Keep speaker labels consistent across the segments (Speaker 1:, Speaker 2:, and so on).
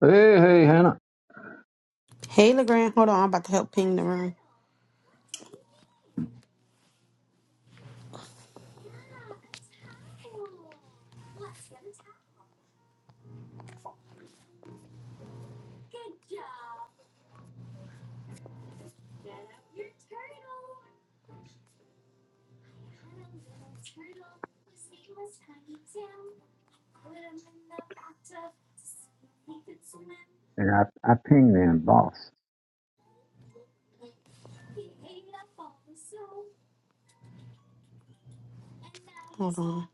Speaker 1: Hey, hey, Hannah.
Speaker 2: Hey, LeGrand. Hold on. I'm about to help ping the room.
Speaker 1: And I, I ping them, boss.
Speaker 2: Hold on.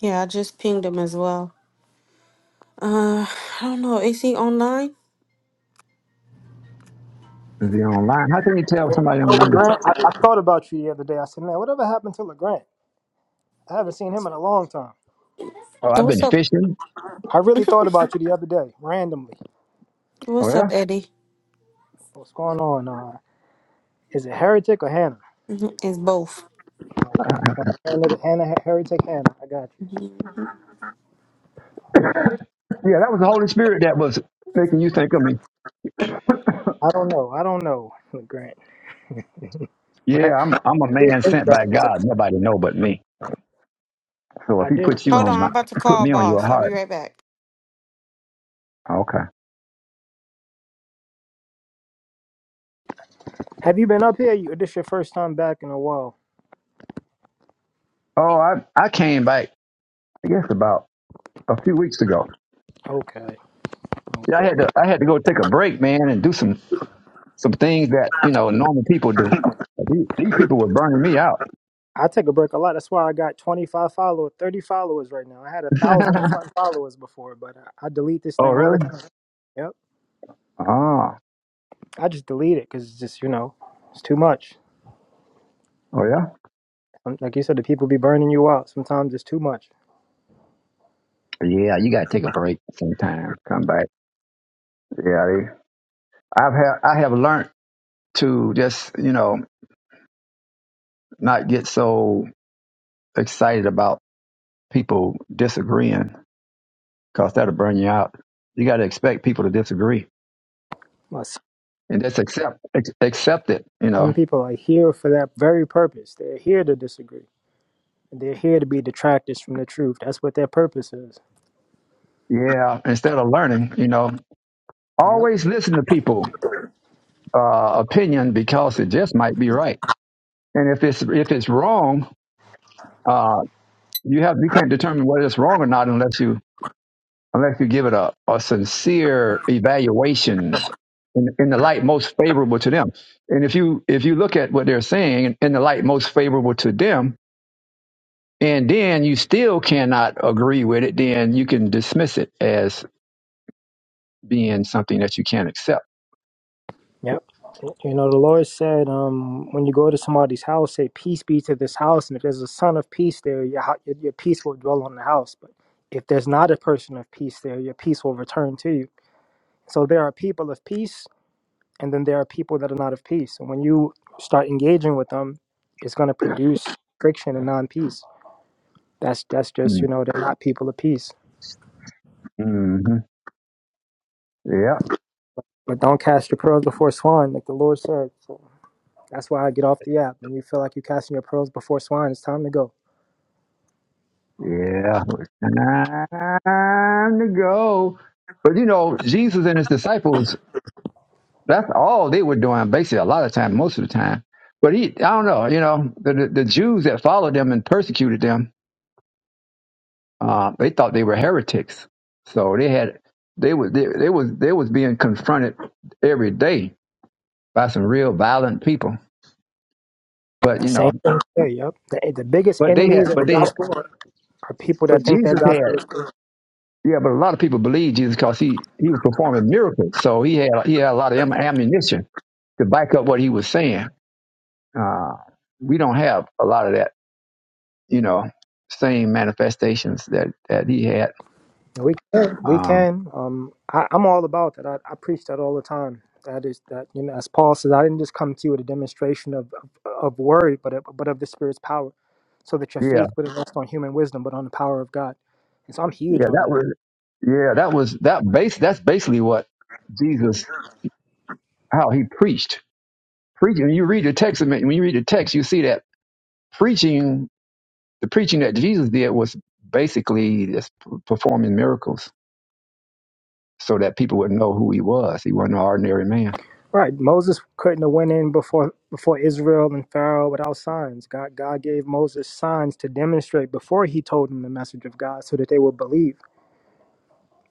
Speaker 2: Yeah, I just pinged him as well. Uh, I don't know. Is he online?
Speaker 1: Is he online? How can you tell if somebody online?
Speaker 3: LeGrand, I, I thought about you the other day. I said, man, whatever happened to LeGrand? I haven't seen him in a long time.
Speaker 1: Oh, I've been
Speaker 2: What's up?
Speaker 1: fishing.
Speaker 3: I really thought about you the other day, randomly.
Speaker 1: Oh,
Speaker 2: What's up,
Speaker 1: yeah?
Speaker 2: Eddie?
Speaker 3: What's going on? Uh, is it Heretic or Hannah?
Speaker 2: Mhm, It's both.
Speaker 1: Uh,
Speaker 3: Okay. Hannah, Hannah Heretic, Hannah. I got you.
Speaker 2: Mhm.
Speaker 1: Yeah, that was the Holy Spirit that was making you think of me.
Speaker 3: I don't know. I don't know, LeGrand. But
Speaker 1: Yeah, I'm I'm a
Speaker 3: I
Speaker 1: man
Speaker 3: did. think-
Speaker 1: sent by God. Nobody know but me. So if
Speaker 3: I
Speaker 1: he
Speaker 3: did.
Speaker 1: puts you
Speaker 2: Hold
Speaker 1: on
Speaker 2: on.
Speaker 1: my,
Speaker 2: I'm about to
Speaker 1: he put
Speaker 2: call
Speaker 1: me on your
Speaker 2: boss. I'll be
Speaker 1: heart.
Speaker 2: right back.
Speaker 1: Okay.
Speaker 3: Have you been up here? You, this your first time back in a while.
Speaker 1: Oh, I, I came back, I guess about a few weeks ago.
Speaker 3: Okay.
Speaker 1: Yeah, I
Speaker 3: Okay.
Speaker 1: had to I had to go take a break, man, and do some some things that, you know, normal people do. These, these people were burning me out.
Speaker 3: I take a break a lot. That's why I got 25 followers, 30 followers right now. I had a thousand and something followers before, but I, I delete this
Speaker 1: oh,
Speaker 3: thing all the
Speaker 1: really?
Speaker 3: time. Yep.
Speaker 1: Ah.
Speaker 3: I just delete it because it's just you know it's too much.
Speaker 1: Oh, yeah?
Speaker 3: Um, Like you said, the people be burning you out. Sometimes it's too much.
Speaker 1: Yeah, you gotta take a break sometime. Come back. Yeah, they- I've had I have learned to just you know not get so excited about people disagreeing because that'll burn you out. You got to expect people to disagree
Speaker 3: But
Speaker 1: and just accept ex- accept it. You
Speaker 3: some
Speaker 1: know.
Speaker 3: people are here for that very purpose. They're here to disagree. They're here to be detractors from the truth. That's what their purpose is.
Speaker 1: Yeah. Instead of learning, you know,
Speaker 3: Yep.
Speaker 1: always listen to people' uh, opinion because it just might be right. And if it's if it's wrong, uh, you have you can't determine whether it's wrong or not unless you unless you give it a, a sincere evaluation in, in the light most favorable to them. And if you if you look at what they're saying in the light most favorable to them, and then you still cannot agree with it, then you can dismiss it as being something that you can't accept.
Speaker 3: Yep. You know, the Lord said, um, when you go to somebody's house, say, Peace be to this house. And if there's a son of peace there, your, hou- your, your peace will dwell on the house. But if there's not a person of peace there, your peace will return to you. So there are people of peace and then there are people that are not of peace and when you start engaging with them it's going to produce friction and non-peace that's that's just
Speaker 1: Mm-hmm.
Speaker 3: you know they're not people of peace
Speaker 1: Mm-hmm. Yeah,
Speaker 3: but don't cast your pearls before swine like the lord said so that's why i get off the app when you feel like you're casting your pearls before swine it's time to go
Speaker 1: yeah. It's Time to go. But you know, Jesus and his disciples That's all they were doing, basically, a lot of time, most of the time. But he, I don't know, you know, the, the, the Jews that followed them and persecuted them, uh, they thought they were heretics. So they had, they was, they, they was, they was being confronted every day by some real violent people. But you know,
Speaker 3: same thing here, yep the, the biggest
Speaker 1: but they had,
Speaker 3: enemies of
Speaker 1: but
Speaker 3: the
Speaker 1: they
Speaker 3: gospel
Speaker 1: had,
Speaker 3: are people that
Speaker 1: but
Speaker 3: think their
Speaker 1: Jesus
Speaker 3: gospel
Speaker 1: had,
Speaker 3: is
Speaker 1: yeah. But a lot of people believed Jesus because he he was performing miracles, so he had he had a lot of am- ammunition to back up what he was saying. Uh, we don't have a lot of that you know, same manifestations that that he had.
Speaker 3: We can, we
Speaker 1: Um,
Speaker 3: can. Um, I, I'm all about that. I, I preach that all the time. That is that you know, as Paul says, I didn't just come to you with a demonstration of of, of word, but of, but of the Spirit's power, so that your
Speaker 1: yeah,
Speaker 3: faith wouldn't rest on human wisdom, but on the power of God. And so I'm huge
Speaker 1: yeah,
Speaker 3: on
Speaker 1: that
Speaker 3: that.
Speaker 1: was yeah, that was that base. That's basically what Jesus how he preached. Preaching. When you read the text, when you read the text, you see that preaching, the preaching that Jesus did was basically just p- performing miracles so that people would know who he was. He wasn't an ordinary man.
Speaker 3: Right, Moses couldn't have went in before before Israel and Pharaoh without signs. God God gave Moses signs to demonstrate before he told them the message of God, so that they would believe.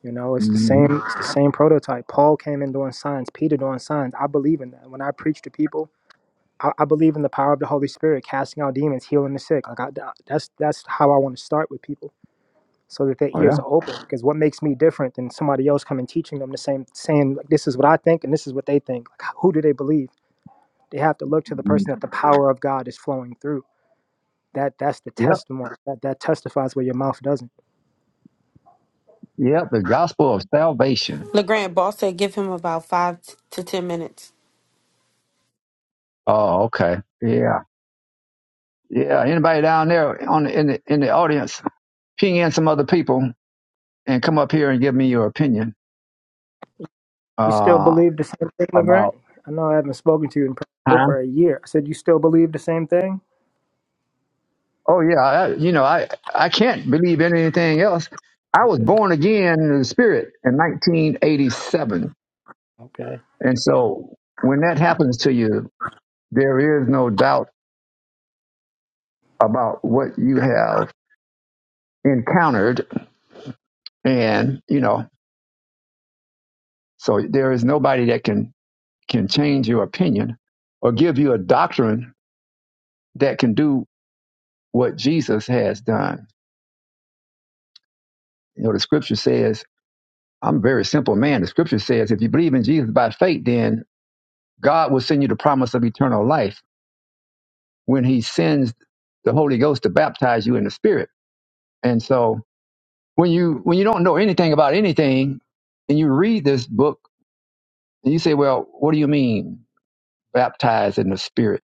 Speaker 3: You know, it's the
Speaker 1: hmm
Speaker 3: same. It's the same prototype. Paul came in doing signs. Peter doing signs. I believe in that. When I preach to people, I, I believe in the power of the Holy Spirit, casting out demons, healing the sick. Like I, that's that's how I want to start with people, so that their
Speaker 1: Oh
Speaker 3: ears
Speaker 1: yeah.
Speaker 3: are open. Because what makes me different than somebody else coming teaching them the same, saying like this is what I think and this is what they think. Like who do they believe? They have to look to the
Speaker 1: Mhm.
Speaker 3: person that the power of God is flowing through. That that's the
Speaker 1: Yep.
Speaker 3: testimony. That that testifies where your mouth doesn't.
Speaker 1: Yep. The gospel of salvation.
Speaker 2: LeGrand, boss said give him about five t- to ten minutes.
Speaker 1: Oh, okay. Yeah. Yeah, anybody down there on the, in the in the audience, ping in some other people and come up here and give me your opinion
Speaker 3: You still
Speaker 1: uh,
Speaker 3: believe the same thing, Legrand?
Speaker 1: about
Speaker 3: I know I haven't spoken to you in probably
Speaker 1: time.
Speaker 3: over a year. I said you still believe the same thing.
Speaker 1: Oh yeah, I, you know I I can't believe in anything else. I was
Speaker 3: Okay.
Speaker 1: born again in the spirit in 1987,
Speaker 3: Okay.
Speaker 1: and so when that happens to you, there is no doubt about what you have encountered, and you know so there is nobody that can can change your opinion or give you a doctrine that can do what Jesus has done. You know, the scripture says, I'm a very simple man. The scripture says, if you believe in Jesus by faith, then God will send you the promise of eternal life when he sends the Holy Ghost to baptize you in the spirit. And so when you, when you don't know anything about anything and you read this book and you say, well, what do you mean baptized in the spirit?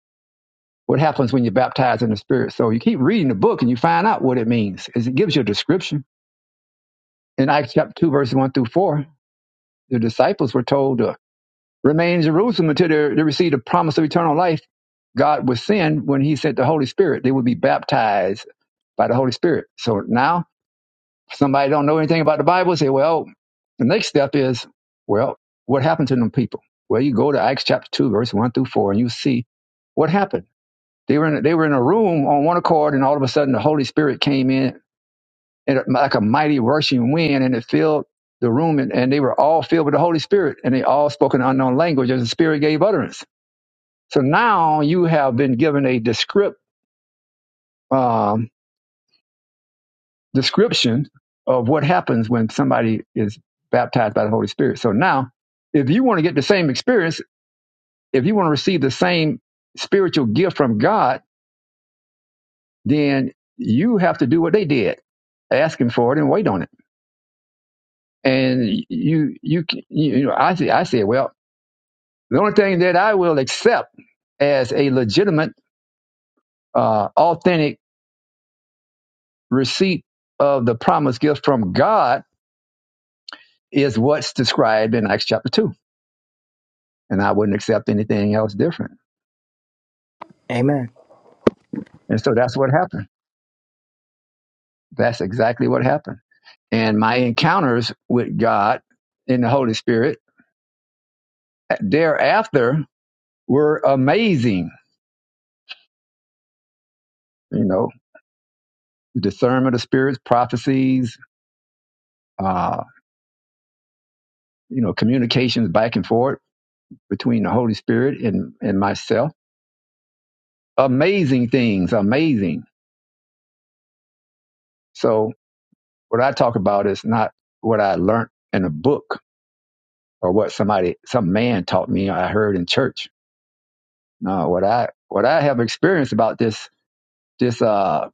Speaker 1: What happens when you're baptized in the spirit? So you keep reading the book and you find out what it means. Is It gives you a description in Acts chapter 2, verses 1 through 4 the disciples were told to remain in Jerusalem until they, they received the promise of eternal life. God would send when He sent the Holy Spirit. They would be baptized by the Holy Spirit. So now, somebody don't know anything about the Bible. Say, well, the next step is, well, what happened to them people? Well, you go to Acts chapter two, verse one through four, and you see what happened. They were in a, they were in a room on one accord, and all of a sudden the Holy Spirit came in and like a mighty rushing wind, and it filled the room, and, and they were all filled with the Holy Spirit, and they all spoke an unknown language as the Spirit gave utterance. So now you have been given a descript, um, description of what happens when somebody is baptized by the Holy Spirit. So now, if you want to get the same experience, if you want to receive the same spiritual gift from God, then you have to do what they did, ask Him for it and wait on it. And you, you, you know, I say, I said, well, The only thing that I will accept as a legitimate, uh, authentic receipt of the promised gift from God is what's described in Acts chapter 2. And I wouldn't accept anything else different.
Speaker 3: Amen.
Speaker 1: And so that's what happened. That's exactly what happened. And my encounters with God in the Holy Spirit thereafter were amazing. You know, discernment of spirits, prophecies, uh, you know, communications back and forth between the Holy Spirit and, and myself Amazing things, amazing. So what I talk about is not what I learned in a book or what somebody, some man taught me. Or I heard in church. No, what I what I have experienced about this this uh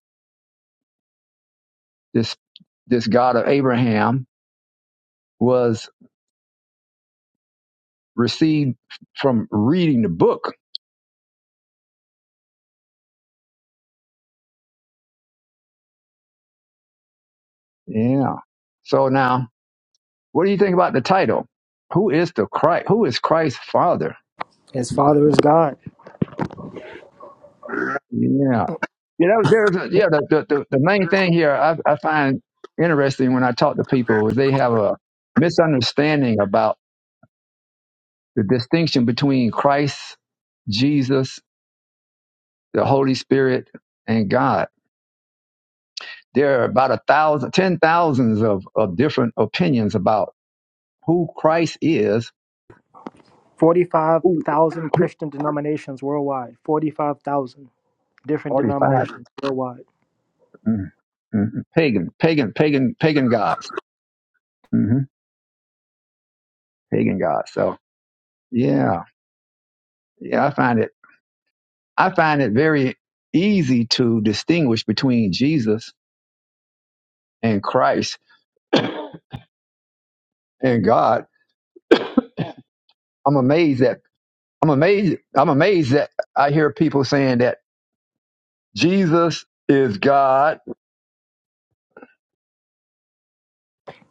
Speaker 1: this this God of Abraham was received from reading the book. Yeah. So now, what do you think about the title? Who is the Christ? Who is Christ's father?
Speaker 3: His father is God.
Speaker 1: Yeah. You know, there's a, yeah. The, the the the main thing here I, I find interesting when I talk to people is they have a misunderstanding about the distinction between Christ, Jesus, the Holy Spirit, and God. There are about a thousand, ten thousands of of different opinions about who Christ is.
Speaker 3: Forty-five
Speaker 1: Who,
Speaker 3: thousand
Speaker 1: who
Speaker 3: Christian denominations worldwide. Forty-five thousand different
Speaker 1: forty five
Speaker 3: denominations worldwide.
Speaker 1: mm, mm, pagan, pagan, pagan, pagan gods, hmm pagan gods. So yeah, yeah, I find it I find it very easy to distinguish between Jesus and Christ and God. I'm amazed that I'm amazed I'm amazed that I hear people saying that Jesus is God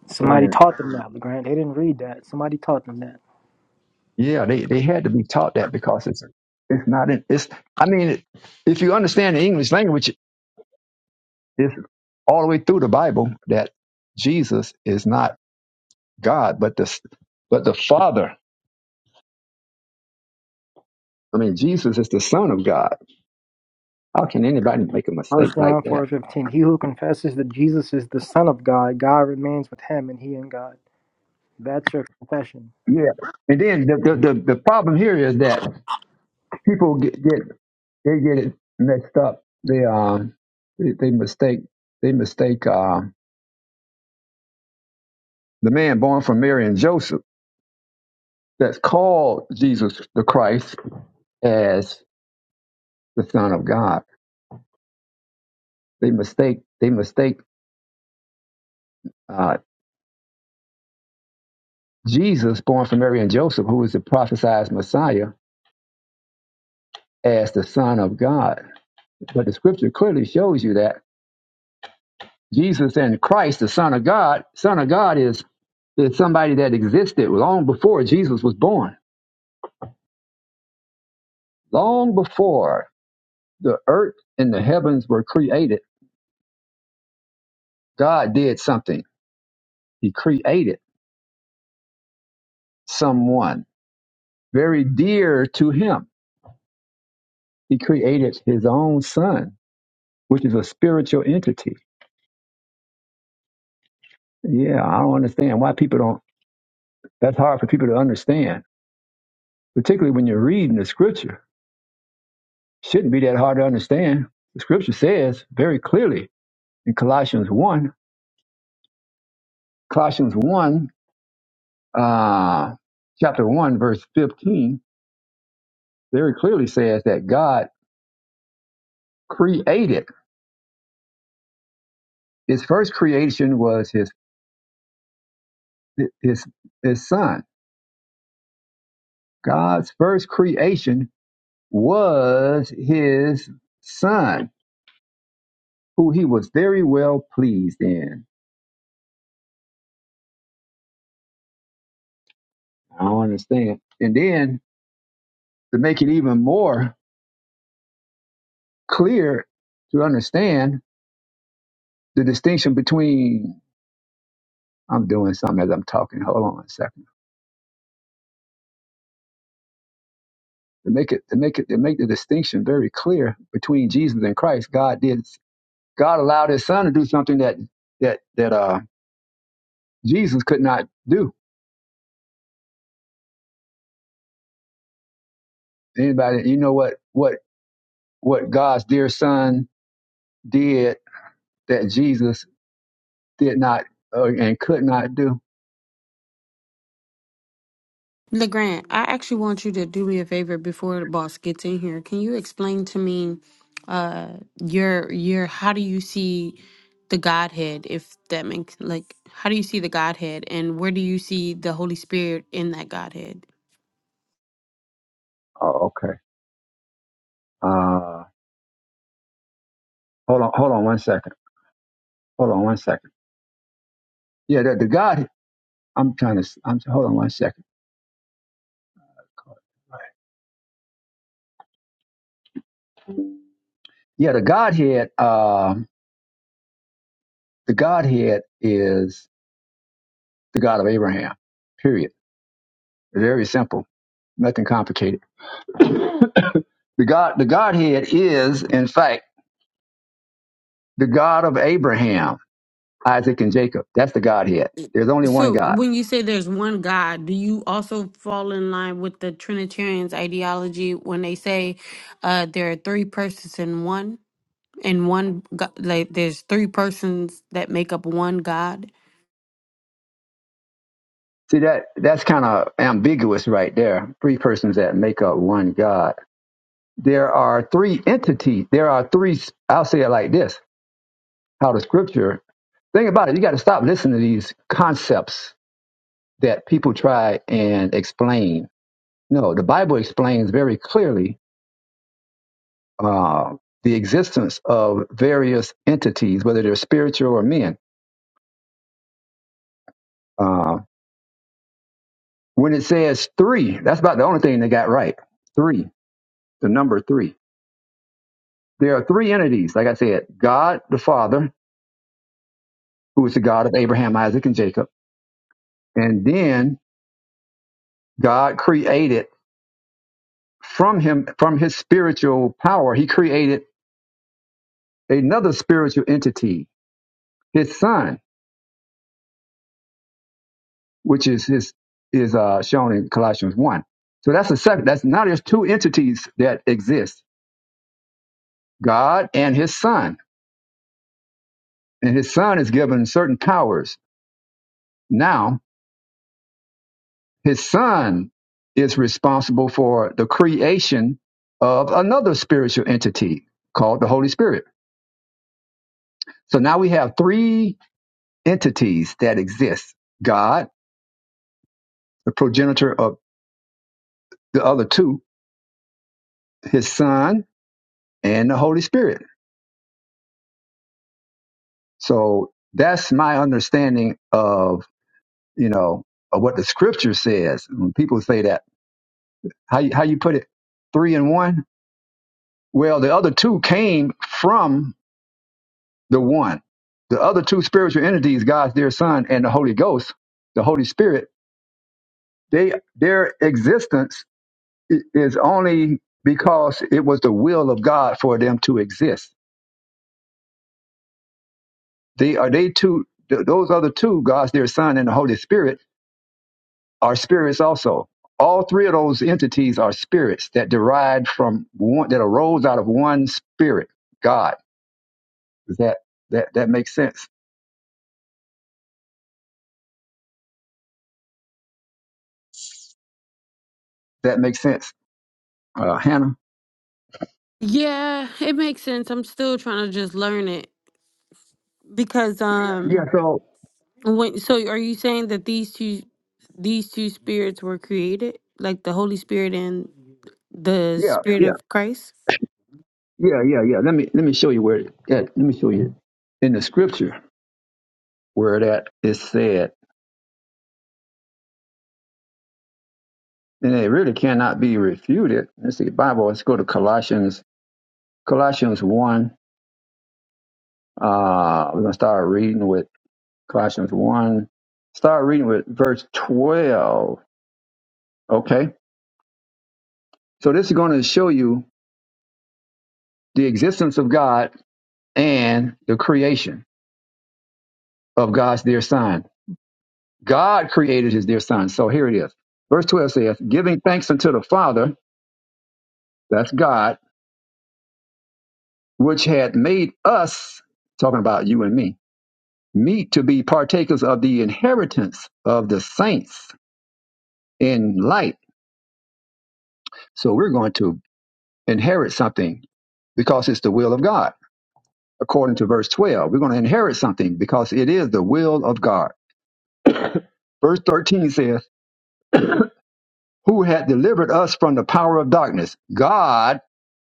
Speaker 3: Somebody
Speaker 1: and
Speaker 3: taught them that, Legrand. They didn't read that. Somebody taught them that.
Speaker 1: yeah, they, they had to be taught that because it's it's not in it's I mean it, if you understand the English language it's all the way through the Bible that Jesus is not God but the but the Father. I mean Jesus is the son of God. How can anybody make a
Speaker 3: First
Speaker 1: mistake like
Speaker 3: John
Speaker 1: that?
Speaker 3: four fifteen. He who confesses that Jesus is the Son of God, God remains with him, and he in God. That's your confession.
Speaker 1: Yeah, and then the the, the, the problem here is that people get, get they get it mixed up. They um they, they mistake they mistake um the man born from Mary and Joseph that's called Jesus the Christ as the Son of God. They mistake they mistake uh, Jesus born from Mary and Joseph, who is the prophesied Messiah, as the Son of God. But the Scripture clearly shows you that. Jesus and Christ, the Son of God, Son of God is, is somebody that existed long before Jesus was born. Long before the earth and the heavens were created, God did something. He created someone very dear to him. He created his own son, which is a spiritual entity. Yeah, I don't understand why people don't, that's hard for people to understand, particularly when you're reading the scripture. Shouldn't be that hard to understand. The scripture says very clearly in Colossians 1, Colossians 1, uh, chapter 1, verse 15, very clearly says that God created. His first creation was his, his, his son. God's first creation was his son, who he was very well pleased in. I don't understand. And then to make it even more clear to understand the distinction between, I'm doing something as I'm talking. Hold on a second. to make it to make it to make the distinction very clear between Jesus and Christ. God did God allowed His Son to do something that that that uh Jesus could not do. Anybody, you know what what what God's dear Son did that Jesus did not uh, and could not do.
Speaker 2: LeGrand, I actually want you to do me a favor before the boss gets in here. Can you explain to me uh your your how do you see the Godhead if that makes like how do you see the Godhead and where do you see the Holy Spirit in that Godhead?
Speaker 1: Oh, okay. Uh, hold on, hold on one second. Hold on one second. Yeah, the, the God. I'm trying to. I'm hold on one second. Yeah, the Godhead. Um, the Godhead is the God of Abraham. Period. Very simple. Nothing complicated. The God, the Godhead is, in fact, the God of Abraham, Isaac, and Jacob. That's the Godhead. There's only one
Speaker 2: So
Speaker 1: God.
Speaker 2: when you say there's one God, do you also fall in line with the Trinitarians ideology when they say uh there are three persons in one? And one god, like there's three persons that make up one god.
Speaker 1: See that that's kind of ambiguous right there. Three persons that make up one God. There are three entities. There are three. I'll say it like this: How the Scripture. Think about it. You got to stop listening to these concepts that people try and explain. No, the Bible explains very clearly uh, the existence of various entities, whether they're spiritual or men. Uh, when it says three, that's about the only thing they got right. Three, the number three. There are three entities, like I said God the Father, who is the God of Abraham, Isaac, and Jacob. And then God created from him, from his spiritual power, he created another spiritual entity, his son. which is his, is uh, shown in Colossians one. So that's a second. That's now there's two entities that exist: God and His Son. And His Son is given certain powers. Now His Son is responsible for the creation of another spiritual entity called the Holy Spirit. So now we have three entities that exist: God, the progenitor of the other two, His Son, and the Holy Spirit. So that's my understanding of you know of what the scripture says. When people say that, how you, how you put it, three and one. Well, the other two came from the one. The other two spiritual entities, God's dear Son and the Holy Ghost, the Holy Spirit. They their existence i- is only because it was the will of God for them to exist. They are they two. th- Those other two, God's dear Son and the Holy Spirit are spirits also. All three of those entities are spirits that derived from one that arose out of one spirit, God. Does that that that makes sense? That makes sense, uh, Hannah.
Speaker 2: Yeah, it makes sense. I'm still trying to just learn it because um
Speaker 1: Yeah. So
Speaker 2: when so are you saying that these two these two spirits were created like the Holy Spirit and the
Speaker 1: yeah,
Speaker 2: Spirit
Speaker 1: yeah,
Speaker 2: of Christ?
Speaker 1: yeah, yeah, yeah. Let me let me show you where. Yeah, let me show you in the scripture where that is said, and it really cannot be refuted. Let's see, Bible. Let's go to Colossians. Colossians one. Uh, we're gonna start reading with. Colossians 1. Start reading with verse 12. Okay. So this is going to show you the existence of God and the creation of God's dear son. God created his dear son. So here it is. Verse 12 says, giving thanks unto the Father, that's God, which had made us, talking about you and me, meet to be partakers of the inheritance of the saints in light. So we're going to inherit something because it's the will of God. according to verse 12. We're going to inherit something because it is the will of God. Verse 13 says, Who had delivered us from the power of darkness? God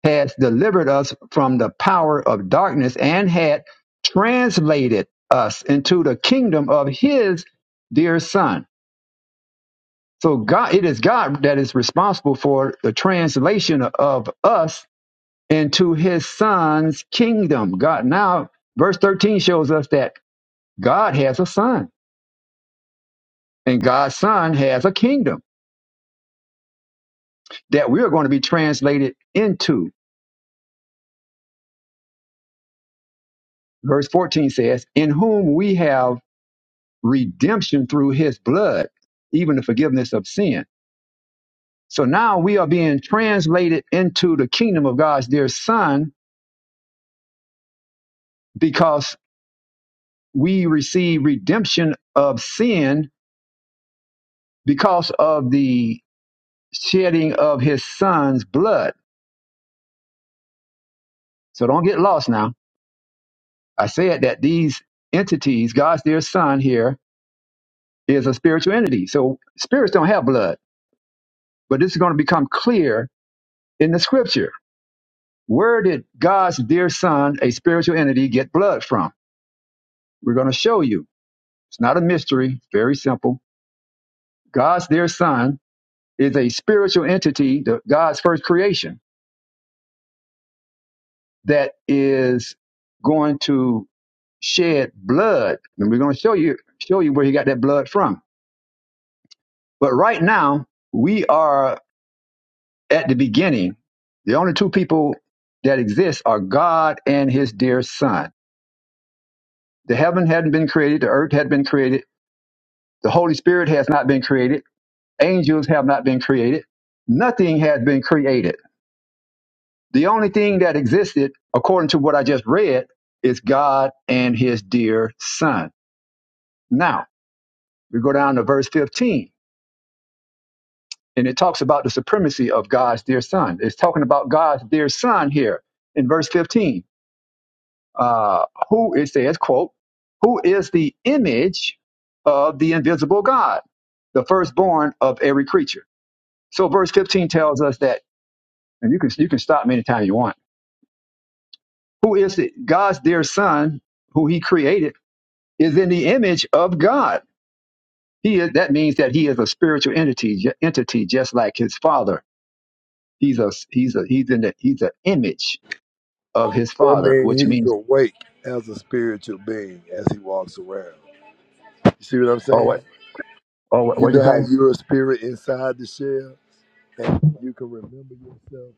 Speaker 1: has delivered us from the power of darkness and had translated us into the kingdom of his dear son. So God, it is God that is responsible for the translation of us into his son's kingdom. God now, verse 13 shows us that God has a son And God's Son has a kingdom that we are going to be translated into. Verse 14 says, In whom we have redemption through his blood, even the forgiveness of sin. So now we are being translated into the kingdom of God's dear Son because we receive redemption of sin because of the shedding of his Son's blood. So don't get lost now. I said that these entities, God's dear Son here, is a spiritual entity. So spirits don't have blood, but this is going to become clear in the scripture. Where did God's dear son, a spiritual entity, get blood from? We're going to show you. It's not a mystery, very simple. God's dear son is a spiritual entity, the, God's first creation, that is going to shed blood. And we're going to show you show you where he got that blood from. But right now, we are at the beginning, the only two people that exist are God and his dear son. The heaven hadn't been created, the earth had been created, the Holy Spirit has not been created, angels have not been created, nothing has been created. The only thing that existed, according to what I just read, is God and his dear son. Now, we go down to verse 15, and it talks about the supremacy of God's dear son. It's talking about God's dear son here in verse 15 uh, who it says, quote, who is the image of the invisible God, the firstborn of every creature. So verse 15 tells us that, and you can you can stop me anytime you want. Who is it? God's dear son, who he created, is in the image of God. He is, that means that he is a spiritual entity, ju- entity just like his father. He's a he's a he's in the he's an image of his
Speaker 4: That
Speaker 1: father,
Speaker 4: means
Speaker 1: which
Speaker 4: he's
Speaker 1: means
Speaker 4: awake as a spiritual being as he walks around. You see what I'm
Speaker 1: oh
Speaker 4: saying?
Speaker 1: what oh what
Speaker 4: You
Speaker 1: what did
Speaker 4: know
Speaker 1: you say?
Speaker 4: how you're a spirit inside the shell and you can remember yourself?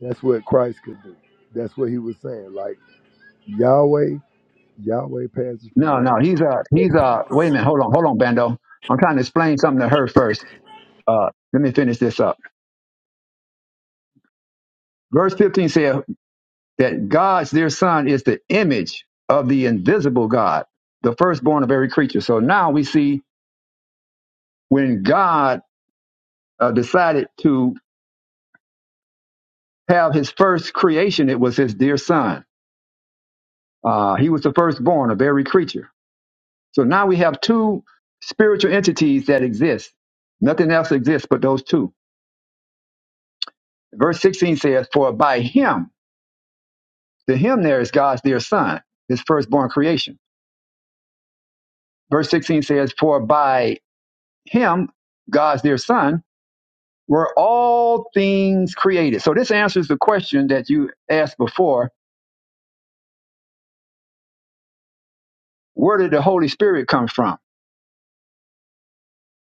Speaker 4: That's what Christ could do. That's what he was saying. Like Yahweh, Yahweh passes from
Speaker 1: No,
Speaker 4: one
Speaker 1: no, he's a
Speaker 4: life.
Speaker 1: he's a. Wait a minute, hold on, hold on, Bando. I'm trying to explain something to her first. Uh, let me finish this up. Verse 15 says that God's dear Son is the image of the invisible God, the firstborn of every creature. So now we see when God uh, decided to have His first creation, it was His dear Son. Uh, he was the firstborn of every creature. So now we have two spiritual entities that exist. Nothing else exists but those two. Verse 16 says, "For by Him." To him there is God's dear son, his firstborn creation. Verse 16 says, For by him, God's dear son, were all things created. So this answers the question that you asked before. Where did the Holy Spirit come from?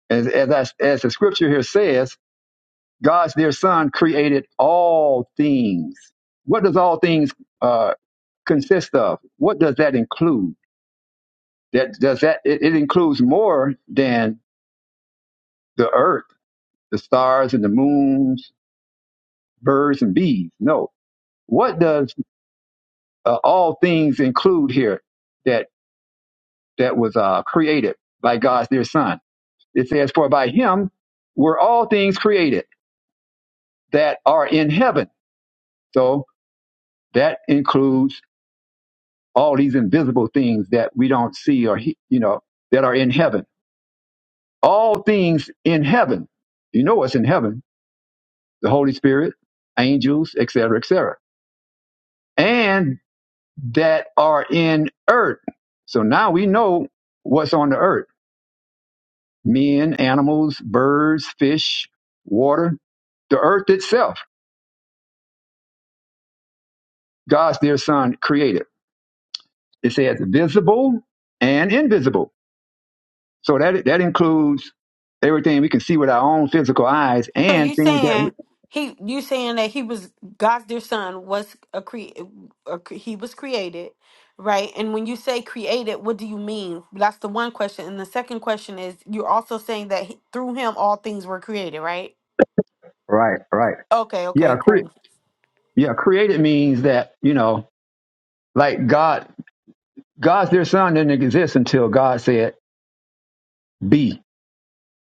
Speaker 1: As, as, I- as the scripture here says, God's dear son created all things. What does all things uh, consist of? What does that include? That does that it, it includes more than the earth, the stars and the moons birds and bees. No. What does uh, all things include here that that was uh, created by God's dear Son? It says, "For by Him were all things created that are in heaven." So that includes all these invisible things that we don't see or he- you know that are in heaven. All things in heaven. You know what's in heaven? The Holy Spirit, angels, etc., etc. that are in earth. So now we know what's on the earth men, animals, birds, fish, water, the earth itself. God's dear son created. It says visible and invisible. So that, that includes everything we can see with our own physical eyes
Speaker 2: So
Speaker 1: and
Speaker 2: you
Speaker 1: things that, we,
Speaker 2: saying he? You saying that he was God's dear son was a cre? A, cre- he was created, right? And when you say created, what do you mean? That's the one question. And the second question is, you're also saying that he, through him all things were created, right?
Speaker 1: Right, right.
Speaker 2: Okay.
Speaker 1: yeah,
Speaker 2: Okay.
Speaker 1: cre-
Speaker 2: Cool.
Speaker 1: yeah, created means that, you know, like God, God's dear son didn't exist until God said be,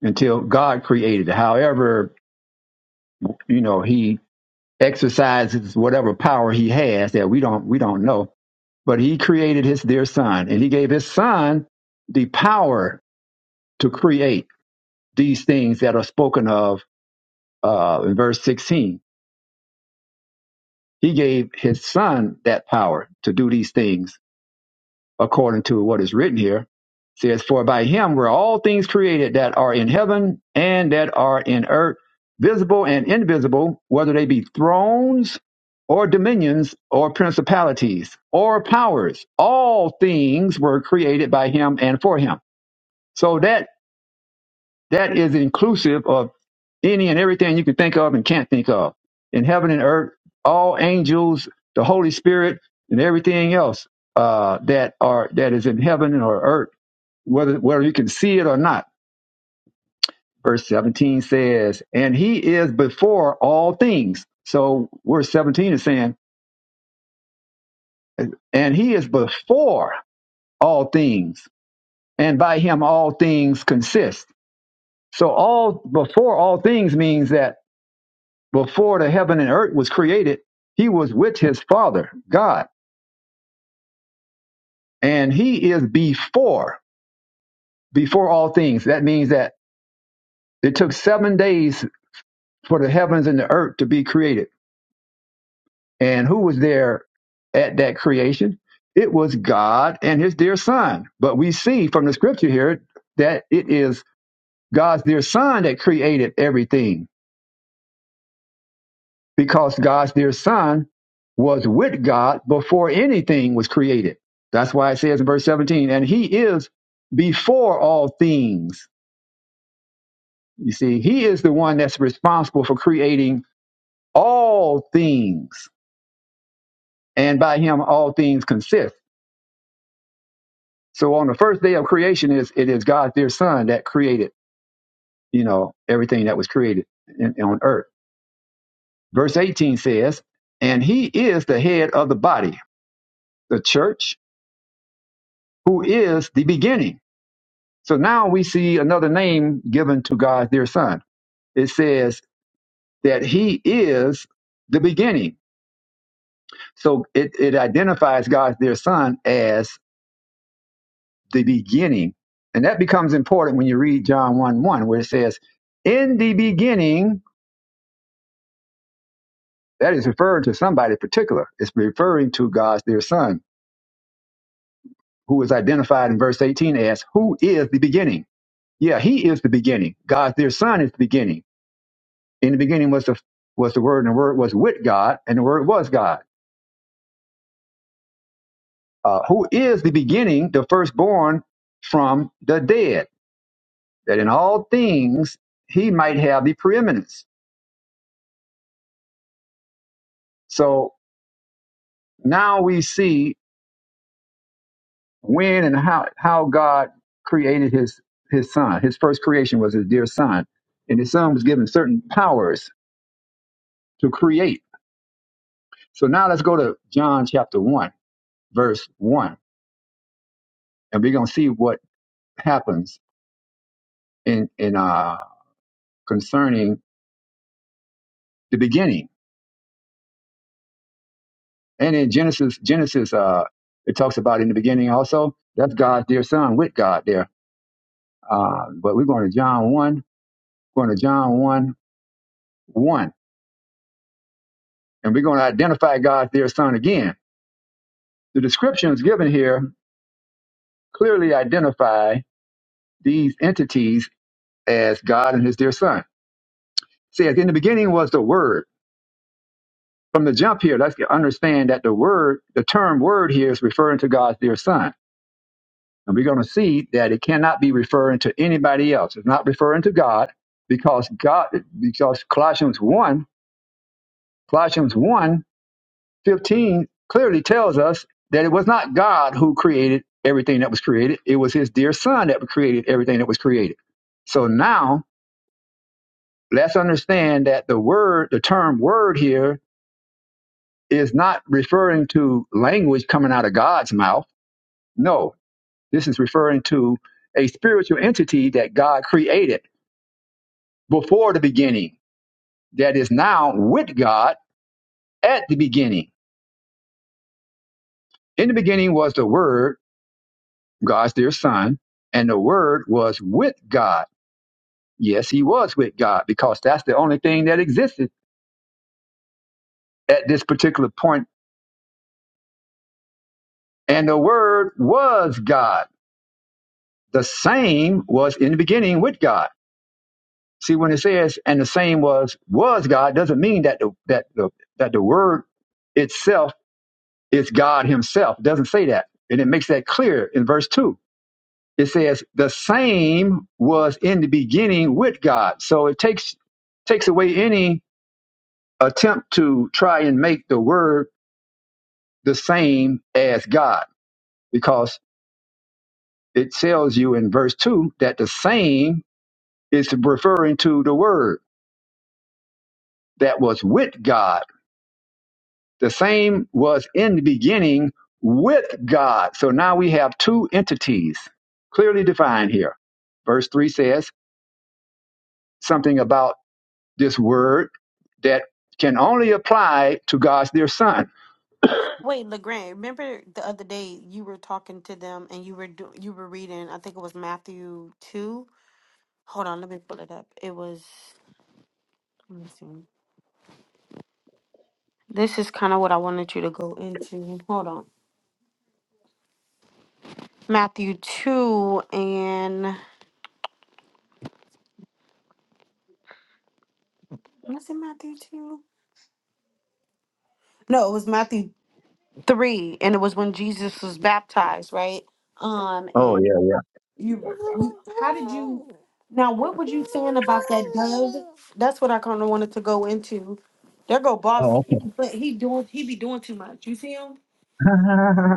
Speaker 1: until God created it. However, you know he exercises whatever power he has that we don't we don't know but he created his dear son and he gave his son the power to create these things that are spoken of uh, in verse 16 he gave his son that power to do these things according to what is written here. It says, For by him were all things created that are in heaven and that are in earth, visible and invisible, whether they be thrones or dominions or principalities or powers. All things were created by him and for him. So that that is inclusive of any and everything you can think of and can't think of. In heaven and earth, all angels, the Holy Spirit, and everything else uh, that are that is in heaven or earth whether whether you can see it or not. Verse 17 says, and he is before all things. So verse 17 is saying, and he is before all things, and by him all things consist. So all before all things means that before the heaven and earth was created, he was with his father, God, and he is before before all things. That means that it took 7 days for the heavens and the earth to be created And who was there at that creation? It was God and his dear son. But we see from the scripture here that it is God's dear son that created everything because God's dear son was with God before anything was created. That's why it says in verse 17, and he is before all things. You see, he is the one that's responsible for creating all things, and by him all things consist. So on the first day of creation is it is God their son that created, you know, everything that was created in, on earth. Verse 18 says, and he is the head of the body, the church, who is the beginning. So now we see another name given to God their son. It says that he is the beginning. So it, it identifies God their son as the beginning. And that becomes important when you read John 1 1, where it says, In the beginning That is referring to somebody particular. It's referring to God's dear son, who is identified in verse 18 as who is the beginning. Yeah, he is the beginning. God's dear son is the beginning. In the beginning was the was the word, and the word was with God, and the word was God. Uh, who is the beginning, the firstborn from the dead, that in all things he might have the preeminence. So now we see when and how how God created his his son. His first creation was his dear son, and his son was given certain powers to create. So now let's go to John chapter one, verse one, and we're gonna see what happens in in uh concerning the beginning. And in Genesis, Genesis, uh, it talks about in the beginning also. That's God's dear son with God there. Uh, but we're going to John one, going to John one one, and we're going to identify God's dear son again The descriptions given here clearly identify these entities as God and his dear son. Says, in the beginning was the word. From the jump here, let's get- understand that the word, the term word here is referring to God's dear son. And we're going to see that it cannot be referring to anybody else. It's not referring to God because God, because Colossians 1, Colossians 1 15 clearly tells us that it was not God who created everything that was created. It was his dear son that created everything that was created. So now let's understand that the word, the term word here is not referring to language coming out of God's mouth. No, this is referring to a spiritual entity that God created before the beginning that is now with God at the beginning. In the beginning was the word God's dear son, and the word was with God. Yes, he was with God because that's the only thing that existed at this particular point. And the word was God. The same was in the beginning with God. See, when it says and the same was was God, doesn't mean that the that the that the word itself is God himself. It doesn't say that. And it makes that clear in verse two. It says the same was in the beginning with God. So it takes takes away any attempt to try and make the word the same as God because it tells you in verse 2 that the same is referring to the word that was with God. The same was in the beginning with God. So now we have two entities clearly defined here. Verse 3 says something about this word that can only apply to God's dear son.
Speaker 2: Wait, Legrand. Remember the other day you were talking to them and you were do, you were reading. I think it was Matthew two. Hold on. Let me pull it up. It was. Let me see. This is kind of what I wanted you to go into. Hold on. Matthew 2 and was it Matthew 2? No, it was Matthew 3 and it was when Jesus was baptized, right? Um
Speaker 1: Oh,
Speaker 2: and
Speaker 1: yeah,
Speaker 2: you you how did you Now what would you saying about that dove? That's what I kind of wanted to go into. There go
Speaker 1: yeah.
Speaker 2: boss.
Speaker 1: Oh,
Speaker 2: He be- But he doing he be doing too much. You see him?
Speaker 1: okay.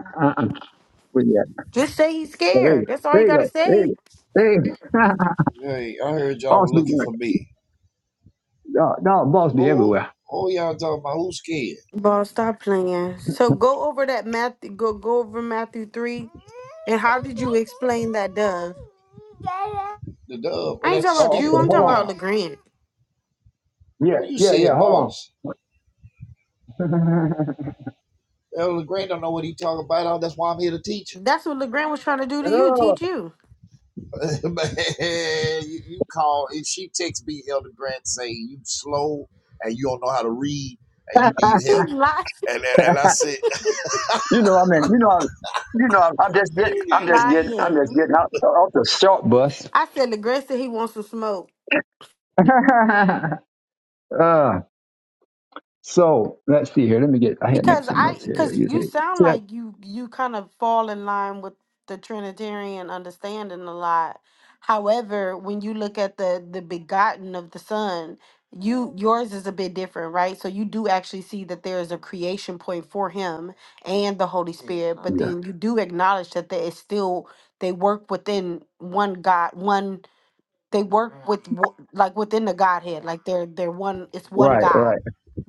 Speaker 1: uh-uh.
Speaker 2: Just say he's
Speaker 1: Yeah,
Speaker 2: scared. That's all you
Speaker 1: There you
Speaker 2: got to
Speaker 1: go. There
Speaker 2: say.
Speaker 1: you go. There you go. There you go.
Speaker 5: Hey, I heard y'all
Speaker 1: boss
Speaker 5: were
Speaker 1: be
Speaker 5: looking
Speaker 1: doing
Speaker 5: for me.
Speaker 1: No, no, boss be
Speaker 5: Oh,
Speaker 1: everywhere.
Speaker 5: oh, y'all talking about who's scared?
Speaker 2: Boss, stop playing. So go over that Matthew go go over Matthew 3 and how did you explain that dove?
Speaker 5: The dove, but
Speaker 2: I ain't
Speaker 5: that's the
Speaker 2: talking about
Speaker 1: Oh,
Speaker 2: you.
Speaker 5: spirit
Speaker 1: okay.
Speaker 2: I'm
Speaker 1: Hold
Speaker 5: coming
Speaker 2: talking
Speaker 1: on.
Speaker 2: about
Speaker 5: down.
Speaker 2: LeGrand.
Speaker 1: Yeah,
Speaker 5: You
Speaker 1: yeah, yeah.
Speaker 5: said
Speaker 1: Hold
Speaker 5: boss.
Speaker 1: on.
Speaker 5: Elder Grant don't know what he talking about. Oh, That's why I'm here to teach him.
Speaker 2: That's what LeGrand was trying to do to you,
Speaker 1: Oh,
Speaker 2: teach you.
Speaker 5: Man, you, you call if she texts me, Elder Grant say you slow and you don't know how to read and you need help.
Speaker 2: He lied.
Speaker 5: And and, and I said,
Speaker 1: you know, I mean, you know, I, you know, I'm, I'm just getting,
Speaker 2: He
Speaker 1: I'm just getting, I'm just
Speaker 2: lying.
Speaker 1: getting out off the short bus.
Speaker 2: I said LeGrand said he wants some smoke.
Speaker 1: uh, so let's see here. Let me get. I had to make
Speaker 2: Because
Speaker 1: some
Speaker 2: I
Speaker 1: notes here.
Speaker 2: because
Speaker 1: You
Speaker 2: you
Speaker 1: say
Speaker 2: sound
Speaker 1: set.
Speaker 2: like you you kind of fall in line with the Trinitarian understanding a lot. However, when you look at the the begotten of the Son, you yours is a bit different, right? So you do actually see that there is a creation point for him and the Holy Spirit, but
Speaker 1: Yeah.
Speaker 2: then you do acknowledge that they it's still they work within one God, one they work with wo- like within the Godhead, like they're they're one. It's one
Speaker 1: Right.
Speaker 2: God.
Speaker 1: Right.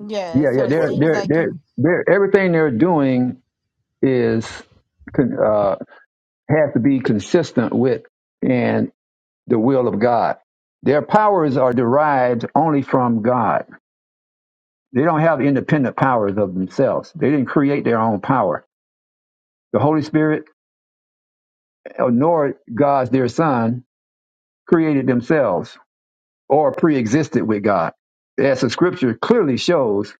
Speaker 2: Yeah.
Speaker 1: Yeah.
Speaker 2: So
Speaker 5: but,
Speaker 1: Yeah.
Speaker 2: it
Speaker 1: They're.
Speaker 5: but, but
Speaker 2: seems
Speaker 1: They're.
Speaker 2: like
Speaker 1: They're.
Speaker 2: you
Speaker 1: They're. Everything they're doing is. Have to be consistent with and the will of God. Their powers are derived only from God. They don't have independent powers of themselves. They didn't create their own power. The Holy Spirit, uh, nor God's dear Son, created themselves or pre-existed with God. As the Scripture clearly shows,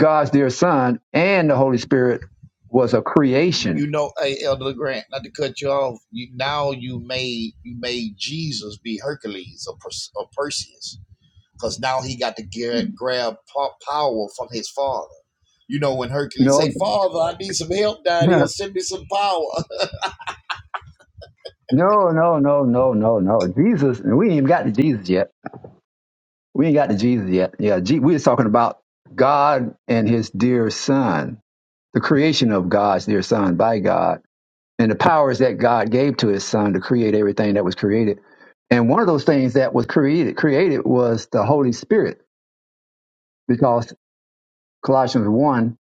Speaker 1: God's dear Son and the Holy Spirit was a creation.
Speaker 5: you know, hey, Elder Grant, not to cut you off. You now you made you made Jesus be Hercules or, Perse- or Perseus because now he got to get, grab power from his father. You know, when Hercules say,
Speaker 1: No,
Speaker 5: "Father, I need some help down here.
Speaker 1: no,
Speaker 5: Send me some power."
Speaker 1: no, no, no, no, no. Jesus, we ain't even got to Jesus yet We ain't got to Jesus yet. Yeah, Je- we are talking about God and His dear Son, the creation of God's dear Son by God, and the powers that God gave to His Son to create everything that was created. And one of those things that was created created was the Holy Spirit, because Colossians one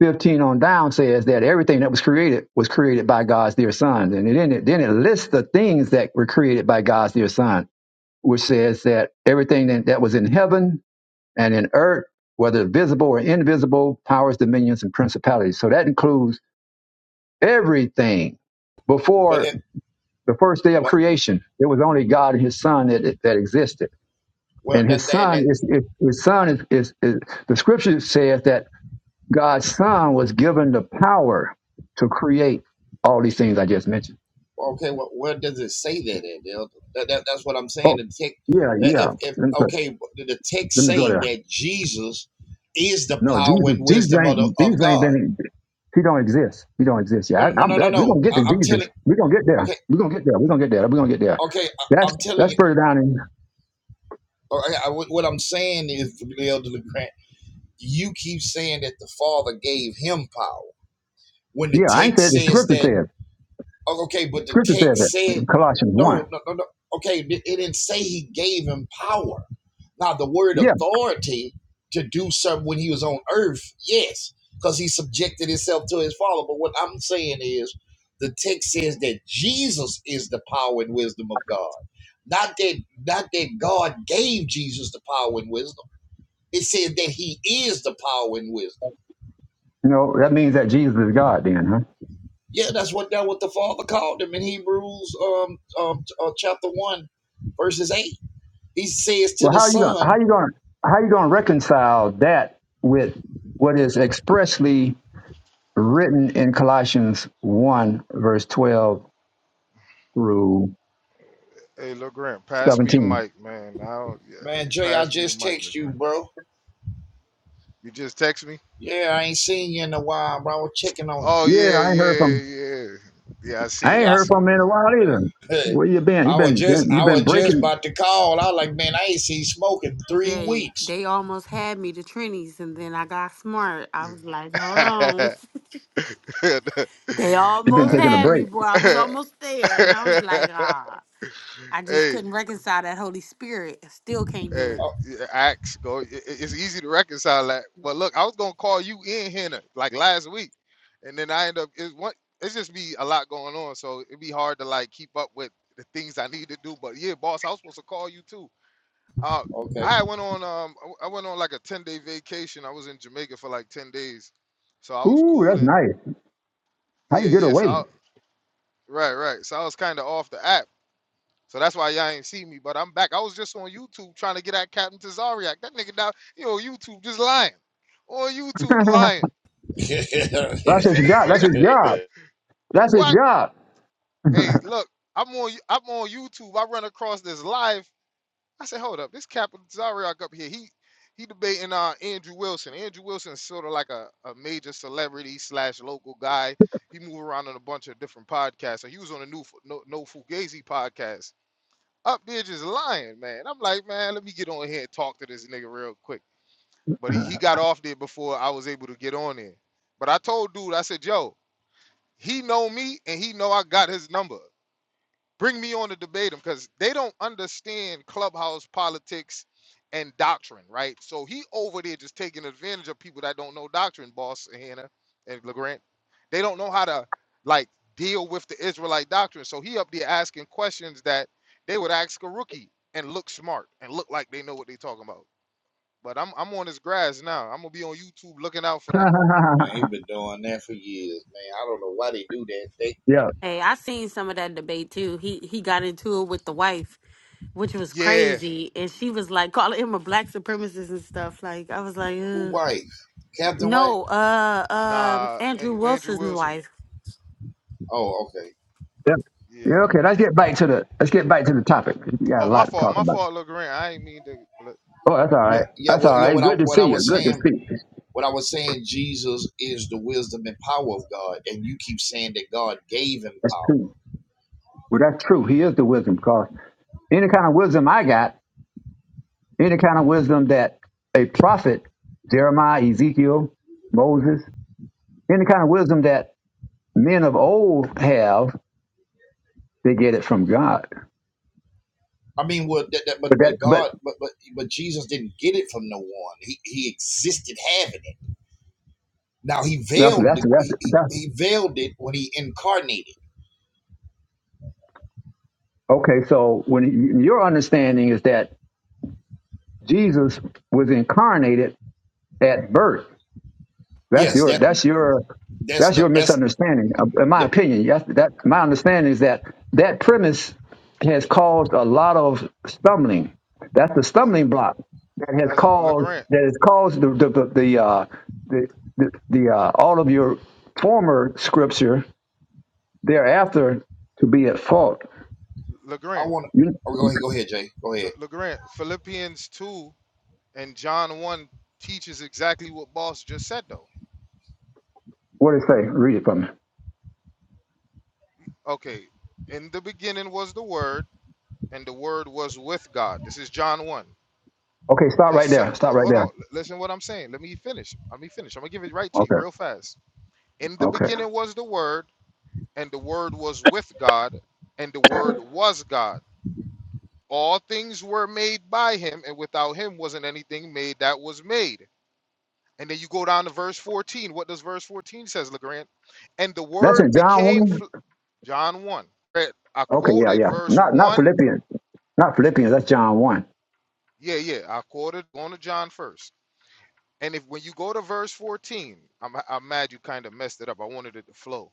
Speaker 1: 15 on down says that everything that was created was created by God's dear Son, and then it then it lists the things that were created by God's dear Son, which says that everything that, that was in heaven and in earth, whether visible or invisible, powers, dominions, and principalities. So that includes everything.
Speaker 5: but
Speaker 1: Before
Speaker 5: it,
Speaker 1: the first day of
Speaker 5: but
Speaker 1: creation, it was only God and His Son that, that existed.
Speaker 5: well,
Speaker 1: And
Speaker 5: that,
Speaker 1: His
Speaker 5: that and
Speaker 1: Son
Speaker 5: that.
Speaker 1: is His Son is, is, is the Scripture says that God's Son was given the power to create all these things I just mentioned.
Speaker 5: Okay, well, where does it say that in? That, that that's what I'm
Speaker 1: Oh,
Speaker 5: saying. The text,
Speaker 1: yeah, yeah.
Speaker 5: if, if
Speaker 1: Let me,
Speaker 5: okay, the text
Speaker 1: let me go
Speaker 5: say
Speaker 1: there.
Speaker 5: that Jesus is the
Speaker 1: No,
Speaker 5: power
Speaker 1: Jesus,
Speaker 5: and
Speaker 1: Jesus
Speaker 5: wisdom
Speaker 1: ain't,
Speaker 5: of the, of
Speaker 1: Jesus ain't
Speaker 5: God.
Speaker 1: been, he don't exist. He don't exist. Yeah,
Speaker 5: No,
Speaker 1: I,
Speaker 5: no,
Speaker 1: I'm,
Speaker 5: no, no,
Speaker 1: that, we're
Speaker 5: no.
Speaker 1: going to get to
Speaker 5: I, I'm telling.
Speaker 1: Jesus. We're going to get there.
Speaker 5: Okay,
Speaker 1: We're going to get there. We're going to get there. We're going to get there.
Speaker 5: okay, I,
Speaker 1: That's,
Speaker 5: I'm telling
Speaker 1: that's
Speaker 5: you.
Speaker 1: further down in,
Speaker 5: okay, what what I'm saying is, Elder LeGrand you keep saying that the Father gave him power when the
Speaker 1: yeah, I ain't
Speaker 5: text
Speaker 1: said the
Speaker 5: says
Speaker 1: scripture
Speaker 5: that.
Speaker 1: says.
Speaker 5: oh, Okay, but the
Speaker 1: Scripture says
Speaker 5: text said
Speaker 1: it. Colossians 1.
Speaker 5: no, no, no, no. Okay, it didn't say he gave him power. Now the word
Speaker 1: Yeah.
Speaker 5: authority to do something when he was on earth, yes, because he subjected himself to his Father. But what I'm saying is, the text says that Jesus is the power and wisdom of God. Not that, not that God gave Jesus the power and wisdom. It says that He is the power and wisdom.
Speaker 1: You know, that means that Jesus is God then, huh?
Speaker 5: Yeah, that's what that what the Father called him in Hebrews um, um uh, chapter one, verses eight. He says to
Speaker 1: Well,
Speaker 5: the
Speaker 1: how you going, to how
Speaker 5: Son,
Speaker 1: you going, to how you going to reconcile that with what is expressly written in Colossians 1 verse 12 through
Speaker 6: Hey, Lil Grant, pass me the
Speaker 1: 17?
Speaker 6: mic, man. I don't. Yeah,
Speaker 5: "Man, Jay, I
Speaker 6: pass me the
Speaker 5: just
Speaker 6: mic, Lil
Speaker 5: text you,
Speaker 6: Grant.
Speaker 5: bro.
Speaker 6: You just text me.
Speaker 5: Yeah, I ain't seen you in a while, bro. I was checking on
Speaker 6: Oh
Speaker 1: Yeah,
Speaker 6: yeah,
Speaker 1: I ain't heard
Speaker 6: yeah,
Speaker 1: from
Speaker 6: yeah, yeah. I see
Speaker 1: I ain't
Speaker 5: you.
Speaker 6: it. I
Speaker 1: heard
Speaker 6: see
Speaker 1: from him in a
Speaker 6: it.
Speaker 1: while
Speaker 5: Yeah,
Speaker 1: either.
Speaker 5: uh,
Speaker 1: Where you been? You
Speaker 5: I was
Speaker 1: been,
Speaker 5: just
Speaker 1: been you
Speaker 5: I
Speaker 1: been
Speaker 5: was just
Speaker 1: breaking?
Speaker 5: about to call. I was like, man, I ain't seen Smoke in three
Speaker 2: Jay,
Speaker 5: weeks.
Speaker 2: they almost had me to Trinity's, and then I got smart. I was like, hold
Speaker 6: I see
Speaker 2: on.
Speaker 6: it.
Speaker 2: They
Speaker 1: You been
Speaker 2: almost
Speaker 6: Ah,
Speaker 1: taking a
Speaker 2: had
Speaker 1: break?
Speaker 2: me, boy. I was
Speaker 6: yeah.
Speaker 2: almost there. And I was like, ah, I just
Speaker 6: hey,
Speaker 2: couldn't reconcile that Holy Spirit. I Still can't do
Speaker 6: Hey,
Speaker 2: it.
Speaker 5: Oh,
Speaker 6: yeah, Axe, go. i- i- It's easy to reconcile that. But look, I was gonna call you in Henna like last week, and then I end up it's one. It's just be a lot going on, so it'd be hard to like keep up with the things I need to do. But yeah, boss, I was supposed to call you too. Uh,
Speaker 5: okay.
Speaker 6: I had went on um, I I went on like a ten day vacation. I was in Jamaica for like ten days, so I was
Speaker 1: Ooh, that's
Speaker 6: cooling.
Speaker 1: nice. How
Speaker 6: Yeah,
Speaker 1: you get
Speaker 6: yeah. So
Speaker 1: away?
Speaker 6: I, right, right. So I was kind of off the app. So that's why y'all ain't see me, but I'm back. I was just on YouTube trying to get at Captain Tazariak. That nigga down, you know, YouTube just lying. On YouTube lying.
Speaker 5: man,
Speaker 1: That's his job. That's his job. That's his
Speaker 6: What?
Speaker 1: job.
Speaker 6: Hey, look, I'm on I'm on YouTube. I run across this live. I said, hold up, this Captain Tazariak up here. He he debating uh Andrew Wilson. Andrew Wilson is sort of like a, a major celebrity slash local guy. He move around on a bunch of different podcasts. So he was on a new no, no Fugazi podcast. Up there just lying, man. I'm like, man, let me get on here and talk to this nigga real quick. but he, he got off there before I was able to get on there. But I told dude, I said, yo, he know me and he know I got his number. Bring me on to debate him because they don't understand clubhouse politics and doctrine, right? So he over there just taking advantage of people that don't know doctrine, boss Hannah and LeGrant. They don't know how to like deal with the Israelite doctrine. So he up there asking questions that they would ask a rookie and look smart and look like they know what they talking about. But I'm I'm on his grass now. I'm gonna be on YouTube looking out for that.
Speaker 5: he been doing that for years, man. I don't know why they do that. They
Speaker 1: yeah.
Speaker 2: Hey, I seen some of that debate too. He he got into it with the wife, which was
Speaker 6: Yeah,
Speaker 2: crazy. And she was like calling him a black supremacist and stuff. Like I was like,
Speaker 5: who
Speaker 2: Ugh.
Speaker 5: wife? Captain White?
Speaker 2: no, uh um
Speaker 6: nah,
Speaker 2: Andrew
Speaker 6: An- Andrew
Speaker 2: Wilson's
Speaker 6: Wilson.
Speaker 2: wife,
Speaker 5: Oh, okay.
Speaker 1: yeah. Yeah.
Speaker 6: Yeah.
Speaker 1: Okay. Let's
Speaker 6: Eh,
Speaker 1: get back to the let's get back to the topic. We got
Speaker 6: Oh,
Speaker 1: a
Speaker 6: my
Speaker 1: lot to
Speaker 6: fault,
Speaker 1: talk
Speaker 6: my
Speaker 1: about.
Speaker 6: fault, LeGrand. I ain't mean to. Le,
Speaker 1: Oh, that's all
Speaker 5: Yeah,
Speaker 1: right.
Speaker 5: yeah,
Speaker 1: That's all
Speaker 5: what yeah,
Speaker 1: right.
Speaker 5: what I
Speaker 1: Good to
Speaker 5: what
Speaker 1: see
Speaker 5: I
Speaker 1: you.
Speaker 5: was
Speaker 1: Good to
Speaker 5: saying,
Speaker 1: see you.
Speaker 5: what I was saying, Jesus is the wisdom and power of God, and you keep saying that God gave him
Speaker 1: That's
Speaker 5: power.
Speaker 1: true. Well, that's true. He is the wisdom because any kind of wisdom I got, any kind of wisdom that a prophet, Jeremiah, Ezekiel, Moses, any kind of wisdom that men of old have, they get it from God.
Speaker 5: I mean, well, that, that, but
Speaker 1: But that,
Speaker 5: but
Speaker 1: but
Speaker 5: God, but but but Jesus didn't get it from no one. He he existed having it. Now he
Speaker 1: that's
Speaker 5: veiled the,
Speaker 1: that's that's,
Speaker 5: he, he
Speaker 1: that's
Speaker 5: he veiled it when he incarnated.
Speaker 1: okay. So when your understanding is that Jesus was incarnated at birth, that's
Speaker 5: Yes,
Speaker 1: your
Speaker 5: that
Speaker 1: that's your
Speaker 5: that's
Speaker 1: that's
Speaker 5: the
Speaker 1: your
Speaker 5: that's
Speaker 1: misunderstanding. Uh, In my
Speaker 5: the,
Speaker 1: opinion, yes, that my understanding is that that premise has caused a lot of stumbling. That's the
Speaker 6: but
Speaker 1: stumbling block that has
Speaker 6: that's it,
Speaker 1: caused
Speaker 6: LeGrand,
Speaker 1: that has caused the the the, the uh, the, the, the uh, all of your former scripture Thereafter, to be at fault.
Speaker 5: I
Speaker 6: LeGrand,
Speaker 5: want to.
Speaker 1: You
Speaker 5: Oh, go ahead, go ahead, Jay. Go ahead.
Speaker 6: Le- LeGrand. Philippians two and John one teaches exactly what Boss just said though.
Speaker 1: what did it say? Read it for me.
Speaker 6: Okay, in the beginning was the Word, and the Word was with God. This is John one.
Speaker 1: Okay, stop
Speaker 6: The,
Speaker 1: right
Speaker 6: sa-
Speaker 1: there. Stop
Speaker 6: ho-
Speaker 1: right
Speaker 6: hold on,
Speaker 1: there.
Speaker 6: l- listen what I'm saying. Let me finish. Let me finish. I'm gonna give it right to you,
Speaker 1: Okay.
Speaker 6: real fast. In the
Speaker 1: Okay.
Speaker 6: beginning was the Word, and the Word was with God, and the Word was God. All things were made by him, and without him wasn't anything made that was made. And then you go down to verse 14. What does verse 14 says, LeGrand? And the
Speaker 1: That's in
Speaker 6: word
Speaker 1: John
Speaker 6: became
Speaker 1: one.
Speaker 6: fl- John 1. Right, I
Speaker 1: Okay, yeah,
Speaker 6: quoted
Speaker 1: yeah.
Speaker 6: verse
Speaker 1: Not not
Speaker 6: 1.
Speaker 1: Philippians. Not Philippians. That's John one.
Speaker 6: Yeah, yeah. I quoted going to John first. And if when you go to verse 14, I'm, I'm mad you kind of messed it up. I wanted it to flow.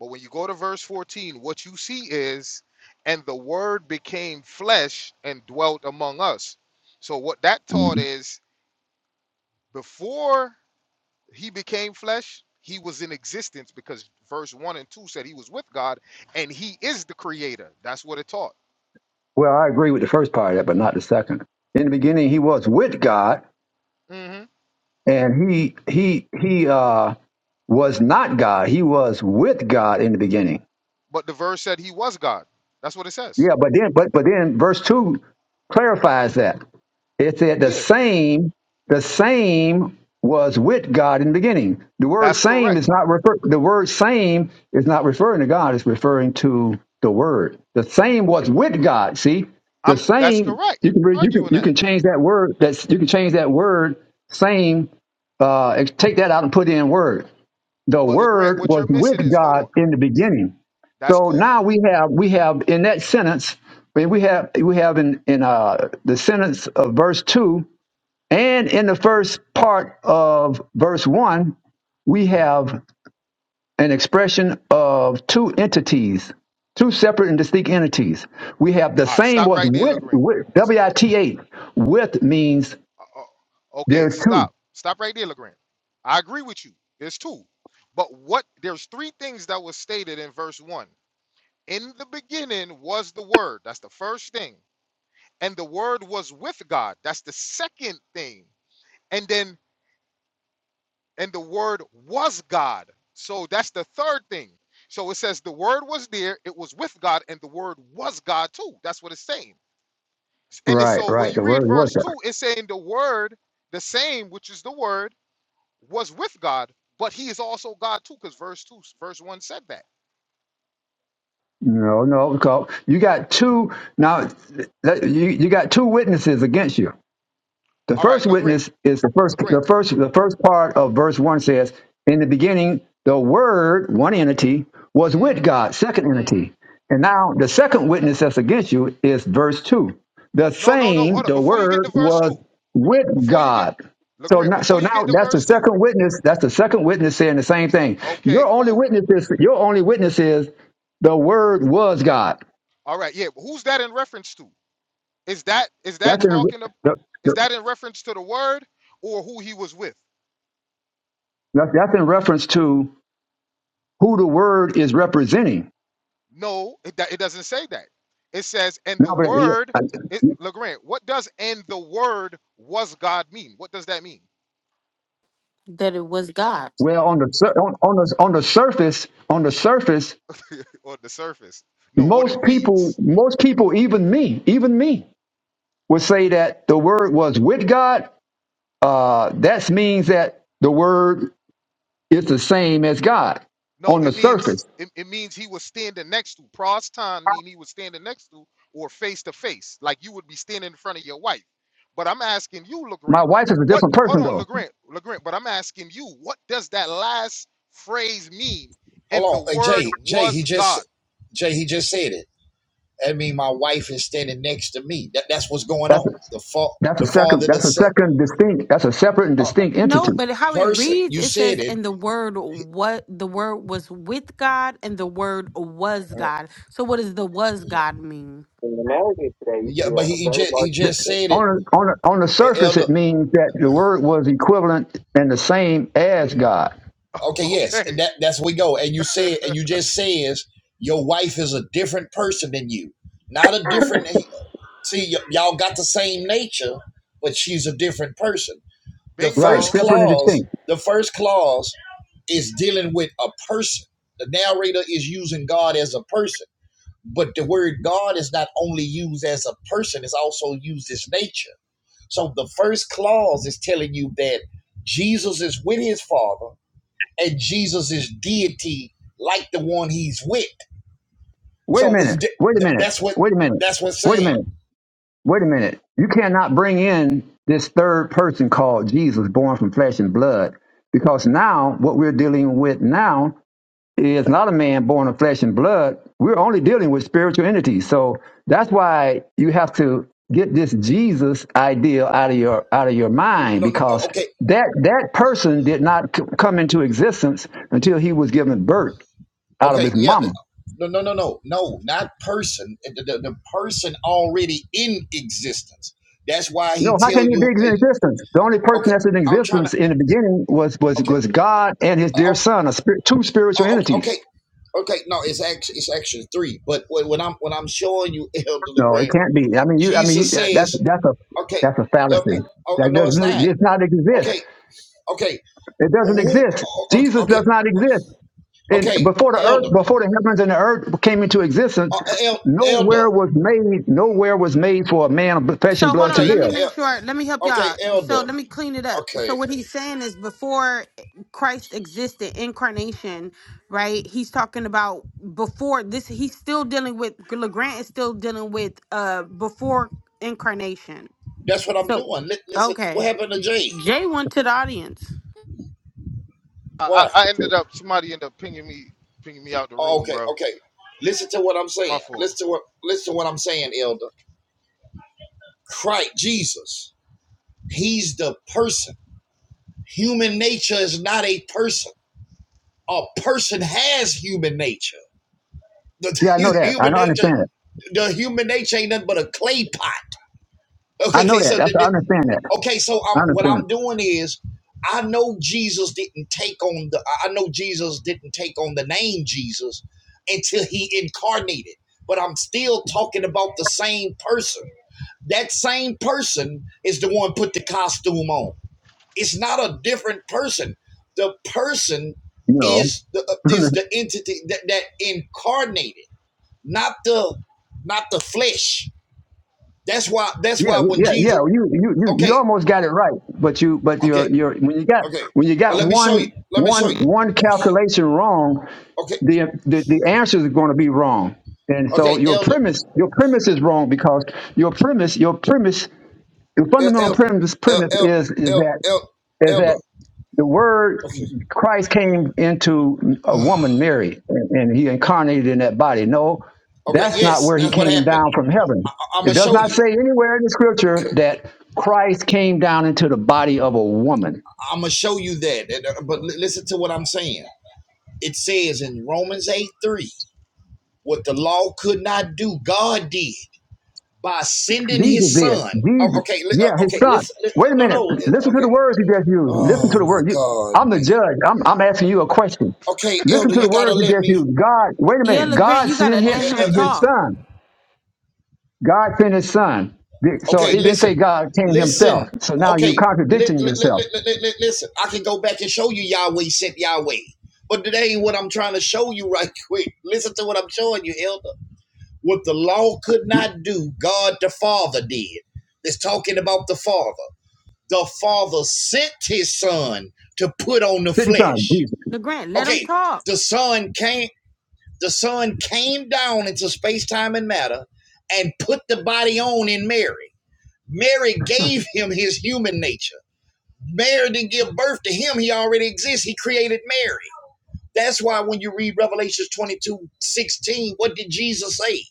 Speaker 6: But when you go to verse 14, what you see is, and the word became flesh and dwelt among us. So what that taught
Speaker 1: Mhm.
Speaker 6: is before he became flesh, he was in existence because verse 1 and 2 said he was with God and he is the creator. That's what it taught.
Speaker 1: Well, I agree with the first part of that, but not the second. In the beginning, he was with God,
Speaker 6: hmm
Speaker 1: and he he he uh, was not God. He was with God in the beginning.
Speaker 6: But the verse said he was God. That's what it says.
Speaker 1: Yeah, but then but but then verse two clarifies that. It said the
Speaker 6: Yeah,
Speaker 1: same, the same was with God in the beginning. The word
Speaker 6: that's
Speaker 1: same
Speaker 6: correct.
Speaker 1: is not refer the word same is not referring to God, it's referring to the word. The same was with God. See? The
Speaker 6: I'm that's
Speaker 1: same
Speaker 6: correct.
Speaker 1: you can re- you can
Speaker 6: Arguing
Speaker 1: you
Speaker 6: that.
Speaker 1: can change that word that's you can change that word same uh and take that out and put in word. The
Speaker 6: But LeGrant,
Speaker 1: word
Speaker 6: what
Speaker 1: was
Speaker 6: you're
Speaker 1: with
Speaker 6: missing is hold on.
Speaker 1: God in the beginning.
Speaker 6: That's
Speaker 1: So
Speaker 6: cool.
Speaker 1: now we have we have in that sentence I mean, we have we have in in uh, the sentence of verse two and in the first part of verse 1, we have an expression of two entities, two separate and distinct entities. We have the
Speaker 6: All right,
Speaker 1: same
Speaker 6: stop
Speaker 1: was
Speaker 6: right there,
Speaker 1: with,
Speaker 6: LeGrant.
Speaker 1: with W I T H. With means
Speaker 6: Uh, uh,
Speaker 1: there
Speaker 6: okay,
Speaker 1: are two.
Speaker 6: stop. Stop right there, LeGrant. I agree with you. There's two. But what there's three things that was stated in verse one. In the beginning was the word. That's the first thing. And the word was with God. That's the second thing. And then and the word was God. So that's the third thing. So it says the word was there, it was with God, and the word was God too. That's what it's saying. And it's-
Speaker 1: Right,
Speaker 6: so when
Speaker 1: right.
Speaker 6: you
Speaker 1: The
Speaker 6: read
Speaker 1: word was
Speaker 6: verse 2, it's saying the word, the same, which is the word, was with God, but he is also God too, because verse 2, verse 1 said that.
Speaker 1: No, no. Because you got two now. You you got two witnesses against you. The
Speaker 6: All right,
Speaker 1: first
Speaker 6: Lagrin,
Speaker 1: witness is the first
Speaker 6: Lagrin.
Speaker 1: the first the first part of verse one says, In the beginning the word, one entity, was with
Speaker 6: Mm-hmm.
Speaker 1: God, second
Speaker 6: Mm-hmm.
Speaker 1: entity. And now the second witness that's against you is verse two. The
Speaker 6: No, no, no.
Speaker 1: same,
Speaker 6: Hold up.
Speaker 1: the
Speaker 6: Before you get to
Speaker 1: word
Speaker 6: verse
Speaker 1: was
Speaker 6: 2,
Speaker 1: with
Speaker 6: before you get
Speaker 1: God. So
Speaker 6: Lagrin,
Speaker 1: now, so
Speaker 6: before you
Speaker 1: now
Speaker 6: get to
Speaker 1: that's the
Speaker 6: verse 2.
Speaker 1: second witness. That's the second witness saying the same thing. Your
Speaker 6: Okay,
Speaker 1: only
Speaker 6: cool.
Speaker 1: witness is your only witness is the word was God.
Speaker 6: All right, yeah. But who's that in reference to? Is that is that
Speaker 1: That's in
Speaker 6: talking of
Speaker 1: that's
Speaker 6: is that in reference to the word or who he was with?
Speaker 1: that's in reference to who the word is representing
Speaker 6: No, it, it doesn't say that. It says, and
Speaker 1: No,
Speaker 6: the
Speaker 1: but
Speaker 6: word,
Speaker 1: uh,
Speaker 6: it,
Speaker 1: uh,
Speaker 6: LeGrand, what does and the word was God mean? What does that mean
Speaker 2: that it was God.
Speaker 1: well, on the sur- on, on the on the surface, on the surface,
Speaker 6: on the surface? No, what it
Speaker 1: most people,
Speaker 6: reads.
Speaker 1: most people, even me, even me, would say that the word was with God. Uh, that means that the word is the same as God
Speaker 6: No,
Speaker 1: on the
Speaker 6: it means
Speaker 1: surface.
Speaker 6: it, it means he was standing next to. Proston mean he was standing next to or face to face, like you would be standing in front of your wife. But I'm asking you,
Speaker 1: My
Speaker 6: LeGrand,
Speaker 1: wife is a
Speaker 6: what
Speaker 1: different
Speaker 6: hold
Speaker 1: person,
Speaker 6: on,
Speaker 1: though.
Speaker 6: LeGrand, LeGrand, but I'm asking you, what does that last phrase mean? And the
Speaker 5: Hold on, hey
Speaker 6: word
Speaker 5: Jay, Jay. He
Speaker 6: was
Speaker 5: just
Speaker 6: God.
Speaker 5: Jay. He just said it. I mean, my wife is standing next to me. That, that's what's going
Speaker 1: That's a,
Speaker 5: on. The fa-
Speaker 1: that's a
Speaker 5: the
Speaker 1: second.
Speaker 5: father, the
Speaker 1: That's a
Speaker 5: son,
Speaker 1: second distinct. That's a separate and
Speaker 5: uh,
Speaker 1: distinct
Speaker 2: No,
Speaker 1: entity.
Speaker 2: but how it
Speaker 5: person.
Speaker 2: reads,
Speaker 5: You
Speaker 2: it
Speaker 5: said
Speaker 2: says,
Speaker 5: it.
Speaker 2: and the word what the word was with God and the word was
Speaker 5: Uh,
Speaker 2: God. So what does the was God mean?
Speaker 1: In the narrative today, you see
Speaker 5: Yeah, but
Speaker 1: a,
Speaker 5: he,
Speaker 1: a
Speaker 5: he
Speaker 1: very
Speaker 5: just he
Speaker 1: large
Speaker 5: just
Speaker 1: distinction.
Speaker 5: said
Speaker 1: On
Speaker 5: it,
Speaker 1: a, on a, on the
Speaker 5: E-
Speaker 1: surface,
Speaker 5: Elder.
Speaker 1: it means that the word was equivalent and the same as God.
Speaker 5: Okay, yes,
Speaker 6: okay.
Speaker 5: that that's where we go. And you said, and you just says your wife is a different person than you, not a different. See, y- y'all got the same nature, but she's a different person. The
Speaker 1: Right,
Speaker 5: first
Speaker 6: Bingo.
Speaker 1: separate and
Speaker 5: clause,
Speaker 1: distinct.
Speaker 5: the first clause is dealing with a person. The narrator is using God as a person, but the word God is not only used as a person, it's also used as nature. So the first clause is telling you that Jesus is with his Father and Jesus is deity like the one he's with.
Speaker 1: Wait a
Speaker 5: So
Speaker 1: minute. Wait a minute.
Speaker 5: that's what
Speaker 1: Wait a minute.
Speaker 5: that's what's
Speaker 1: Wait a
Speaker 5: saying.
Speaker 1: minute. Wait a minute. You cannot bring in this third person called Jesus, born from flesh and blood, because now what we're dealing with now is not a man born of flesh and blood. We're only dealing with spiritual entities. So that's why you have to get this Jesus ideal out of your out of your mind
Speaker 5: No, no,
Speaker 1: because
Speaker 5: okay,
Speaker 1: that that person did not c- come into existence until he was given birth out of
Speaker 5: okay,
Speaker 1: his
Speaker 5: yeah.
Speaker 1: mama.
Speaker 5: No, no, no, no, no, not person. The, the, the person already in existence. That's why
Speaker 1: No,
Speaker 5: he
Speaker 1: how
Speaker 5: tell
Speaker 1: can you be
Speaker 5: you.
Speaker 1: in
Speaker 5: eh,
Speaker 1: existence? The only person
Speaker 5: Okay,
Speaker 1: that's in
Speaker 5: I'm trying to.
Speaker 1: existence in the beginning was was
Speaker 5: Okay,
Speaker 1: was God and His
Speaker 5: uh,
Speaker 1: dear
Speaker 5: oh,
Speaker 1: Son, a spirit, two spiritual
Speaker 5: oh, okay,
Speaker 1: entities.
Speaker 5: okay. okay, No, it's actually it's actually three. But when when I'm when I'm showing you Elder
Speaker 1: No, it
Speaker 5: Legrand,
Speaker 1: can't be. I mean, you. I mean, you,
Speaker 5: Jesus
Speaker 1: that's
Speaker 5: says,
Speaker 1: that's a
Speaker 5: okay,
Speaker 1: that's a
Speaker 5: eh, oh,
Speaker 1: fallacy.
Speaker 5: oh,
Speaker 1: That
Speaker 5: no, it's
Speaker 1: doesn't.
Speaker 5: not.
Speaker 1: It's not exist.
Speaker 5: Okay, okay,
Speaker 1: It doesn't
Speaker 5: who?
Speaker 1: exist.
Speaker 5: oh, Okay,
Speaker 1: Jesus does
Speaker 5: okay,
Speaker 1: not exist. And
Speaker 5: okay,
Speaker 1: before the earth,
Speaker 5: Elder,
Speaker 1: before the heavens and the earth came into existence,
Speaker 5: uh, el, Elder.
Speaker 1: nowhere was made, nowhere was made for a man of flesh and
Speaker 2: So hold
Speaker 1: blood to
Speaker 2: on, let
Speaker 5: Okay,
Speaker 2: me
Speaker 1: live.
Speaker 2: make
Speaker 5: el,
Speaker 2: sure. Let me help
Speaker 5: okay,
Speaker 2: y'all. So
Speaker 5: Elder.
Speaker 2: let me clean it up. So
Speaker 5: okay.
Speaker 2: what he's saying is before Christ existed, incarnation, right? He's talking about before this, he's still dealing with LeGrant is still dealing with uh before incarnation.
Speaker 5: That's what I'm
Speaker 2: So
Speaker 5: doing. Li- Listen, what
Speaker 2: okay.
Speaker 5: happened to Jay?
Speaker 2: Jay went to the audience.
Speaker 6: I,
Speaker 5: Why?
Speaker 6: I I ended up somebody ended up pinging me pinging me out the
Speaker 5: Oh,
Speaker 6: room,
Speaker 5: okay,
Speaker 6: bro.
Speaker 5: okay.
Speaker 6: Hit,
Speaker 5: Listen to what I'm
Speaker 6: my
Speaker 5: saying.
Speaker 6: fault.
Speaker 5: Listen to what listen to what I'm saying, Elder. Christ Jesus, He's the person. Human nature is not a person. A person has human nature. The
Speaker 1: Yeah, I know that. I
Speaker 5: human
Speaker 1: know, I
Speaker 5: nature,
Speaker 1: understand it.
Speaker 5: the human nature ain't nothing but a clay pot.
Speaker 1: I
Speaker 5: Okay,
Speaker 1: know
Speaker 5: okay.
Speaker 1: that.
Speaker 5: So
Speaker 1: That's
Speaker 5: th-
Speaker 1: I understand that.
Speaker 5: Okay, so
Speaker 1: I
Speaker 5: I'm what
Speaker 1: understand.
Speaker 5: I'm doing is I know Jesus didn't take on the I know Jesus didn't take on the name Jesus until he incarnated, but I'm still talking about the same person. That same person is the one put the costume on. It's not a different person. The person
Speaker 1: It. You know.
Speaker 5: is the uh, is the entity that, that incarnated, not the not the flesh. That's why that's
Speaker 1: yeah,
Speaker 5: why when
Speaker 1: yeah, yeah.
Speaker 5: Jesus
Speaker 1: You, you, you, you
Speaker 5: okay,
Speaker 1: almost got it right. But you, but
Speaker 5: okay.
Speaker 1: you're, you're when you got
Speaker 5: Okay.
Speaker 1: when you
Speaker 5: Oh,
Speaker 1: got
Speaker 5: let me show you.
Speaker 1: one,
Speaker 5: Let me show
Speaker 1: one,
Speaker 5: you.
Speaker 1: one calculation wrong,
Speaker 5: Okay.
Speaker 1: the the, the answers are going to be wrong. And so
Speaker 5: Okay,
Speaker 1: your
Speaker 5: elder.
Speaker 1: premise your premise is wrong because your premise your premise your
Speaker 5: El-
Speaker 1: fundamental
Speaker 5: Elder.
Speaker 1: premise
Speaker 5: el-
Speaker 1: premise
Speaker 5: el-
Speaker 1: is is
Speaker 5: el-
Speaker 1: that
Speaker 5: el-
Speaker 1: is
Speaker 5: elder.
Speaker 1: that the word
Speaker 5: Okay.
Speaker 1: Christ came into a woman Mary and, and he incarnated in that body. No,
Speaker 5: Okay,
Speaker 1: that's not
Speaker 5: yes,
Speaker 1: where he
Speaker 5: that's what
Speaker 1: came
Speaker 5: happened.
Speaker 1: down from heaven.
Speaker 5: I- I'm
Speaker 1: It
Speaker 5: going to
Speaker 1: does
Speaker 5: show
Speaker 1: not say
Speaker 5: you.
Speaker 1: anywhere in the scripture
Speaker 5: Okay.
Speaker 1: that Christ came down into the body of a woman.
Speaker 5: I'm going to show you that. And, uh, But li- listen to what I'm saying. It says in Romans 8 3, what the law could not do, God did by sending
Speaker 1: Jesus
Speaker 5: his
Speaker 1: did.
Speaker 5: son. Oh,
Speaker 1: Jesus.
Speaker 5: okay. li-
Speaker 1: Yeah,
Speaker 5: uh,
Speaker 1: his
Speaker 5: Okay.
Speaker 1: son.
Speaker 5: Listen. li-
Speaker 1: Wait a
Speaker 5: No,
Speaker 1: minute.
Speaker 5: no. uh,
Speaker 1: Listen to
Speaker 5: Okay.
Speaker 1: the words he just used. Listen to
Speaker 5: Oh,
Speaker 1: the
Speaker 5: my
Speaker 1: word. You,
Speaker 5: God,
Speaker 1: I'm the
Speaker 5: man.
Speaker 1: judge. I'm, I'm asking you a question.
Speaker 5: Okay,
Speaker 1: Listen
Speaker 5: elder,
Speaker 1: to the
Speaker 5: you got to
Speaker 1: words he
Speaker 5: let
Speaker 1: just
Speaker 5: me.
Speaker 1: used. God, wait a
Speaker 2: Yeah,
Speaker 1: minute.
Speaker 2: LeGrant,
Speaker 1: God
Speaker 2: you gotta
Speaker 1: sent
Speaker 5: Uh,
Speaker 2: let
Speaker 1: his,
Speaker 5: uh,
Speaker 2: him
Speaker 1: sent his
Speaker 2: talk.
Speaker 1: son. God sent his son. The- So
Speaker 5: Okay,
Speaker 1: it didn't say
Speaker 5: listen,
Speaker 1: God came himself.
Speaker 5: listen.
Speaker 1: So now you're
Speaker 5: Okay, li-
Speaker 1: contradicting
Speaker 5: li- li-
Speaker 1: yourself.
Speaker 5: li- li- li- listen. I can go back and show you Yahweh sent Yahweh, but today what I'm trying to show you right quick. Listen to what I'm showing you, Elder. What the law could not do, God the Father did. It's talking about the Father. The Father sent His Son to put on the
Speaker 1: Sent his son,
Speaker 5: flesh.
Speaker 1: Jesus.
Speaker 2: LeGrand, let him
Speaker 5: Okay,
Speaker 2: talk.
Speaker 5: the Son came. The Son came down into space, time, and matter, and put the body on in Mary. Mary gave him his human nature. Mary didn't give birth to him. He already exists. He created Mary. That's why when you read Revelation 22 16, what did Jesus say?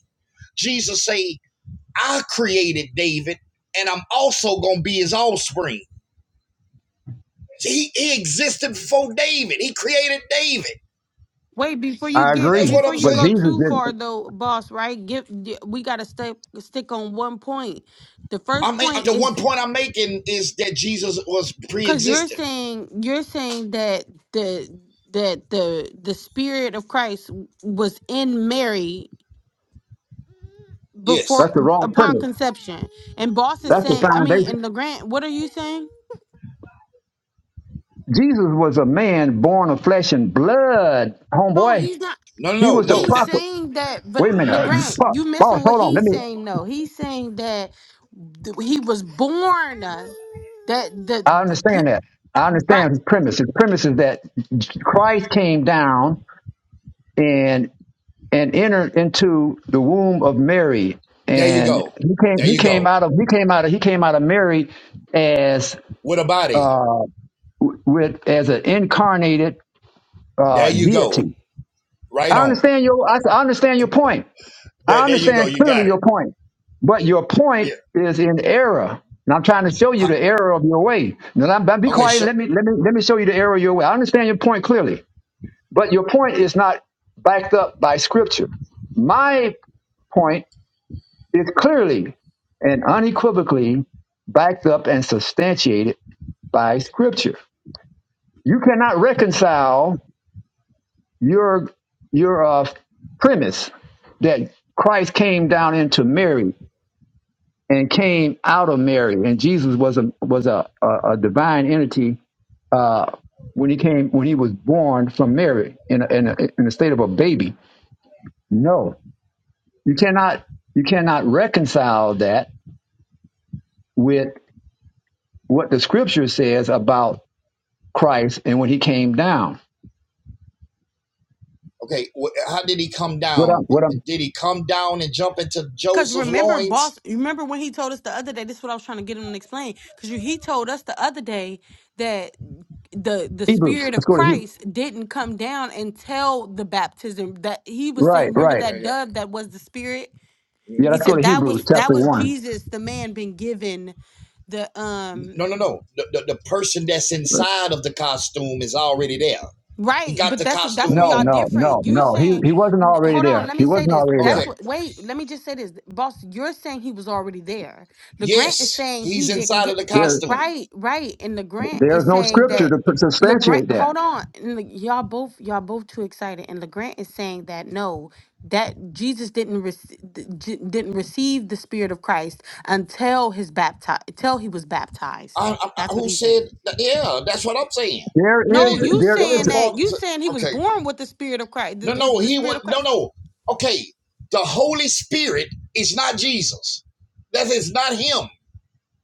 Speaker 5: Jesus say, I created David and I'm also going to be his offspring. He, he existed before David. He created David.
Speaker 2: Wait, before you
Speaker 1: I
Speaker 2: get
Speaker 5: That's
Speaker 1: agree.
Speaker 5: what
Speaker 2: before
Speaker 5: I'm
Speaker 2: you
Speaker 1: But
Speaker 5: saying.
Speaker 2: go
Speaker 1: Jesus
Speaker 2: too far
Speaker 1: didn't.
Speaker 2: though, boss, right? Give we gotta stick stick on one point. The
Speaker 5: I
Speaker 2: first
Speaker 5: mean,
Speaker 2: point
Speaker 5: the one
Speaker 2: is
Speaker 5: point I'm making is that Jesus was
Speaker 2: because you're
Speaker 5: pre-existing.
Speaker 2: saying you're saying that the that the the spirit of Christ was in Mary
Speaker 5: Yes.
Speaker 2: before
Speaker 1: That's the wrong
Speaker 2: upon
Speaker 1: premise.
Speaker 2: conception. And boss is
Speaker 1: That's the
Speaker 2: saying, I mean,
Speaker 1: foundation.
Speaker 2: and LeGrand, what are you saying?
Speaker 1: Jesus was a man born of flesh and blood,
Speaker 2: No,
Speaker 1: homeboy.
Speaker 2: he's not
Speaker 5: No, no,
Speaker 1: He
Speaker 5: no.
Speaker 1: was the
Speaker 5: no.
Speaker 2: He's
Speaker 1: prophet.
Speaker 2: saying that, but
Speaker 1: Wait a minute, uh,
Speaker 2: LeGrant,
Speaker 1: Pa-
Speaker 2: you
Speaker 1: boss.
Speaker 2: missing what
Speaker 1: Hold on. Let
Speaker 2: he's
Speaker 1: me.
Speaker 2: saying. No, he's saying that th- he was born uh, that
Speaker 1: I
Speaker 2: the he
Speaker 1: understand that. I
Speaker 2: but
Speaker 1: understand his premise. His premise is that Christ came down and and entered into the womb of Mary,
Speaker 5: There you
Speaker 1: and
Speaker 5: go.
Speaker 1: he came.
Speaker 5: There
Speaker 1: He
Speaker 5: you
Speaker 1: came
Speaker 5: go.
Speaker 1: out of. He came out of. He came out of Mary as
Speaker 5: With a body.
Speaker 1: uh with as an incarnated
Speaker 5: There
Speaker 1: uh
Speaker 5: you go.
Speaker 1: deity.
Speaker 5: Right
Speaker 1: I
Speaker 5: on.
Speaker 1: understand your. I, I understand your point. I
Speaker 5: There, there you go.
Speaker 1: understand
Speaker 5: You
Speaker 1: clearly
Speaker 5: got it.
Speaker 1: your point, but your
Speaker 5: Yeah.
Speaker 1: point is in error. And I'm trying to show you
Speaker 5: How,
Speaker 1: the error of your way. Now, I'm- I'm- be
Speaker 5: okay.
Speaker 1: quiet.
Speaker 5: Sure.
Speaker 1: Let me let me let me show you the error of your way. I understand your point clearly, but your point is not backed up by Scripture. My point is clearly and unequivocally backed up and substantiated by Scripture. You cannot reconcile your your uh, premise that Christ came down into Mary and came out of Mary. And Jesus was a was a a, a divine entity uh, when he came when he was born from Mary in a, in a, in the state of a baby. No, you cannot you cannot reconcile that with what the Scripture says about Christ and when he came down.
Speaker 5: Okay. How did he come
Speaker 1: What up?
Speaker 5: down?
Speaker 1: What up?
Speaker 5: Did he come down and jump into
Speaker 2: because
Speaker 5: Joseph's
Speaker 2: remember boss
Speaker 5: loins?
Speaker 2: remember when he told us the other day this is what i was trying to get him to explain because he told us the other day that the the
Speaker 1: Hebrews.
Speaker 2: spirit
Speaker 1: Let's
Speaker 2: of
Speaker 1: go to Hebrews.
Speaker 2: christ didn't come down until the baptism that he was saying
Speaker 1: Right,
Speaker 2: remember
Speaker 1: right.
Speaker 5: There
Speaker 2: that
Speaker 5: you
Speaker 2: dove that was the spirit
Speaker 5: go.
Speaker 1: Yeah,
Speaker 2: he
Speaker 1: let's
Speaker 5: Mhm.
Speaker 1: go
Speaker 2: said
Speaker 1: to
Speaker 2: that
Speaker 1: Hebrews
Speaker 2: was that
Speaker 1: chapter
Speaker 2: was
Speaker 1: one.
Speaker 2: jesus the man being given the um
Speaker 5: No, no, no. The, the, the person that's inside of the costume is already there. He
Speaker 2: Right,
Speaker 5: got
Speaker 2: but
Speaker 5: the
Speaker 2: that's that's
Speaker 5: costume
Speaker 2: where
Speaker 1: No,
Speaker 2: y'all
Speaker 5: on.
Speaker 1: no, no,
Speaker 2: different. You
Speaker 1: no. He
Speaker 2: saying,
Speaker 1: he wasn't already
Speaker 2: hold on,
Speaker 1: there.
Speaker 2: let
Speaker 1: He
Speaker 2: me say
Speaker 1: wasn't
Speaker 2: this.
Speaker 1: already
Speaker 2: That's
Speaker 5: Okay.
Speaker 2: what. Wait, let me just say this, boss. You're saying he was already there. Legrand is
Speaker 5: Yes,
Speaker 2: saying he
Speaker 5: he's
Speaker 2: didn't
Speaker 5: inside of
Speaker 2: get.
Speaker 5: the
Speaker 1: there.
Speaker 5: costume.
Speaker 2: Right, right, and Legrand
Speaker 1: There's
Speaker 2: is
Speaker 1: no
Speaker 2: saying
Speaker 1: scripture
Speaker 2: that.
Speaker 1: to
Speaker 2: Legrand,
Speaker 1: substantiate
Speaker 2: hold
Speaker 1: that.
Speaker 2: on, and Le, y'all both y'all both too excited, and Legrand is saying that no, that Jesus didn't rec- d- j- didn't receive the Spirit of Christ until his bapti until he was baptized.
Speaker 5: I, I-
Speaker 2: That's what
Speaker 5: who
Speaker 2: he's saying.
Speaker 5: said? That? Yeah, that's what I'm saying.
Speaker 1: There
Speaker 5: He
Speaker 2: No,
Speaker 1: is,
Speaker 5: did
Speaker 2: you
Speaker 1: there
Speaker 5: the, the
Speaker 2: saying
Speaker 1: is,
Speaker 5: father.
Speaker 2: that you saying he was
Speaker 5: Okay.
Speaker 2: born with the spirit of Christ, the,
Speaker 5: No,
Speaker 2: eh,
Speaker 5: no,
Speaker 2: the
Speaker 5: he
Speaker 2: spirit
Speaker 5: was
Speaker 2: of
Speaker 5: No,
Speaker 2: Christ,
Speaker 5: no. Okay, the Holy Spirit is not Jesus. That is not him.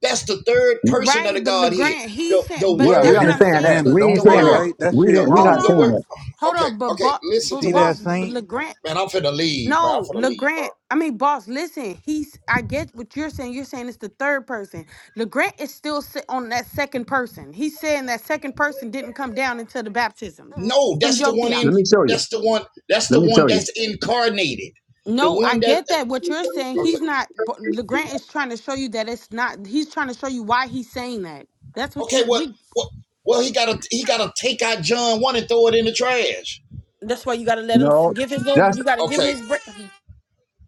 Speaker 5: That's the third person of
Speaker 2: right?
Speaker 5: the
Speaker 2: But
Speaker 5: Godhead.
Speaker 2: Legrand, he
Speaker 5: The the
Speaker 2: said, but
Speaker 1: yeah, we
Speaker 2: that's
Speaker 5: word,
Speaker 2: what
Speaker 7: Yeah,
Speaker 2: I'm
Speaker 1: understand
Speaker 5: the,
Speaker 2: saying.
Speaker 1: that.
Speaker 5: the,
Speaker 7: Hannah,
Speaker 5: the-
Speaker 1: We
Speaker 7: don't
Speaker 1: ain't
Speaker 5: the
Speaker 2: Hold
Speaker 7: say
Speaker 1: saying
Speaker 5: word,
Speaker 1: that.
Speaker 2: on,
Speaker 7: right. That
Speaker 1: We
Speaker 7: shit
Speaker 1: didn't,
Speaker 5: the,
Speaker 1: we're
Speaker 2: hold
Speaker 5: the
Speaker 1: not
Speaker 7: wrong.
Speaker 5: the
Speaker 1: saying
Speaker 5: word.
Speaker 2: on,
Speaker 1: that.
Speaker 2: hold
Speaker 5: Okay,
Speaker 2: on. But,
Speaker 5: okay.
Speaker 2: bo-
Speaker 7: You
Speaker 5: Listen
Speaker 2: but
Speaker 5: to
Speaker 7: see
Speaker 5: what I'm.
Speaker 7: that
Speaker 2: boss, but
Speaker 7: saint?
Speaker 2: Legrand,
Speaker 5: Man, I'm finna leave, man. I'm
Speaker 2: no,
Speaker 5: finna leave, bro.
Speaker 2: Legrand. I mean, boss, listen. He's. I get what you're saying. You're saying it's the third person. Legrand is still sit on that second person. He's saying that second person didn't come down until the baptism
Speaker 5: No,
Speaker 2: from
Speaker 5: that's the
Speaker 2: your
Speaker 5: one in.
Speaker 1: Let
Speaker 2: theology.
Speaker 1: me show you.
Speaker 5: That's the one. That's
Speaker 1: Let
Speaker 5: the
Speaker 1: me
Speaker 5: one
Speaker 1: show you.
Speaker 5: that's incarnated. The
Speaker 2: No, I
Speaker 5: one that.
Speaker 2: get
Speaker 5: uh,
Speaker 2: that. What you're saying,
Speaker 5: Okay,
Speaker 2: he's not. but LeGrant is trying to show you that it's not. He's trying to show you why he's saying that. That's what
Speaker 5: okay.
Speaker 2: you.
Speaker 5: What?
Speaker 2: We.
Speaker 5: What? Well, he gotta he gotta take out John one and throw it in the trash.
Speaker 2: That's why you got to let him s-
Speaker 1: No,
Speaker 2: give his little.
Speaker 1: that's,
Speaker 2: You got to give
Speaker 5: Okay,
Speaker 2: him his break.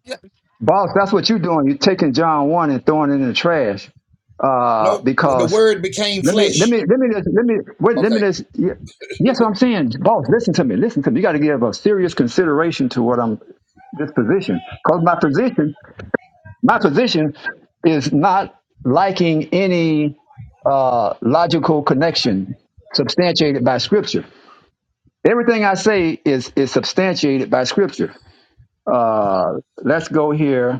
Speaker 2: You-
Speaker 1: boss, that's what you're doing. You're taking John 1 and throwing it in the trash. Uh,
Speaker 5: No, the
Speaker 1: because
Speaker 5: word became
Speaker 1: let me, let
Speaker 5: flesh.
Speaker 1: me, let me just, let me, wait, let me
Speaker 5: Okay,
Speaker 1: just, yeah, yes, what I'm saying, boss, listen to me, listen to me. You got to give a serious consideration to what I'm, this position. Cause my position my position is not liking any uh, logical connection substantiated by scripture. Everything I say is is substantiated by scripture. Uh, let's go here.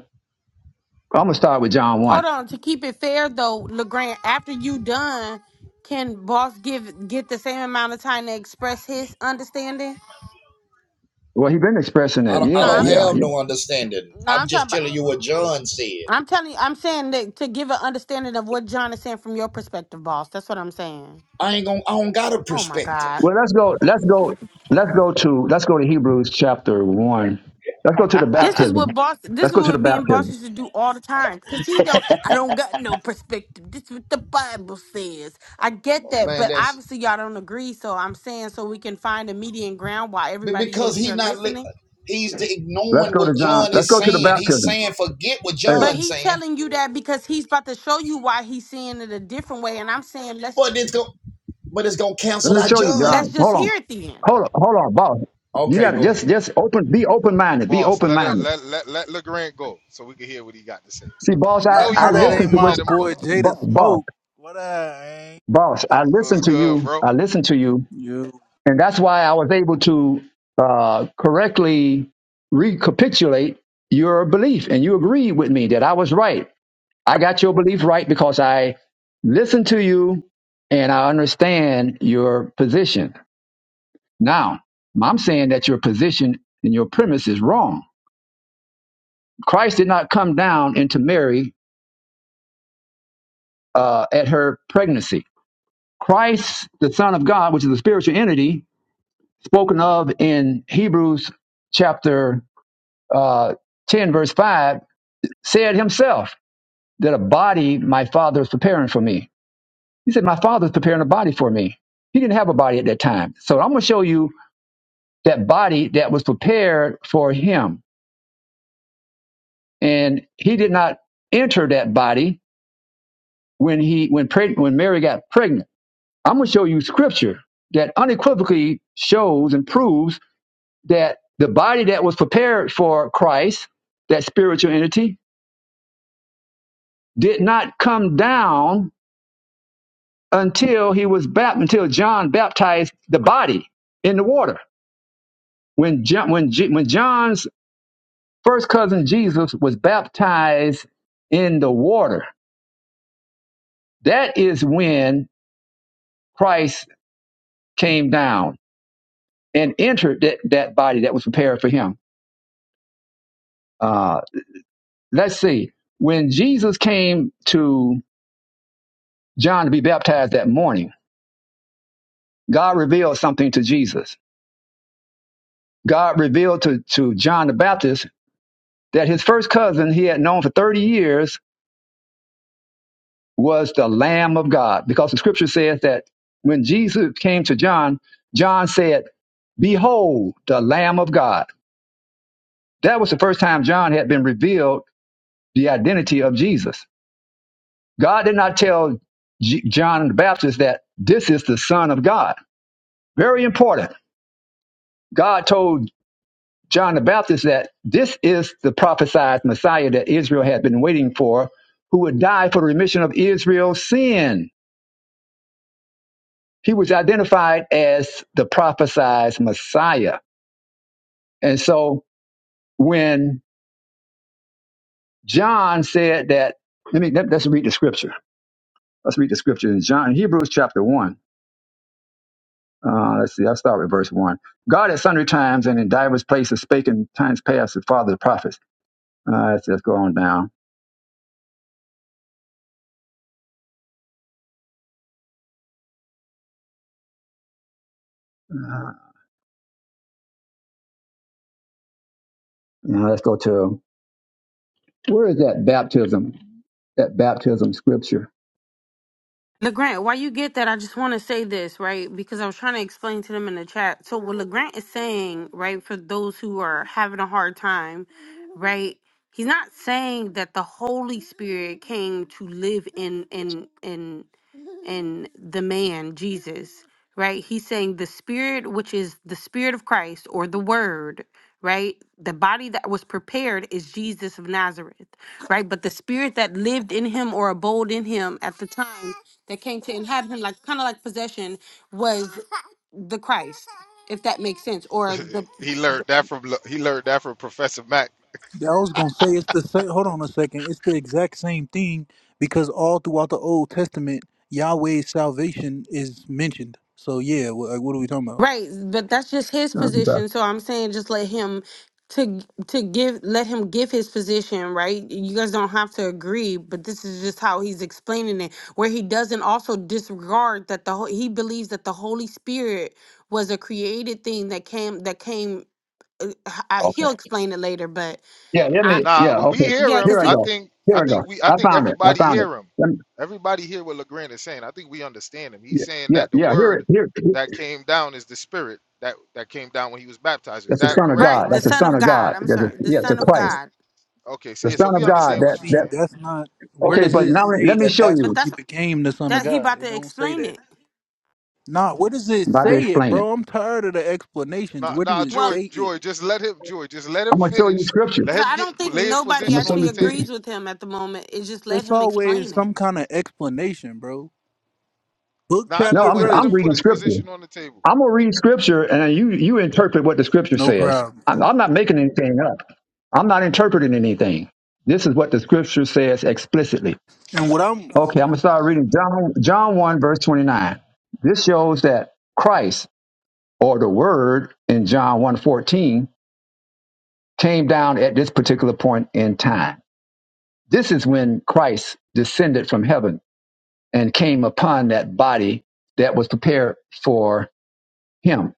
Speaker 1: I'm gonna start with John
Speaker 2: Hold
Speaker 1: one.
Speaker 2: on. To keep it fair, though, LeGrant, after you done, can boss give get the same amount of time to express his understanding?
Speaker 1: Well, he's been expressing
Speaker 5: I
Speaker 1: it.
Speaker 5: don't, I
Speaker 2: No,
Speaker 1: Yeah,
Speaker 5: don't
Speaker 2: I'm.
Speaker 1: yeah,
Speaker 5: have
Speaker 1: yeah.
Speaker 5: no understanding.
Speaker 2: No,
Speaker 5: I'm
Speaker 2: I'm talking
Speaker 5: just
Speaker 2: about.
Speaker 5: telling you what John said.
Speaker 2: I'm telling you, I'm saying that to give an understanding of what John is saying from your perspective, boss. That's what I'm saying.
Speaker 5: I ain't gonna, I don't got a
Speaker 2: Oh my
Speaker 5: perspective,
Speaker 2: God.
Speaker 1: Well, let's go. Let's go. Let's go to. Let's go to Hebrews chapter one. Let's go to the
Speaker 2: This is what
Speaker 1: baptism.
Speaker 2: boss. This
Speaker 1: Let's
Speaker 2: is
Speaker 1: go to the
Speaker 2: what being boss
Speaker 1: baptism.
Speaker 2: used to do all the time. Cause he don't. I don't got no perspective. This is what the Bible says. I get that,
Speaker 5: man.
Speaker 2: but
Speaker 5: That's
Speaker 2: obviously y'all don't agree. So I'm saying so we can find a median ground while everybody
Speaker 5: because
Speaker 2: is
Speaker 5: he
Speaker 2: here
Speaker 5: not,
Speaker 2: listening.
Speaker 5: he's
Speaker 1: Let's
Speaker 5: ignoring
Speaker 1: go to
Speaker 5: what
Speaker 1: John.
Speaker 5: John
Speaker 1: Let's
Speaker 5: is
Speaker 1: go to the
Speaker 5: saying. He's
Speaker 1: baptism.
Speaker 5: saying forget what
Speaker 2: But
Speaker 1: Hey,
Speaker 5: John's
Speaker 2: he's
Speaker 5: saying,
Speaker 2: telling you that because he's about to show you why he's seeing it a different way. And I'm saying let's
Speaker 5: but it's gonna, but it's gonna
Speaker 1: let
Speaker 5: cancel
Speaker 1: me
Speaker 5: out
Speaker 1: show you,
Speaker 5: John.
Speaker 2: let's
Speaker 1: John.
Speaker 2: just
Speaker 1: Hold on.
Speaker 2: hear it then.
Speaker 1: Hold on, hold on, boss. You
Speaker 5: Okay,
Speaker 1: gotta
Speaker 5: go
Speaker 1: just
Speaker 5: ahead.
Speaker 1: just open be open minded. Be
Speaker 6: Boss,
Speaker 1: open
Speaker 6: let her,
Speaker 1: minded.
Speaker 6: let let let LeGrand go so we can hear what he got to say.
Speaker 1: See, boss,
Speaker 6: We
Speaker 7: I
Speaker 1: I,
Speaker 6: know he
Speaker 1: I
Speaker 7: know that
Speaker 6: wrong,
Speaker 1: listen
Speaker 7: ain't
Speaker 1: to
Speaker 6: but
Speaker 1: what
Speaker 7: my
Speaker 6: let him go.
Speaker 7: boy
Speaker 1: bo-
Speaker 7: Jada
Speaker 1: boss,
Speaker 7: Smoke. What I ain't.
Speaker 1: boss, I
Speaker 6: It
Speaker 1: listen
Speaker 6: was
Speaker 1: to
Speaker 6: good,
Speaker 1: you.
Speaker 6: bro.
Speaker 1: I listen to you.
Speaker 7: Yo,
Speaker 1: And that's why I was able to uh, correctly recapitulate your belief. And you agreed with me that I was right. I got your belief right because I listened to you and I understand your position. Now, I'm saying that your position and your premise is wrong Christ did not come down into Mary uh, at her pregnancy. Christ, the Son of God, which is the spiritual entity spoken of in Hebrews chapter uh, 10, verse 5, said himself that a body my father is preparing for me. He said, My father is preparing a body for me. He didn't have a body at that time. So I'm going to show you that body that was prepared for him. And he did not enter that body when he when preg- when Mary got pregnant I'm going to show you scripture that unequivocally shows and proves that the body that was prepared for Christ, that spiritual entity, did not come down until he was baptized, until John baptized the body in the water. When, John, when, Je- when John's first cousin Jesus was baptized in the water, that is when Christ came down and entered that, that body that was prepared for him. Uh, Let's see. When Jesus came to John to be baptized that morning, God revealed something to Jesus. God revealed to, to John the Baptist that his first cousin he had known for 30 years was the Lamb of God, because the scripture says that when Jesus came to John, John said, Behold, the Lamb of God. That was the first time John had been revealed the identity of Jesus. God did not tell J- John the Baptist that this is the Son of God. Very important God told John the Baptist that this is the prophesied Messiah that Israel had been waiting for, who would die for the remission of Israel's sin. He was identified as the prophesied Messiah. And so when John said that, let me let, us read the scripture. Let's read the scripture in John, Hebrews chapter one. Uh, let's see. I'll start with verse one. God at sundry times and in divers places spake in times past to the father of the prophets. Uh, let's, let's go on down. Uh, let's go to Where is that baptism? That baptism scripture.
Speaker 2: LeGrant, while you get that, I just want to say this, right? Because I was trying to explain to them in the chat. So, what LeGrant is saying, right, for those who are having a hard time, right? He's not saying that the Holy Spirit came to live in in in and the man Jesus, right? He's saying the spirit which is the spirit of Christ or the word, right? The body that was prepared is Jesus of Nazareth, right? But the spirit that lived in him or abode in him at the time that came to inhabit him like kind of like possession was the Christ, if that makes sense, or the
Speaker 6: he learned that from Le- he learned that from Professor Mac.
Speaker 7: Yeah, I was gonna say it's the same. Hold on a second. It's the exact same thing because all throughout the Old Testament, Yahweh's salvation is mentioned. So yeah, wh- like, what are we talking about?
Speaker 2: Right, but that's just his
Speaker 1: Um, but-
Speaker 2: position. So I'm saying just let him to to give let him give his position, right? You guys don't have to agree, but this is just how he's explaining it where he doesn't also disregard that the ho- he believes that the Holy Spirit was a created thing that came that came uh, I,
Speaker 1: Okay.
Speaker 2: he'll explain it later, but
Speaker 1: Yeah. Let
Speaker 2: I
Speaker 1: me.
Speaker 6: Nah,
Speaker 1: Yeah.
Speaker 6: we we
Speaker 1: Okay.
Speaker 6: hear
Speaker 2: yeah,
Speaker 1: Here
Speaker 6: him.
Speaker 2: cuz
Speaker 1: I
Speaker 6: I
Speaker 2: he
Speaker 1: go.
Speaker 6: think
Speaker 1: Here
Speaker 6: I
Speaker 1: I go.
Speaker 6: think we I
Speaker 1: I
Speaker 6: think
Speaker 1: found it. I
Speaker 6: everybody
Speaker 1: found it.
Speaker 6: hear him.
Speaker 1: Let me-
Speaker 6: Everybody hear what LeGrand is saying. I think we understand him. He's
Speaker 1: yeah.
Speaker 6: saying
Speaker 1: Yeah.
Speaker 6: that the
Speaker 1: Yeah. Here. it-
Speaker 6: word
Speaker 1: Here. here-
Speaker 6: that came down is the spirit that that came down when he was baptized. Is
Speaker 1: That's the
Speaker 6: that
Speaker 1: Son of
Speaker 6: correct,
Speaker 1: God.
Speaker 2: right,
Speaker 6: LeGrand?
Speaker 2: the
Speaker 1: That's the
Speaker 2: son
Speaker 1: Son
Speaker 2: of
Speaker 1: of
Speaker 2: God.
Speaker 1: God.
Speaker 2: I'm
Speaker 1: That's a,
Speaker 2: sorry, the
Speaker 1: yeah. It's a
Speaker 2: son of
Speaker 1: Christ.
Speaker 2: God.
Speaker 6: Okay, so
Speaker 1: The
Speaker 6: yeah, so
Speaker 1: Son of
Speaker 6: we
Speaker 7: Yeah,
Speaker 1: God.
Speaker 6: understand
Speaker 7: but
Speaker 1: That.
Speaker 6: what you're
Speaker 7: see,
Speaker 1: That.
Speaker 6: saying.
Speaker 7: that's not. Where
Speaker 1: Okay.
Speaker 7: does
Speaker 1: But
Speaker 7: it
Speaker 1: now let
Speaker 7: say
Speaker 1: let me
Speaker 7: that
Speaker 1: show
Speaker 7: that's when
Speaker 2: But
Speaker 1: you.
Speaker 7: he
Speaker 2: that's
Speaker 7: became the son of
Speaker 2: that he
Speaker 7: God?
Speaker 2: about
Speaker 7: It
Speaker 2: to
Speaker 7: don't say
Speaker 2: explain
Speaker 7: that.
Speaker 2: it.
Speaker 7: Nah, where does
Speaker 1: I'm
Speaker 7: it
Speaker 1: about to
Speaker 7: say it,
Speaker 1: explain it.
Speaker 7: bro? I'm tired of the explanations.
Speaker 6: Now,
Speaker 7: Where do
Speaker 6: now,
Speaker 7: it
Speaker 6: Joy,
Speaker 2: Well,
Speaker 7: say it?
Speaker 6: Joy, just let him, Joy, just let
Speaker 1: I'm
Speaker 6: him
Speaker 1: gonna show you
Speaker 6: finish.
Speaker 1: scripture.
Speaker 6: Let him
Speaker 2: I
Speaker 6: get
Speaker 2: don't think
Speaker 6: lay his
Speaker 1: I'm
Speaker 2: nobody
Speaker 1: gonna
Speaker 6: position
Speaker 1: show
Speaker 6: on
Speaker 2: actually
Speaker 6: the
Speaker 1: you scripture.
Speaker 2: agrees
Speaker 6: table.
Speaker 2: with him at the moment. It's just let
Speaker 7: It's
Speaker 2: him
Speaker 7: always
Speaker 2: explain it.
Speaker 7: some kind of explanation, bro. Book,
Speaker 6: Now I
Speaker 1: No,
Speaker 6: know,
Speaker 7: chapter,
Speaker 1: I'm
Speaker 6: but let
Speaker 1: I'm
Speaker 6: him
Speaker 7: verse.
Speaker 6: put
Speaker 1: reading
Speaker 6: his
Speaker 1: scripture.
Speaker 6: position on the table.
Speaker 1: I'm gonna read scripture and you you interpret what the scripture
Speaker 7: No
Speaker 1: says.
Speaker 7: problem.
Speaker 1: I'm, I'm not making anything up. I'm not interpreting anything. This is what the scripture says explicitly.
Speaker 7: And what I'm
Speaker 1: Okay, I'm gonna start reading John John one verse twenty nine. This shows that Christ or the Word in John one fourteen came down at this particular point in time. This is when Christ descended from heaven and came upon that body that was prepared for him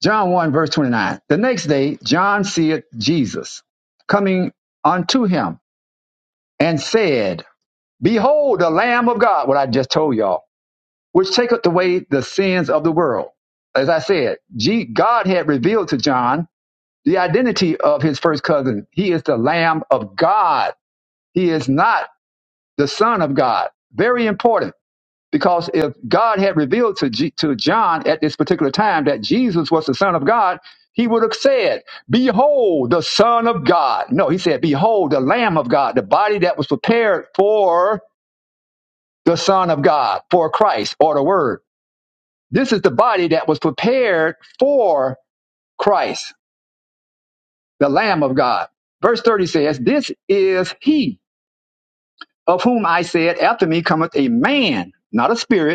Speaker 1: John 1, verse 29. The next day, John seeth Jesus coming unto him and said, Behold, the Lamb of God, what I just told y'all, which taketh away the sins of the world. As I said, G- God had revealed to John the identity of his first cousin. He is the Lamb of God. He is not the Son of God. Very important. Because if God had revealed to, G- to John at this particular time that Jesus was the Son of God, he would have said, Behold, the Son of God. No, he said, Behold, the Lamb of God, the body that was prepared for the Son of God, for Christ or the Word. This is the body that was prepared for Christ, the Lamb of God. Verse 30 says, This is he of whom I said, After me cometh a man, not a spirit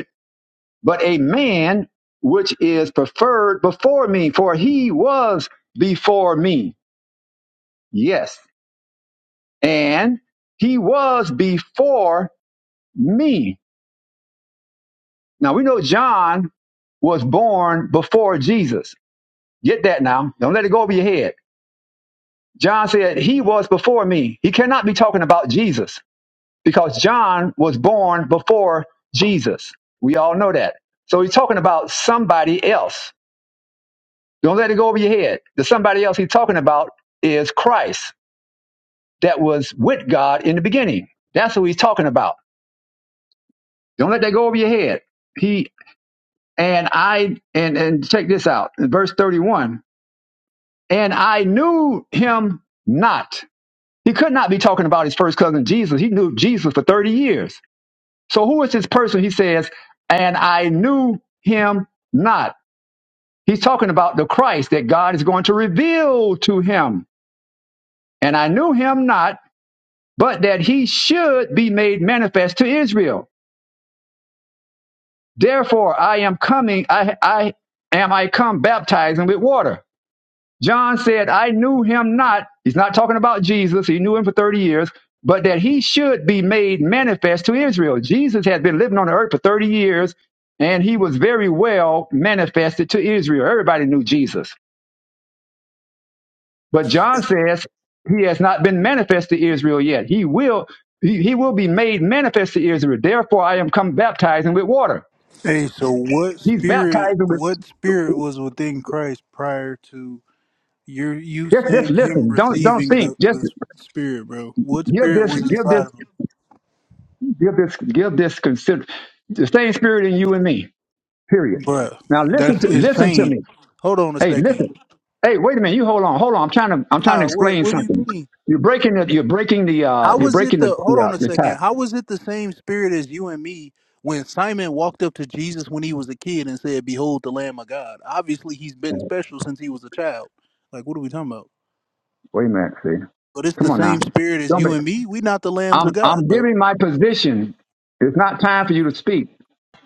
Speaker 1: but a man which is preferred before me, for he was before me. Yes. And he was before me. Now we know John was born before Jesus. Get that now. Don't let it go over your head. John said, He was before me. He cannot be talking about Jesus because John was born before Jesus. We all know that. So he's talking about somebody else Don't let it go over your head. The somebody else he's talking about is Christ that was with God in the beginning. That's who he's talking about. Don't let that go over your head. He and I and and check this out. In verse 31. And I knew him not. He could not be talking about his first cousin Jesus. He knew Jesus for 30 years. So who is this person? He says, and I knew him not. He's talking about the Christ that God is going to reveal to him. And I knew him not but that he should be made manifest to Israel. Therefore, I am coming, I, I am I come baptizing with water. John said, I knew him not. He's not talking about Jesus. He knew him for 30 years, but that he should be made manifest to Israel. Jesus had been living on the earth for 30 years, and he was very well manifested to Israel. Everybody knew Jesus. But John says he has not been manifest to Israel yet. He will he, he will be made manifest to Israel. Therefore I am come baptizing with water.
Speaker 7: hey, so what
Speaker 1: He's
Speaker 7: spirit
Speaker 1: baptizing with
Speaker 7: what spirit was within Christ prior to your you
Speaker 1: just, just
Speaker 7: saying him
Speaker 1: listen. Don't don't
Speaker 7: receiving the,
Speaker 1: think.
Speaker 7: the
Speaker 1: Just
Speaker 7: spirit, bro? What
Speaker 1: give
Speaker 7: spirit
Speaker 1: this
Speaker 7: was
Speaker 1: give this
Speaker 7: inside of him?
Speaker 1: give this give this consider the same spirit in you and me. Period.
Speaker 7: Bruh.
Speaker 1: Now listen
Speaker 7: That's
Speaker 1: to listen to me.
Speaker 7: insane. Hold on a
Speaker 1: Hey, listen.
Speaker 7: second.
Speaker 1: Hey, wait a minute. You hold on. Hold on. I'm trying to I'm trying to
Speaker 7: Nah, what
Speaker 1: explain
Speaker 7: what do you
Speaker 1: something.
Speaker 7: mean?
Speaker 1: You're breaking the you're breaking the uh
Speaker 7: How
Speaker 1: you're
Speaker 7: was it
Speaker 1: breaking the
Speaker 7: the hold
Speaker 1: the,
Speaker 7: on
Speaker 1: uh,
Speaker 7: a
Speaker 1: the tap.
Speaker 7: second? How was it the same spirit as you and me when Simon walked up to Jesus when he was a kid and said, Behold the Lamb of God? Obviously he's been special since he was a child. Like what are we talking about?
Speaker 1: Wait a minute. See.
Speaker 7: But it's the
Speaker 1: Come on now.
Speaker 7: same spirit as
Speaker 1: Don't
Speaker 7: you
Speaker 1: make
Speaker 7: and me. We not the lambs of
Speaker 1: I'm
Speaker 7: God,
Speaker 1: I'm
Speaker 7: bro.
Speaker 1: giving my position. It's not time for you to speak.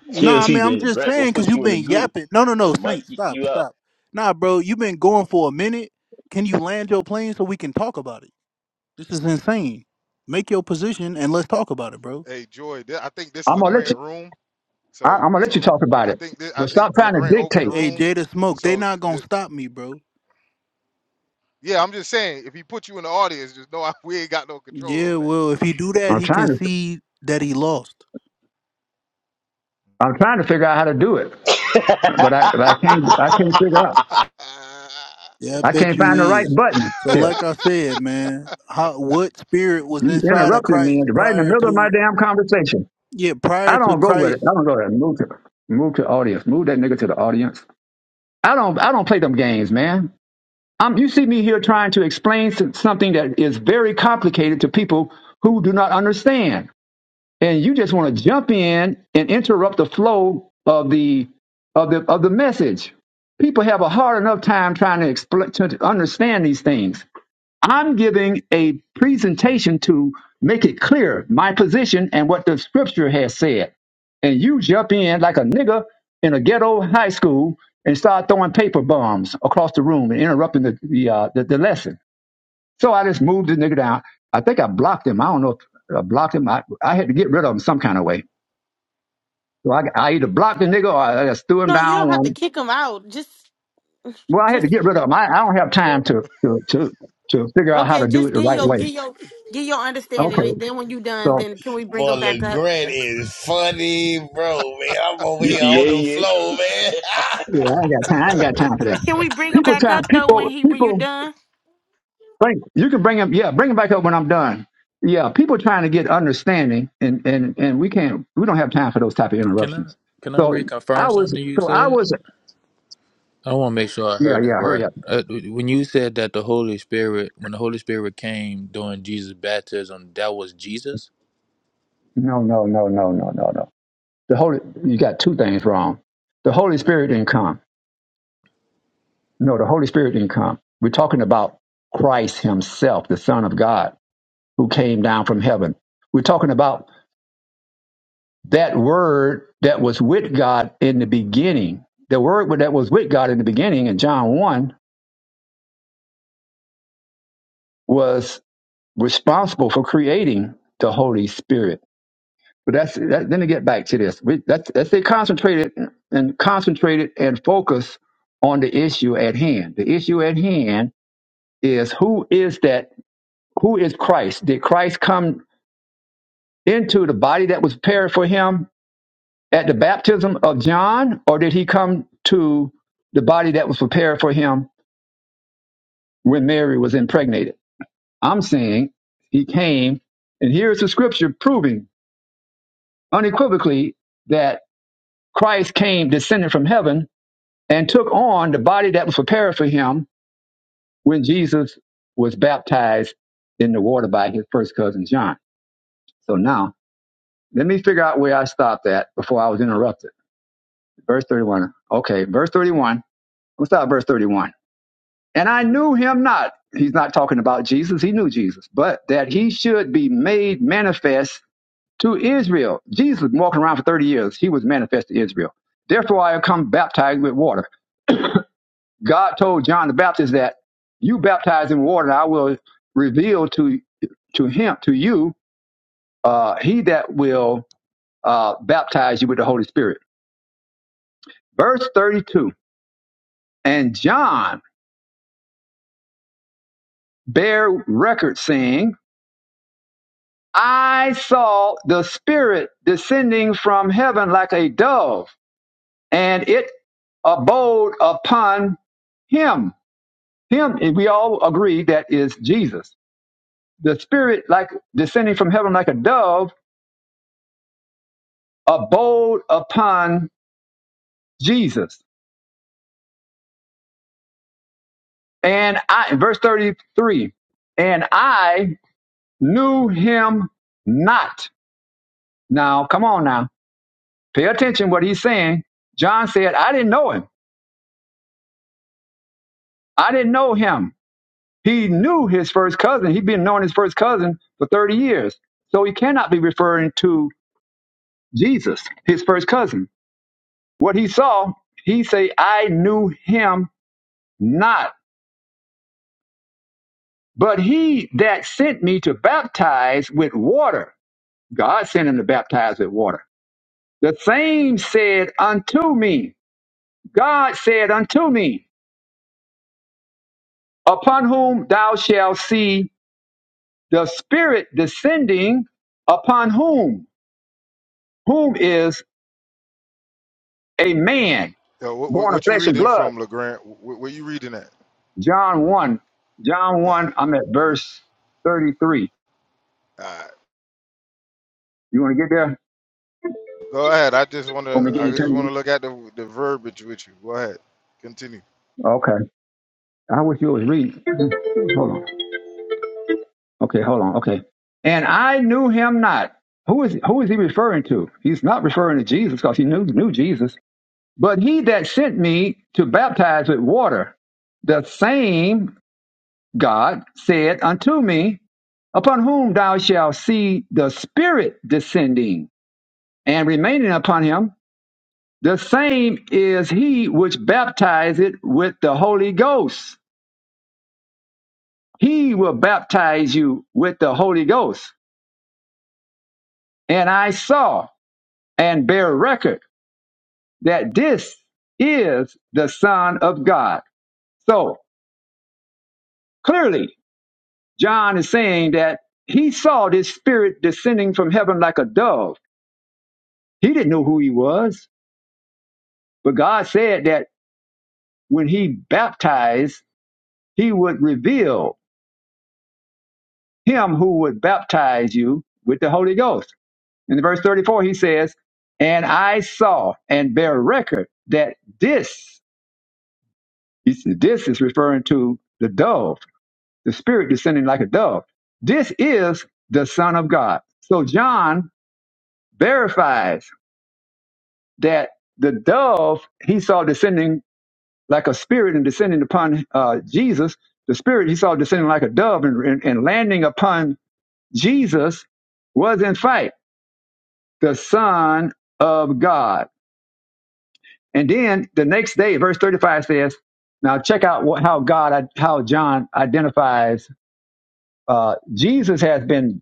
Speaker 7: Nah, I mean
Speaker 8: TLT
Speaker 7: I'm
Speaker 8: in the
Speaker 7: just
Speaker 8: grat gonna
Speaker 7: saying because
Speaker 8: put
Speaker 7: you've
Speaker 8: you in the
Speaker 7: been
Speaker 8: goo.
Speaker 7: yapping. No, no, no,
Speaker 8: It might
Speaker 7: Saint,
Speaker 8: kick
Speaker 7: stop,
Speaker 8: you out.
Speaker 7: stop. Nah, bro, you've been going for a minute. Can you land your plane so we can talk about it? This is insane. Make your position and let's talk about it, bro.
Speaker 6: Hey, Joy, th- I think this
Speaker 1: I'm gonna let you.
Speaker 6: Legrand room.
Speaker 1: I,
Speaker 6: So,
Speaker 1: I'm gonna let you
Speaker 6: so
Speaker 1: talk about
Speaker 6: I
Speaker 1: it,
Speaker 6: think this, I
Speaker 1: but
Speaker 6: think
Speaker 1: stop trying to
Speaker 6: Legrand opened the
Speaker 1: dictate.
Speaker 7: Hey,
Speaker 6: room.
Speaker 7: Jada Smoke, they
Speaker 6: So,
Speaker 7: not
Speaker 6: th-
Speaker 7: gonna
Speaker 6: th-
Speaker 7: stop me, bro.
Speaker 6: yeah, I'm just saying, if he put you in the audience, just know I, we ain't got no control
Speaker 7: Yeah,
Speaker 6: over that.
Speaker 7: well, if he do that,
Speaker 1: I'm
Speaker 7: he can
Speaker 1: trying to.
Speaker 7: see that he lost.
Speaker 1: I'm trying to figure out how to do it, but I but I can't. I can't figure out.
Speaker 7: Yeah, I
Speaker 1: I
Speaker 7: bet
Speaker 1: can't
Speaker 7: you
Speaker 1: find the right
Speaker 7: is.
Speaker 1: button.
Speaker 7: So,
Speaker 1: Here,
Speaker 7: like I said, man, how what spirit was
Speaker 1: you
Speaker 7: inside of
Speaker 1: interrupting me
Speaker 7: Christ
Speaker 1: right in the
Speaker 7: prior
Speaker 1: middle of my
Speaker 7: to?
Speaker 1: damn conversation.
Speaker 7: Yeah, prior
Speaker 1: I
Speaker 7: to
Speaker 1: don't go with
Speaker 7: Christ
Speaker 1: it. I don't go there. Move to move to audience. Move that nigga to the audience. I don't. I don't play them games, man. Um, you see me here trying to explain some- something that is very complicated to people who do not understand. and you just want to jump in and interrupt the flow of the of the of the message. People have a hard enough time trying to explain to understand these things. I'm giving a presentation to make it clear my position and what the scripture has said. And you jump in like a nigger in a ghetto high school and start throwing paper bombs across the room and interrupting the the, uh, the, the lesson. So I just moved the nigga down. I think I blocked him. I don't know if I blocked him. I, I had to get rid of him
Speaker 6: Uh,
Speaker 1: some
Speaker 6: Bruh.
Speaker 1: kind of way. So I, I either blocked the nigga or I just threw him
Speaker 2: No, you
Speaker 1: down.
Speaker 2: don't have to
Speaker 1: One.
Speaker 2: kick him out. Just,
Speaker 1: Well, I had to
Speaker 2: just
Speaker 1: get rid of him. I, I don't have time to, to, to, to figure out how
Speaker 2: okay.
Speaker 1: to do
Speaker 6: You
Speaker 1: it
Speaker 2: Just
Speaker 6: know
Speaker 1: the
Speaker 2: get
Speaker 1: right
Speaker 2: your
Speaker 6: what
Speaker 1: way.
Speaker 2: get your get your understanding, and
Speaker 1: Okay.
Speaker 2: then when you done,
Speaker 1: So
Speaker 2: then can we bring
Speaker 5: Boy,
Speaker 2: him back up?
Speaker 5: LeGrand is funny, bro, man. I'm over
Speaker 1: yeah,
Speaker 5: here
Speaker 8: yeah,
Speaker 5: on the
Speaker 8: yeah.
Speaker 5: floor,
Speaker 6: Uh,
Speaker 5: man.
Speaker 1: yeah, I ain't got time. I ain't got time for that.
Speaker 2: Can we bring him
Speaker 1: People
Speaker 2: back
Speaker 1: try,
Speaker 2: up though? When
Speaker 1: people,
Speaker 2: he when you
Speaker 1: people
Speaker 2: done?
Speaker 1: think you can bring him. Yeah. Bring him back up when I'm done. Yeah. People trying to get understanding and, and, and we can't, we don't have time for those type of
Speaker 9: Can I
Speaker 1: interruptions.
Speaker 9: can I
Speaker 1: So I
Speaker 9: reconfirm
Speaker 1: was,
Speaker 9: something you
Speaker 1: so I
Speaker 9: said?
Speaker 1: was,
Speaker 9: I want to make sure I
Speaker 1: yeah,
Speaker 9: heard that
Speaker 1: yeah.
Speaker 9: right.
Speaker 1: Hurry up.
Speaker 9: Uh, when you said that the Holy Spirit, when the Holy Spirit came during Jesus' baptism, that was Jesus.
Speaker 1: No, no, no, no, no, no, no. The Holy, you got two things wrong. The Holy Spirit didn't come. No, the Holy Spirit didn't come. We're talking about Christ Himself, the Son of God, who came down from heaven. We're talking about that Word that was with God in the beginning. The Word that was with God in the beginning in John 1 was responsible for creating the Holy Spirit. But that's that, then to get back to this. We, that's that's they concentrated and concentrated and focus on the issue at hand. The issue at hand is who is that? Who is Christ? Did Christ come into the body that was prepared for him at the baptism of John, or did he come to the body that was prepared for him when Mary was impregnated? I'm saying he came, and here's the scripture proving unequivocally that Christ came descended from heaven and took on the body that was prepared for him when Jesus was baptized in the water by his first cousin John. So now, let me figure out where I stopped at before I was interrupted. Verse 31. Okay, verse 31. Let's start at verse 31. And I knew him not. He's not talking about Jesus. He knew Jesus, but that he should be made manifest to Israel. Jesus was walking around for 30 years. He was manifest to Israel. Therefore, I have come baptized with water. God told John the Baptist that you baptize in water, and I will reveal to to him to you uh, he that will uh, baptize you with the Holy Spirit. Verse thirty two, and John bare record saying, I saw the Spirit descending from heaven like a dove, and it abode upon him. Him, and we all agree that is Jesus. The Spirit, like descending from heaven like a dove, abode upon Jesus. And I, verse 33, and I knew him not. Now, come on now. Pay attention what he's saying. John said, I didn't know him. I didn't know him. He knew his first cousin. He'd been knowing his first cousin for 30 years. So he cannot be referring to Jesus, his first cousin. What he saw, he say, I knew him not. But he that sent me to baptize with water God sent him to baptize with water. The same said unto me, God said unto me, upon whom thou shalt see the Spirit descending, upon whom, whom is a man
Speaker 6: Yo, what, what,
Speaker 1: born of
Speaker 6: what you
Speaker 1: flesh and
Speaker 6: reading
Speaker 1: blood.
Speaker 6: from Legrand? Wh- wh- Where, you reading at?
Speaker 1: John 1, John
Speaker 6: Uh,
Speaker 1: 1, I'm at verse 33.
Speaker 6: alright.
Speaker 1: You want to get there?
Speaker 6: Go ahead. I just want to.
Speaker 1: Want me to get
Speaker 6: I
Speaker 1: you
Speaker 6: just want
Speaker 1: 10?
Speaker 6: to look at the the verbiage with you. Go ahead. Continue.
Speaker 1: Okay. I wish you was reading. Hold on. Okay, hold on. Okay. And I knew him not. Who is who is he referring to? He's not referring to Jesus because he knew knew Jesus. But he that sent me to baptize with water, the same God said unto me, Upon whom thou shalt see the Spirit descending and remaining upon him, the same is he which baptizeth with the Holy Ghost. He will baptize you with the Holy Ghost. And I saw and bear record that this is the Son of God. So clearly, John is saying that he saw this spirit descending from heaven like a dove. He didn't know who he was, but God said that when he baptized, he would reveal him who would baptize you with the Holy Ghost. In verse 34, he says, And I saw and bear record that this, this is referring to the dove the Spirit descending like a dove. This is the Son of God. So John verifies that the dove he saw descending like a spirit and descending upon uh, Jesus, the Spirit he saw descending like a dove and, and, and landing upon Jesus was in fact the Son of God. And then the next day, verse 35 says, now check out what, how God, how John identifies uh, Jesus has been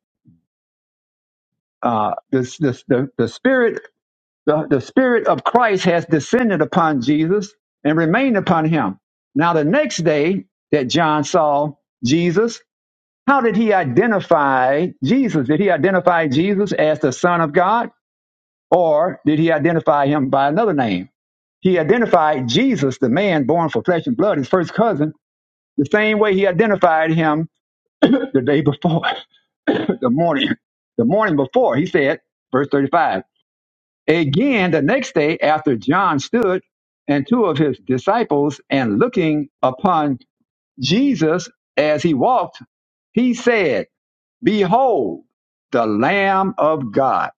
Speaker 1: Uh, this, this, the, the spirit, the, the spirit of Christ has descended upon Jesus and remained upon him. Now, the next day that John saw Jesus, how did he identify Jesus? Did he identify Jesus as the Son of God, or did he identify him by another name? He identified Jesus, the man born for flesh and blood, his first cousin, the same way he identified him the day before, the morning, the morning before. He said, verse 35. Again, the next day, after John stood and two of his disciples, and looking upon Jesus as he walked, he said, Behold, the Lamb of God.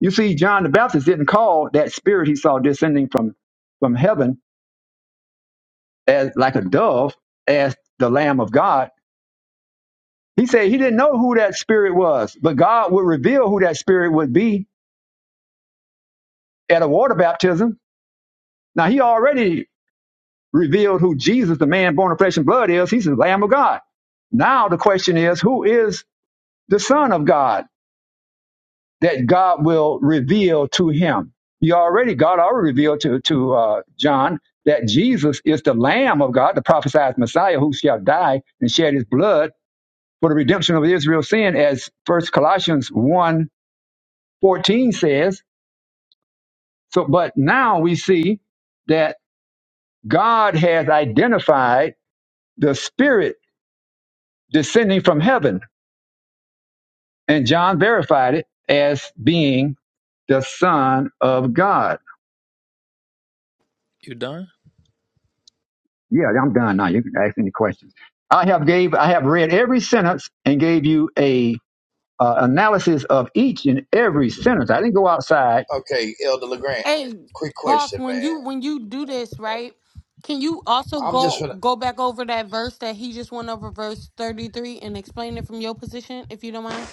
Speaker 1: You see, John the Baptist didn't call that spirit he saw descending from, from heaven as like a dove as the Lamb of God. He said he didn't know who that spirit was, but God would reveal who that spirit would be at a water baptism. Now he already revealed who Jesus, the man born of flesh and blood, is. He's the Lamb of God. Now the question is, who is the Son of God that God will reveal to him? He already, God already revealed to, to uh, John that Jesus is the Lamb of God, the prophesied Messiah who shall die and shed his blood for the redemption of Israel's sin, as First Colossians one fourteen says. So, but now we see that God has identified the Spirit descending from heaven And John verified it as being the Son of God.
Speaker 9: You done?
Speaker 1: Yeah, I'm done now. You can ask any questions. I have gave I have read every sentence and gave you a uh, analysis of each and every sentence. I didn't go outside.
Speaker 5: Okay, Elder Legrand.
Speaker 2: Hey,
Speaker 5: Quick
Speaker 2: boss,
Speaker 5: question, man.
Speaker 2: when you when you do this right, can you also
Speaker 5: I'm just
Speaker 2: go
Speaker 5: gonna.
Speaker 2: go back over that verse that he just went over, verse thirty three, and explain it from your position, if you don't mind?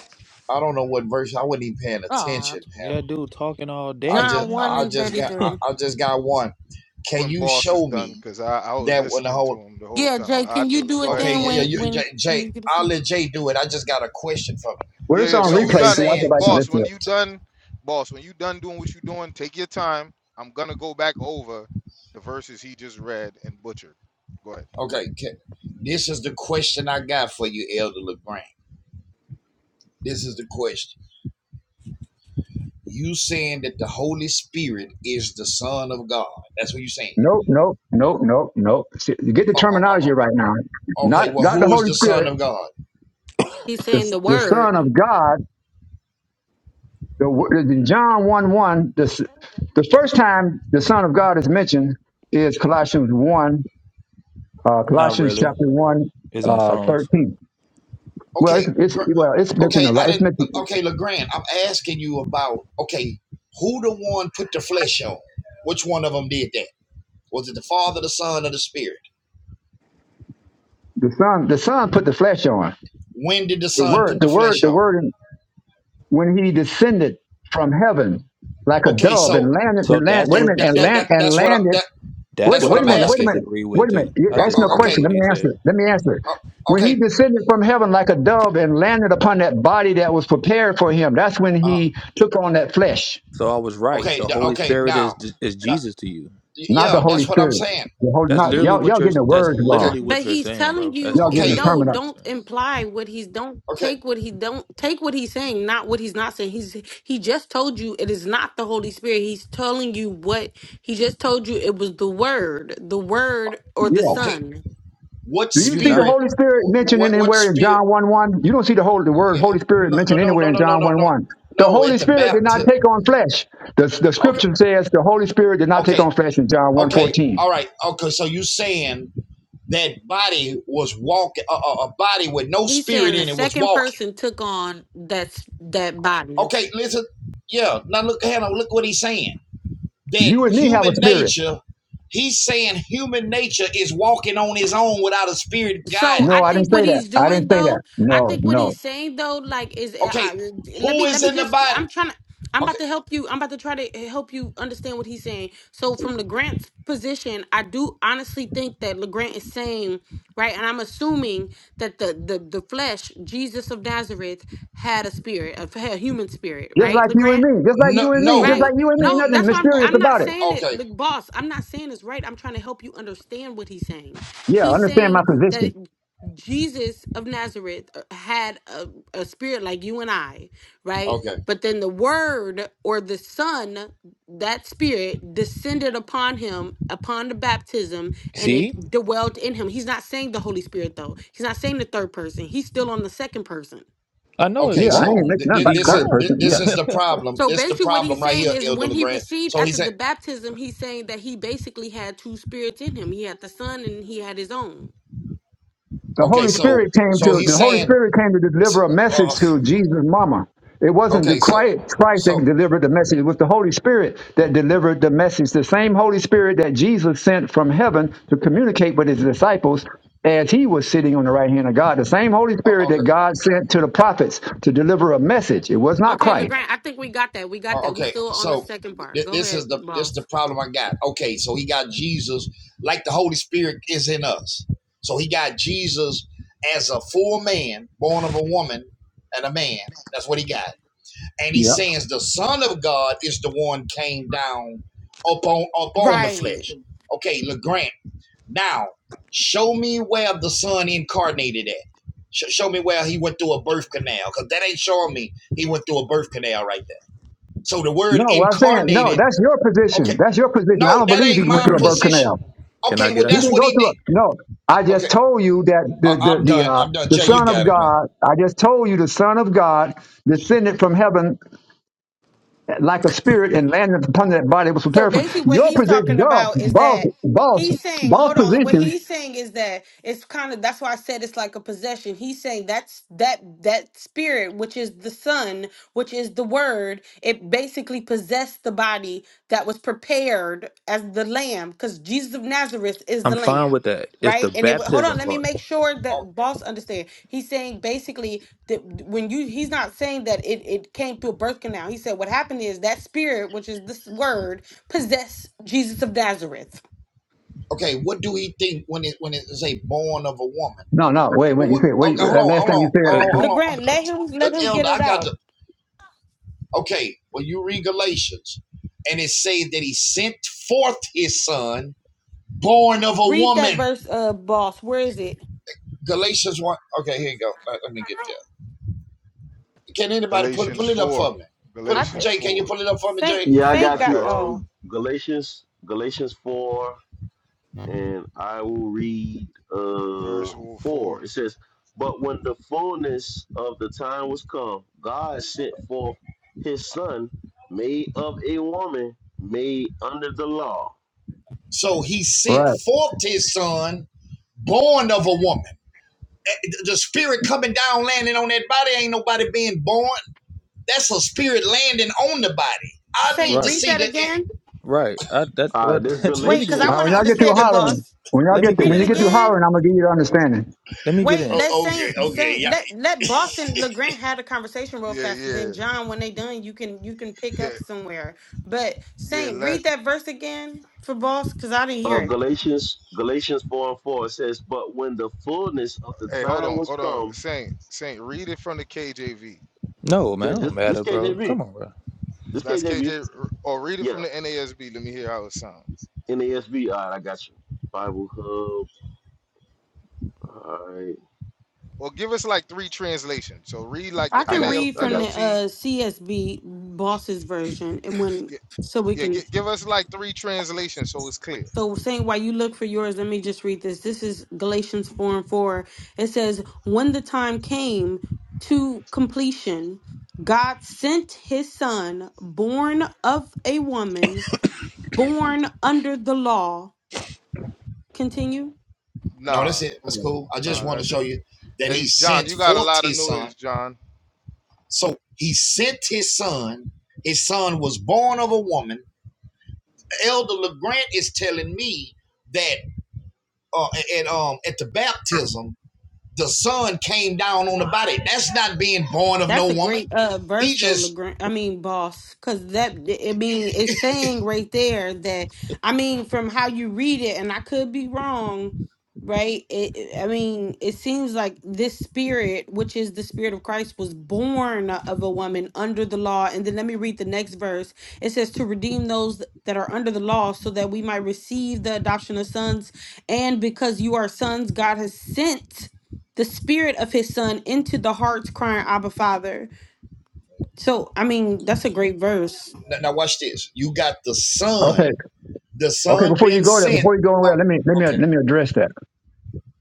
Speaker 5: I don't know what version. I wasn't even paying
Speaker 2: Oh,
Speaker 5: attention. to
Speaker 9: Yeah,
Speaker 5: Him.
Speaker 9: dude, talking all
Speaker 5: I
Speaker 9: day,
Speaker 2: John
Speaker 5: just
Speaker 9: man.
Speaker 2: one
Speaker 5: I
Speaker 2: and
Speaker 5: just
Speaker 2: thirty
Speaker 5: got I,
Speaker 9: Like,
Speaker 2: three.
Speaker 5: I just got one. Can
Speaker 6: When
Speaker 5: you
Speaker 6: boss is
Speaker 5: show
Speaker 6: done,
Speaker 5: me
Speaker 6: because I I was
Speaker 5: that when the
Speaker 6: listening to
Speaker 5: whole
Speaker 6: him the whole
Speaker 2: Yeah,
Speaker 6: time.
Speaker 2: Jay,
Speaker 6: I
Speaker 2: can you
Speaker 6: do it.
Speaker 2: do
Speaker 6: Go
Speaker 2: it
Speaker 6: ahead,
Speaker 5: okay
Speaker 2: then
Speaker 5: yeah, yeah
Speaker 2: when
Speaker 6: boss.
Speaker 5: you, Jay,
Speaker 2: when when
Speaker 5: Jay
Speaker 2: you get a
Speaker 5: I'll
Speaker 2: chance?
Speaker 5: let Jay do it. I just got a question for me.
Speaker 1: Well, it's
Speaker 6: Yeah, yeah.
Speaker 1: on
Speaker 6: When
Speaker 5: So
Speaker 6: you
Speaker 5: he's
Speaker 1: replay, so
Speaker 6: done,
Speaker 1: y'all
Speaker 6: when
Speaker 1: go
Speaker 5: saying
Speaker 6: you
Speaker 1: back and
Speaker 5: so,
Speaker 6: boss,
Speaker 1: listen.
Speaker 6: when
Speaker 1: to it.
Speaker 6: you
Speaker 5: so
Speaker 6: done, boss, when you done doing what you doing, take your time. I'm gonna go back over the verses he just read and butchered. Go ahead.
Speaker 5: okay. Can, this is the question I got for you, Elder Legrand. This is the question. You saying that the Holy Spirit is the Son of God? That's what you saying.
Speaker 1: Nope, nope, nope, nope, nope. See, you get the
Speaker 5: Oh, oh, oh,
Speaker 1: terminology right now.
Speaker 5: oh, okay.
Speaker 1: Not
Speaker 5: Well,
Speaker 1: not the
Speaker 5: who is
Speaker 1: Holy
Speaker 5: the Son
Speaker 1: Spirit.
Speaker 5: of God?
Speaker 2: He's saying
Speaker 1: The,
Speaker 2: the
Speaker 1: the
Speaker 2: word,
Speaker 1: Son of God The, in John 1 1, this, the first time the Son of God is mentioned is Colossians 1, uh,
Speaker 9: not
Speaker 1: Colossians
Speaker 9: really.
Speaker 1: chapter 1,
Speaker 9: It's in
Speaker 1: uh,
Speaker 9: songs.
Speaker 1: 13. Well,
Speaker 5: okay,
Speaker 1: it's,
Speaker 5: gr-
Speaker 1: it's well, it's mentioned
Speaker 5: okay,
Speaker 1: a
Speaker 5: I
Speaker 1: lot. It's
Speaker 5: didn't.
Speaker 1: mentioned
Speaker 5: Okay, Legrand, I'm asking you about okay, who the one put the flesh on? Which one of them did that? Was it the Father, the Son, or the Spirit?
Speaker 1: the Son. The Son put the flesh on.
Speaker 5: When did the
Speaker 1: The
Speaker 5: Son
Speaker 1: word,
Speaker 5: put the
Speaker 1: the word,
Speaker 5: flesh
Speaker 1: the
Speaker 5: on?
Speaker 1: word. When he descended from heaven like a
Speaker 5: Okay,
Speaker 1: dove and
Speaker 5: so
Speaker 1: landed,
Speaker 9: So
Speaker 1: and land.
Speaker 9: that's
Speaker 1: Wait a
Speaker 5: that
Speaker 1: minute,
Speaker 9: what.
Speaker 5: that
Speaker 1: and
Speaker 5: that,
Speaker 9: So
Speaker 5: that
Speaker 1: land and
Speaker 5: that's what I,
Speaker 1: landed
Speaker 5: that
Speaker 9: that's
Speaker 5: that's
Speaker 1: Wait,
Speaker 9: what
Speaker 5: what
Speaker 9: the
Speaker 1: wait a
Speaker 5: I'm
Speaker 9: part
Speaker 1: minute.
Speaker 9: I
Speaker 1: Wait a
Speaker 5: asking.
Speaker 1: minute.
Speaker 9: disagree with
Speaker 1: Wait a minute.
Speaker 9: too.
Speaker 1: You
Speaker 9: I
Speaker 5: Uh,
Speaker 1: ask me a
Speaker 5: uh,
Speaker 9: disagree with
Speaker 1: question.
Speaker 5: okay,
Speaker 9: what
Speaker 1: Let me
Speaker 9: he
Speaker 1: answer
Speaker 9: said.
Speaker 1: it. Let me answer it.
Speaker 5: uh,
Speaker 1: When he
Speaker 5: okay,
Speaker 1: descended from heaven like a dove and landed upon that body that was prepared for him, that's when
Speaker 5: uh,
Speaker 1: he took on that flesh,
Speaker 9: So I was right.
Speaker 5: okay,
Speaker 9: The
Speaker 5: th-
Speaker 9: Holy
Speaker 5: okay.
Speaker 9: Spirit is
Speaker 5: Now,
Speaker 9: is
Speaker 5: now,
Speaker 9: Jesus to you.
Speaker 1: not the
Speaker 5: yeah,
Speaker 1: Holy
Speaker 5: that's what I'm
Speaker 1: Spirit.
Speaker 5: saying.
Speaker 1: The Holy,
Speaker 9: That's
Speaker 5: You,
Speaker 1: not
Speaker 5: you,
Speaker 9: literally
Speaker 1: y'all.
Speaker 9: what
Speaker 1: Y'all
Speaker 9: you're.
Speaker 1: getting the
Speaker 9: That's
Speaker 1: words
Speaker 5: okay,
Speaker 1: wrong.
Speaker 9: literally
Speaker 2: but
Speaker 9: what you're
Speaker 2: he's
Speaker 9: saying,
Speaker 2: telling
Speaker 9: bro.
Speaker 2: you
Speaker 9: That's
Speaker 1: Y'all
Speaker 2: eh,
Speaker 1: getting the
Speaker 5: okay,
Speaker 9: literally
Speaker 2: no.
Speaker 9: what
Speaker 1: terminology.
Speaker 9: you're
Speaker 2: Don't
Speaker 9: saying.
Speaker 2: imply what he's don't
Speaker 5: okay,
Speaker 2: take what he don't take what he's saying, not what he's not saying. He's he just told you it is not the Holy Spirit. He's telling you what he just told you. It was the word, the word or the
Speaker 1: Yeah.
Speaker 5: okay.
Speaker 2: Son.
Speaker 5: What
Speaker 1: Do
Speaker 9: Did
Speaker 1: you
Speaker 9: you
Speaker 1: see
Speaker 9: not?
Speaker 1: the
Speaker 5: spirit?
Speaker 1: Holy Spirit mentioned
Speaker 5: What, what
Speaker 1: anywhere in
Speaker 5: spirit?
Speaker 1: John one one? You don't see the whole the word
Speaker 5: Yeah,
Speaker 1: Holy Spirit
Speaker 5: No, no,
Speaker 1: mentioned
Speaker 5: no,
Speaker 1: anywhere
Speaker 5: no,
Speaker 1: in
Speaker 5: no, no,
Speaker 1: John
Speaker 5: no,
Speaker 1: one
Speaker 5: no.
Speaker 1: one. The
Speaker 5: No,
Speaker 1: Holy
Speaker 5: at the
Speaker 1: Spirit did not
Speaker 5: baptism.
Speaker 1: take on flesh. The, the
Speaker 5: Okay,
Speaker 1: Scripture says the Holy Spirit did not take
Speaker 5: okay,
Speaker 1: on flesh in John one
Speaker 5: okay.
Speaker 1: fourteen.
Speaker 5: All right. Okay, so you saying that body was walking, a, a, a body with no
Speaker 2: He's
Speaker 5: spirit
Speaker 2: saying the
Speaker 5: in it was
Speaker 2: second
Speaker 5: walking.
Speaker 2: person took on that's that body.
Speaker 5: Okay, listen. Yeah. Now look, Hannah. Look what he's saying. That
Speaker 1: You and me have a
Speaker 5: human
Speaker 1: spirit.
Speaker 5: nature. He's saying human nature is walking on his own without a spirit
Speaker 2: So
Speaker 5: guiding
Speaker 1: No,
Speaker 2: I
Speaker 1: I didn't
Speaker 2: think what
Speaker 1: say that.
Speaker 2: he's
Speaker 1: I
Speaker 2: doing
Speaker 1: didn't say that.
Speaker 2: though, I
Speaker 1: No,
Speaker 2: think what
Speaker 1: no.
Speaker 2: he's saying though, like is
Speaker 5: it.
Speaker 2: I,
Speaker 5: Okay,
Speaker 2: let
Speaker 5: who
Speaker 2: me let
Speaker 5: is
Speaker 2: me
Speaker 5: in the
Speaker 2: just
Speaker 5: body?
Speaker 2: I'm trying to I'm about
Speaker 5: Okay,
Speaker 2: to help you. I'm about to try to help you understand what he's saying. So from LeGrant's position, I do honestly think that LeGrant is saying, right, and I'm assuming that the the the flesh, Jesus of Nazareth, had a spirit, a, had a human spirit,
Speaker 1: Just
Speaker 2: right,
Speaker 1: like you and
Speaker 2: LeGrant?
Speaker 1: me. Just like
Speaker 5: no,
Speaker 1: you and me. Just like
Speaker 5: no.
Speaker 2: Right.
Speaker 1: you and me.
Speaker 2: No,
Speaker 1: Nothing
Speaker 2: that's why I'm
Speaker 1: mysterious
Speaker 2: I'm not
Speaker 1: about it.
Speaker 2: saying it.
Speaker 5: Okay,
Speaker 2: Look, boss, I'm not saying it's right. I'm trying to help you understand what he's saying.
Speaker 1: Yeah,
Speaker 2: He's
Speaker 1: understand my
Speaker 2: saying that
Speaker 1: position.
Speaker 2: Jesus of Nazareth uh, had a, a spirit like you and I, right?
Speaker 5: okay.
Speaker 2: But then the word or the son, that spirit descended upon him upon the baptism and it
Speaker 9: See,
Speaker 2: dwelt in him. He's not saying the Holy Spirit though. He's not saying the third person. He's still on the second person.
Speaker 9: I know it's
Speaker 5: Okay,
Speaker 1: Yeah, I
Speaker 5: so
Speaker 1: ain't
Speaker 9: wrong.
Speaker 1: making
Speaker 5: th-
Speaker 1: nothing
Speaker 5: th-
Speaker 1: about
Speaker 9: He's
Speaker 1: the
Speaker 5: this is
Speaker 1: third
Speaker 9: wrong.
Speaker 5: th-
Speaker 1: person.
Speaker 5: this
Speaker 1: Yeah.
Speaker 5: is the problem.
Speaker 2: So
Speaker 5: This the
Speaker 2: basically, what he's
Speaker 5: problem right
Speaker 2: saying
Speaker 5: here,
Speaker 2: is
Speaker 5: Elder
Speaker 2: when he
Speaker 5: Legrand.
Speaker 2: received
Speaker 5: So he
Speaker 2: after
Speaker 5: said,
Speaker 2: the baptism, he's saying that he basically had two spirits in him. He had the son and he had his own.
Speaker 1: The
Speaker 5: okay,
Speaker 1: Holy
Speaker 5: so
Speaker 1: Spirit came
Speaker 5: so
Speaker 1: to
Speaker 5: he's
Speaker 1: the Holy
Speaker 5: saying,
Speaker 1: Spirit came to
Speaker 5: s-
Speaker 1: deliver a message
Speaker 5: uh,
Speaker 1: to Jesus' mama. It wasn't the
Speaker 5: okay, so
Speaker 1: Christ Christ that
Speaker 5: so
Speaker 1: delivered the message. It was the Holy Spirit that delivered the message. The same Holy Spirit that Jesus sent from heaven to communicate with his disciples as he was sitting on the right hand of God. The same Holy
Speaker 5: uh,
Speaker 1: Spirit
Speaker 5: okay,
Speaker 1: that God sent to the prophets to deliver a message. It was not
Speaker 2: Okay,
Speaker 1: Christ.
Speaker 2: LeGrand, I think we got that. We got
Speaker 5: uh,
Speaker 2: that. We
Speaker 5: okay,
Speaker 2: still on the
Speaker 5: so
Speaker 2: second part.
Speaker 5: th-
Speaker 2: Go
Speaker 5: this
Speaker 2: ahead,
Speaker 5: is the this the
Speaker 2: boss.
Speaker 5: problem I got. Okay, so he got Jesus like the Holy Spirit is in us. So he got Jesus as a full man, born of a woman and a man. That's what he got. and he
Speaker 1: Yep.
Speaker 5: says the Son of God is the one came down upon upon the
Speaker 2: Right.
Speaker 5: flesh. Okay, LeGrant. Now, show me where the Son incarnated at. Sh- show me where he went through a birth canal, because that ain't showing me he went through a birth canal right there. So the word
Speaker 1: No, what I'm saying, no,
Speaker 5: incarnated.
Speaker 1: that's your
Speaker 5: Okay,
Speaker 1: position. That's your position. I
Speaker 5: no,
Speaker 1: don't
Speaker 5: that
Speaker 1: believe he
Speaker 5: ain't
Speaker 1: went
Speaker 5: my
Speaker 1: through a birth
Speaker 5: position.
Speaker 1: canal.
Speaker 9: Can I
Speaker 5: Okay,
Speaker 9: get
Speaker 5: well
Speaker 1: He
Speaker 9: out?
Speaker 5: that's
Speaker 1: didn't
Speaker 5: what
Speaker 1: go
Speaker 5: he
Speaker 1: to
Speaker 5: did.
Speaker 1: us. No, I just
Speaker 5: Okay,
Speaker 1: told you that the
Speaker 5: I-
Speaker 1: the
Speaker 5: I'm
Speaker 1: the
Speaker 5: done.
Speaker 1: uh,
Speaker 5: I'm done.
Speaker 1: the
Speaker 5: Jay, you
Speaker 1: Son of
Speaker 5: got it, man.
Speaker 1: God. I just told you the Son of God descended from heaven like a spirit and landed upon that body that was
Speaker 2: So
Speaker 1: prepared for him.
Speaker 2: basically, what
Speaker 1: Your
Speaker 2: he's
Speaker 1: position,
Speaker 2: talking
Speaker 1: Dove,
Speaker 2: about is
Speaker 1: boss,
Speaker 2: that
Speaker 1: boss,
Speaker 2: he's saying,
Speaker 1: boss
Speaker 2: hold on, what
Speaker 1: position.
Speaker 2: he's saying is that it's kind of that's why I said it's like a possession. He's saying that's that that spirit, which is the son, which is the word, it basically possessed the body that was prepared as the lamb, because Jesus of Nazareth is
Speaker 9: I'm
Speaker 2: the
Speaker 9: fine with
Speaker 2: lamb.
Speaker 9: that. It's the
Speaker 2: Right, and it wa- hold on.
Speaker 9: baptism
Speaker 2: Let me
Speaker 9: part.
Speaker 2: make sure
Speaker 5: Oh,
Speaker 2: that boss understand. He's saying basically that when you, he's not saying that it it came through a birth canal. He said what happened is that spirit, which is this word, possess Jesus of Nazareth.
Speaker 5: Okay, what do he think when it when it say born of a woman?
Speaker 1: No, no, wait,
Speaker 5: Well,
Speaker 1: wait. You
Speaker 5: what,
Speaker 1: said wait.
Speaker 5: okay, hold on,
Speaker 1: That last
Speaker 5: hold
Speaker 1: thing
Speaker 5: on,
Speaker 1: you said.
Speaker 5: hold
Speaker 9: Wait,
Speaker 5: on,
Speaker 9: wait,
Speaker 5: hold on.
Speaker 2: LeGrand, let him let
Speaker 5: Look,
Speaker 2: him get
Speaker 5: Elder,
Speaker 2: it
Speaker 5: I got
Speaker 2: out.
Speaker 5: the okay. Well, you read Galatians, and it says that he sent forth his son, born of a
Speaker 2: Read that
Speaker 5: woman.
Speaker 2: verse, uh, boss. Where is it?
Speaker 5: Galatians one. Okay, here you go. Let, let me get there. Can anybody pull
Speaker 6: Galatians
Speaker 5: pull it up
Speaker 6: four.
Speaker 5: for me? Put
Speaker 6: Galatians
Speaker 5: Jay, can you
Speaker 6: four.
Speaker 5: pull it up for me,
Speaker 2: Saint
Speaker 5: Jay?
Speaker 8: Yeah, I
Speaker 2: Saint
Speaker 6: I
Speaker 8: got you.
Speaker 2: got
Speaker 6: got you.
Speaker 2: oh
Speaker 8: Um Galatians Galatians four and I will read uh
Speaker 6: Verse four.
Speaker 8: four. It says, But when the fullness of the time was come, God sent forth his son, made of a woman, made under the law.
Speaker 5: So he sent
Speaker 1: Right.
Speaker 5: forth his son, born of a woman. Eh, eh, The spirit coming down, landing on that body. Ain't nobody being born. That's a spirit landing on the body. I need
Speaker 2: Saint,
Speaker 5: to
Speaker 9: right,
Speaker 2: read
Speaker 5: see
Speaker 2: that
Speaker 5: that.
Speaker 2: again.
Speaker 9: right. I, that
Speaker 8: All right, this
Speaker 9: what? let
Speaker 2: Wait,
Speaker 9: me
Speaker 2: because
Speaker 9: get
Speaker 2: I
Speaker 9: in,
Speaker 1: All right.
Speaker 8: Galatians.
Speaker 2: want
Speaker 1: When
Speaker 2: to
Speaker 1: y'all
Speaker 9: please.
Speaker 1: get through
Speaker 2: understand it,
Speaker 1: hollering,
Speaker 2: boss.
Speaker 1: when y'all
Speaker 9: Let me
Speaker 1: get to,
Speaker 9: get
Speaker 2: Read
Speaker 1: when
Speaker 2: it
Speaker 1: you
Speaker 9: in,
Speaker 1: get through
Speaker 9: man.
Speaker 2: again.
Speaker 1: hollering, I'm gonna give you the understanding.
Speaker 9: Let me get
Speaker 2: Wait,
Speaker 9: in.
Speaker 2: let
Speaker 5: Oh,
Speaker 2: Saint
Speaker 5: okay, okay,
Speaker 2: Saint
Speaker 5: yeah.
Speaker 2: let let Boss and LeGrand have a conversation real
Speaker 6: Yeah,
Speaker 2: fast. Then
Speaker 6: yeah,
Speaker 2: John, when they done, you can you can pick
Speaker 6: yeah,
Speaker 2: up somewhere. But Saint,
Speaker 6: yeah.
Speaker 2: read that verse again for boss, because I didn't
Speaker 8: uh,
Speaker 2: hear it.
Speaker 8: Galatians Galatians four and four it says, but when the fullness of the
Speaker 6: Hey, hold
Speaker 8: time
Speaker 6: on,
Speaker 8: was
Speaker 6: hold on.
Speaker 8: come,
Speaker 6: Saint, Saint, read it from the KJV.
Speaker 9: No, man,
Speaker 8: this
Speaker 9: it
Speaker 8: this,
Speaker 9: don't
Speaker 8: this
Speaker 9: matter, bro.
Speaker 8: KJV,
Speaker 9: Come on, bro.
Speaker 8: this
Speaker 6: That's
Speaker 8: KJV,
Speaker 6: KJ, or read it
Speaker 8: yeah,
Speaker 6: from the NASB. Let me hear how it sounds.
Speaker 8: NASB. All right, I got you. Bible Hub. All right,
Speaker 6: Or give us like three translations. So read like
Speaker 8: I,
Speaker 6: the
Speaker 2: I
Speaker 8: I
Speaker 2: can
Speaker 8: got you.
Speaker 6: NAL,
Speaker 2: read
Speaker 8: I
Speaker 2: from
Speaker 8: got
Speaker 2: the
Speaker 6: NLT.
Speaker 2: uh CSB boss's version and when
Speaker 6: Yeah,
Speaker 2: so we
Speaker 6: yeah
Speaker 2: can
Speaker 6: gi- give us like three translations so it's clear.
Speaker 2: so saying while you look for yours, let me just read this. This is Galatians four and four. It says, When the time came to completion, God sent his son, born of a woman, born under the law. Continue.
Speaker 5: No, that's
Speaker 6: Nah,
Speaker 5: it. That's cool. I
Speaker 2: Okay.
Speaker 5: just
Speaker 6: nah,
Speaker 5: wanted to
Speaker 6: that's
Speaker 5: show
Speaker 6: it.
Speaker 5: you that he
Speaker 6: Hey, John,
Speaker 5: sent
Speaker 6: you got a
Speaker 5: forth
Speaker 6: lot of
Speaker 5: his son.
Speaker 6: noise, John.
Speaker 5: So he sent his son. His son was born of a woman. Elder LeGrant is telling me that uh, at um at the baptism, the son came down on the body. That's not being born of no
Speaker 2: That's a
Speaker 5: woman.
Speaker 2: great uh verse
Speaker 5: He
Speaker 2: though,
Speaker 5: just
Speaker 2: Legrand. I mean, boss, because that I mean, it's saying right there that I mean, from how you read it, and I could be wrong, right? It, it- I mean, it seems like this spirit, which is the spirit of Christ, was born of a woman under the law. And then let me read the next verse. It says to redeem those that are under the law, so that we might receive the adoption of sons. And because you are sons, God has sent the spirit of his son into the hearts crying abba father so i mean that's a great verse
Speaker 5: now, now watch this. You got the
Speaker 1: Okay.
Speaker 5: son. The
Speaker 1: Okay.
Speaker 5: son
Speaker 1: Before you
Speaker 5: been
Speaker 1: go there,
Speaker 5: sent.
Speaker 1: before you go there,
Speaker 5: Oh,
Speaker 1: let me let me let
Speaker 5: okay.
Speaker 1: me address that.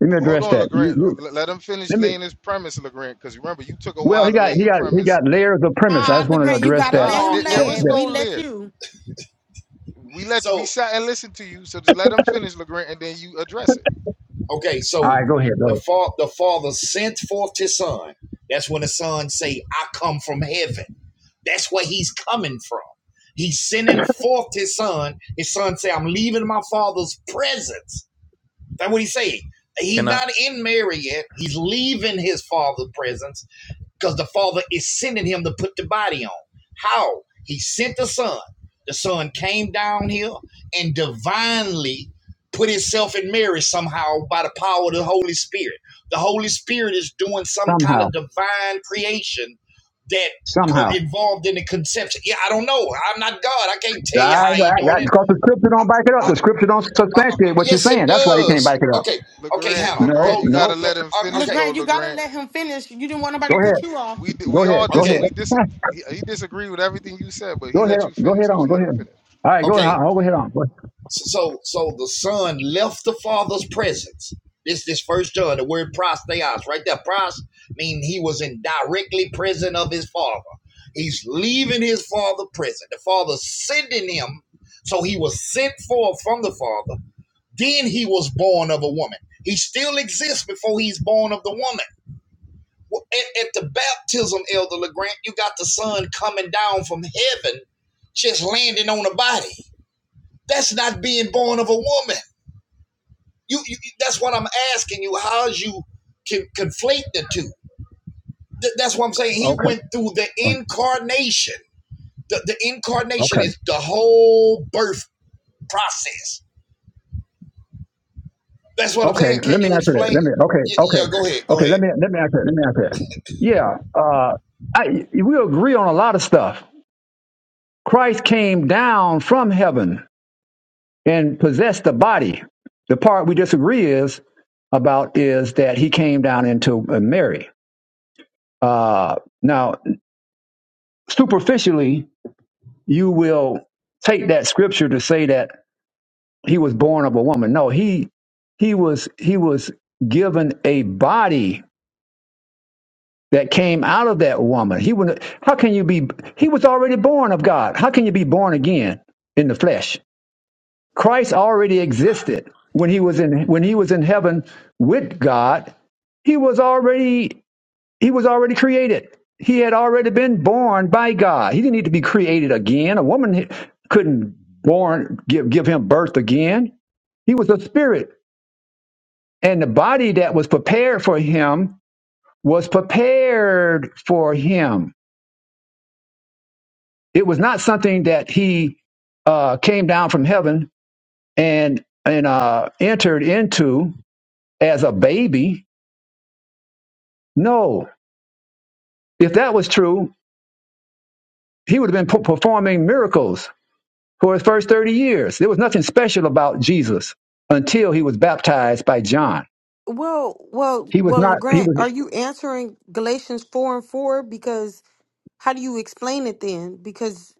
Speaker 1: Let me
Speaker 6: Hold
Speaker 1: address
Speaker 6: on,
Speaker 1: that. You
Speaker 6: LeGrand.
Speaker 1: you.
Speaker 6: L- Let him finish
Speaker 1: Let me
Speaker 6: laying his premise, LeGrand, because remember, you took a
Speaker 1: Well,
Speaker 6: while
Speaker 1: he
Speaker 6: to lay
Speaker 1: got he
Speaker 6: your
Speaker 1: got he
Speaker 6: premise.
Speaker 1: got layers of premise. I
Speaker 2: ah
Speaker 1: just want to
Speaker 2: legrand you
Speaker 1: address
Speaker 2: gotta
Speaker 1: that.
Speaker 2: let
Speaker 6: Nah,
Speaker 2: him
Speaker 5: No,
Speaker 6: there,
Speaker 5: no.
Speaker 6: there
Speaker 1: that,
Speaker 2: lay it
Speaker 6: was
Speaker 1: that.
Speaker 6: no
Speaker 2: we let
Speaker 6: leer.
Speaker 2: you
Speaker 6: We let you, we
Speaker 5: So
Speaker 6: sat and listened to you, so just let him finish, LeGrand, and then you address it.
Speaker 5: Okay,
Speaker 1: All
Speaker 5: so
Speaker 1: right, go ahead, go
Speaker 5: the
Speaker 1: ahead.
Speaker 5: fa- the father sent forth his son. That's when the son say, "I come from heaven." That's where he's coming from. He's sending forth his son. His son say, "I'm leaving my father's presence." That's what he's saying. He's
Speaker 9: Can I?
Speaker 5: not in Mary yet. He's leaving his father's presence because the Father is sending him to put the body on. How? He sent the Son. The Son came down here and divinely put himself in Mary somehow by the power of the Holy Spirit. The Holy Spirit is doing some kind
Speaker 1: Somehow,
Speaker 5: of divine creation that co-
Speaker 1: somehow.
Speaker 5: involved in the conception. Yeah, I don't know. I'm not God. I can't
Speaker 1: All
Speaker 5: tell
Speaker 1: right,
Speaker 5: you how
Speaker 1: all
Speaker 5: he
Speaker 1: right, all
Speaker 5: doing
Speaker 1: right.
Speaker 5: it.
Speaker 1: because the scripture don't back it up.
Speaker 5: Uh,
Speaker 1: The scripture don't
Speaker 5: uh, uh,
Speaker 1: substantiate what you're
Speaker 5: yes, it
Speaker 1: saying. That's why you can't
Speaker 5: does.
Speaker 1: back it up.
Speaker 5: Okay, okay,
Speaker 6: LeGrand,
Speaker 5: Hannah,
Speaker 1: No,
Speaker 6: LeGrand,
Speaker 5: go,
Speaker 6: you
Speaker 5: go,
Speaker 1: no.
Speaker 6: gotta
Speaker 5: go.
Speaker 6: let him
Speaker 5: Uh,
Speaker 6: finish
Speaker 5: okay,
Speaker 6: though,
Speaker 2: legrand you gotta
Speaker 6: LeGrand.
Speaker 2: let him finish you didn't want nobody
Speaker 1: Go
Speaker 2: to cut
Speaker 1: ahead,
Speaker 2: you off
Speaker 6: We di-
Speaker 1: go
Speaker 6: we
Speaker 1: ahead,
Speaker 6: all
Speaker 1: go
Speaker 6: dis
Speaker 5: okay,
Speaker 6: we dis
Speaker 1: ahead,
Speaker 6: he, he disagreed with everything you said, but he
Speaker 1: go ahead,
Speaker 6: let you
Speaker 1: go
Speaker 6: finish,
Speaker 1: ahead
Speaker 6: so
Speaker 1: on,
Speaker 6: just
Speaker 1: go
Speaker 6: let him
Speaker 1: ahead.
Speaker 6: finish.
Speaker 1: All right, go
Speaker 5: okay.
Speaker 1: ahead, I'll go ahead on. Go-
Speaker 5: So, so the son left the father's presence. This, this first John, the word prosteos, right there. Pros mean he was in directly present of his father. He's leaving his father present. The father sending him, so he was sent forth from the father. Then he was born of a woman. He still exists before he's born of the woman. Well, At, at the baptism, Elder LeGrant, you got the son coming down from heaven, just landing on a body. That's not being born of a woman. You, you that's what I'm asking you. How's you can conflate the two? Th- that's what I'm saying. He
Speaker 1: Okay,
Speaker 5: went through the incarnation. The, the
Speaker 1: okay,
Speaker 5: incarnation is the whole birth process. That's what I'm
Speaker 1: okay.
Speaker 5: saying.
Speaker 1: Let
Speaker 5: Can
Speaker 1: me
Speaker 5: you
Speaker 1: answer that.
Speaker 5: explain?
Speaker 1: Let me. Okay,
Speaker 5: Y- yeah, go
Speaker 1: okay,
Speaker 5: ahead. Go
Speaker 1: okay. Let
Speaker 5: ahead.
Speaker 1: me let me answer that. Let me answer that. Yeah, uh, I we agree on a lot of stuff Christ came down from heaven and possessed the body. The part we disagree is about is that he came down into uh, Mary. Uh, now, superficially, you will take that scripture to say that he was born of a woman. No, he he was he was given a body that came out of that woman. He would. How can you be? He was already born of God. How can you be born again in the flesh? Christ already existed when he was in when he was in heaven with God. He was already he was already created. He had already been born by God. He didn't need to be created again. A woman couldn't born give give him birth again. He was a spirit, and the body that was prepared for him was prepared for him. It was not something that he uh, came down from heaven and and uh, entered into. as a baby. No. If that was true, he would have been performing miracles for his first 30 years. There was nothing special about Jesus until he was baptized by John.
Speaker 2: well well
Speaker 1: He was
Speaker 2: well
Speaker 1: not, he
Speaker 2: legrand
Speaker 1: was,
Speaker 2: are you answering galatians 4 and 4 because how do you explain it then because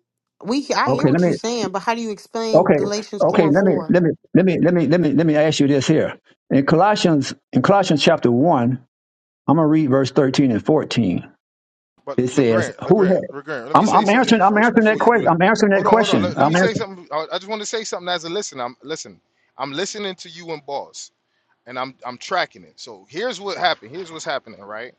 Speaker 2: we i hear
Speaker 1: okay, let
Speaker 2: what
Speaker 1: me,
Speaker 2: you're saying but how do you explain
Speaker 1: okay,
Speaker 2: galatians 4
Speaker 1: okay,
Speaker 2: and
Speaker 1: let me,
Speaker 2: 4
Speaker 1: let me, let me, let me, let me, let me ask you this here. In Colossians, in Colossians chapter 1, I'm going to read verse 13 and 14.
Speaker 6: But
Speaker 1: It says,
Speaker 6: LeGrand,
Speaker 1: who
Speaker 6: LeGrand,
Speaker 1: had,
Speaker 6: LeGrand, let me
Speaker 1: I'm,
Speaker 6: say
Speaker 1: I'm
Speaker 6: something to
Speaker 1: answering.
Speaker 6: you
Speaker 1: I'm
Speaker 6: first
Speaker 1: answering that
Speaker 6: before you do
Speaker 1: question.
Speaker 6: that.
Speaker 1: I'm answering that
Speaker 6: Hold on, hold on.
Speaker 1: question.
Speaker 6: Let, let
Speaker 1: I'm
Speaker 6: me say
Speaker 1: answering.
Speaker 6: something. I, I just want to say something as a listener. I'm listen. I'm listening to you and Boss, and I'm I'm tracking it. So here's what happened. Here's what's happening, right?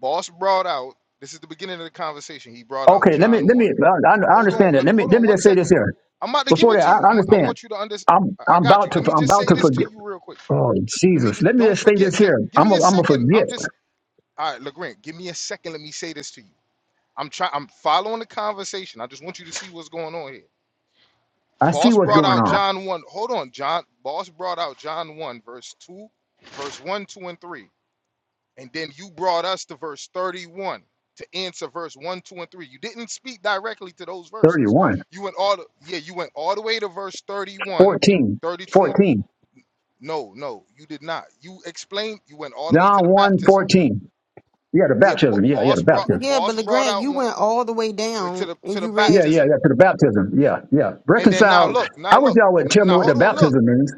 Speaker 6: Boss brought out. This is the beginning of the conversation. He brought out
Speaker 1: Okay, let me
Speaker 6: John
Speaker 1: let me.
Speaker 6: one.
Speaker 1: I I
Speaker 6: Hold
Speaker 1: understand
Speaker 6: on.
Speaker 1: that.
Speaker 6: Let,
Speaker 1: Let me
Speaker 6: hold
Speaker 1: let
Speaker 6: on
Speaker 1: me
Speaker 6: one
Speaker 1: just say this
Speaker 6: second.
Speaker 1: here.
Speaker 6: I'm about to give
Speaker 1: Before
Speaker 6: it
Speaker 1: that,
Speaker 6: to
Speaker 1: I
Speaker 6: you. I'm, I
Speaker 1: understand.
Speaker 6: want you to understand.
Speaker 1: I'm
Speaker 6: I
Speaker 1: I'm
Speaker 6: got you.
Speaker 1: about to
Speaker 6: Let me
Speaker 1: I'm
Speaker 6: just
Speaker 1: about
Speaker 6: say
Speaker 1: to
Speaker 6: this to
Speaker 1: forget.
Speaker 6: you real quick.
Speaker 1: Oh
Speaker 6: Let me
Speaker 1: Jesus!
Speaker 6: just
Speaker 1: Let me
Speaker 6: don't
Speaker 1: just say this
Speaker 6: forget. Just
Speaker 1: here.
Speaker 6: give
Speaker 1: I'm
Speaker 6: me a
Speaker 1: a, I'm a
Speaker 6: second.
Speaker 1: forget.
Speaker 6: I'm just all right, Legrand. Give me a second. Let me say this to you. I'm trying. I'm following the conversation. I just want you to see what's going on here.
Speaker 1: I see
Speaker 6: Boss
Speaker 1: what's
Speaker 6: brought
Speaker 1: going
Speaker 6: out
Speaker 1: on.
Speaker 6: John one. Hold on, John. Boss brought out John one, verse two, verse one, two, and three. And then you brought us to verse 31 to answer verse 1, 2, and 3. You didn't speak directly to those
Speaker 1: Thirty
Speaker 6: verses.
Speaker 1: one,
Speaker 6: You went all the, yeah, you went all the way to verse 31,
Speaker 1: 14,
Speaker 6: 32. and
Speaker 1: 14.
Speaker 6: no, no, you did not. You explained, you went all the way to the
Speaker 1: John one,
Speaker 6: baptism.
Speaker 1: fourteen. 14. Yeah, the
Speaker 6: Yeah, bo-
Speaker 1: baptism. Yeah, yeah,
Speaker 6: boss
Speaker 1: the
Speaker 6: brought
Speaker 1: baptism.
Speaker 2: yeah but
Speaker 6: boss brought
Speaker 2: legrand
Speaker 6: out
Speaker 2: you
Speaker 6: one
Speaker 2: went all the way
Speaker 6: way to
Speaker 2: down
Speaker 6: the
Speaker 2: and
Speaker 6: to the
Speaker 2: you read
Speaker 1: Yeah, yeah,
Speaker 6: baptism.
Speaker 1: yeah, to the baptism. Yeah, yeah.
Speaker 6: And then now
Speaker 1: Reconcile.
Speaker 6: look,
Speaker 1: I
Speaker 6: now
Speaker 1: wish
Speaker 6: look,
Speaker 1: y'all would
Speaker 6: now,
Speaker 1: tell me
Speaker 6: now
Speaker 1: what the
Speaker 6: hold on, look.
Speaker 1: baptism means.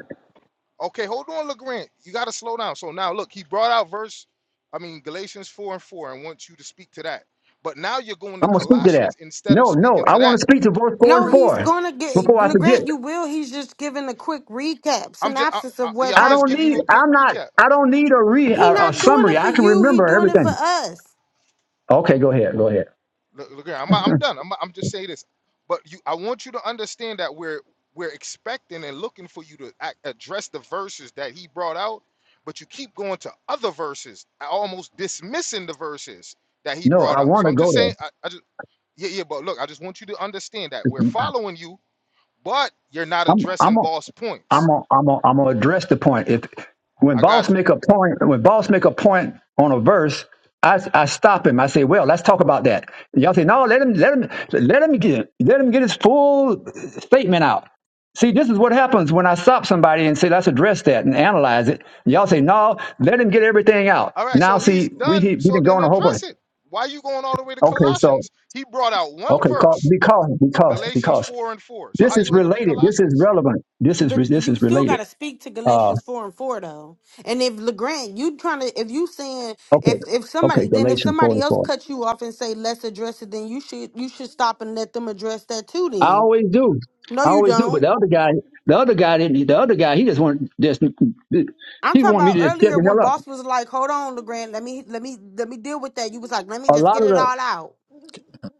Speaker 6: Okay, hold on, LeGrand. You got to slow down. So now, look, he brought out verse, I mean, Galatians 4 and 4 and wants you to speak to that. But now you're going to
Speaker 1: I'm gonna speak to that.
Speaker 6: Colossians instead of
Speaker 1: No, no.
Speaker 6: speaking
Speaker 1: I
Speaker 6: to
Speaker 1: want to
Speaker 6: that.
Speaker 1: speak to verse four
Speaker 2: No,
Speaker 1: and
Speaker 2: he's
Speaker 1: four
Speaker 2: gonna get
Speaker 1: before I
Speaker 6: Yeah,
Speaker 1: forget.
Speaker 2: Legrand. You will. He's just giving a quick recap,
Speaker 6: I'm just, I,
Speaker 2: synopsis
Speaker 6: I,
Speaker 2: of what
Speaker 6: yeah, I'm
Speaker 1: I
Speaker 6: just
Speaker 1: don't
Speaker 2: happened.
Speaker 6: giving
Speaker 1: need.
Speaker 6: you a quick
Speaker 1: I'm not.
Speaker 6: recap.
Speaker 1: I don't need a re
Speaker 2: He
Speaker 1: a, a
Speaker 2: not doing it
Speaker 1: summary.
Speaker 2: for
Speaker 1: I can
Speaker 2: you. He
Speaker 1: remember
Speaker 2: doing it for
Speaker 1: everything.
Speaker 2: us.
Speaker 1: Okay, go ahead. Go ahead.
Speaker 6: Le- LeGrand, I'm, I'm done. I'm, I'm just saying this. But you, I want you to understand that we're we're expecting and looking for you to act, address the verses that he brought out, but you keep going to other verses, almost dismissing the verses that he
Speaker 1: No,
Speaker 6: brought
Speaker 1: I
Speaker 6: out.
Speaker 1: want
Speaker 6: So
Speaker 1: to
Speaker 6: I'm
Speaker 1: go
Speaker 6: just
Speaker 1: there.
Speaker 6: saying, I I just. Yeah, yeah, but look, I just want you to understand that we're following you, but you're not
Speaker 1: I'm
Speaker 6: addressing
Speaker 1: I'm a,
Speaker 6: boss
Speaker 1: I'm
Speaker 6: points.
Speaker 1: a, I'm a, I'm gonna address the point. If when
Speaker 6: I
Speaker 1: boss
Speaker 6: got you.
Speaker 1: make a point, when boss make a point on a verse, I I stop him. I say, well, let's talk about that. And y'all say, no, let him let him let him get let him get his full statement out. See, this is what happens when I stop somebody and say, let's address that and analyze it. And y'all say, no, let him get everything out.
Speaker 6: All right,
Speaker 1: Now,
Speaker 6: so he's
Speaker 1: see, we
Speaker 6: done.
Speaker 1: we
Speaker 6: So
Speaker 1: didn't go
Speaker 6: then
Speaker 1: on a whole bunch.
Speaker 6: address it. Why you going all the way to
Speaker 1: Okay, so
Speaker 6: Colossians? He brought out one
Speaker 1: okay, call,
Speaker 6: verse,
Speaker 1: because because
Speaker 6: Galatians
Speaker 1: because
Speaker 6: 4 and 4. So
Speaker 1: This
Speaker 6: how
Speaker 1: is
Speaker 6: you end up in
Speaker 1: related. This is
Speaker 6: Colossians?
Speaker 1: relevant. This is
Speaker 2: But
Speaker 1: this
Speaker 2: you
Speaker 1: is
Speaker 2: still
Speaker 1: related.
Speaker 2: gotta speak to
Speaker 1: Uh,
Speaker 2: Galatians four and four though. And if Legrand, you trying to, if you saying if
Speaker 1: okay,
Speaker 2: if
Speaker 1: okay.
Speaker 2: somebody, then if
Speaker 1: Galatians four
Speaker 2: somebody
Speaker 1: and
Speaker 2: else
Speaker 1: four.
Speaker 2: cut you off and say let's address it, then you should you should stop and let them address that too.
Speaker 1: I
Speaker 2: Then
Speaker 1: always do.
Speaker 2: no,
Speaker 1: I
Speaker 2: you
Speaker 1: always do. But
Speaker 2: don't.
Speaker 1: the other guy, the other guy didn't. The other guy, he just wanted just
Speaker 2: I'm
Speaker 1: he
Speaker 2: talking
Speaker 1: wanted me
Speaker 2: about
Speaker 1: to just shut
Speaker 2: earlier
Speaker 1: the
Speaker 2: when
Speaker 1: hell up.
Speaker 2: boss was like, "Hold on, Legrand, let me let me let me deal with that." You was like, "Let me
Speaker 1: A
Speaker 2: just
Speaker 1: lot
Speaker 2: get
Speaker 1: of
Speaker 2: it
Speaker 1: the
Speaker 2: all out."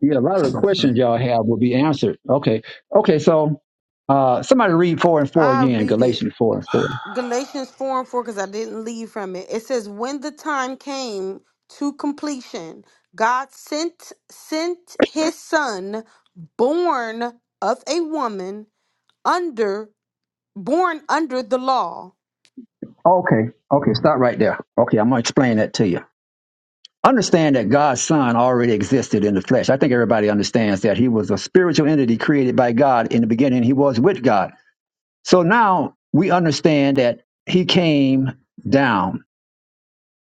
Speaker 1: yeah, a lot of the questions y'all have will be answered. Okay, okay. So uh, somebody read four and four
Speaker 2: I
Speaker 1: again.
Speaker 2: read it.
Speaker 1: Galatians four and four.
Speaker 2: Galatians 4 and 4, because I didn't leave from it. It says, When the time came to completion, God sent sent his son, born of a woman, under born under the law.
Speaker 1: Okay, okay. Stop right there. Okay, I'm gonna explain that to you. Understand that God's Son already existed in the flesh. I think everybody understands that. He was a spiritual entity created by God. In the beginning, he was with God. So now we understand that he came down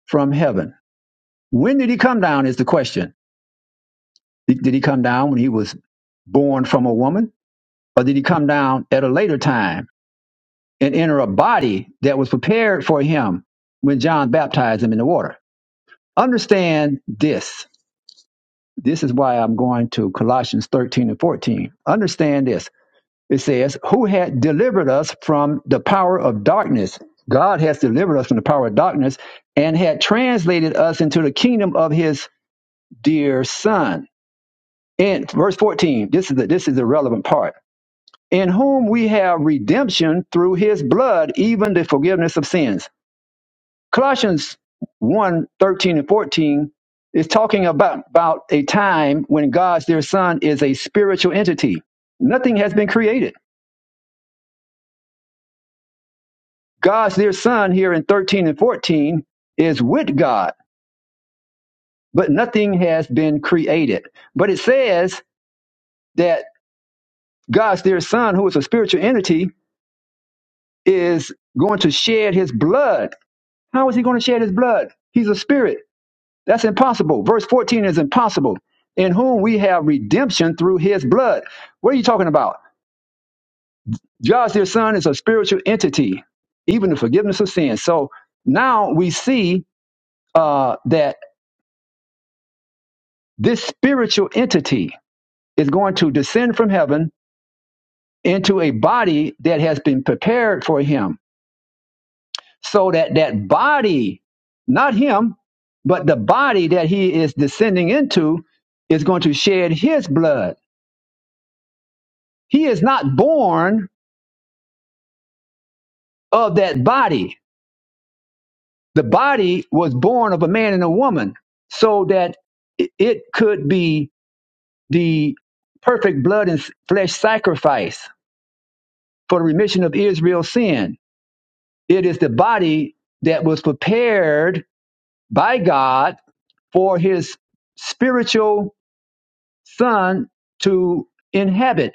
Speaker 1: from heaven. When did he come down is the question. Did did he come down when he was born from a woman? Or did he come down at a later time and enter a body that was prepared for him when John baptized him in the water? Understand this This is why I'm going to Colossians 13 and 14. Understand this. It says, Who had delivered us from the power of darkness? God has delivered us from the power of darkness and had translated us into the kingdom of his dear son. In verse 14, this is the, this is the relevant part. In whom we have redemption through his blood, even the forgiveness of sins. Colossians one 13 and 14 is talking about, about a time when God's dear son is a spiritual entity. Nothing has been created. God's dear son here in 13 and 14 is with God, but nothing has been created. But it says that God's dear son, who is a spiritual entity, is going to shed his blood. How is he going to shed his blood? He's a spirit. That's impossible. Verse 14 is impossible. In whom we have redemption through his blood. What are you talking about? Josh, their son, is a spiritual entity, even the forgiveness of sin. So now we see uh, that this spiritual entity is going to descend from heaven into a body that has been prepared for him. So that that body, not him, but the body that he is descending into is going to shed his blood. He is not born of that body. The body was born of a man and a woman, so that it it could be the perfect blood and s- flesh sacrifice for the remission of Israel's sin. It is the body that was prepared by God for his spiritual son to inhabit.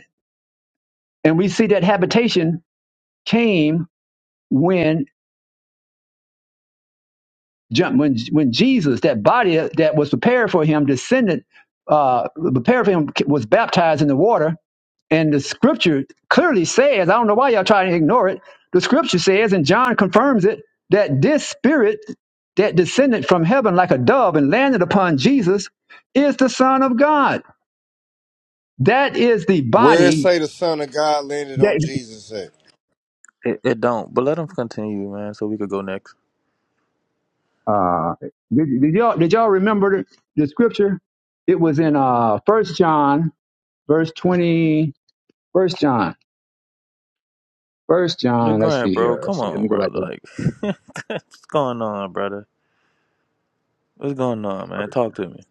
Speaker 1: And we see that habitation came when jump when when Jesus, that body that was prepared for him, descended, uh, prepared for him, was baptized in the water. And the scripture clearly says, I don't know why y'all trying to ignore it. The scripture says, and John confirms it, that this spirit that descended from heaven like a dove and landed upon Jesus is the Son of God. That is the
Speaker 10: Where it
Speaker 1: body
Speaker 10: say the Son of God landed on
Speaker 1: that.
Speaker 10: Jesus at?
Speaker 9: it, it don't. But let him continue, man, so we could go next.
Speaker 1: Uh, did, did y'all did y'all remember the, the scripture? It was in uh First John verse twenty. First John. First John. Let's
Speaker 9: Legrand,
Speaker 1: see
Speaker 9: bro.
Speaker 1: here. Let's
Speaker 9: Come
Speaker 1: see. Let
Speaker 9: on,
Speaker 1: me go
Speaker 9: bro.
Speaker 1: back to
Speaker 9: Like, what's going on, brother? What's going on, man?
Speaker 1: First
Speaker 9: Talk
Speaker 1: John.
Speaker 9: to me.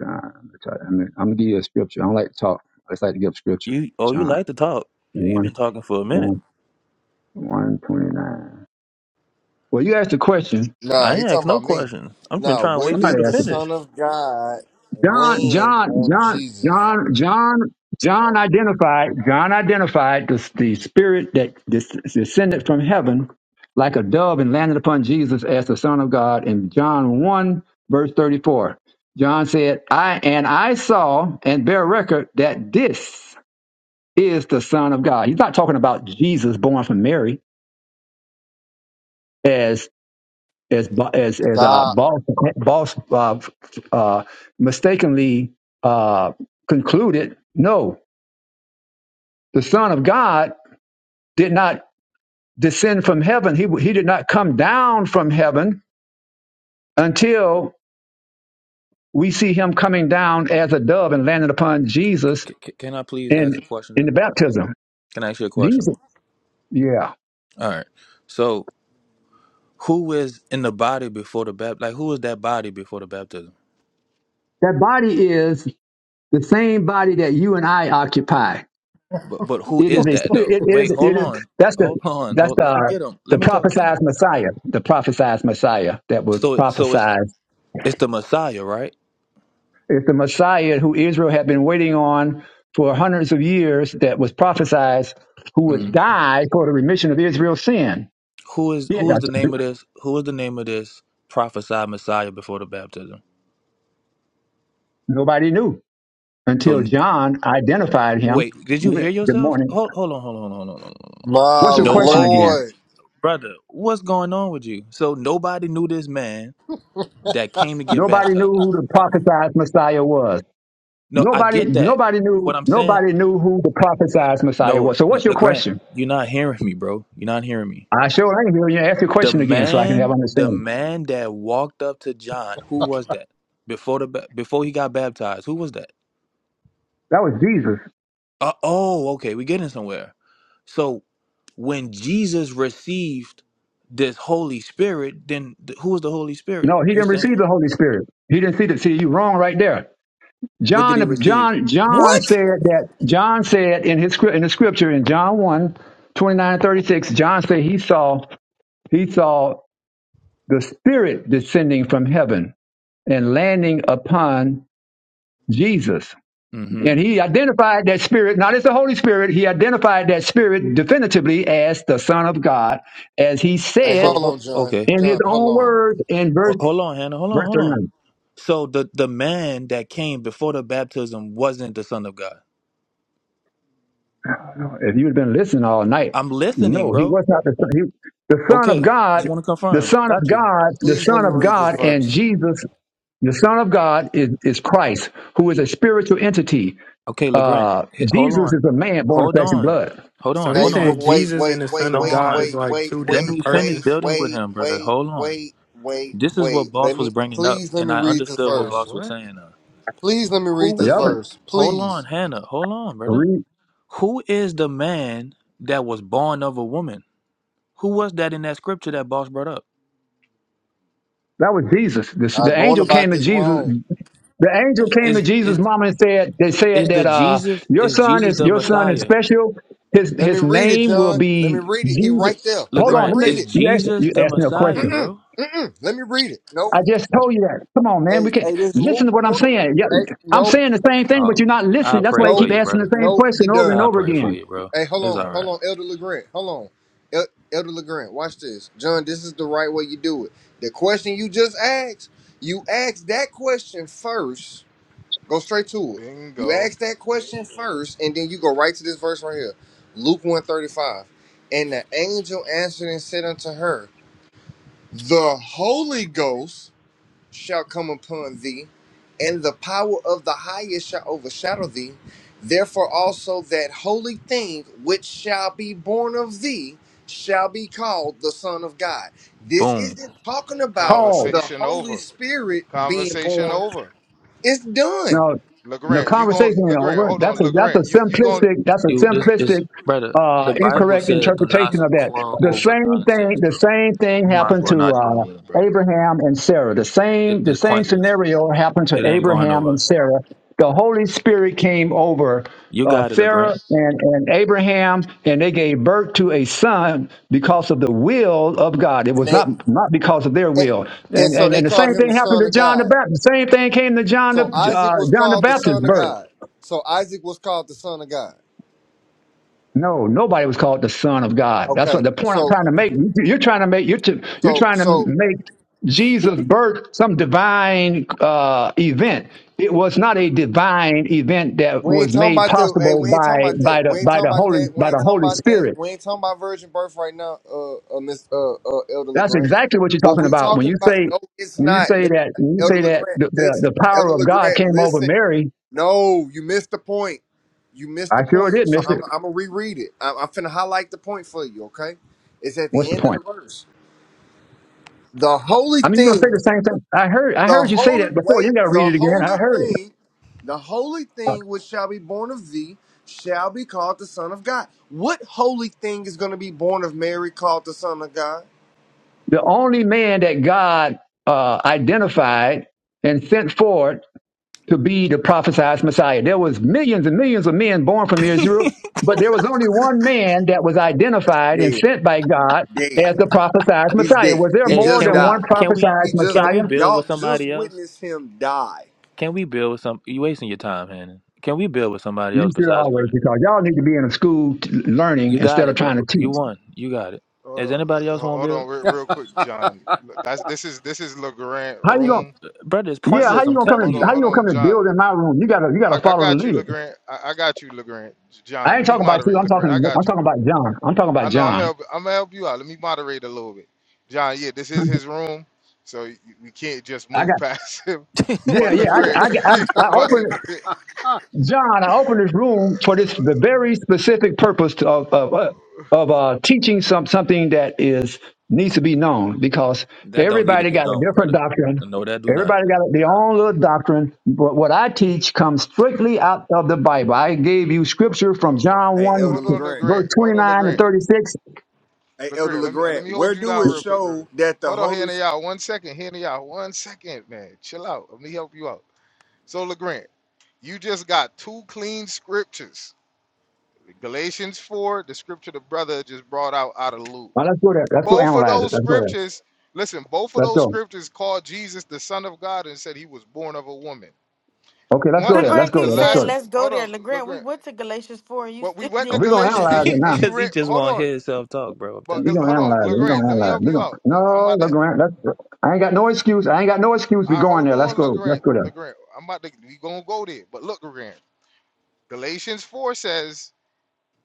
Speaker 1: John. I'm gonna, try, I'm, gonna, I'm gonna give you a scripture. I don't like to talk. I just like to give scripture.
Speaker 9: You? Oh, you
Speaker 1: John
Speaker 9: like to talk? You've
Speaker 1: one
Speaker 9: been talking for a minute.
Speaker 1: one one twenty nine. Well, you asked a question.
Speaker 10: Nah,
Speaker 9: I
Speaker 10: he
Speaker 9: ain't
Speaker 10: talking
Speaker 9: asked no
Speaker 10: about me.
Speaker 9: question. i have been
Speaker 10: Nah,
Speaker 9: trying to
Speaker 10: where
Speaker 9: wait for you
Speaker 1: Somebody
Speaker 10: did
Speaker 9: to
Speaker 10: the
Speaker 1: asked.
Speaker 9: finish.
Speaker 10: Son of God
Speaker 1: John,
Speaker 10: land
Speaker 1: John,
Speaker 10: on
Speaker 1: John,
Speaker 10: Jesus?
Speaker 1: John, John, John identified, John identified the, the spirit that des- descended from heaven like a dove and landed upon Jesus as the Son of God in John 1, verse 34. John said, I and I saw and bear record that this is the Son of God. He's not talking about Jesus born from Mary as. as Bo- as as uh,
Speaker 10: Stop,
Speaker 1: boss boss uh, uh, mistakenly uh, concluded. No, the Son of God did not descend from heaven. He he did not come down from heaven until we see him coming down as a dove and landing upon Jesus
Speaker 9: C- c- can I please
Speaker 1: in
Speaker 9: ask a question?
Speaker 1: in
Speaker 9: Then?
Speaker 1: the baptism.
Speaker 9: Can I ask you a question?
Speaker 1: Jesus, yeah,
Speaker 9: All right. So, who is in the body before the baptism? Like, who is that body before the baptism?
Speaker 1: that body is the same body that you and I occupy
Speaker 9: But but who
Speaker 1: It is
Speaker 9: is
Speaker 1: a
Speaker 9: that
Speaker 1: spi- it,
Speaker 9: though?
Speaker 1: it
Speaker 9: Wait,
Speaker 1: is
Speaker 9: hold
Speaker 1: it is
Speaker 9: on,
Speaker 1: that's the
Speaker 9: hold on,
Speaker 1: that's
Speaker 9: hold. Let me
Speaker 1: the
Speaker 9: get him.
Speaker 1: the
Speaker 9: Let me talk to him.
Speaker 1: prophesied Messiah, the prophesied Messiah that was
Speaker 9: So so it's
Speaker 1: prophesied.
Speaker 9: it's the Messiah, right?
Speaker 1: It's the Messiah who Israel had been waiting on for hundreds of years that was prophesied who would
Speaker 9: Mm.
Speaker 1: die for the remission of Israel's sin.
Speaker 9: Who is
Speaker 1: Yeah,
Speaker 9: who is the
Speaker 1: that's-
Speaker 9: name of this? Who is the name of this prophesied Messiah before the baptism?
Speaker 1: nobody knew
Speaker 9: So
Speaker 1: until
Speaker 9: n-
Speaker 1: John identified him
Speaker 9: wait, did you hear
Speaker 1: with good
Speaker 9: yourself?
Speaker 1: morning.
Speaker 9: Hold hold on, hold on, hold on, hold on, hold on. hold on.
Speaker 10: my
Speaker 1: What's your question
Speaker 9: Nobody
Speaker 1: again?
Speaker 10: Lord.
Speaker 9: brother, what's going on with you? So nobody knew this man that came to get
Speaker 1: Nobody knew
Speaker 9: baptized.
Speaker 1: who the prophesied Messiah was.
Speaker 9: No, I
Speaker 1: Nobody,
Speaker 9: get that.
Speaker 1: nobody knew,
Speaker 9: What I'm saying,
Speaker 1: nobody knew who the prophesied Messiah
Speaker 9: no,
Speaker 1: was. So,
Speaker 9: no
Speaker 1: what's your
Speaker 9: no, Grant,
Speaker 1: question?
Speaker 9: you're not hearing me, bro. You're not hearing me.
Speaker 1: I sure ain't hearing you. Ask your
Speaker 9: The
Speaker 1: question again, so I can have
Speaker 9: man, the
Speaker 1: understanding.
Speaker 9: man that walked up to John, who was that? Before the ba- before he got baptized, who was that?
Speaker 1: That was Jesus.
Speaker 9: Uh, oh, okay, we're getting somewhere. So when Jesus received this Holy Spirit, then th- who was the Holy Spirit?
Speaker 1: No, he
Speaker 9: You
Speaker 1: didn't
Speaker 9: saying
Speaker 1: receive the Holy Spirit. He didn't see the. See, you wrong right there.
Speaker 9: what did he
Speaker 1: John,
Speaker 9: receive?
Speaker 1: John, John
Speaker 10: What?
Speaker 1: said that. John said in his script in the scripture in John one, 29 36. John said he saw he saw the Spirit descending from heaven and landing upon Jesus.
Speaker 9: mm hmm
Speaker 1: And he identified that spirit, not as the Holy Spirit, he identified that spirit definitively as the Son of God, as he
Speaker 10: Hey,
Speaker 1: said
Speaker 9: So
Speaker 10: hold on,
Speaker 9: ho-
Speaker 10: John.
Speaker 9: okay,
Speaker 1: in his
Speaker 10: John, hold
Speaker 1: own
Speaker 10: on.
Speaker 1: words in
Speaker 9: Ho-
Speaker 1: verse
Speaker 9: Hold on, Hannah. Hold on,
Speaker 1: verse
Speaker 9: hold on.
Speaker 1: 39.
Speaker 9: So the the man that came before the baptism wasn't the Son of God.
Speaker 1: If you had been listening all night,
Speaker 9: I'm listening,
Speaker 1: no, he
Speaker 9: bro.
Speaker 1: was not the Son. He, the Son of
Speaker 9: Okay, I just
Speaker 1: God,
Speaker 9: want to
Speaker 1: the
Speaker 9: confirm.
Speaker 1: Son of
Speaker 9: Got you.
Speaker 1: God, the
Speaker 10: Please let
Speaker 1: Son
Speaker 10: me
Speaker 1: of
Speaker 10: read this
Speaker 1: God, and
Speaker 10: verse.
Speaker 1: Jesus, the Son of God is, is Christ, who is a spiritual entity.
Speaker 9: Okay, Legrand.
Speaker 1: Uh,
Speaker 9: h- Hold
Speaker 1: Jesus
Speaker 9: on.
Speaker 1: is a man born of
Speaker 9: Hold
Speaker 1: flesh and
Speaker 9: on.
Speaker 1: blood.
Speaker 9: Hold
Speaker 11: So
Speaker 9: on.
Speaker 10: Hey,
Speaker 11: he's
Speaker 9: Hold
Speaker 10: no,
Speaker 9: on.
Speaker 11: saying
Speaker 10: wait,
Speaker 11: Jesus
Speaker 10: wait,
Speaker 11: and the
Speaker 10: wait,
Speaker 9: Hold
Speaker 11: Son of
Speaker 10: wait,
Speaker 11: God
Speaker 9: on.
Speaker 11: is
Speaker 10: wait,
Speaker 11: like
Speaker 10: wait,
Speaker 11: two
Speaker 9: Let
Speaker 10: wait,
Speaker 11: different
Speaker 9: me
Speaker 10: wait,
Speaker 9: finish
Speaker 11: persons.
Speaker 9: building with
Speaker 10: wait,
Speaker 9: him, brother.
Speaker 10: wait,
Speaker 9: Hold on.
Speaker 10: wait, wait,
Speaker 9: This is
Speaker 10: wait.
Speaker 9: what
Speaker 10: Let
Speaker 9: Boss was
Speaker 10: me,
Speaker 9: bringing up,
Speaker 10: please let
Speaker 9: and
Speaker 10: me
Speaker 9: I
Speaker 10: read this
Speaker 9: understood what
Speaker 11: Yo,
Speaker 10: verse.
Speaker 9: Boss was
Speaker 11: what?
Speaker 9: saying. Uh,
Speaker 10: Please let me read
Speaker 9: who
Speaker 10: this
Speaker 9: is
Speaker 1: Y'all
Speaker 9: the?
Speaker 1: can
Speaker 10: verse.
Speaker 9: Hold on,
Speaker 10: Please.
Speaker 9: Hannah. Hold on, brother.
Speaker 1: read.
Speaker 9: Who is the man that was born of a woman? Who was that in that scripture that Boss brought up?
Speaker 1: That was Jesus. The,
Speaker 10: Y'all
Speaker 1: the
Speaker 10: going
Speaker 1: angel came
Speaker 10: about
Speaker 1: to
Speaker 10: this wrong.
Speaker 1: Jesus The angel came to
Speaker 9: Is
Speaker 1: Jesus'
Speaker 9: is
Speaker 1: mama and said, "They
Speaker 9: is
Speaker 1: said
Speaker 9: the
Speaker 1: that uh,
Speaker 9: Jesus?
Speaker 1: your
Speaker 9: Is
Speaker 1: son
Speaker 9: Jesus
Speaker 1: is
Speaker 9: the
Speaker 1: your son is
Speaker 9: Messiah?
Speaker 1: special. His
Speaker 10: Let me
Speaker 1: his
Speaker 10: read it,
Speaker 1: name will
Speaker 10: John. Let me
Speaker 1: be
Speaker 10: read it. He
Speaker 1: Jesus."
Speaker 10: right there.
Speaker 1: Hold
Speaker 10: Let me
Speaker 1: on,
Speaker 9: Legrand,
Speaker 1: let me.
Speaker 10: read
Speaker 9: is
Speaker 10: it.
Speaker 1: You asked
Speaker 9: Jesus
Speaker 1: you
Speaker 9: the
Speaker 1: asked me a
Speaker 9: Messiah,
Speaker 1: question.
Speaker 9: bro?
Speaker 10: Mm-mm. Let me read it. Nope.
Speaker 1: I just told you that. Come on,
Speaker 10: Hey,
Speaker 1: man. We can
Speaker 10: hey, this is
Speaker 1: listen
Speaker 10: Luke
Speaker 1: to what I'm
Speaker 10: one.
Speaker 1: saying. Yeah,
Speaker 10: Hey,
Speaker 1: I'm
Speaker 10: nope,
Speaker 1: saying the same thing, but
Speaker 9: Oh
Speaker 1: you're not
Speaker 9: man, I
Speaker 1: listening.
Speaker 10: N-
Speaker 1: That's
Speaker 9: pray
Speaker 1: why you
Speaker 9: for
Speaker 10: nope,
Speaker 1: keep
Speaker 9: you,
Speaker 1: asking the
Speaker 9: brother.
Speaker 1: same
Speaker 10: nope. You
Speaker 1: question over and
Speaker 10: done.
Speaker 9: I
Speaker 1: over
Speaker 9: pray for
Speaker 1: again.
Speaker 9: you, bro.
Speaker 10: Hey, hold
Speaker 9: It's
Speaker 10: on,
Speaker 9: all
Speaker 10: hold
Speaker 9: right.
Speaker 10: on, Elder Legrand. Hold on, El- Elder Legrand. Watch this, John. This is the right way you do it. The question you just asked, you ask that question first. Go straight to it. You
Speaker 6: Bingo.
Speaker 10: ask that question first, and then you go right to this verse right here, Luke one thirty five. And the angel answered and said unto her. The Holy Ghost shall come upon thee, and the power of the highest shall overshadow thee. Therefore also that holy thing which shall be born of thee shall be called the Son of God. This
Speaker 9: Boom.
Speaker 10: isn't talking about
Speaker 1: Paul,
Speaker 10: the
Speaker 6: Conversation
Speaker 10: Holy
Speaker 6: over.
Speaker 10: Spirit being
Speaker 6: Conversation
Speaker 10: born.
Speaker 6: over.
Speaker 10: It's done.
Speaker 1: no, the
Speaker 6: LeGrand, you
Speaker 1: conversation
Speaker 6: going
Speaker 1: ain't
Speaker 6: LeGrand,
Speaker 1: over.
Speaker 6: hold
Speaker 1: That's
Speaker 6: on.
Speaker 1: a that's
Speaker 6: LeGrand,
Speaker 1: a
Speaker 6: you you going
Speaker 1: simplistic. That's a
Speaker 9: You this is
Speaker 1: simplistic
Speaker 9: brother.
Speaker 1: uh,
Speaker 9: The Bible
Speaker 1: incorrect
Speaker 9: said, "Do not
Speaker 1: interpretation of that.
Speaker 9: quarrel
Speaker 1: The
Speaker 9: over
Speaker 1: same thing,
Speaker 9: nonsense,
Speaker 1: the
Speaker 9: bro."
Speaker 1: same
Speaker 9: You
Speaker 1: thing
Speaker 9: might as
Speaker 1: happened
Speaker 9: well
Speaker 1: to
Speaker 9: not do it
Speaker 1: uh,
Speaker 9: with him, bro.
Speaker 1: Abraham and Sarah. The
Speaker 9: It,
Speaker 1: same, the
Speaker 9: it's
Speaker 1: same
Speaker 9: pointless.
Speaker 1: scenario happened to
Speaker 9: It ain't going
Speaker 1: Abraham
Speaker 9: over.
Speaker 1: and Sarah. The Holy Spirit came over
Speaker 9: You
Speaker 1: uh,
Speaker 9: got it, Legrand.
Speaker 1: Sarah and, and Abraham, and they gave birth to a son because of the will of God. It
Speaker 10: And
Speaker 1: was
Speaker 10: they
Speaker 1: not not because of their
Speaker 10: and,
Speaker 1: will.
Speaker 10: and
Speaker 1: And
Speaker 10: so
Speaker 1: and,
Speaker 10: they
Speaker 1: and the
Speaker 10: called
Speaker 1: same
Speaker 10: him
Speaker 1: thing
Speaker 10: the
Speaker 1: happened
Speaker 10: Son
Speaker 1: to
Speaker 10: of
Speaker 1: John the
Speaker 10: God.
Speaker 1: Baptist. The same thing came to John the
Speaker 10: So
Speaker 1: uh,
Speaker 10: Isaac was
Speaker 1: John the
Speaker 10: called the
Speaker 1: Baptist's
Speaker 10: Son of
Speaker 1: birth.
Speaker 10: God. So Isaac was called the Son of God.
Speaker 1: No, nobody was called the Son of God. That's what
Speaker 10: Okay.
Speaker 1: the point I'm
Speaker 10: So
Speaker 1: trying to make. You're trying to make you're to, you're
Speaker 10: so
Speaker 1: trying to
Speaker 10: so
Speaker 1: make Jesus' birth some divine uh, event. It was not a divine event that
Speaker 10: We
Speaker 1: was
Speaker 10: ain't talking
Speaker 1: made
Speaker 10: about the. Hey,
Speaker 1: possible
Speaker 10: we ain't talking
Speaker 1: by
Speaker 10: about that.
Speaker 1: by the
Speaker 10: We ain't
Speaker 1: by
Speaker 10: talking
Speaker 1: the
Speaker 10: about
Speaker 1: holy
Speaker 10: that. We
Speaker 1: by
Speaker 10: ain't
Speaker 1: the
Speaker 10: talking
Speaker 1: Holy
Speaker 10: about that.
Speaker 1: Spirit.
Speaker 10: We ain't talking about virgin birth right now. Uh, uh Miss uh, uh Elder
Speaker 1: That's
Speaker 10: Legrand.
Speaker 1: exactly what you're
Speaker 10: What
Speaker 1: talking
Speaker 10: we
Speaker 1: about when
Speaker 10: talking
Speaker 1: you
Speaker 10: about?
Speaker 1: say
Speaker 10: No, it's
Speaker 1: when you
Speaker 10: not.
Speaker 1: say that
Speaker 10: Listen,
Speaker 1: when you
Speaker 10: Elder
Speaker 1: say that
Speaker 10: Legrand,
Speaker 1: the, the,
Speaker 10: listen.
Speaker 1: the power
Speaker 10: Elder
Speaker 1: of God
Speaker 10: Legrand,
Speaker 1: came over
Speaker 10: listen.
Speaker 1: Mary.
Speaker 10: No, you missed the point. You missed
Speaker 1: I
Speaker 10: the
Speaker 1: sure
Speaker 10: point.
Speaker 1: did
Speaker 10: So
Speaker 1: miss
Speaker 10: I'm
Speaker 1: it.
Speaker 10: I'm gonna reread it. I'm, I'm finna highlight the point for you. Okay, it's at
Speaker 1: What's the
Speaker 10: the end of the
Speaker 1: point?
Speaker 10: verse. The holy
Speaker 1: I mean, you're gonna say
Speaker 10: things
Speaker 1: the same thing. I heard I
Speaker 10: the
Speaker 1: heard you say
Speaker 10: holy
Speaker 1: that before. You
Speaker 10: wait,
Speaker 1: gotta read
Speaker 10: the
Speaker 1: it again.
Speaker 10: holy
Speaker 1: I heard it.
Speaker 10: thing, the holy thing which shall be born of thee shall be called the Son of God. What holy thing is going to be born of Mary called the Son of God?
Speaker 1: the only man that God uh, identified and sent forward to be the prophesied Messiah. There was millions and millions of men born from Israel, but there was only one man that was identified and
Speaker 10: Dead,
Speaker 1: sent by God
Speaker 10: dead.
Speaker 1: as the prophesied
Speaker 10: He's
Speaker 1: Messiah. Was
Speaker 10: dead.
Speaker 1: there
Speaker 10: He
Speaker 9: Hey,
Speaker 1: more
Speaker 10: just
Speaker 9: can
Speaker 1: than
Speaker 9: we
Speaker 1: one
Speaker 10: died.
Speaker 9: can we
Speaker 1: prophesied
Speaker 10: He just
Speaker 9: can
Speaker 10: died.
Speaker 9: we
Speaker 1: Messiah?
Speaker 9: build with
Speaker 10: y'all just
Speaker 9: somebody else?
Speaker 10: witnessed him die.
Speaker 9: Can we build with some? You wasting your time, Hannon. Can we build with somebody
Speaker 1: You
Speaker 9: else
Speaker 1: should
Speaker 9: besides
Speaker 1: always,
Speaker 9: Grant?
Speaker 1: because y'all need to be in a school t- learning
Speaker 9: You got
Speaker 1: instead
Speaker 9: it,
Speaker 1: of trying to
Speaker 9: bro. You
Speaker 1: teach.
Speaker 9: won. You got it.
Speaker 6: hold
Speaker 9: Is
Speaker 6: on
Speaker 9: anybody else
Speaker 6: ho-
Speaker 9: want to
Speaker 6: hold
Speaker 9: build?
Speaker 6: on real, real quick, John. That's this is this is LeGrand
Speaker 1: How you
Speaker 9: Uh,
Speaker 6: room.
Speaker 1: gonna?
Speaker 9: brother, it's
Speaker 6: This
Speaker 1: Yeah, how
Speaker 6: is
Speaker 9: pointless.
Speaker 1: you
Speaker 9: I'm
Speaker 1: gonna come
Speaker 9: telling
Speaker 6: hold
Speaker 1: and
Speaker 9: you.
Speaker 6: on,
Speaker 1: how you
Speaker 6: hold
Speaker 1: gonna
Speaker 6: on,
Speaker 1: come and
Speaker 6: John.
Speaker 1: build in my room? You gotta you
Speaker 6: I,
Speaker 1: gotta
Speaker 6: I
Speaker 1: follow the
Speaker 6: got you,
Speaker 1: leader.
Speaker 6: Legrand. I, I got you, Legrand.
Speaker 1: I
Speaker 6: John,
Speaker 1: ain't
Speaker 6: let me
Speaker 1: talking about you.
Speaker 6: moderate,
Speaker 1: I'm
Speaker 6: Legrand. I
Speaker 1: talking I'm
Speaker 6: got you.
Speaker 1: talking about John. I'm talking about
Speaker 6: I know I'm
Speaker 1: John.
Speaker 6: help. I'm gonna help you out. Let me moderate a little bit, John. Yeah, this is his room, so y- we can't just
Speaker 1: I got.
Speaker 6: move past him.
Speaker 1: Yeah,
Speaker 6: But
Speaker 1: yeah. I,
Speaker 6: Legrand,
Speaker 1: I, I, I
Speaker 6: but
Speaker 1: opened
Speaker 6: Legrand,
Speaker 1: John. I opened this room for this the very specific purpose to- of of uh, of uh, teaching some something that is needs to be known because
Speaker 9: That don't need to
Speaker 1: everybody
Speaker 9: be
Speaker 1: got a
Speaker 9: known,
Speaker 1: different
Speaker 9: brother.
Speaker 1: doctrine.
Speaker 9: No, that do not.
Speaker 1: Everybody got their own little doctrine. But what I teach comes strictly out of the Bible. I gave you
Speaker 6: but,
Speaker 1: scripture from
Speaker 6: uh,
Speaker 1: John
Speaker 10: Hey, Elder
Speaker 1: one
Speaker 6: hold on,
Speaker 10: Legrand.
Speaker 1: verse
Speaker 6: Legrand.
Speaker 1: twenty
Speaker 6: Hold on,
Speaker 1: nine to
Speaker 6: Legrand.
Speaker 1: thirty six.
Speaker 10: Hey, Elder
Speaker 6: Legrand, let me let
Speaker 10: Legrand.
Speaker 6: me hold
Speaker 10: Where
Speaker 6: you
Speaker 10: do
Speaker 6: down
Speaker 10: it
Speaker 6: real quick, real quick.
Speaker 10: show that the
Speaker 6: Hold on,
Speaker 10: Holy?
Speaker 6: Hannah, y'all. One second, Hannah, y'all. One second, man. Chill out. Let me help you out. So, Legrand, you just got two clean scriptures Galatians 4, the scripture the brother just brought out out of Luke.
Speaker 1: Now let's go there. Let's go
Speaker 6: Both of
Speaker 1: analyze it.
Speaker 6: those
Speaker 1: Let's go there.
Speaker 6: scriptures, listen, both of
Speaker 1: Let's
Speaker 6: those
Speaker 1: go.
Speaker 6: scriptures called Jesus the Son of God and said he was born of a woman.
Speaker 1: Okay, let's
Speaker 6: One,
Speaker 1: go
Speaker 6: the,
Speaker 1: there. Let's
Speaker 6: the,
Speaker 2: LeGrand
Speaker 1: go
Speaker 6: the
Speaker 1: there.
Speaker 2: keeps
Speaker 1: Let's go
Speaker 6: last,
Speaker 2: saying,
Speaker 1: there.
Speaker 2: Let's go
Speaker 6: hold
Speaker 2: there.
Speaker 6: on,
Speaker 2: LeGrand, we
Speaker 6: LeGrand.
Speaker 2: went to Galatians 4 and you
Speaker 6: But we
Speaker 2: still
Speaker 6: went to
Speaker 2: didn't
Speaker 1: We're gonna
Speaker 2: deal
Speaker 6: Galatia
Speaker 2: with
Speaker 6: and
Speaker 1: analyze
Speaker 2: it.
Speaker 6: you
Speaker 1: it
Speaker 6: and
Speaker 1: now.
Speaker 6: you
Speaker 9: Because he
Speaker 6: read,
Speaker 9: just
Speaker 6: hold
Speaker 9: won't hear
Speaker 6: on,
Speaker 9: himself talk, bro. I'm
Speaker 6: but
Speaker 9: telling
Speaker 1: we
Speaker 9: you.
Speaker 1: gonna
Speaker 6: hold on,
Speaker 1: analyze it. we
Speaker 6: LeGrand,
Speaker 1: gonna
Speaker 6: let me
Speaker 1: analyze
Speaker 6: help
Speaker 1: it. we
Speaker 6: you
Speaker 1: gonna,
Speaker 6: out. Let me- I'm
Speaker 1: no,
Speaker 6: about
Speaker 1: look
Speaker 6: to,
Speaker 1: around. Let's, I ain't got no excuse. I ain't got no excuse. We
Speaker 6: I
Speaker 1: going
Speaker 6: hold
Speaker 1: there. Let's
Speaker 6: on,
Speaker 1: go. Let's
Speaker 6: LeGrand,
Speaker 1: go there.
Speaker 6: LeGrand. I'm about to, we gonna go there. But look, LeGrand, Galatians 4 says,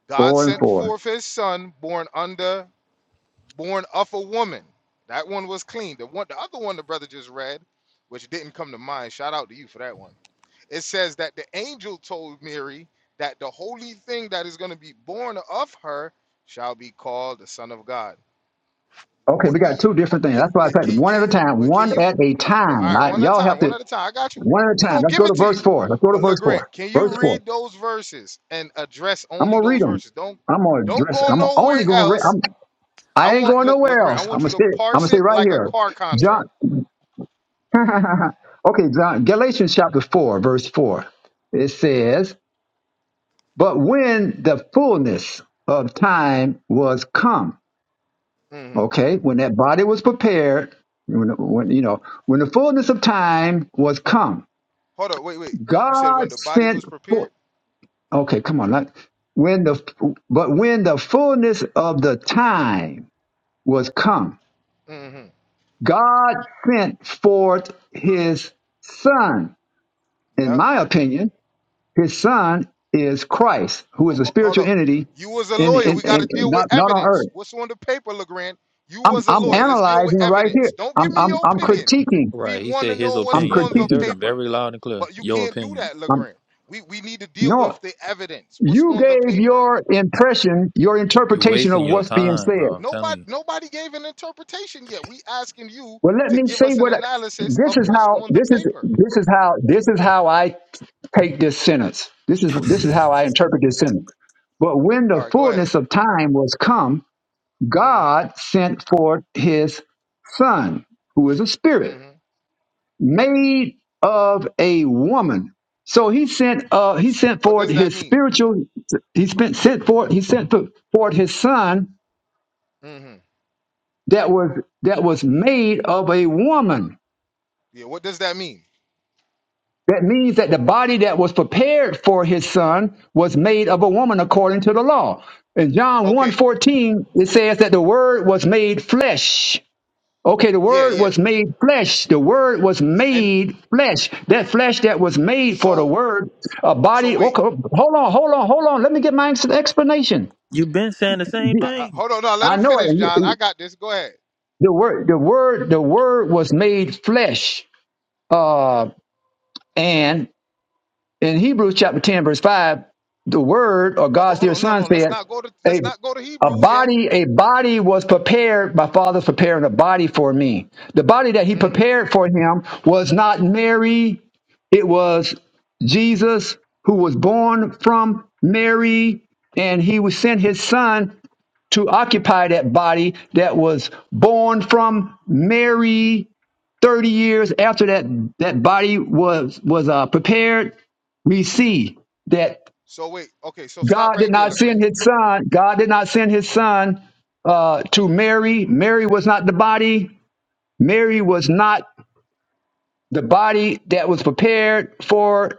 Speaker 6: God
Speaker 1: Four and
Speaker 6: sent
Speaker 1: four.
Speaker 6: forth his son born under born of a woman. That one was clean. The one, the other one, the brother just read, which didn't come to mind. Shout out to you for that one. It says that the angel told Mary that the holy thing that is going to be born of her shall be called the Son of God.
Speaker 1: Okay, we
Speaker 6: What do
Speaker 1: got
Speaker 6: you?
Speaker 1: two
Speaker 6: oh,
Speaker 1: different things.
Speaker 6: ca-
Speaker 1: That's why I
Speaker 6: wait, can,
Speaker 1: said one
Speaker 6: can,
Speaker 1: at a time.
Speaker 6: wait, can
Speaker 1: One
Speaker 6: you?
Speaker 1: at a
Speaker 6: All
Speaker 1: time.
Speaker 6: right,
Speaker 1: All Right?
Speaker 6: one at a
Speaker 1: Y'all have
Speaker 6: time. One
Speaker 1: to
Speaker 6: at a time. I got you.
Speaker 1: one at a
Speaker 6: We
Speaker 1: time.
Speaker 6: gonna
Speaker 1: Let's
Speaker 6: give
Speaker 1: go to
Speaker 6: it to
Speaker 1: verse
Speaker 6: you.
Speaker 1: four. Let's go to
Speaker 6: But look,
Speaker 1: verse
Speaker 6: Grant,
Speaker 1: four.
Speaker 6: can
Speaker 1: Verse
Speaker 6: you
Speaker 1: four.
Speaker 6: read those verses and address
Speaker 1: I'm
Speaker 6: only
Speaker 1: gonna read
Speaker 6: those
Speaker 1: them.
Speaker 6: verses? Don't
Speaker 1: I'm gonna
Speaker 6: don't
Speaker 1: address.
Speaker 6: go
Speaker 1: I'm
Speaker 6: nowhere
Speaker 1: only gonna. Re-
Speaker 6: else
Speaker 1: I'm.
Speaker 6: I
Speaker 1: I ain't
Speaker 6: want
Speaker 1: going
Speaker 6: look,
Speaker 1: nowhere
Speaker 6: Legrand. I
Speaker 1: else. I'm
Speaker 6: want
Speaker 1: gonna
Speaker 6: you to
Speaker 1: stay. I'm gonna
Speaker 6: parse
Speaker 1: stay
Speaker 6: it
Speaker 1: right
Speaker 6: like a
Speaker 1: here.
Speaker 6: car
Speaker 1: John.
Speaker 6: contract.
Speaker 1: okay, John. Galatians chapter four, verse four. It says. But when the fullness of time was come,
Speaker 6: hmm
Speaker 1: okay, when that body was prepared, when, when you know, when the fullness of time was come,
Speaker 6: Hold up, wait, wait. You said when
Speaker 1: God
Speaker 6: the body
Speaker 1: sent
Speaker 6: was
Speaker 1: forth.
Speaker 6: prepared.
Speaker 1: Okay, come on. Not, when the but when the fullness of the time was come,
Speaker 6: hmm
Speaker 1: God sent forth His Son. In
Speaker 6: Yep.
Speaker 1: my opinion, His Son is Christ, who is
Speaker 6: Ho-
Speaker 1: a
Speaker 6: ho- Hold
Speaker 1: spiritual
Speaker 6: up.
Speaker 1: entity
Speaker 6: You was a
Speaker 1: in,
Speaker 6: lawyer.
Speaker 1: in,
Speaker 6: We got to
Speaker 1: in
Speaker 6: deal with
Speaker 1: not not on earth.
Speaker 6: evidence. What's on the paper, Legrand? You
Speaker 1: I'm
Speaker 6: was a
Speaker 1: I'm
Speaker 6: lawyer. Let's deal with
Speaker 1: analyzing right here.
Speaker 6: evidence. Don't
Speaker 1: I'm
Speaker 6: give me
Speaker 1: I'm
Speaker 6: your
Speaker 1: I'm
Speaker 6: opinion.
Speaker 1: critiquing.
Speaker 6: We
Speaker 9: Right. He
Speaker 6: want
Speaker 9: said
Speaker 6: to
Speaker 9: his
Speaker 6: know what's
Speaker 1: I'm
Speaker 9: opinion.
Speaker 6: on
Speaker 9: You
Speaker 6: the
Speaker 1: critiquing.
Speaker 9: heard him
Speaker 6: paper,
Speaker 9: very loud and clear.
Speaker 6: but you
Speaker 9: Your
Speaker 6: can't do
Speaker 9: opinion.
Speaker 6: that,
Speaker 1: I'm,
Speaker 6: Legrand. We we need to deal
Speaker 1: no,
Speaker 6: with the evidence. What's
Speaker 1: you
Speaker 6: on the
Speaker 1: gave
Speaker 6: paper?
Speaker 1: your impression, your
Speaker 9: You're
Speaker 1: interpretation of
Speaker 9: wasting your
Speaker 1: what's being
Speaker 9: time, bro.
Speaker 1: said.
Speaker 9: I'm telling
Speaker 6: Nobody
Speaker 9: you.
Speaker 6: nobody gave an interpretation yet. We asking you
Speaker 1: Well, let
Speaker 6: to
Speaker 1: me
Speaker 6: give
Speaker 1: say
Speaker 6: us an
Speaker 1: what. I,
Speaker 6: analysis
Speaker 1: this
Speaker 6: of
Speaker 1: is
Speaker 6: what's
Speaker 1: how.
Speaker 6: on the
Speaker 1: This is
Speaker 6: paper.
Speaker 1: this is how. This is how I take this sentence. This is this is how I interpret this sentence. But when
Speaker 6: All
Speaker 1: the
Speaker 6: right, go ahead.
Speaker 1: fullness of time was come,
Speaker 6: Mm-hmm.
Speaker 1: God sent forth His Son, who is a spirit.
Speaker 6: Mm-hmm.
Speaker 1: made of a woman. So he sent uh he sent
Speaker 6: What
Speaker 1: forward
Speaker 6: does that
Speaker 1: his
Speaker 6: mean?
Speaker 1: spiritual he spent sent forward he sent fo- forward his son
Speaker 6: Mm-hmm.
Speaker 1: that was that was made of a woman.
Speaker 6: Yeah. What does that mean?
Speaker 1: That means that the body that was prepared for his son was made of a woman according to the law. In John one
Speaker 6: Okay.
Speaker 1: fourteen, it says that the word was made flesh Okay, the
Speaker 6: Yeah.
Speaker 1: word
Speaker 6: Yeah.
Speaker 1: was made flesh. The word was
Speaker 6: Y- And
Speaker 1: made flesh. That flesh that was made for the
Speaker 6: so,
Speaker 1: word, a
Speaker 6: so
Speaker 1: body.
Speaker 6: wait.
Speaker 1: Okay, hold on, hold on, hold on. Let me get my ex- explanation.
Speaker 9: You've been saying the same
Speaker 6: I, I,
Speaker 9: thing.
Speaker 6: hold on. No, let
Speaker 1: I
Speaker 6: him
Speaker 1: know
Speaker 6: finish, John.
Speaker 1: it.
Speaker 6: I got this. Go ahead.
Speaker 1: The word, the word, the word was made flesh. Uh, and In Hebrews chapter 10, verse 5, the word or
Speaker 6: No. oh,
Speaker 1: God's
Speaker 6: Hold
Speaker 1: dear
Speaker 6: on. No.
Speaker 1: son
Speaker 6: No. Let's
Speaker 1: said,
Speaker 6: not go to. Let's
Speaker 1: a,
Speaker 6: not go to
Speaker 1: a
Speaker 6: Hebrews yet.
Speaker 1: body, a body was prepared, my father's preparing a body for me. The body that he
Speaker 6: Mm-hmm.
Speaker 1: prepared for him was not Mary, it was Jesus who was born from Mary, and he was sent his son to occupy that body that was born from Mary 30 years after that that body was was uh, prepared we see that
Speaker 6: So wait. Okay. So stop
Speaker 1: god did
Speaker 6: right there,
Speaker 1: not
Speaker 6: Legrand.
Speaker 1: send his son god did not send his son uh, to mary mary was not the body mary was not the body that was prepared for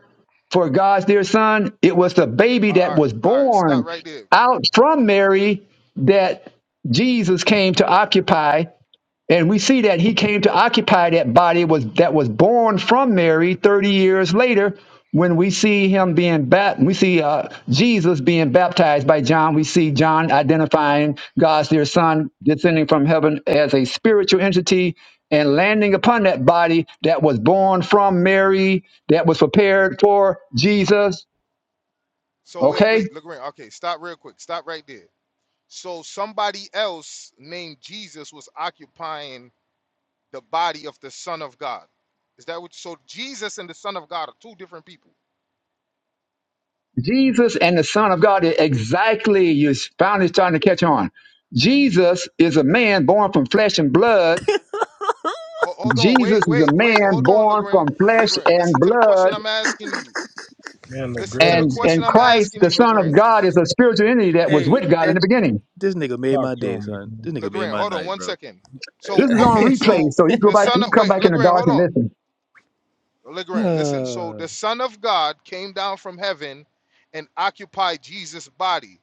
Speaker 1: for god's dear son it was the baby
Speaker 6: All right.
Speaker 1: that
Speaker 6: All right.
Speaker 1: was
Speaker 6: right stop
Speaker 1: born
Speaker 6: right there. Uh,
Speaker 1: out from mary that jesus came to occupy and we see that he came to occupy that body was that was born from Mary 30 years later. When we see him being baptized, we see uh, Jesus being baptized by John. We see John identifying God's dear son descending from heaven as a spiritual entity and landing upon that body that was born from Mary, that was prepared for Jesus.
Speaker 6: so wait.
Speaker 1: Okay?
Speaker 6: Wait, Legrand. Okay. Stop real quick. Stop right there. So somebody else named Jesus was occupying the body of the Son of God. Is that what? So Jesus and the Son of God are two different people.
Speaker 1: Jesus and the Son of God is exactly you finally starting to catch on. Jesus is a man born from flesh and blood.
Speaker 6: Ho- Hold, on, wait,
Speaker 1: Jesus is a
Speaker 6: wait, wait.
Speaker 1: man
Speaker 6: Hold on,
Speaker 1: born
Speaker 6: Legrand.
Speaker 1: from flesh
Speaker 6: Legrand, listen
Speaker 1: and
Speaker 6: to the question
Speaker 1: blood.
Speaker 6: I'm asking you.
Speaker 12: Man, look,
Speaker 6: Listen to
Speaker 12: Grant
Speaker 6: the
Speaker 12: up
Speaker 1: And
Speaker 12: here.
Speaker 6: question
Speaker 1: and
Speaker 6: I'm
Speaker 1: Christ,
Speaker 6: asking
Speaker 1: the
Speaker 6: you,
Speaker 1: Son of
Speaker 6: Legrand.
Speaker 1: God, is a spiritual entity that was
Speaker 9: Hey,
Speaker 1: with God in
Speaker 9: that
Speaker 1: the beginning.
Speaker 9: this nigga made
Speaker 12: Talk
Speaker 9: my
Speaker 12: to
Speaker 9: day,
Speaker 12: him.
Speaker 9: son.
Speaker 12: man.
Speaker 9: This nigga made
Speaker 6: Legrand,
Speaker 9: my
Speaker 6: hold on
Speaker 9: night,
Speaker 6: one
Speaker 9: bro.
Speaker 6: second.
Speaker 1: This
Speaker 6: So
Speaker 1: is on
Speaker 6: okay,
Speaker 1: replay,
Speaker 6: so
Speaker 1: so you go
Speaker 6: the
Speaker 1: back,
Speaker 6: Son
Speaker 1: you
Speaker 6: of
Speaker 1: come
Speaker 6: wait,
Speaker 1: back in the
Speaker 6: Legrand,
Speaker 1: dark
Speaker 6: hold
Speaker 1: and
Speaker 6: on.
Speaker 1: listen.
Speaker 6: Legrand, listen. So
Speaker 9: Uh,
Speaker 6: the Son of God came down from heaven and occupied Jesus' body.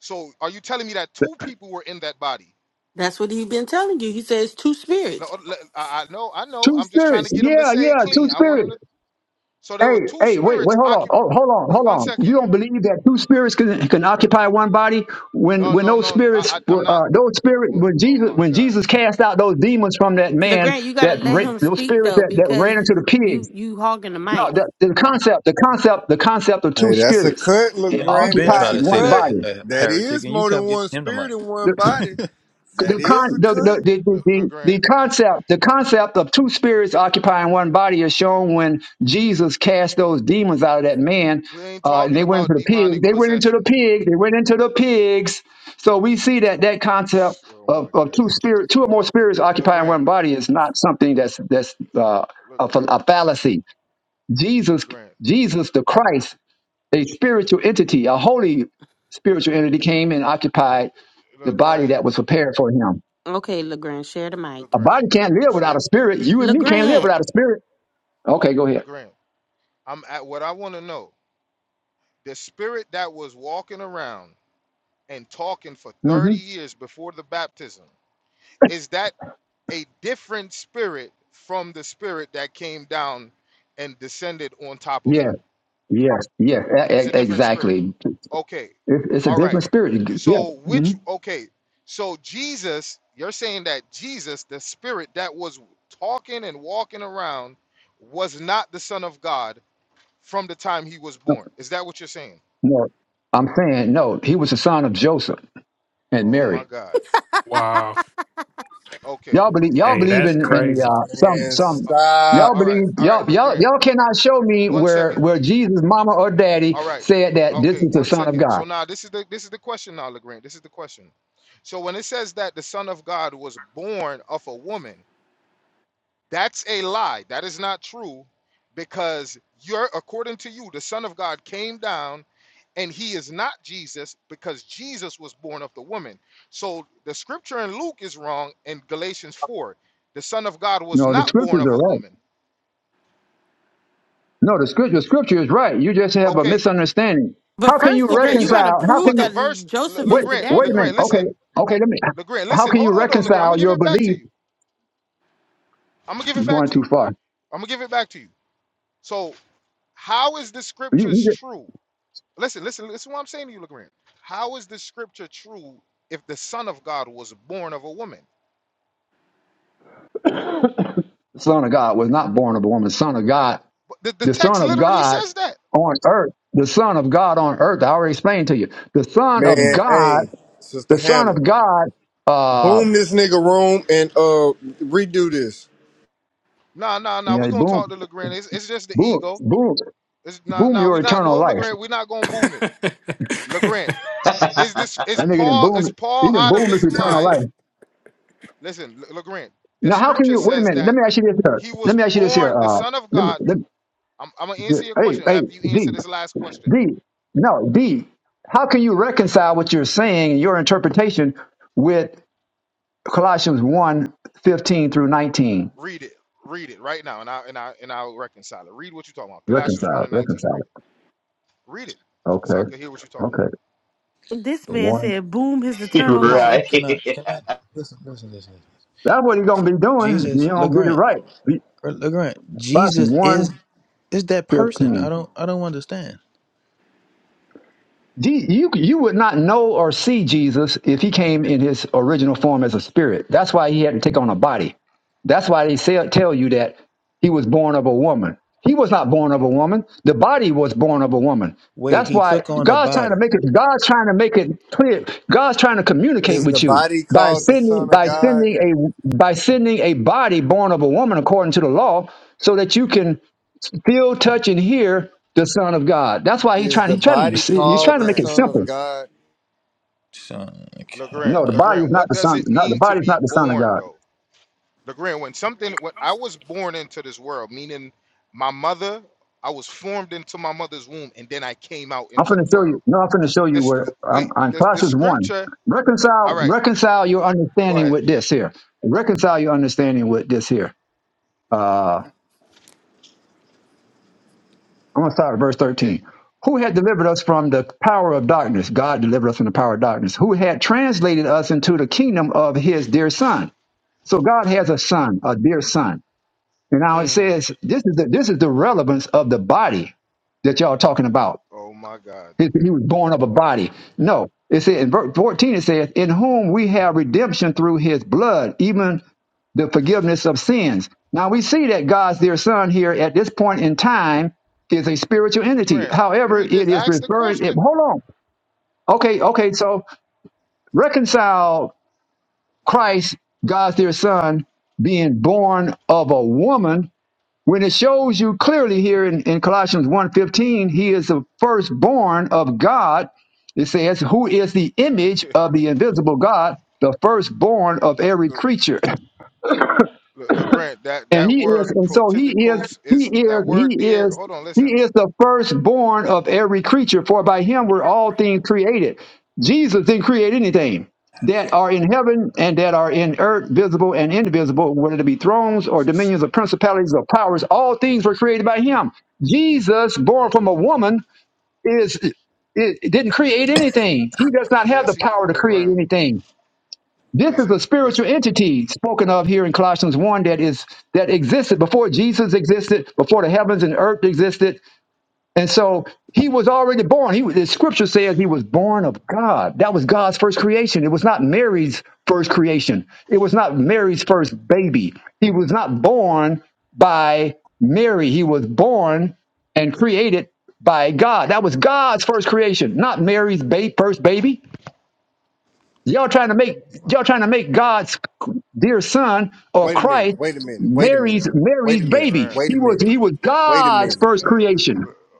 Speaker 6: So are you telling me that two people were in that body?
Speaker 2: That's what he's been telling you. He says two
Speaker 6: No,
Speaker 2: spirits.
Speaker 6: le- I I know, I know.
Speaker 1: Two
Speaker 6: I'm just trying
Speaker 1: spirits,
Speaker 6: to get him to
Speaker 1: yeah,
Speaker 6: say it
Speaker 1: yeah, two
Speaker 6: clean. I want
Speaker 1: spirits.
Speaker 6: him to So there were
Speaker 1: Hey,
Speaker 6: two
Speaker 1: hey, wait, wait,
Speaker 6: spirits
Speaker 1: hold on,
Speaker 6: occupied.
Speaker 1: oh, hold on,
Speaker 6: Wait
Speaker 1: hold
Speaker 6: one
Speaker 1: on. You
Speaker 6: second.
Speaker 1: don't believe that two spirits can, can occupy one body when
Speaker 6: No,
Speaker 1: when
Speaker 6: no,
Speaker 1: those
Speaker 6: no.
Speaker 1: spirits
Speaker 6: I, I I'm
Speaker 1: were
Speaker 6: not.
Speaker 1: uh, those spirit
Speaker 6: well,
Speaker 1: when
Speaker 6: Oh
Speaker 1: Jesus
Speaker 6: my
Speaker 1: when
Speaker 6: God,
Speaker 1: Jesus cast out those demons from that man
Speaker 2: LeGrand, you gotta
Speaker 1: that
Speaker 2: let
Speaker 1: ra-
Speaker 2: him
Speaker 1: those
Speaker 2: speak
Speaker 1: spirits
Speaker 2: though,
Speaker 1: that, that
Speaker 2: because
Speaker 1: ran into the
Speaker 2: you
Speaker 1: pigs.
Speaker 2: you hogging the
Speaker 1: No,
Speaker 2: mic.
Speaker 1: the, the concept, the concept, the concept of two
Speaker 10: Hey, that's a
Speaker 1: spirits
Speaker 10: cut,
Speaker 9: man, we
Speaker 10: Legrand.
Speaker 9: been
Speaker 1: occupy
Speaker 10: That's
Speaker 9: trying
Speaker 10: a
Speaker 9: to say
Speaker 1: one
Speaker 9: that
Speaker 10: cut.
Speaker 1: body.
Speaker 9: uh,
Speaker 10: That
Speaker 9: heretic,
Speaker 10: is
Speaker 9: and you
Speaker 10: more than
Speaker 9: kept giving
Speaker 10: one
Speaker 9: him the
Speaker 10: spirit in one
Speaker 9: mic.
Speaker 10: body.
Speaker 1: the
Speaker 10: That
Speaker 1: con
Speaker 10: is a
Speaker 1: the the, the
Speaker 10: cut.
Speaker 6: Le,
Speaker 1: the the the
Speaker 6: Legrand.
Speaker 1: concept the concept of two spirits occupying one body is shown when Jesus cast those demons out of that man.
Speaker 6: We ain't
Speaker 1: Uh, and
Speaker 6: talking
Speaker 1: they went into
Speaker 6: about
Speaker 1: the pig.
Speaker 6: demonic
Speaker 1: They went into
Speaker 6: possession.
Speaker 1: the pig. They went into the pigs. So we see that that concept
Speaker 6: Oh
Speaker 1: of,
Speaker 6: my
Speaker 1: of
Speaker 6: God,
Speaker 1: two spirit, two or more spirits occupying
Speaker 6: Legrand,
Speaker 1: one body is not something that's that's uh, a, fa-
Speaker 6: Legrand,
Speaker 1: a fallacy. Jesus,
Speaker 6: Legrand,
Speaker 1: Jesus the Christ, a spiritual entity, a holy spiritual entity, came and occupied the body
Speaker 6: Legrand,
Speaker 1: that was prepared for him.
Speaker 2: Okay, LeGrand, share the mic.
Speaker 1: A
Speaker 6: Legrand.
Speaker 1: body can't live without a
Speaker 6: Shit,
Speaker 1: spirit. You and me can't live
Speaker 2: LeGrand.
Speaker 6: Legrand,
Speaker 1: without a spirit. Okay, go ahead.
Speaker 6: Legrand. I'm at what I want to know. The spirit that was walking around and talking for
Speaker 1: Mm-hmm.
Speaker 6: 30 years before the baptism. Is that a different spirit from the spirit that came down and descended on top of
Speaker 1: Yeah,
Speaker 6: him.
Speaker 1: yes, yes, e-
Speaker 6: It's
Speaker 1: e-
Speaker 6: a different spirit.
Speaker 1: exactly.
Speaker 6: Okay.
Speaker 1: It, it's a
Speaker 6: All
Speaker 1: different
Speaker 6: right.
Speaker 1: spirit. Yeah.
Speaker 6: So,
Speaker 1: hmm
Speaker 6: which, okay. So, Jesus, you're saying that Jesus, the spirit that was talking and walking around, was not the Son of God from the time he was
Speaker 1: No,
Speaker 6: born. Is that what you're saying?
Speaker 1: no. I'm saying no. He was the son of Joseph and
Speaker 6: Oh, my
Speaker 1: Mary.
Speaker 6: God.
Speaker 11: Wow.
Speaker 6: Okay.
Speaker 1: Y'all believe? Y'all
Speaker 11: Hey,
Speaker 1: believe
Speaker 11: that's
Speaker 1: in in the,
Speaker 11: crazy.
Speaker 1: uh, some
Speaker 10: Man,
Speaker 6: Uh,
Speaker 1: some.
Speaker 6: uh,
Speaker 1: Y'all
Speaker 10: stop,
Speaker 6: all right.
Speaker 1: believe?
Speaker 6: All right.
Speaker 1: Y'all y'all
Speaker 6: LeGrand,
Speaker 1: y'all cannot show me
Speaker 6: one
Speaker 1: where
Speaker 6: second.
Speaker 1: where Jesus' mama or daddy
Speaker 6: All right.
Speaker 1: said that this
Speaker 6: Okay,
Speaker 1: is the
Speaker 6: one
Speaker 1: son of
Speaker 6: second. So
Speaker 1: God.
Speaker 6: now this is the this is the question now, Legrand. This is the question. So when it says that the Son of God was born of a woman, that's a lie. That is not true, because you're according to you, the Son of God came down and he is not Jesus because Jesus was born of the woman. So the scripture in Luke is wrong in Galatians 4. The Son of God was
Speaker 1: No, the
Speaker 6: not born
Speaker 1: scriptures
Speaker 6: of
Speaker 1: are
Speaker 6: a
Speaker 1: right.
Speaker 6: woman.
Speaker 1: No, the scripture the scripture is right. You just have a
Speaker 6: Okay,
Speaker 1: misunderstanding.
Speaker 2: But
Speaker 1: How can you
Speaker 2: first,
Speaker 6: okay,
Speaker 2: LeGrand, you gotta
Speaker 6: so
Speaker 1: reconcile? How
Speaker 2: prove
Speaker 1: can
Speaker 6: but
Speaker 1: you?
Speaker 6: the
Speaker 2: that
Speaker 6: verse Le-
Speaker 2: Joseph
Speaker 1: Wait,
Speaker 2: is the
Speaker 6: Legrand,
Speaker 1: wait a
Speaker 2: daddy.
Speaker 1: minute.
Speaker 6: Legrand,
Speaker 1: Okay,
Speaker 6: listen.
Speaker 1: okay. Let me.
Speaker 6: Legrand,
Speaker 1: How
Speaker 6: listen,
Speaker 1: can you
Speaker 6: hold on though, Legrand. I'm gonna
Speaker 1: reconcile
Speaker 6: give
Speaker 1: your
Speaker 6: it back to
Speaker 1: belief?
Speaker 6: you. I'm gonna give
Speaker 1: You're
Speaker 6: it back
Speaker 1: going
Speaker 6: to
Speaker 1: too
Speaker 6: you.
Speaker 1: far.
Speaker 6: I'm gonna give it back to you. So, how is the
Speaker 1: You,
Speaker 6: scriptures
Speaker 1: you just-
Speaker 6: true? Listen, listen, listen. What I'm saying to you, Legrand. How is the scripture true if the Son of God was born of a woman?
Speaker 1: the Son of God was not born of a woman. Son of God,
Speaker 6: But the, the
Speaker 1: the Son
Speaker 6: text
Speaker 1: of
Speaker 6: literally
Speaker 1: God
Speaker 6: says that.
Speaker 1: on earth, the Son of God on earth. I already explained to you. The Son
Speaker 10: man.
Speaker 1: of God,
Speaker 10: Hey, Sister
Speaker 1: the Son
Speaker 10: Hannah,
Speaker 1: of God. Uh,
Speaker 10: boom this nigga room and uh redo this.
Speaker 6: Nah, nah, nah.
Speaker 1: yeah,
Speaker 6: We're gonna talk
Speaker 1: boom,
Speaker 6: to Legrand. It's, it's just the
Speaker 1: boom,
Speaker 6: ego.
Speaker 1: boom,
Speaker 6: It's not.
Speaker 1: boom.
Speaker 6: Nah,
Speaker 1: Your
Speaker 6: we not.
Speaker 1: eternal
Speaker 6: No,
Speaker 1: life.
Speaker 6: Legrand. We're not gonna boom it. Legrand, is this?
Speaker 1: That
Speaker 6: Is
Speaker 1: nigga didn't
Speaker 6: Paul?
Speaker 1: boom.
Speaker 6: Is
Speaker 1: He
Speaker 6: Paul
Speaker 1: didn't
Speaker 6: out of
Speaker 1: boom his
Speaker 6: his
Speaker 1: eternal
Speaker 6: mind?
Speaker 1: life.
Speaker 6: Listen, Le- Legrand. The
Speaker 1: Now, how can
Speaker 6: scripture
Speaker 1: you? Wait a
Speaker 6: says
Speaker 1: minute. Let
Speaker 6: that
Speaker 1: me ask you this here.
Speaker 6: he
Speaker 1: Let
Speaker 6: was
Speaker 1: me ask you this here.
Speaker 6: born the
Speaker 1: Uh,
Speaker 6: Son of
Speaker 1: let me,
Speaker 6: God
Speaker 1: let
Speaker 6: I'm, I'm gonna
Speaker 1: me,
Speaker 6: answer your
Speaker 1: hey,
Speaker 6: question and
Speaker 1: hey,
Speaker 6: after you
Speaker 1: D.
Speaker 6: answer this last question.
Speaker 1: D. No, D. How can you reconcile what you're saying, your interpretation, with Colossians one fifteen through 19?
Speaker 6: Read it. Read it right now, and I and I and I'll reconcile it. Read what you're talking about. Colossians one
Speaker 1: Reconcile,
Speaker 6: and nineteen.
Speaker 1: reconcile
Speaker 6: Read it.
Speaker 1: it.
Speaker 6: Read it, so I
Speaker 1: Okay,
Speaker 6: can hear what you're talking
Speaker 1: okay.
Speaker 2: This
Speaker 9: Yep.
Speaker 2: man
Speaker 1: One.
Speaker 2: said, boom, his
Speaker 8: you,
Speaker 2: eternal
Speaker 9: Listen,
Speaker 2: life.
Speaker 8: right.
Speaker 9: can I? Can I? Listen, listen, listen, listen.
Speaker 1: That's what you're going to be doing. if you
Speaker 9: Jesus,
Speaker 1: don't get it
Speaker 9: Legrand,
Speaker 1: right.
Speaker 9: Legrand.
Speaker 1: Colossians
Speaker 9: Jesus is
Speaker 1: one
Speaker 9: is that person? I
Speaker 1: fifteen.
Speaker 9: don't, I don't understand.
Speaker 1: Je- You you would not know or see Jesus if he came in his original form as a spirit. That's why he had to take on a body. That's why they say, tell you that he was born of a woman. He was not born of a woman. The body was born of a woman.
Speaker 9: Wait,
Speaker 1: That's
Speaker 9: he
Speaker 1: why
Speaker 9: took on a
Speaker 1: God's trying to
Speaker 9: body.
Speaker 1: make it. God's trying to make it clear. God's trying to communicate
Speaker 10: Is the
Speaker 1: with you
Speaker 10: body
Speaker 1: by
Speaker 10: called the
Speaker 1: sending
Speaker 10: Son of
Speaker 1: by
Speaker 10: God?
Speaker 1: sending a by sending a body born of a woman according to the law, so that you can Still touch and hear the Son of God. That's why he's
Speaker 10: Is
Speaker 1: trying.
Speaker 10: the
Speaker 1: He's trying.
Speaker 10: body
Speaker 1: he's
Speaker 6: about.
Speaker 10: called
Speaker 1: trying to
Speaker 10: the
Speaker 1: make it
Speaker 6: Legrand,
Speaker 10: Son of
Speaker 6: Le,
Speaker 1: simple.
Speaker 10: God?
Speaker 9: Son, oh
Speaker 6: Legrand,
Speaker 1: No, the
Speaker 9: man.
Speaker 1: body is
Speaker 6: Legrand.
Speaker 1: not
Speaker 6: What
Speaker 1: the
Speaker 6: does
Speaker 1: son.
Speaker 6: it
Speaker 1: Not the
Speaker 6: mean to
Speaker 1: body is
Speaker 6: be
Speaker 1: not the Son of
Speaker 6: born,
Speaker 1: God.
Speaker 6: though? Legrand, when something, when I was born into this world, meaning my mother, I was formed into my mother's womb, and then I came out
Speaker 1: I'm
Speaker 6: into
Speaker 1: going
Speaker 6: the
Speaker 1: to show you.
Speaker 6: world.
Speaker 1: No, I'm going to show you
Speaker 6: This
Speaker 1: where I'm
Speaker 6: wait,
Speaker 1: on
Speaker 6: this the
Speaker 1: Colossians one.
Speaker 6: scripture.
Speaker 1: Reconcile,
Speaker 6: All right,
Speaker 1: reconcile your
Speaker 6: go
Speaker 1: understanding
Speaker 6: ahead.
Speaker 1: with this here. Reconcile your understanding with this here. Uh, I'm going to start at verse
Speaker 6: You take. it.
Speaker 1: thirteen. Who had delivered us from the power of darkness? God delivered us from the power of darkness. Who had translated us into the kingdom of His dear Son? So God has a son, a dear son And now it
Speaker 6: hmm
Speaker 1: says this is the this is the relevance of the body that y'all talking about.
Speaker 6: Oh my God.
Speaker 1: He, he was born of a
Speaker 6: Go
Speaker 1: body. No, it said in verse fourteen. It says, "In whom we have redemption through His blood, even the forgiveness of sins." Now we see that God's dear Son here at this point in time is a spiritual entity.
Speaker 6: LeGrand,
Speaker 1: However,
Speaker 6: read the
Speaker 1: it is
Speaker 6: ask the
Speaker 1: referring. It,
Speaker 6: question.
Speaker 1: hold on. Okay, okay. So reconcile Christ, God's dear Son, being born of a woman when it shows you clearly here in, in colossians one fifteen, he is the firstborn of god it says who is the image of the invisible god the firstborn of every
Speaker 6: Uh,
Speaker 1: creature
Speaker 6: Le- LeGrand, that
Speaker 1: and
Speaker 6: that
Speaker 1: he
Speaker 6: word
Speaker 1: is and so he is
Speaker 6: protithicos
Speaker 1: he
Speaker 6: is that
Speaker 1: is
Speaker 6: word
Speaker 1: he
Speaker 6: there.
Speaker 1: is
Speaker 6: Hold on,
Speaker 1: he
Speaker 6: listen.
Speaker 1: is the firstborn of every creature for by him were all things created jesus didn't create anything that are in heaven and that are in earth visible and invisible whether it be thrones or
Speaker 6: S-
Speaker 1: dominions
Speaker 6: s-
Speaker 1: or principalities or powers all things were created by him jesus born from a woman is it didn't create anything he does not have
Speaker 6: Yes,
Speaker 1: the
Speaker 6: he
Speaker 1: power to create
Speaker 6: LeGrand.
Speaker 1: anything this is a
Speaker 6: Listen,
Speaker 1: spiritual
Speaker 6: listen,
Speaker 1: entity spoken of here in Colossians 1 that is that existed before Jesus existed, before the heavens and earth existed. And so he was already born. He was- the scripture says he was born of God. That was God's first creation. It was not Mary's first creation. It was not Mary's first baby. He was not born by Mary. He was born and created by God. That was God's first creation, not Mary's ba- first baby. Y'all trying to make
Speaker 6: my
Speaker 1: y'all trying to make God's dear son or
Speaker 10: Wait a
Speaker 1: Christ
Speaker 10: minute. Wait a minute. Wait a
Speaker 1: Mary's
Speaker 10: minute. Wait
Speaker 1: Mary's
Speaker 10: a minute.
Speaker 1: baby.
Speaker 6: LeGrand.
Speaker 10: Wait a
Speaker 1: He was
Speaker 10: minute.
Speaker 1: he was
Speaker 10: Wait a
Speaker 1: God's
Speaker 10: minute.
Speaker 6: eh,
Speaker 1: first creation,
Speaker 6: Le-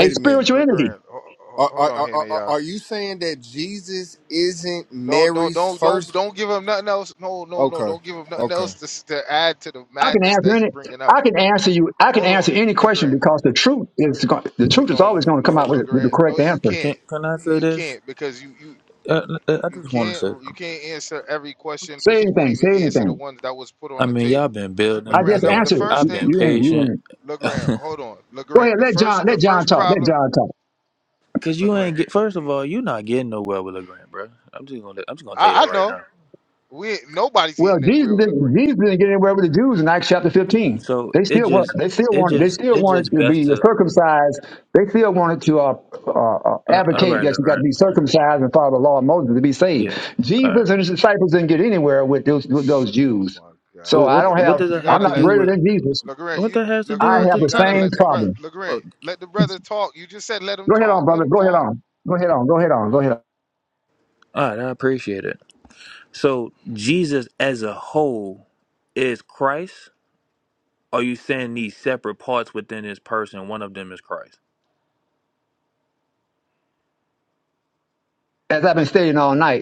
Speaker 1: a
Speaker 10: a minute.
Speaker 1: spiritual
Speaker 6: Le-
Speaker 1: entity.
Speaker 6: LeGrand, ho- ho-
Speaker 10: Are
Speaker 6: hold
Speaker 10: are
Speaker 6: on
Speaker 10: are,
Speaker 6: here,
Speaker 10: are
Speaker 6: y'all.
Speaker 10: are you saying that Jesus isn't
Speaker 6: Don't don't
Speaker 10: Mary's
Speaker 6: don't don't
Speaker 10: first?
Speaker 6: don't give him nothing else. No no no,
Speaker 10: Okay.
Speaker 6: don't give him nothing else
Speaker 10: Okay.
Speaker 6: to s- to add to the
Speaker 1: I can
Speaker 6: madness
Speaker 1: answer
Speaker 6: that he
Speaker 1: any
Speaker 6: bringing
Speaker 1: I
Speaker 6: out.
Speaker 1: can answer you I can
Speaker 6: Hold
Speaker 1: answer
Speaker 6: on,
Speaker 1: any question
Speaker 6: LeGrand.
Speaker 1: because the truth is go- the
Speaker 6: Le,
Speaker 1: truth is
Speaker 6: no
Speaker 1: always going to come
Speaker 6: no
Speaker 1: out with, with the
Speaker 6: LeGrand. No,
Speaker 1: correct
Speaker 6: you
Speaker 1: answer.
Speaker 9: Can
Speaker 6: can't.
Speaker 9: can I say
Speaker 6: You
Speaker 9: this?
Speaker 6: can't because you you
Speaker 9: I, I I
Speaker 6: You
Speaker 9: just want to say
Speaker 6: can't you
Speaker 9: something.
Speaker 6: can't answer every question
Speaker 1: Say
Speaker 6: because you won't
Speaker 1: anything,
Speaker 6: even
Speaker 1: say
Speaker 6: answer the
Speaker 1: anything.
Speaker 6: ones that was put on
Speaker 9: I
Speaker 6: the
Speaker 9: mean, y'all
Speaker 6: table.
Speaker 9: been
Speaker 1: I
Speaker 9: building. I've
Speaker 6: Legrand,
Speaker 1: just
Speaker 6: number
Speaker 9: been,
Speaker 6: the
Speaker 1: answered it.
Speaker 6: first
Speaker 9: I've
Speaker 1: You,
Speaker 9: been
Speaker 6: thing,
Speaker 1: you didn't- you
Speaker 9: patient.
Speaker 1: didn't.
Speaker 6: Legrand, hold on,
Speaker 1: Go
Speaker 6: Legrand.
Speaker 1: ahead,
Speaker 6: The
Speaker 1: let John
Speaker 6: first the
Speaker 1: let John
Speaker 6: first
Speaker 1: talk. Let
Speaker 6: problem,
Speaker 1: John talk.
Speaker 9: Cause you ain't
Speaker 6: Legrand.
Speaker 9: get. First of all, you not getting nowhere with Legrand, bro. I'm just gonna, I'm just gonna tell you
Speaker 6: I,
Speaker 9: that
Speaker 6: I
Speaker 9: right
Speaker 6: know
Speaker 9: now.
Speaker 6: we ain't- nobody's
Speaker 1: Well,
Speaker 6: getting
Speaker 1: Jesus
Speaker 6: anywhere with
Speaker 1: didn't,
Speaker 6: Legrand.
Speaker 1: Jesus didn't get anywhere with the Jews in Acts chapter 15.
Speaker 9: So
Speaker 1: They
Speaker 9: it
Speaker 1: still want,
Speaker 9: just,
Speaker 1: they still
Speaker 9: it
Speaker 1: want, they
Speaker 9: just,
Speaker 1: still
Speaker 9: it
Speaker 1: wanted
Speaker 9: just
Speaker 1: to
Speaker 9: best
Speaker 1: be
Speaker 9: to.
Speaker 1: circumcised. They still wanted to uh, uh, uh,
Speaker 9: Uh, all
Speaker 1: advocate
Speaker 9: right,
Speaker 1: that you
Speaker 9: Legrand.
Speaker 1: got to be circumcised and follow the law of Moses to be saved.
Speaker 9: Yeah. All right.
Speaker 1: Jesus and his disciples didn't get anywhere with those, with
Speaker 6: Sh-
Speaker 1: those
Speaker 6: Oh
Speaker 1: Jews.
Speaker 6: my
Speaker 1: So
Speaker 9: Well,
Speaker 6: God,
Speaker 1: I
Speaker 9: what
Speaker 1: don't
Speaker 9: what
Speaker 1: have,
Speaker 6: Legrand,
Speaker 9: does
Speaker 6: you
Speaker 9: it
Speaker 1: I'm
Speaker 9: have
Speaker 6: gotta
Speaker 9: to
Speaker 1: not
Speaker 9: do
Speaker 6: let
Speaker 1: greater
Speaker 9: with
Speaker 1: than Jesus.
Speaker 6: Legrand
Speaker 9: what
Speaker 6: you
Speaker 9: that has to
Speaker 1: I
Speaker 9: do with
Speaker 6: Legrand
Speaker 1: have
Speaker 9: the
Speaker 6: you
Speaker 1: the
Speaker 6: gotta
Speaker 9: topic?
Speaker 1: same
Speaker 6: let the brother
Speaker 1: problem.
Speaker 9: Oh,
Speaker 6: Legrand let the brother talk. You just said let him
Speaker 1: Go ahead on,
Speaker 6: talk, let
Speaker 1: brother.
Speaker 6: him
Speaker 1: Go ahead
Speaker 6: talk.
Speaker 1: on. Go ahead on. Go ahead on. Go ahead on.
Speaker 9: all right, I appreciate it. So Jesus as a whole is Christ. Are you saying these separate parts within his person? One of them is Christ.
Speaker 1: As I've been stating all night.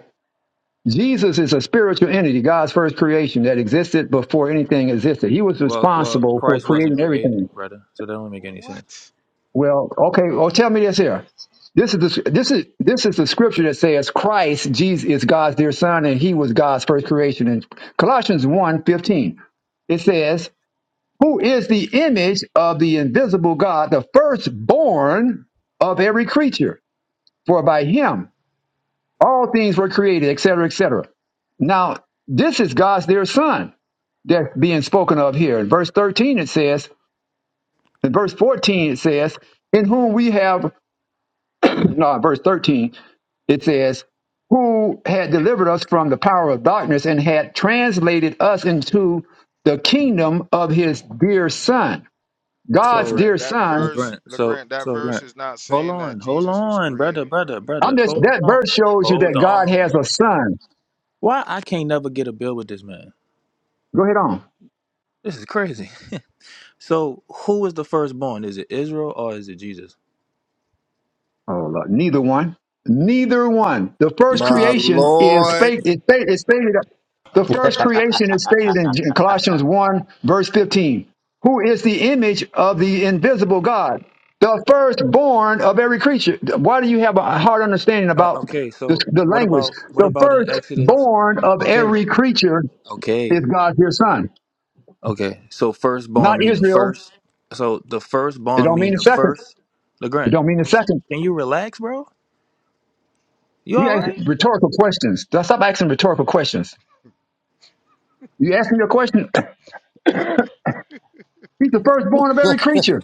Speaker 1: Jesus is a spiritual entity, God's first creation that existed before anything existed. He was
Speaker 9: Well, well,
Speaker 1: responsible for
Speaker 9: Christ wasn't
Speaker 1: creating
Speaker 9: created,
Speaker 1: everything.
Speaker 9: brother. So that don't make any sense.
Speaker 6: What?
Speaker 1: Well, okay, well tell me this here. This is the, this is this is the scripture that says Christ Jesus is God's dear son and he was God's first creation in Colossians one fifteen It says, "Who is the image of the invisible God, the firstborn of every creature? For by him all things were created, etc., etc." Now, this is God's dear son that's being spoken of here. In verse 13, it says, in verse 14, it says, in whom we have, no, verse 13, it says, who had delivered us from the power of darkness and had translated us into the kingdom of his dear son, God's
Speaker 9: So
Speaker 6: Legrand,
Speaker 1: dear
Speaker 6: that
Speaker 1: son.
Speaker 6: verse,
Speaker 9: LeGrant, so
Speaker 6: Legrand, that
Speaker 9: so
Speaker 6: verse
Speaker 9: Grant,
Speaker 6: is not
Speaker 9: hold
Speaker 6: saying that
Speaker 9: on, hold
Speaker 6: Jesus was
Speaker 9: on, brother,
Speaker 6: created, brother.
Speaker 9: brother,
Speaker 1: I'm
Speaker 9: brother,
Speaker 1: just,
Speaker 9: hold
Speaker 1: that
Speaker 9: on,
Speaker 1: verse shows you
Speaker 9: hold
Speaker 1: that God has
Speaker 9: on.
Speaker 1: a son.
Speaker 9: Why I can't never get a bill with this man?
Speaker 1: Go ahead on.
Speaker 9: This is crazy. So who is the firstborn? Is it Israel or is it Jesus?
Speaker 1: Oh, Lord. neither one. Neither one. The first
Speaker 9: You- But
Speaker 10: My
Speaker 9: you,
Speaker 1: creation is
Speaker 10: Lord
Speaker 1: stated. It stated. It's stated the
Speaker 9: oh,
Speaker 1: first
Speaker 9: oh,
Speaker 1: creation is stated in Colossians one verse fifteen. Who is the image of the invisible God, the firstborn of every creature? Why do you have a hard understanding
Speaker 9: uh,
Speaker 1: about
Speaker 9: okay.
Speaker 1: this,
Speaker 9: So
Speaker 1: the
Speaker 9: what
Speaker 1: language?
Speaker 9: about what
Speaker 1: The
Speaker 9: about in Exodus?
Speaker 1: firstborn of
Speaker 9: Okay,
Speaker 1: every creature is
Speaker 9: okay,
Speaker 1: God's dear Son,
Speaker 9: okay. So
Speaker 1: not
Speaker 9: firstborn mean the
Speaker 1: Israel.
Speaker 9: first. So the
Speaker 1: It
Speaker 9: firstborn
Speaker 1: don't mean
Speaker 9: mean
Speaker 1: the
Speaker 9: the
Speaker 1: second.
Speaker 9: first.
Speaker 1: It
Speaker 9: Legrand,
Speaker 1: don't mean the second.
Speaker 9: can you relax, bro? You
Speaker 1: You
Speaker 9: all
Speaker 1: ask
Speaker 9: right?
Speaker 1: rhetorical questions. Stop asking rhetorical questions. You asked me a question. He's the firstborn of every creature.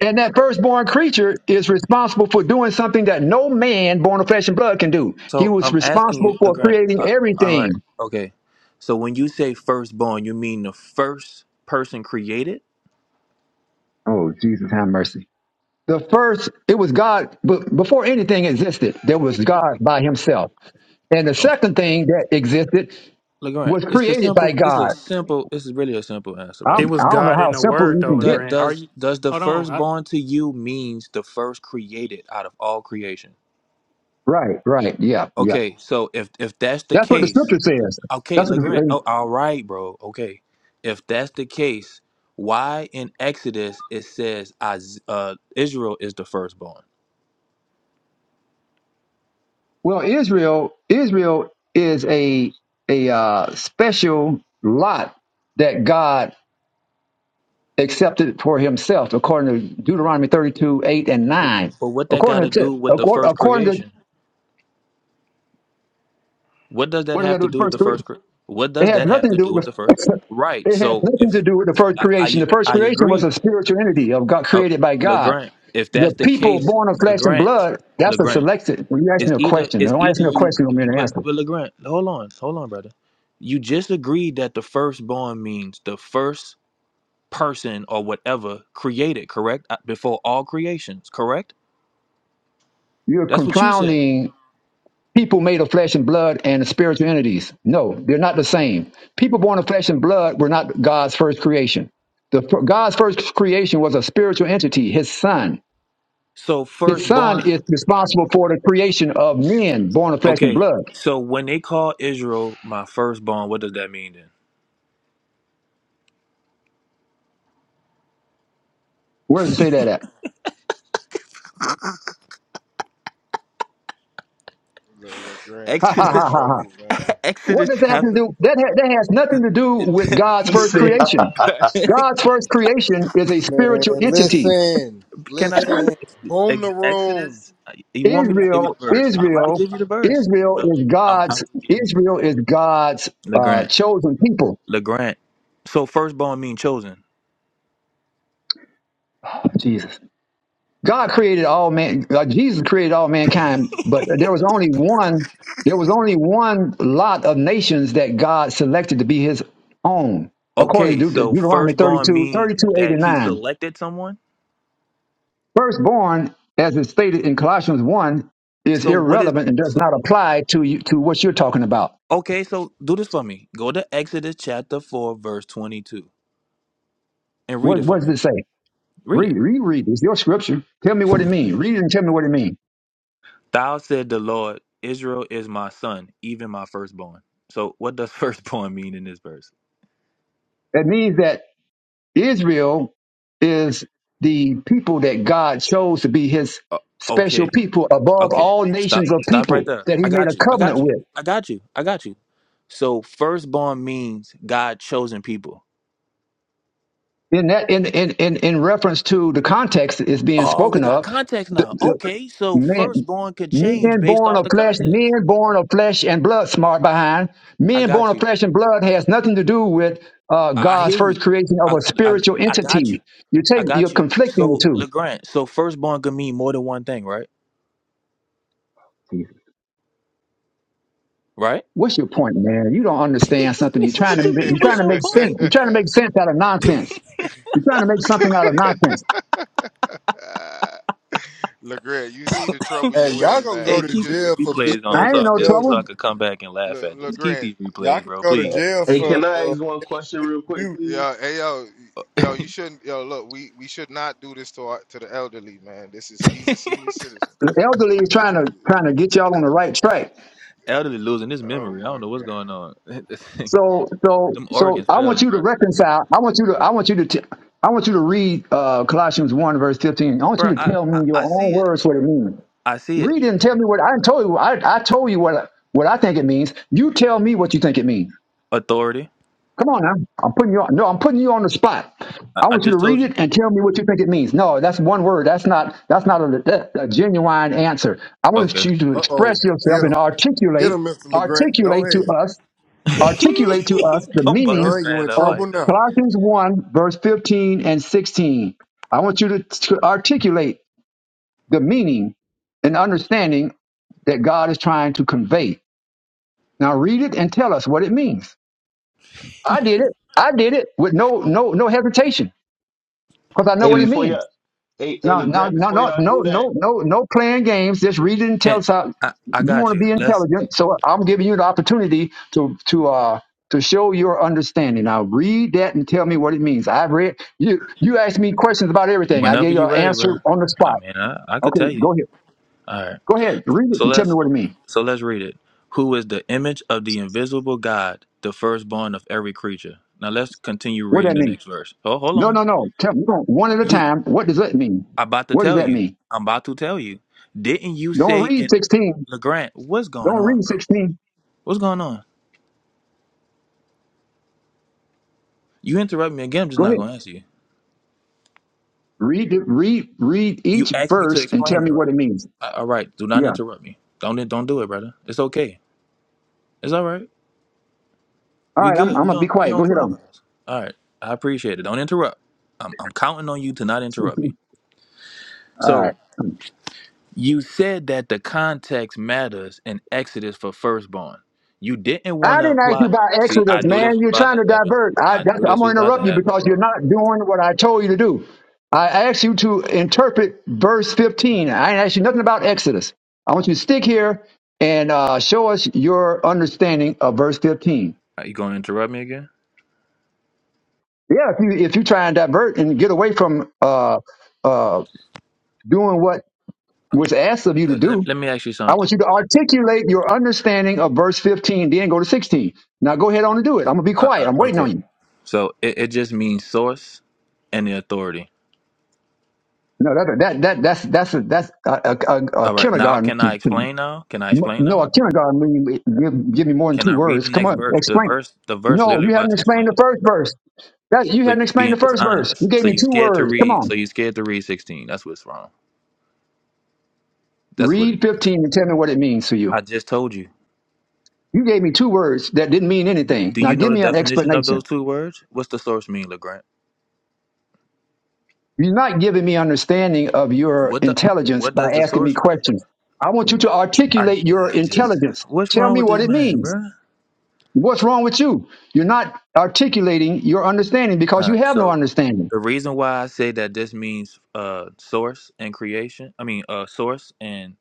Speaker 1: And that firstborn creature is responsible for doing something that no man born of flesh and blood can do. He
Speaker 9: So
Speaker 1: was
Speaker 9: I'm asking
Speaker 1: responsible
Speaker 9: you,
Speaker 1: for
Speaker 9: Legrand.
Speaker 1: creating
Speaker 9: Uh, all right,
Speaker 1: everything.
Speaker 9: okay. So when you say firstborn, you mean the first person created?
Speaker 1: Oh, Jesus, have mercy. The first, it was God, but before anything existed, there was God by himself. And the second thing that existed
Speaker 9: Legrand,
Speaker 1: was
Speaker 9: it's a
Speaker 1: created by
Speaker 9: simple. It's a
Speaker 1: God.
Speaker 9: simple. It's really a simple answer,
Speaker 1: I'm,
Speaker 11: it
Speaker 9: brother.
Speaker 11: was
Speaker 1: I don't know
Speaker 11: God in
Speaker 1: how
Speaker 11: the
Speaker 1: simple
Speaker 11: Word,
Speaker 1: you
Speaker 11: though,
Speaker 1: can
Speaker 9: Does
Speaker 1: get.
Speaker 11: Legrand. Are
Speaker 9: does
Speaker 11: you?
Speaker 9: does the
Speaker 11: Hold
Speaker 9: firstborn
Speaker 11: on.
Speaker 9: to you means the first created out of all creation?
Speaker 1: Right, right. Yeah, yeah.
Speaker 9: Okay, so if if that's the
Speaker 1: That's what the
Speaker 9: case,
Speaker 1: scripture says.
Speaker 9: okay,
Speaker 1: That's what
Speaker 9: Legrand.
Speaker 1: the,
Speaker 9: Oh, all right, bro. Okay, if that's the case, why in Exodus it says Iz- uh, Israel is the firstborn?
Speaker 1: Well, Israel, Israel is a a uh, special lot that God accepted for Himself, according to Deuteronomy thirty-two eight and nine.
Speaker 9: But what that got
Speaker 1: According
Speaker 9: to
Speaker 1: to
Speaker 9: do with the
Speaker 1: according,
Speaker 9: first
Speaker 1: according to
Speaker 9: creation? What does that
Speaker 1: what I got to
Speaker 9: have
Speaker 1: do
Speaker 9: to
Speaker 1: with
Speaker 9: do with
Speaker 1: first
Speaker 9: the first?
Speaker 1: Corinthians,
Speaker 9: Cor- What
Speaker 1: it
Speaker 9: does
Speaker 1: has
Speaker 9: that have
Speaker 1: nothing to
Speaker 9: to
Speaker 1: do
Speaker 9: do with
Speaker 1: with
Speaker 9: the first?
Speaker 1: the.
Speaker 9: Right.
Speaker 1: It has
Speaker 9: So
Speaker 1: nothing to
Speaker 9: if
Speaker 1: do with the first
Speaker 9: I
Speaker 1: creation.
Speaker 9: I,
Speaker 1: The first
Speaker 9: I
Speaker 1: creation was
Speaker 9: agree,
Speaker 1: a spiritual entity of God
Speaker 9: uh,
Speaker 1: created by God.
Speaker 9: Legrand. If
Speaker 1: The
Speaker 9: that's the
Speaker 1: people
Speaker 9: case,
Speaker 1: born of flesh and
Speaker 9: Legrand,
Speaker 1: blood, that's a
Speaker 9: Legrand
Speaker 1: selected. Well, you asked
Speaker 9: is
Speaker 1: me a
Speaker 9: either
Speaker 1: question.
Speaker 9: is
Speaker 1: Don't ask
Speaker 9: either
Speaker 1: me a
Speaker 9: you,
Speaker 1: question, I'm going to
Speaker 9: but
Speaker 1: answer.
Speaker 9: but Legrand, hold on, hold on, brother. You just agreed that the firstborn means the first person or whatever created, correct? Uh, Before all creations, correct?
Speaker 1: You're
Speaker 9: That's what you said.
Speaker 1: confounding people made of flesh and blood and spiritual entities. No, they're not the same. People born of flesh and blood were not God's first creation. The God's first creation was a spiritual entity, his son.
Speaker 9: So
Speaker 1: His son
Speaker 9: firstborn.
Speaker 1: is responsible for the creation of men born of flesh and
Speaker 9: Okay.
Speaker 1: blood.
Speaker 9: So when they call Israel my firstborn, what does that mean then?
Speaker 1: Where does it say that at?
Speaker 6: Look, look, Grant,
Speaker 1: Ha
Speaker 6: you
Speaker 1: ha
Speaker 6: in
Speaker 9: Exodus,
Speaker 1: ha ha ha.
Speaker 6: trouble, man.
Speaker 1: What
Speaker 9: Exodus
Speaker 1: does that have to
Speaker 9: chapter.
Speaker 1: do? That, ha- that has nothing to do with God's
Speaker 8: he
Speaker 1: first
Speaker 8: said,
Speaker 1: creation. God's first creation is a
Speaker 10: Man,
Speaker 1: spiritual entity
Speaker 10: listen,
Speaker 9: Can I?
Speaker 10: listen. Boom
Speaker 9: Ex-
Speaker 10: the room.
Speaker 9: Exodus. uh, You want me to give you the
Speaker 1: Israel,
Speaker 9: verse? I'm about to
Speaker 1: Israel,
Speaker 9: give you the verse.
Speaker 1: Israel
Speaker 9: I'm,
Speaker 1: is
Speaker 9: I'm about
Speaker 1: God's.
Speaker 9: to give you
Speaker 1: Israel is God's uh,
Speaker 9: Legrand.
Speaker 1: chosen people.
Speaker 9: Legrand. So firstborn mean chosen.
Speaker 1: Jesus, God created all man. Uh, Jesus created all mankind, but there was only one. There was only one lot of nations that God selected to be His own, according
Speaker 9: Okay,
Speaker 1: to Deut-
Speaker 9: so
Speaker 1: Deuteronomy
Speaker 9: firstborn
Speaker 1: 32,
Speaker 9: mean
Speaker 1: thirty-two, 8,
Speaker 9: that
Speaker 1: and
Speaker 9: he
Speaker 1: 9.
Speaker 9: selected someone.
Speaker 1: Firstborn, as is stated in Colossians 1, is
Speaker 9: So what is?
Speaker 1: irrelevant and does
Speaker 9: So,
Speaker 1: not apply to you, to what you're talking about.
Speaker 9: okay, so do this for me. Go to Exodus chapter four, verse twenty-two, and read
Speaker 1: What,
Speaker 9: it for
Speaker 1: what does
Speaker 9: me.
Speaker 1: it say?
Speaker 9: Read it.
Speaker 1: Read, reread. It's your scripture. Tell me what it means. Read it and tell me what it means.
Speaker 9: Thou said the Lord, Israel is my son, even my firstborn. So what does firstborn mean in this verse?
Speaker 1: That means that Israel is the people that God chose to be his
Speaker 9: Uh,
Speaker 1: special
Speaker 9: okay,
Speaker 1: people above
Speaker 9: okay,
Speaker 1: all
Speaker 9: stop,
Speaker 1: nations of
Speaker 9: stop
Speaker 1: people
Speaker 9: right there.
Speaker 1: that he
Speaker 9: I
Speaker 1: made
Speaker 9: got
Speaker 1: a
Speaker 9: you. I
Speaker 1: covenant
Speaker 9: got you.
Speaker 1: with.
Speaker 9: I got you. I got you. So firstborn means God chosen people.
Speaker 1: in that in in in, in reference to the context is being
Speaker 9: Oh, we
Speaker 1: spoken
Speaker 9: got
Speaker 1: of
Speaker 9: context
Speaker 1: the,
Speaker 9: now.
Speaker 1: the
Speaker 9: Okay, so
Speaker 1: man
Speaker 9: firstborn could change
Speaker 1: men
Speaker 9: based
Speaker 1: born
Speaker 9: off
Speaker 1: of
Speaker 9: the
Speaker 1: flesh
Speaker 9: context.
Speaker 1: men born of flesh and blood smart behind
Speaker 9: I
Speaker 1: men born
Speaker 9: got
Speaker 1: of
Speaker 9: you.
Speaker 1: flesh and blood has nothing to do with uh,
Speaker 9: I, I
Speaker 1: god's
Speaker 9: hear you.
Speaker 1: first creation of
Speaker 9: I,
Speaker 1: a
Speaker 9: I
Speaker 1: spiritual
Speaker 9: I got
Speaker 1: entity
Speaker 9: you.
Speaker 1: you
Speaker 9: I
Speaker 1: take you're
Speaker 9: got you.
Speaker 1: conflicting the
Speaker 9: So
Speaker 1: two
Speaker 9: LeGrand, so firstborn could mean more than one thing, right? Right?
Speaker 1: what's your point man you don't understand something you're trying
Speaker 9: what
Speaker 1: to
Speaker 9: you
Speaker 1: make,
Speaker 9: mean?
Speaker 1: you're
Speaker 9: What's
Speaker 1: trying to
Speaker 9: your
Speaker 1: make sense
Speaker 9: point?
Speaker 1: you're trying to make sense out of nonsense you're trying to make something out of nonsense
Speaker 6: look, Grant, you see the trouble
Speaker 10: Hey,
Speaker 6: you
Speaker 10: y'all
Speaker 6: in,
Speaker 10: gonna go
Speaker 9: Hey,
Speaker 6: man.
Speaker 10: to
Speaker 6: You
Speaker 9: keep
Speaker 6: just
Speaker 9: these
Speaker 6: been
Speaker 10: jail for
Speaker 9: replays
Speaker 10: beating
Speaker 1: i
Speaker 9: on
Speaker 10: on
Speaker 1: ain't
Speaker 9: so
Speaker 1: in
Speaker 9: I
Speaker 10: this
Speaker 1: no
Speaker 9: could
Speaker 1: trouble
Speaker 9: so
Speaker 10: elder.
Speaker 9: I could come back and laugh
Speaker 6: look,
Speaker 9: at this.
Speaker 6: look,
Speaker 9: Keep
Speaker 6: Grant.
Speaker 9: these
Speaker 10: Y'all
Speaker 9: replays,
Speaker 10: can
Speaker 9: bro.
Speaker 10: go to
Speaker 9: Please,
Speaker 10: jail
Speaker 8: hey,
Speaker 10: for
Speaker 8: can
Speaker 9: please.
Speaker 8: I ask
Speaker 10: uh
Speaker 8: one question real quick,
Speaker 10: abuse.
Speaker 6: Yo,
Speaker 8: please?
Speaker 6: hey, yo, yo, you shouldn't. Yo, look, we we should not do this to our, to the elderly, man. This is he's a senior citizen.
Speaker 1: the elderly is
Speaker 6: You-
Speaker 1: trying to
Speaker 6: you- you-
Speaker 1: trying to get y'all on the right track
Speaker 9: Elderly losing his
Speaker 6: Oh
Speaker 9: memory. I
Speaker 6: my
Speaker 9: don't know what's
Speaker 6: God.
Speaker 9: going on.
Speaker 1: So so
Speaker 9: Them
Speaker 1: so
Speaker 9: organs
Speaker 1: I want
Speaker 9: failing,
Speaker 1: you to
Speaker 9: bro.
Speaker 1: reconcile. I want you to I want you to t- I want you to read uh, Colossians one verse fifteen. I want you
Speaker 9: Bro,
Speaker 1: to
Speaker 9: I,
Speaker 1: tell
Speaker 9: I
Speaker 1: me your
Speaker 9: I
Speaker 1: own
Speaker 9: see it.
Speaker 1: words what it means.
Speaker 9: I see it.
Speaker 1: Read it and tell me what I told you. I, I told you what what I think it means. You tell me what you think it means.
Speaker 9: Authority.
Speaker 1: Come on now. I'm putting you on. No, I'm putting you on the spot.
Speaker 9: I,
Speaker 1: I
Speaker 9: I
Speaker 1: want you to
Speaker 9: just told
Speaker 1: read
Speaker 9: you.
Speaker 1: it and tell me what you think it means. No, that's one word. That's not that's not a, that- a genuine answer. I want
Speaker 9: Okay.
Speaker 1: you to
Speaker 10: Uh oh,
Speaker 1: express yourself
Speaker 10: get him,
Speaker 1: and
Speaker 10: get
Speaker 1: articulate
Speaker 10: him, Mister Legrand. Go
Speaker 1: articulate to
Speaker 10: ahead,
Speaker 1: us articulate to us the
Speaker 9: don't buck this
Speaker 1: meaning
Speaker 10: John. You
Speaker 9: man
Speaker 10: in
Speaker 9: up
Speaker 1: of
Speaker 10: trouble
Speaker 9: like that.
Speaker 10: now?
Speaker 1: Colossians 1, verse 15 and 16. I want you to, to articulate the meaning and understanding that God is trying to convey. Now read it and tell us what it means. I did it. I did it with no no no hesitation because I know
Speaker 8: Hey,
Speaker 1: what it
Speaker 8: before
Speaker 1: means.
Speaker 8: y'all, hey, hey,
Speaker 1: No, no,
Speaker 8: LeGrant,
Speaker 1: no, no,
Speaker 8: before y'all
Speaker 1: no,
Speaker 8: do
Speaker 1: no,
Speaker 8: that.
Speaker 1: no, no playing games. Just read it and tell
Speaker 9: Can't.
Speaker 1: us how
Speaker 9: I I
Speaker 1: you want
Speaker 9: got
Speaker 1: to
Speaker 9: you.
Speaker 1: be
Speaker 9: Let's.
Speaker 1: intelligent. So I'm giving you the opportunity to to uh to show your understanding. Now read that and tell me what it means. I've read you. You asked me questions about everything. I
Speaker 9: Whenever
Speaker 1: gave you
Speaker 9: you're
Speaker 1: an
Speaker 9: ready,
Speaker 1: answer
Speaker 9: bro.
Speaker 1: on the
Speaker 9: I
Speaker 1: spot.
Speaker 9: mean, I I could
Speaker 1: Okay,
Speaker 9: tell you.
Speaker 1: go ahead.
Speaker 9: All right.
Speaker 1: Go ahead. Read it
Speaker 9: So
Speaker 1: and tell me
Speaker 9: let's
Speaker 1: what it means.
Speaker 9: so let's read it. Who is the image of the invisible God, the firstborn of every creature. Now let's continue
Speaker 1: What
Speaker 9: reading
Speaker 1: that
Speaker 9: the
Speaker 1: mean?
Speaker 9: next verse. Oh, hold
Speaker 1: No,
Speaker 9: on.
Speaker 1: no, no. Tell me no, one at a
Speaker 9: You
Speaker 1: time. What does that mean?
Speaker 9: I'm about to
Speaker 1: What does
Speaker 9: tell
Speaker 1: that
Speaker 9: you.
Speaker 1: mean?
Speaker 9: I'm about to tell you. Didn't you
Speaker 1: Don't
Speaker 9: say
Speaker 1: read
Speaker 9: in
Speaker 1: sixteen.
Speaker 9: LeGrant, what's going
Speaker 1: Don't
Speaker 9: on,
Speaker 1: read
Speaker 9: bro?
Speaker 1: sixteen.
Speaker 9: What's going on? You interrupt me again, I'm just
Speaker 1: Go
Speaker 9: not
Speaker 1: ahead.
Speaker 9: gonna answer you.
Speaker 1: Read it. Read read
Speaker 9: You
Speaker 1: each
Speaker 9: asked me to
Speaker 1: verse and tell
Speaker 9: explain it,
Speaker 1: me what
Speaker 9: right?
Speaker 1: it means.
Speaker 9: A- All right, do not
Speaker 1: Yeah.
Speaker 9: interrupt me. Don't don't do it, brother. It's okay. It's all right.
Speaker 1: All
Speaker 9: We
Speaker 1: right. I'm,
Speaker 9: good.
Speaker 1: I'm
Speaker 9: We
Speaker 1: gonna be
Speaker 9: on we
Speaker 1: quiet.
Speaker 9: on
Speaker 1: Go ahead on.
Speaker 9: clubhouse. All right. I appreciate it. Don't interrupt. I'm I'm counting on you to not interrupt me.
Speaker 1: All
Speaker 9: So
Speaker 1: right.
Speaker 9: you said that the context matters in Exodus for firstborn. You didn't want
Speaker 1: I
Speaker 9: to
Speaker 1: didn't ask you
Speaker 9: apply.
Speaker 1: about
Speaker 9: See, I
Speaker 1: Exodus,
Speaker 9: knew this
Speaker 1: man.
Speaker 9: was
Speaker 1: You're
Speaker 9: about
Speaker 1: trying
Speaker 9: to
Speaker 1: to
Speaker 9: happen.
Speaker 1: divert. I,
Speaker 9: I
Speaker 1: that's,
Speaker 9: knew
Speaker 1: I'm
Speaker 9: this
Speaker 1: gonna
Speaker 9: was about to
Speaker 1: interrupt you
Speaker 9: happen,
Speaker 1: because you're
Speaker 9: bro.
Speaker 1: not doing what I told you to do. I asked you to interpret verse 15. I didn't ask you nothing about Exodus. I want you to stick here and uh, show us your understanding of verse 15.
Speaker 9: Are you going to interrupt me again?
Speaker 1: Yeah. If you if you try and divert and get away from uh uh doing what was asked of you to
Speaker 9: Uh, Let,
Speaker 1: do,
Speaker 9: let me ask you
Speaker 1: I
Speaker 9: something.
Speaker 1: want you to articulate your understanding of verse 15, then go to 16. Now go ahead on and do it. I'm gonna be
Speaker 9: Uh,
Speaker 1: quiet.
Speaker 9: uh,
Speaker 1: I'm waiting
Speaker 9: okay.
Speaker 1: on you.
Speaker 9: So it, it just means source and the authority.
Speaker 1: No, that that that that's that's a, that's a, a, a, a
Speaker 9: All right. Now,
Speaker 1: kindergarten.
Speaker 9: can I explain now? Can I explain
Speaker 1: No, a
Speaker 9: now?
Speaker 1: kindergarten. mean give, give me more than
Speaker 9: Can
Speaker 1: two
Speaker 9: I read the
Speaker 1: words. Come
Speaker 9: next
Speaker 1: on,
Speaker 9: verse? The
Speaker 1: explain.
Speaker 9: verse, the verse
Speaker 1: No,
Speaker 9: literally
Speaker 1: you
Speaker 9: about
Speaker 1: hadn't
Speaker 9: to
Speaker 1: explained
Speaker 9: explain
Speaker 1: the first verse. That
Speaker 9: it.
Speaker 1: you
Speaker 9: So you're
Speaker 1: hadn't explained the
Speaker 9: being
Speaker 1: first verse. You
Speaker 9: dishonest.
Speaker 1: gave
Speaker 9: So
Speaker 1: me
Speaker 9: you're
Speaker 1: two
Speaker 9: scared to
Speaker 1: words. Come
Speaker 9: read.
Speaker 1: on,
Speaker 9: So you're scared to read 16. That's what's wrong. That's what it
Speaker 1: read
Speaker 9: is.
Speaker 1: 15 and tell me what it means to you.
Speaker 9: I just told you.
Speaker 1: You gave me two words that didn't mean anything.
Speaker 9: Do
Speaker 1: Now
Speaker 9: you know
Speaker 1: give
Speaker 9: the
Speaker 1: me an
Speaker 9: definition of
Speaker 1: explanation.
Speaker 9: those two words? What's the source mean, Legrand?
Speaker 1: You're not giving me understanding of your
Speaker 9: What the
Speaker 1: intelligence
Speaker 9: what does
Speaker 1: by
Speaker 9: the
Speaker 1: asking me
Speaker 9: source
Speaker 1: questions. I want you to
Speaker 9: I,
Speaker 1: articulate your
Speaker 9: I just
Speaker 1: intelligence.
Speaker 9: what's
Speaker 1: Tell
Speaker 9: wrong
Speaker 1: me
Speaker 9: with
Speaker 1: what
Speaker 9: this
Speaker 1: it
Speaker 9: man,
Speaker 1: means.
Speaker 9: bruh?
Speaker 1: What's wrong with you? You're not articulating your understanding because you
Speaker 9: Alright,
Speaker 1: have no
Speaker 9: so
Speaker 1: understanding.
Speaker 9: the reason why I say that this means uh source and creation, I mean uh source and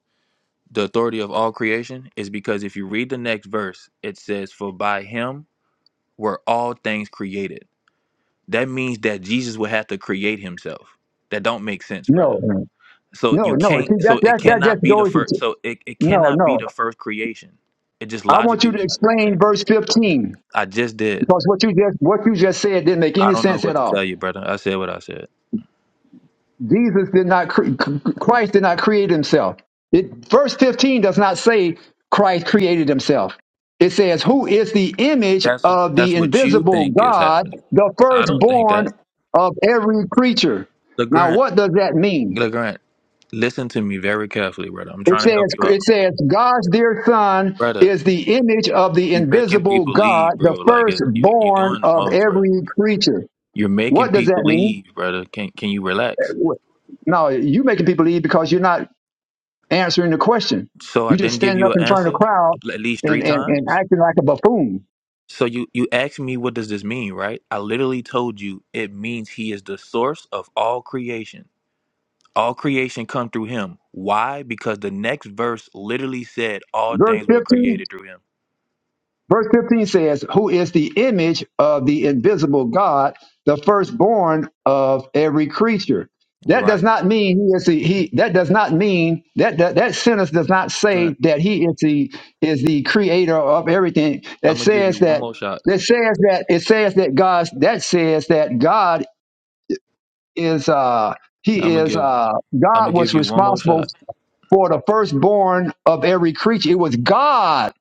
Speaker 9: the authority of all creation is because if you read the next verse, it says, For by him were all things created. That means that Jesus would have to create himself. That don't make sense, brother.
Speaker 1: No, no,
Speaker 9: So
Speaker 1: no.
Speaker 9: you
Speaker 1: no.
Speaker 9: can't.
Speaker 1: See,
Speaker 9: So
Speaker 1: that,
Speaker 9: it
Speaker 1: that, that
Speaker 9: cannot
Speaker 1: just
Speaker 9: be the
Speaker 1: goes
Speaker 9: first.
Speaker 1: to,
Speaker 9: So it, it
Speaker 1: no,
Speaker 9: cannot be
Speaker 1: no.
Speaker 9: the first creation. It just
Speaker 1: I want
Speaker 9: logically
Speaker 1: you to
Speaker 9: would not make
Speaker 1: explain
Speaker 9: sense.
Speaker 1: verse 15
Speaker 9: I just did.
Speaker 1: because what you just, what you just said didn't make
Speaker 9: I
Speaker 1: any
Speaker 9: don't know
Speaker 1: sense
Speaker 9: what
Speaker 1: at
Speaker 9: to
Speaker 1: all.
Speaker 9: tell you, brother. I said what I said.
Speaker 1: Jesus did not, cre- Christ did not create himself. It, verse 15 does not say Christ created himself. It says, who is the image
Speaker 9: That's
Speaker 1: of
Speaker 9: that's
Speaker 1: the
Speaker 9: what you
Speaker 1: invisible
Speaker 9: think is
Speaker 1: God,
Speaker 9: happening.
Speaker 1: the
Speaker 9: I don't think
Speaker 1: firstborn
Speaker 9: that.
Speaker 1: of every creature. Now,
Speaker 9: Legrand,
Speaker 1: what does that mean?
Speaker 9: Legrand, listen to me very carefully, brother. I'm
Speaker 1: It
Speaker 9: trying to help
Speaker 1: says,
Speaker 9: you
Speaker 1: it
Speaker 9: out,
Speaker 1: says, God's dear son
Speaker 9: brother.
Speaker 1: is the image of the
Speaker 9: you are making
Speaker 1: invisible
Speaker 9: people leave,
Speaker 1: God, the
Speaker 9: bro. Like it, you you
Speaker 1: firstborn
Speaker 9: doing the
Speaker 1: of
Speaker 9: most, bro.
Speaker 1: every creature.
Speaker 9: You're making
Speaker 1: What does
Speaker 9: people
Speaker 1: that mean?
Speaker 9: leave, brother. Can can you relax?
Speaker 1: No, you making people leave because you're not. answering the question.
Speaker 9: So I
Speaker 1: You just
Speaker 9: didn't give
Speaker 1: standing
Speaker 9: you
Speaker 1: up
Speaker 9: an
Speaker 1: in front of the
Speaker 9: answer
Speaker 1: crowd
Speaker 9: at least three
Speaker 1: and, and, and
Speaker 9: times.
Speaker 1: acting like a buffoon.
Speaker 9: So you you asked me what does this mean, right? I literally told you it means he is the source of all creation. All creation come through him. Why? Because the next verse literally said all
Speaker 1: Verse
Speaker 9: things were
Speaker 1: 15,
Speaker 9: created through him.
Speaker 1: verse 15 says, Who is the image of the invisible God, the firstborn of every creature. That does
Speaker 9: Right.
Speaker 1: not mean he is the he that does not mean that that, that sentence does not say
Speaker 9: Grant.
Speaker 1: that he is the is the creator of everything.
Speaker 9: I'm
Speaker 1: That
Speaker 9: gonna give you
Speaker 1: says
Speaker 9: one
Speaker 1: that
Speaker 9: more shot.
Speaker 1: that says that it says that God that says that God is uh he
Speaker 9: I'm gonna
Speaker 1: is
Speaker 9: give
Speaker 1: uh
Speaker 9: I'm gonna
Speaker 1: God
Speaker 9: give
Speaker 1: was
Speaker 9: you one more
Speaker 1: responsible
Speaker 9: shot.
Speaker 1: for the firstborn of every creature. It was God.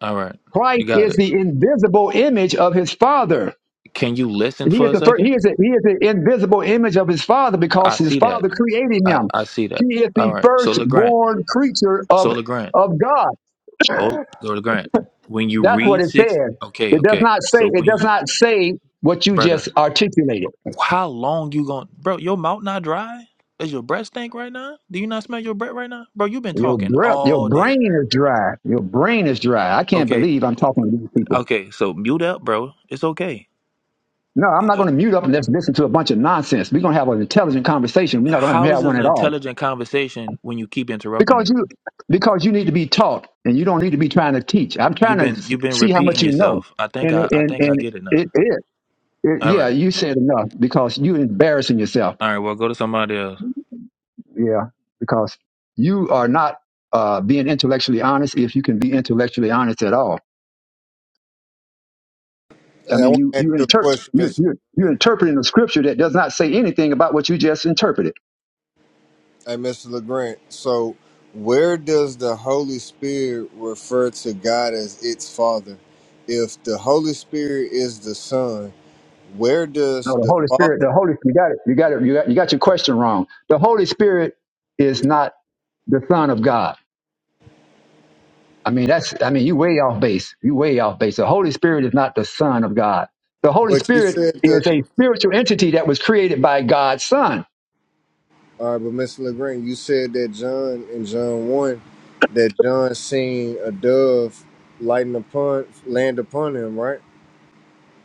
Speaker 9: All right. You
Speaker 1: Christ
Speaker 9: got
Speaker 1: is
Speaker 9: it.
Speaker 1: the invisible image of his father.
Speaker 9: Can you listen
Speaker 1: He
Speaker 9: for
Speaker 1: is
Speaker 9: a
Speaker 1: the first,
Speaker 9: second?
Speaker 1: he is the, he is the invisible image of his father because
Speaker 9: I
Speaker 1: his
Speaker 9: see that.
Speaker 1: father created
Speaker 9: I,
Speaker 1: him.
Speaker 9: I see that.
Speaker 1: He is
Speaker 9: All
Speaker 1: the
Speaker 9: right. So LeGrant.
Speaker 1: firstborn creature
Speaker 9: So
Speaker 1: of
Speaker 9: LeGrant.
Speaker 1: of God.
Speaker 9: Hold go LeGrant. When you
Speaker 1: That's what
Speaker 9: read
Speaker 1: it
Speaker 9: six
Speaker 1: says.
Speaker 9: okay,
Speaker 1: It does
Speaker 9: okay.
Speaker 1: not
Speaker 9: So
Speaker 1: say it
Speaker 9: when
Speaker 1: does
Speaker 9: you
Speaker 1: not say what you
Speaker 9: brother,
Speaker 1: just articulated.
Speaker 9: How long you going bro, your mouth not dry? Does your breath stink right now? Do you not smell your breath right now? Bro, you've been
Speaker 1: Your
Speaker 9: talking
Speaker 1: breath, your
Speaker 9: all day.
Speaker 1: brain is dry. Your brain is dry. I can't
Speaker 9: Okay,
Speaker 1: believe I'm talking to these people.
Speaker 9: okay, so mute up, bro. It's okay.
Speaker 1: No, I'm not going to mute up and just listen to a bunch of nonsense. We're going to have an intelligent conversation. We're not going to
Speaker 9: How is
Speaker 1: have
Speaker 9: this
Speaker 1: one
Speaker 9: an
Speaker 1: at all
Speaker 9: intelligent conversation when you keep interrupting me?
Speaker 1: because you because you need to be taught, and you don't need to be trying to teach. I'm trying
Speaker 9: You've
Speaker 1: to
Speaker 9: been
Speaker 1: s-
Speaker 9: you've been
Speaker 1: see how much
Speaker 9: repeating
Speaker 1: you know,
Speaker 9: yourself. I think
Speaker 1: and
Speaker 9: I I
Speaker 1: and
Speaker 9: think I
Speaker 1: and
Speaker 9: get it now.
Speaker 1: it, it, it
Speaker 9: All
Speaker 1: yeah,
Speaker 9: right.
Speaker 1: you said enough because you're embarrassing yourself.
Speaker 9: All right, well go to somebody else.
Speaker 1: Yeah, because you are not uh, being intellectually honest. If you can be intellectually honest at all, I
Speaker 10: Hey, I
Speaker 1: mean,
Speaker 10: want
Speaker 1: you
Speaker 10: to ask
Speaker 1: you
Speaker 10: you a
Speaker 1: interpret
Speaker 10: question,
Speaker 1: you you
Speaker 10: Mister.
Speaker 1: you're you you're interpreting a scripture that does not say anything about what you just interpreted.
Speaker 10: Hey, Mister Legrand. So, where does the Holy Spirit refer to God as its Father? If the Holy Spirit is the Son, where does
Speaker 1: No, the
Speaker 10: the
Speaker 1: Holy Spirit,
Speaker 10: Father?
Speaker 1: the Holy you got it. You got it. You got you got your question wrong. The Holy Spirit is not the Son of God. I mean, that's I mean, you way off base. You way off base. The Holy Spirit is not the Son of God. The Holy
Speaker 10: But you
Speaker 1: Spirit
Speaker 10: said that.
Speaker 1: is a spiritual entity that was created by God's Son.
Speaker 10: All right, but Mr. LeGrand, you said that John in John one, that John seen a dove lighten upon land upon him, right?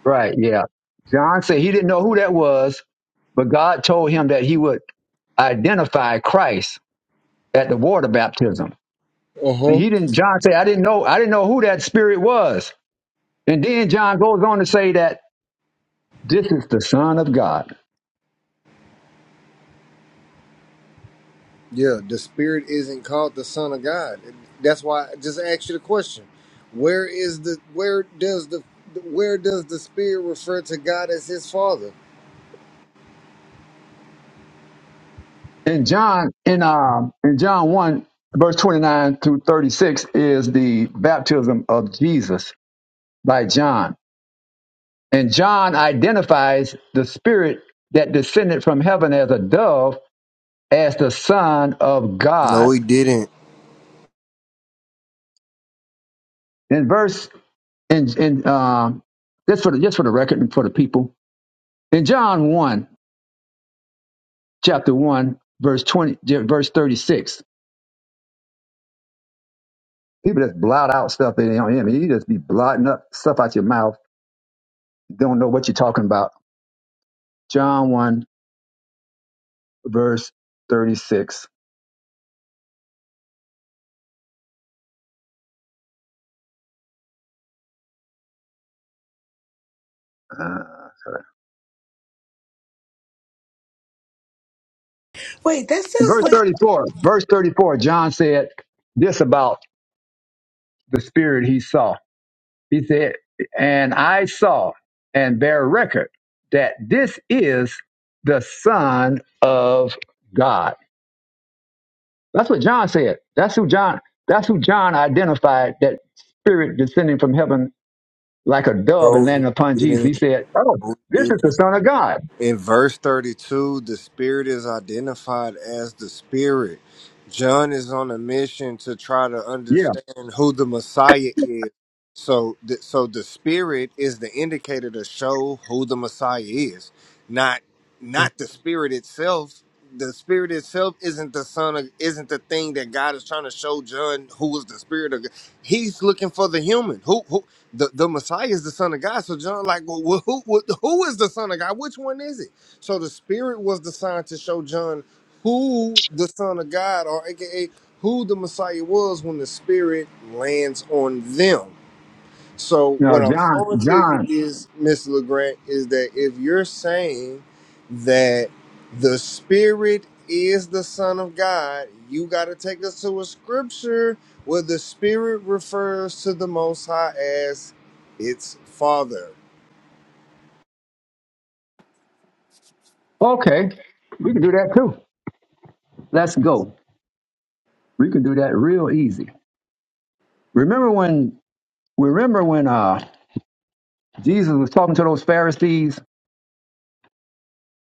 Speaker 1: Right, yeah. John said he didn't know who that was, but God told him that he would identify Christ at the water baptism.
Speaker 10: Uh
Speaker 1: And
Speaker 10: huh.
Speaker 1: he didn't John said, I didn't know I didn't know who that spirit was. And then John goes on to say that This is the Son of God.
Speaker 10: Yeah, the spirit isn't called the Son of God. That's why I just asked you the question: Where is the where does the where does the spirit refer to God as His Father?
Speaker 1: And John in um in John one verse twenty nine through thirty six is the baptism of Jesus by John. And John identifies the Spirit that descended from heaven as a dove as the Son of
Speaker 10: No,
Speaker 1: God.
Speaker 10: he didn't.
Speaker 1: In verse in in um just for the just for the record and for the people in John one chapter one verse twenty verse thirty six people just blot out stuff they don't hear. You just be blotting up stuff out your mouth Don't know what you're talking about. John 1, verse 36. Uh,
Speaker 13: Wait, that sounds
Speaker 1: verse
Speaker 13: like
Speaker 1: 34. Verse 34. John said this about the spirit he saw. He said, And I saw and bear record that this is the Son of God. That's what John said. That's who John. That's who John identified. That spirit descending from heaven like a dove and
Speaker 10: No,
Speaker 1: landing upon
Speaker 10: he
Speaker 1: Jesus. He
Speaker 10: didn't.
Speaker 1: said, "Oh,
Speaker 10: No, he
Speaker 1: this
Speaker 10: didn't.
Speaker 1: is the Son of God."
Speaker 10: In verse 32, the spirit is identified as the spirit. John is on a mission to try to
Speaker 1: Yeah,
Speaker 10: understand who the Messiah is. So, th- so the spirit is the indicator to show who the Messiah is, not not the spirit itself. The spirit itself isn't the son of isn't the thing that God is trying to show John who is the spirit of. God. He's looking for the human. Who who? the, the Messiah is the Son of God. So John, like, well, who, who who is the Son of God? Which one is it? So the Spirit was the sign to show John who the Son of God, or AKA who the Messiah was, when the Spirit lands on them. So
Speaker 1: No,
Speaker 10: what I'm
Speaker 1: John,
Speaker 10: throwing to you
Speaker 1: John.
Speaker 10: is, Miss LeGrand, is that if you're saying that the Spirit is the Son of God, you got to take us to a scripture where the Spirit refers to the Most High as its Father.
Speaker 1: Okay, we can do that too. Let's go. We can do that real easy. Remember when? Remember when uh, Jesus was talking to those Pharisees?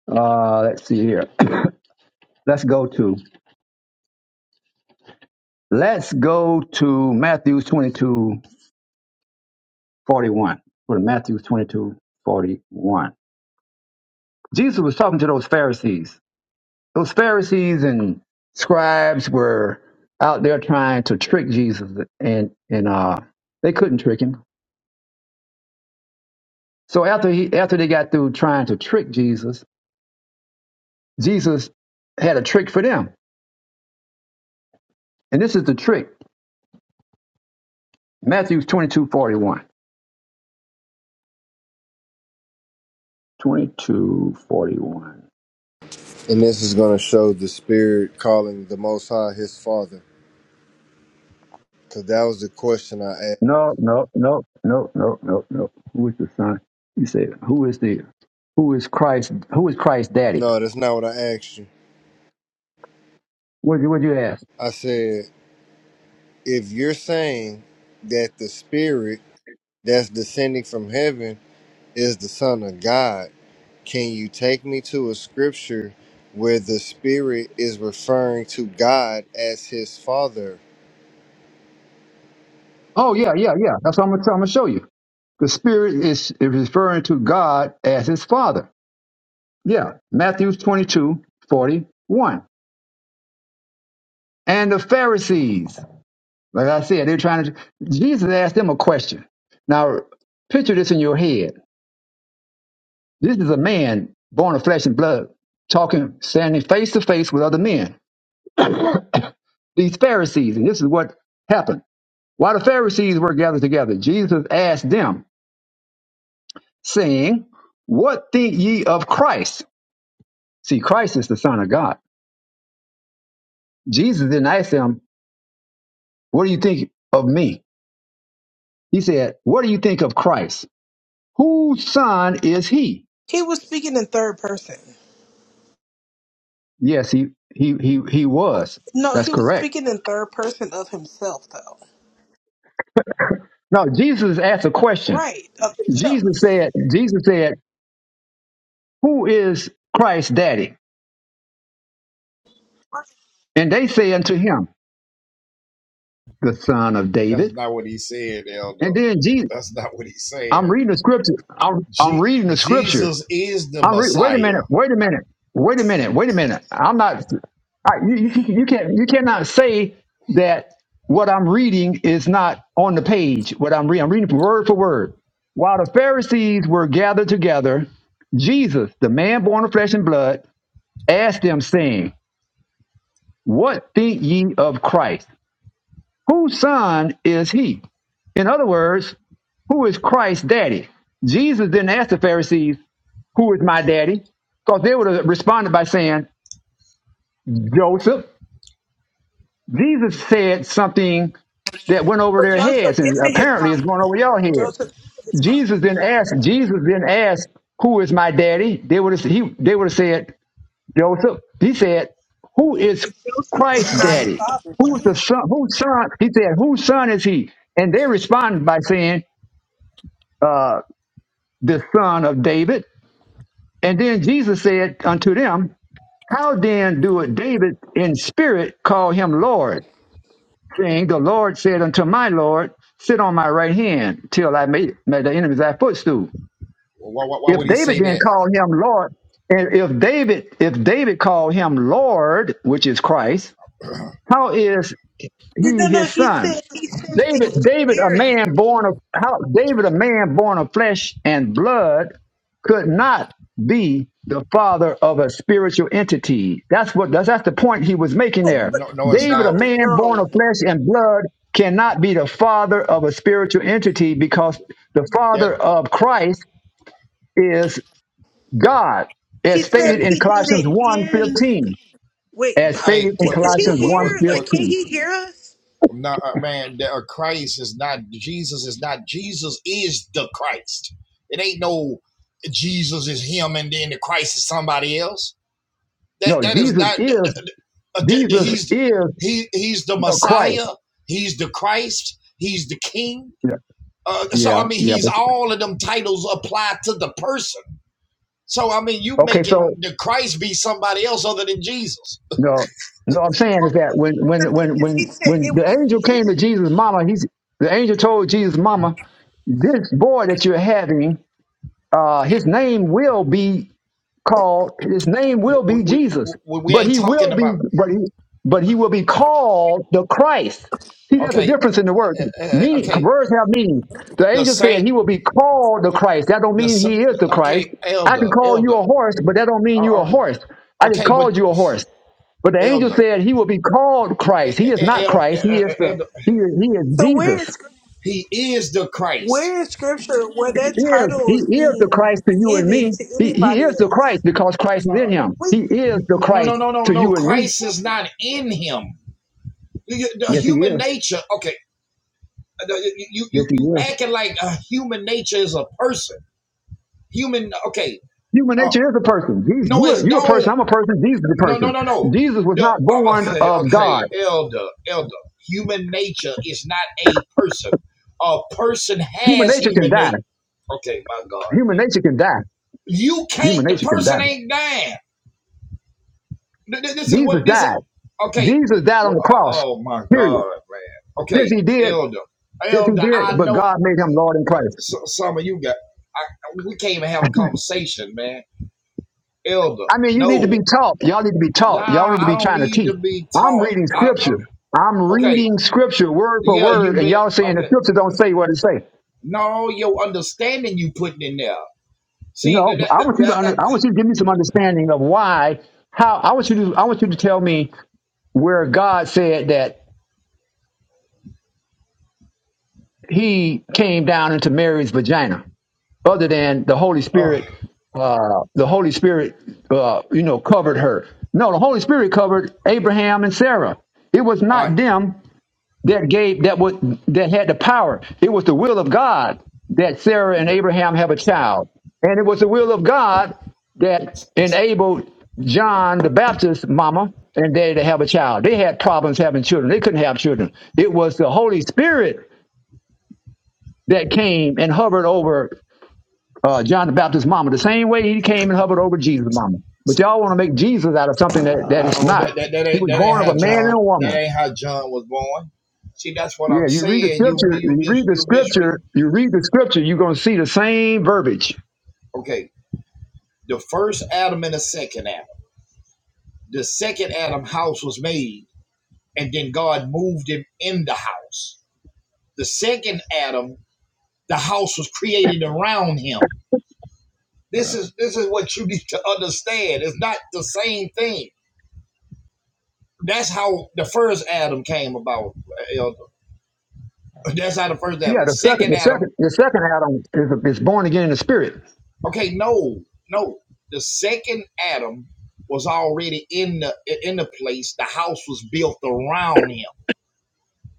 Speaker 1: Uh, let's see here. let's go to. Let's go to Matthew 22 41. 41. Go to Matthew 22, forty-one. Jesus was talking to those Pharisees. Those Pharisees and scribes were out there trying to trick Jesus, and and uh, they couldn't trick him So after he after they got through trying to trick Jesus, Jesus had a trick for them. And this is the trick. Matthew 22, 41. twenty-two forty-one.
Speaker 10: And this is going to show the Spirit calling the Most High his Father. Because that was the question I asked.
Speaker 1: No, no, no, no, no, no, no. Who is the son? You said, who is the who is Christ who is Christ's daddy?
Speaker 10: No, that's not what I asked you.
Speaker 1: What would you what'd you ask?
Speaker 10: I said, if you're saying that the Spirit that's descending from heaven is the Son of God. Can you take me to a scripture where the Spirit is referring to God as his Father?
Speaker 1: Oh yeah, yeah, yeah. That's what I'm gonna I'm gonna show you. The spirit is, is referring to God as his father. Yeah. Matthew 22 41, And the Pharisees. Like I said, they're trying to. Jesus asked them a question. Now, picture this in your head. This is a man born of flesh and blood, talking, standing face to face with other men, these Pharisees. And this is what happened. While the Pharisees were gathered together, Jesus asked them, saying, What think ye of Christ? See, Christ is the Son of God. Jesus didn't ask them, What do you think of me? He said, What do you think of Christ? Whose son is he?
Speaker 13: he was speaking in third person.
Speaker 1: Yes, he he he he was.
Speaker 13: No,
Speaker 1: That's
Speaker 13: he was
Speaker 1: correct.
Speaker 13: speaking in third person of himself, though.
Speaker 1: Now Jesus asked a question.
Speaker 13: Right, of himself.
Speaker 1: Jesus said, Jesus said, Who is Christ's daddy? And they say unto him, The son of
Speaker 5: That's
Speaker 1: David.
Speaker 5: not what he said, Elder.
Speaker 1: And then Jesus
Speaker 5: That's not what he said.
Speaker 1: I'm reading the scripture. I'm, I'm
Speaker 5: Je-
Speaker 1: reading the scripture.
Speaker 5: Jesus is the
Speaker 1: I'm re- wait a
Speaker 5: Messiah.
Speaker 1: minute, wait a minute, wait a minute, wait a minute. I'm not. I, you, you can- you can't you cannot say that what I'm reading is not on the page. What I'm reading, I'm reading word for word. While the Pharisees were gathered together, Jesus, the man born of flesh and blood, asked them, saying, "What think ye of Christ? Whose son is he?" In other words, who is Christ's daddy? Jesus didn't ask the Pharisees, Who is my daddy? Because they would have responded by saying, Joseph, Jesus said something that went over
Speaker 13: But
Speaker 1: their
Speaker 13: Joseph
Speaker 1: heads, and
Speaker 13: isn't his
Speaker 1: apparently it's
Speaker 13: father.
Speaker 1: going over your head.
Speaker 13: Joseph is his father.
Speaker 1: Jesus didn't ask. Jesus didn't ask, "Who is my daddy?" They would have. He. They would have said, "Joseph." He said, "Who is
Speaker 13: If Joseph is
Speaker 1: Christ's
Speaker 13: not his
Speaker 1: daddy?
Speaker 13: father.
Speaker 1: Who's
Speaker 13: though.
Speaker 1: the son? Whose son?" He said, "Whose son is he?" And they responded by saying, uh, "The son of David." And then Jesus said unto them, "How then do David in spirit call him Lord?" King, the Lord said unto my Lord, Sit on my right hand till I make, make the enemies thy footstool.
Speaker 5: Why, why, why
Speaker 1: If
Speaker 5: would he
Speaker 1: David
Speaker 5: say
Speaker 1: didn't
Speaker 5: that?
Speaker 1: call him Lord, and if David, if David called him Lord, which is Christ, how is he
Speaker 13: No, no,
Speaker 1: his
Speaker 13: he
Speaker 1: son?
Speaker 13: said he said
Speaker 1: David,
Speaker 13: in
Speaker 1: David, a
Speaker 13: spirit.
Speaker 1: man born of how, David, a man born of flesh and blood, could not be the father of a spiritual entity. That's what that's, that's the point he was making
Speaker 13: But,
Speaker 1: there.
Speaker 13: but
Speaker 5: No, no, it's
Speaker 1: David, a
Speaker 5: not.
Speaker 13: no,
Speaker 1: man born
Speaker 13: no.
Speaker 1: of flesh and blood, cannot be the father of a spiritual entity because the
Speaker 5: That
Speaker 1: father of Christ is God,
Speaker 13: He
Speaker 1: as
Speaker 5: that
Speaker 13: said
Speaker 1: stated in
Speaker 13: he did
Speaker 1: Colossians
Speaker 13: it
Speaker 1: one
Speaker 13: in.
Speaker 1: fifteen.
Speaker 13: Wait,
Speaker 1: As stated
Speaker 5: hey,
Speaker 1: in
Speaker 13: can-
Speaker 5: what
Speaker 13: is
Speaker 5: what
Speaker 13: he
Speaker 1: Colossians
Speaker 5: what
Speaker 1: one
Speaker 5: what
Speaker 13: here?
Speaker 5: what,
Speaker 13: Like, can
Speaker 1: fifteen.
Speaker 13: he hear us?
Speaker 5: No, uh, man, the, uh, Christ is not Jesus. Is not Jesus is the Christ. It ain't no Jesus is him, and then the Christ is somebody else. That
Speaker 1: No,
Speaker 5: that is
Speaker 1: Jesus
Speaker 5: not.
Speaker 1: is
Speaker 5: uh,
Speaker 1: Jesus
Speaker 5: He's the-
Speaker 1: is
Speaker 5: he he's the
Speaker 1: the Christ.
Speaker 5: Messiah. He's the Christ. He's the King.
Speaker 1: Yeah,
Speaker 5: Uh, so I
Speaker 1: yeah,
Speaker 5: mean,
Speaker 1: yeah.
Speaker 5: he's
Speaker 1: But,
Speaker 5: all of them titles apply to the person. So I mean, you
Speaker 1: okay,
Speaker 5: making
Speaker 1: so
Speaker 5: the Christ be somebody else other than Jesus.
Speaker 1: no, no. I'm saying is that when
Speaker 13: The
Speaker 1: when
Speaker 13: thing
Speaker 1: when
Speaker 13: is, he
Speaker 1: when
Speaker 13: said it
Speaker 1: when the
Speaker 13: was
Speaker 1: angel came
Speaker 13: in.
Speaker 1: to Jesus' mama, he's the angel told Jesus' mama, this boy that you're having, uh, his name will be. called his name
Speaker 5: We,
Speaker 1: will be
Speaker 5: we,
Speaker 1: Jesus,
Speaker 5: we, we
Speaker 1: but
Speaker 5: ain't
Speaker 1: he
Speaker 5: talking
Speaker 1: will be
Speaker 5: about
Speaker 1: but he but he will be called the Christ. See, that's a
Speaker 5: okay,
Speaker 1: difference in the word.
Speaker 5: uh, uh, uh,
Speaker 1: Meaning
Speaker 5: okay
Speaker 1: words have meaning. The
Speaker 5: the
Speaker 1: angel
Speaker 5: Saint.
Speaker 1: said he will be called the Christ. That don't
Speaker 5: the
Speaker 1: mean he is the Christ.
Speaker 5: okay
Speaker 1: I can
Speaker 5: elder
Speaker 1: call you
Speaker 5: elder
Speaker 1: a horse, but that don't mean
Speaker 5: uh,
Speaker 1: you're a
Speaker 5: uh,
Speaker 1: horse. I just
Speaker 5: okay but
Speaker 1: called you a horse. But the angel
Speaker 5: elder
Speaker 1: said he will be called
Speaker 5: e-
Speaker 1: Christ. He is
Speaker 5: e-
Speaker 1: not
Speaker 5: e- e-
Speaker 1: Christ.
Speaker 5: e,
Speaker 1: He
Speaker 5: e,
Speaker 1: is the
Speaker 5: elder
Speaker 1: he is, he is
Speaker 13: So where
Speaker 1: Jesus.
Speaker 13: is?
Speaker 5: he is the christ
Speaker 13: Where is scripture where
Speaker 1: He
Speaker 13: that
Speaker 1: is,
Speaker 13: title
Speaker 1: he
Speaker 13: is
Speaker 1: is the
Speaker 13: being
Speaker 1: Christ to you and
Speaker 13: given
Speaker 1: me.
Speaker 13: to
Speaker 1: He, he
Speaker 13: anybody
Speaker 1: is the
Speaker 13: else?
Speaker 1: Christ because Christ is in
Speaker 5: no
Speaker 1: him.
Speaker 13: We
Speaker 1: He is the
Speaker 5: no no
Speaker 1: Christ
Speaker 5: no no no
Speaker 1: to
Speaker 5: no.
Speaker 1: you and me.
Speaker 5: christ is
Speaker 13: okay.
Speaker 5: not in him the
Speaker 1: Yes, he
Speaker 5: human
Speaker 1: is.
Speaker 5: nature okay you
Speaker 1: Yes,
Speaker 5: you
Speaker 1: he
Speaker 5: you
Speaker 1: is.
Speaker 5: acting like a human nature is a person human okay
Speaker 1: Human
Speaker 5: uh,
Speaker 1: nature is a person. He's,
Speaker 5: no
Speaker 1: you,
Speaker 5: it's
Speaker 1: you a
Speaker 5: no.
Speaker 1: person. I'm a person. Jesus is a
Speaker 5: No, no,
Speaker 1: person.
Speaker 5: no, no.
Speaker 1: Jesus was
Speaker 5: The,
Speaker 1: not
Speaker 5: uh,
Speaker 1: born
Speaker 5: okay,
Speaker 1: of
Speaker 5: okay,
Speaker 1: God.
Speaker 5: elder, elder. Human nature is not a person. A person
Speaker 1: Human
Speaker 5: has
Speaker 1: nature can
Speaker 5: human nature.
Speaker 1: die.
Speaker 5: Okay, my God,
Speaker 1: Human
Speaker 5: dude.
Speaker 1: nature can die.
Speaker 5: you can't.
Speaker 1: Human
Speaker 5: The
Speaker 1: nature can
Speaker 5: person
Speaker 1: die.
Speaker 5: ain't dying. This is
Speaker 1: Jesus
Speaker 5: what this is.
Speaker 1: died.
Speaker 5: Okay.
Speaker 1: Jesus died on
Speaker 5: Well,
Speaker 1: the
Speaker 5: uh,
Speaker 1: cross.
Speaker 5: Oh my
Speaker 1: Period.
Speaker 5: God, man.
Speaker 1: Yes,
Speaker 5: Okay,
Speaker 1: he did.
Speaker 5: elder,
Speaker 1: Yes, he
Speaker 5: elder.
Speaker 1: did.
Speaker 5: I
Speaker 1: But
Speaker 5: know
Speaker 1: God made him Lord in Christ.
Speaker 5: so, some of you got. I, we can't even have a conversation, man. Elder,
Speaker 1: I mean, you need to be
Speaker 5: no,
Speaker 1: taught. Y'all need to be taught. Y'all
Speaker 5: nah.
Speaker 1: need to
Speaker 5: I
Speaker 1: be
Speaker 5: don't
Speaker 1: trying to
Speaker 5: need
Speaker 1: teach.
Speaker 5: to be
Speaker 1: I'm
Speaker 5: taught.
Speaker 1: reading
Speaker 5: I,
Speaker 1: scripture. I'm
Speaker 5: okay,
Speaker 1: reading scripture word for
Speaker 5: Yeah, you
Speaker 1: word, and
Speaker 5: meant
Speaker 1: y'all saying the
Speaker 5: okay.
Speaker 1: scripture don't say what it say.
Speaker 5: No, your understanding you putting in there.
Speaker 1: No,
Speaker 5: See that that
Speaker 1: I
Speaker 5: that,
Speaker 1: want you to
Speaker 5: that,
Speaker 1: under, I want you to give me some understanding of why, how I want you to I want you
Speaker 5: that
Speaker 1: to tell me where God said that He came down into Mary's vagina, other than the Holy
Speaker 5: oh,
Speaker 1: Spirit. Uh, the Holy Spirit, uh, you know, covered her. No, the Holy Spirit covered Abraham and Sarah. It was
Speaker 5: all
Speaker 1: not
Speaker 5: right.
Speaker 1: them that gave that would that had the power. It was the will of God that Sarah and Abraham have a child, and it was the will of God that enabled John the Baptist's Mama and Daddy, to have a child. They had problems having children; they couldn't have children. It was the Holy Spirit that came and hovered over uh, John the Baptist's Mama, the same way He came and hovered over Jesus' Mama. But y'all want to make Jesus out of something that, that it's
Speaker 5: No, that,
Speaker 1: not.
Speaker 5: that that
Speaker 1: He
Speaker 5: ain't
Speaker 1: was
Speaker 5: that ain't
Speaker 1: born of
Speaker 5: how
Speaker 1: a man and
Speaker 5: John
Speaker 1: a
Speaker 5: that
Speaker 1: woman.
Speaker 5: ain't how John was born. See, that's what
Speaker 1: Yeah,
Speaker 5: I'm
Speaker 1: you read the
Speaker 5: saying. You
Speaker 1: scripture,
Speaker 5: you
Speaker 1: you read
Speaker 5: mis
Speaker 1: the
Speaker 5: you misread.
Speaker 1: scripture, you read the scripture, you're gonna see the same verbiage.
Speaker 5: Okay, the first Adam and the second Adam. The second Adam house was made, and then God moved him in the house. The second Adam, the house was created around him. This is this is what you need to understand. It's not the same thing. That's how the first Adam came about. That's how the first Adam.
Speaker 1: Yeah,
Speaker 5: The
Speaker 1: the second
Speaker 5: second
Speaker 1: the second
Speaker 5: Adam.
Speaker 1: the second Adam is, is born again in the spirit.
Speaker 5: Okay, no, no. The second Adam was already in the in the place. The house was built around him.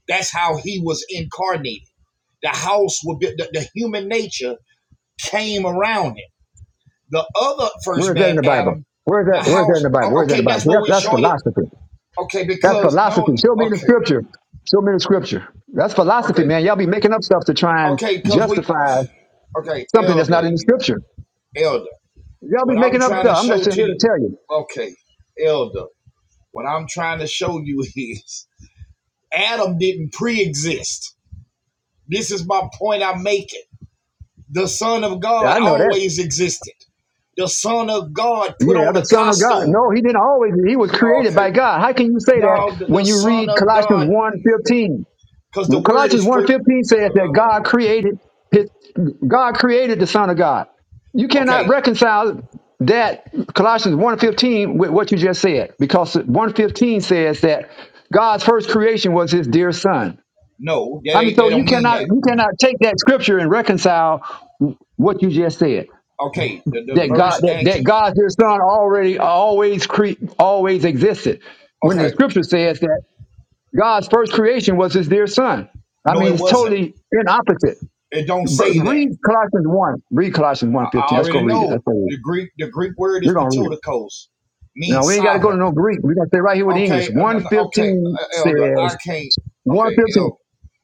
Speaker 5: That's how he was incarnated. The house would be the, the human nature came around him. The other
Speaker 1: Where
Speaker 5: first
Speaker 1: is that in
Speaker 5: man,
Speaker 1: the Bible?
Speaker 5: Adam,
Speaker 1: Where is
Speaker 5: the
Speaker 1: that where is that in
Speaker 5: house.
Speaker 1: the Bible? Where is that in
Speaker 5: Okay,
Speaker 1: the Bible?
Speaker 5: that's what
Speaker 1: That's,
Speaker 5: we're
Speaker 1: that's
Speaker 5: showing you.
Speaker 1: philosophy.
Speaker 5: Okay,
Speaker 1: That's
Speaker 5: because no.
Speaker 1: philosophy. Show me the
Speaker 5: Okay,
Speaker 1: scripture. Show me the scripture. That's philosophy,
Speaker 5: Okay.
Speaker 1: man. Y'all be making up stuff to try and
Speaker 5: Okay, because we
Speaker 1: justify
Speaker 5: okay,
Speaker 1: something that's not
Speaker 5: elder,
Speaker 1: in the
Speaker 5: you got
Speaker 1: scripture.
Speaker 5: elder.
Speaker 1: Y'all
Speaker 5: What
Speaker 1: be
Speaker 5: I'm
Speaker 1: making up
Speaker 5: trying to
Speaker 1: stuff. I'm
Speaker 5: show
Speaker 1: just here
Speaker 5: to you
Speaker 1: to tell you.
Speaker 5: okay, elder, what I'm trying to show you is Adam didn't pre exist. This is my point I'm making. The Son of God
Speaker 1: I know that.
Speaker 5: always existed. The Son of God put
Speaker 1: Yeah,
Speaker 5: on
Speaker 1: the
Speaker 5: a
Speaker 1: Son of God. No,
Speaker 5: costume.
Speaker 1: he didn't always. He was
Speaker 5: Oh,
Speaker 1: created
Speaker 5: Okay.
Speaker 1: by God. How can you say that
Speaker 5: No, the, the
Speaker 1: when you
Speaker 5: Son
Speaker 1: read
Speaker 5: of
Speaker 1: Colossians
Speaker 5: God,
Speaker 1: one fifteen?
Speaker 5: because the word
Speaker 1: Colossians
Speaker 5: is
Speaker 1: one
Speaker 5: pre
Speaker 1: fifteen says that God
Speaker 5: um,
Speaker 1: created his, God created the Son of God. You cannot
Speaker 5: okay.
Speaker 1: reconcile that Colossians one fifteen with what you just said because one fifteen says that God's first creation was his dear son.
Speaker 5: No, that
Speaker 1: I mean,
Speaker 5: ain't
Speaker 1: so
Speaker 5: They
Speaker 1: you
Speaker 5: don't mean
Speaker 1: cannot
Speaker 5: that.
Speaker 1: you cannot take that scripture and reconcile what you just said
Speaker 5: Okay, the, the
Speaker 1: that God
Speaker 5: verse
Speaker 1: that,
Speaker 5: actually
Speaker 1: that God your Son already always cre- always existed. When the
Speaker 5: okay.
Speaker 1: scripture says that God's first creation was his dear son. I
Speaker 5: No,
Speaker 1: mean
Speaker 5: it
Speaker 1: it's
Speaker 5: wasn't.
Speaker 1: totally in opposite.
Speaker 5: It don't say that.
Speaker 1: Read Colossians 1. Read Colossians one
Speaker 5: I
Speaker 1: let Let's go
Speaker 5: already
Speaker 1: read it.
Speaker 5: know
Speaker 1: That's what
Speaker 5: the Greek. The Greek word
Speaker 1: we're
Speaker 5: is
Speaker 1: gonna read it.
Speaker 5: patodikos,
Speaker 1: Now
Speaker 5: means
Speaker 1: we ain't gotta go to
Speaker 5: sovereign.
Speaker 1: no Greek. We're gonna stay right here with the English.
Speaker 5: Okay, uh, no, no, okay,
Speaker 1: 115
Speaker 5: uh, elder.
Speaker 1: says
Speaker 5: I can't. Okay,
Speaker 1: 115,
Speaker 5: elder.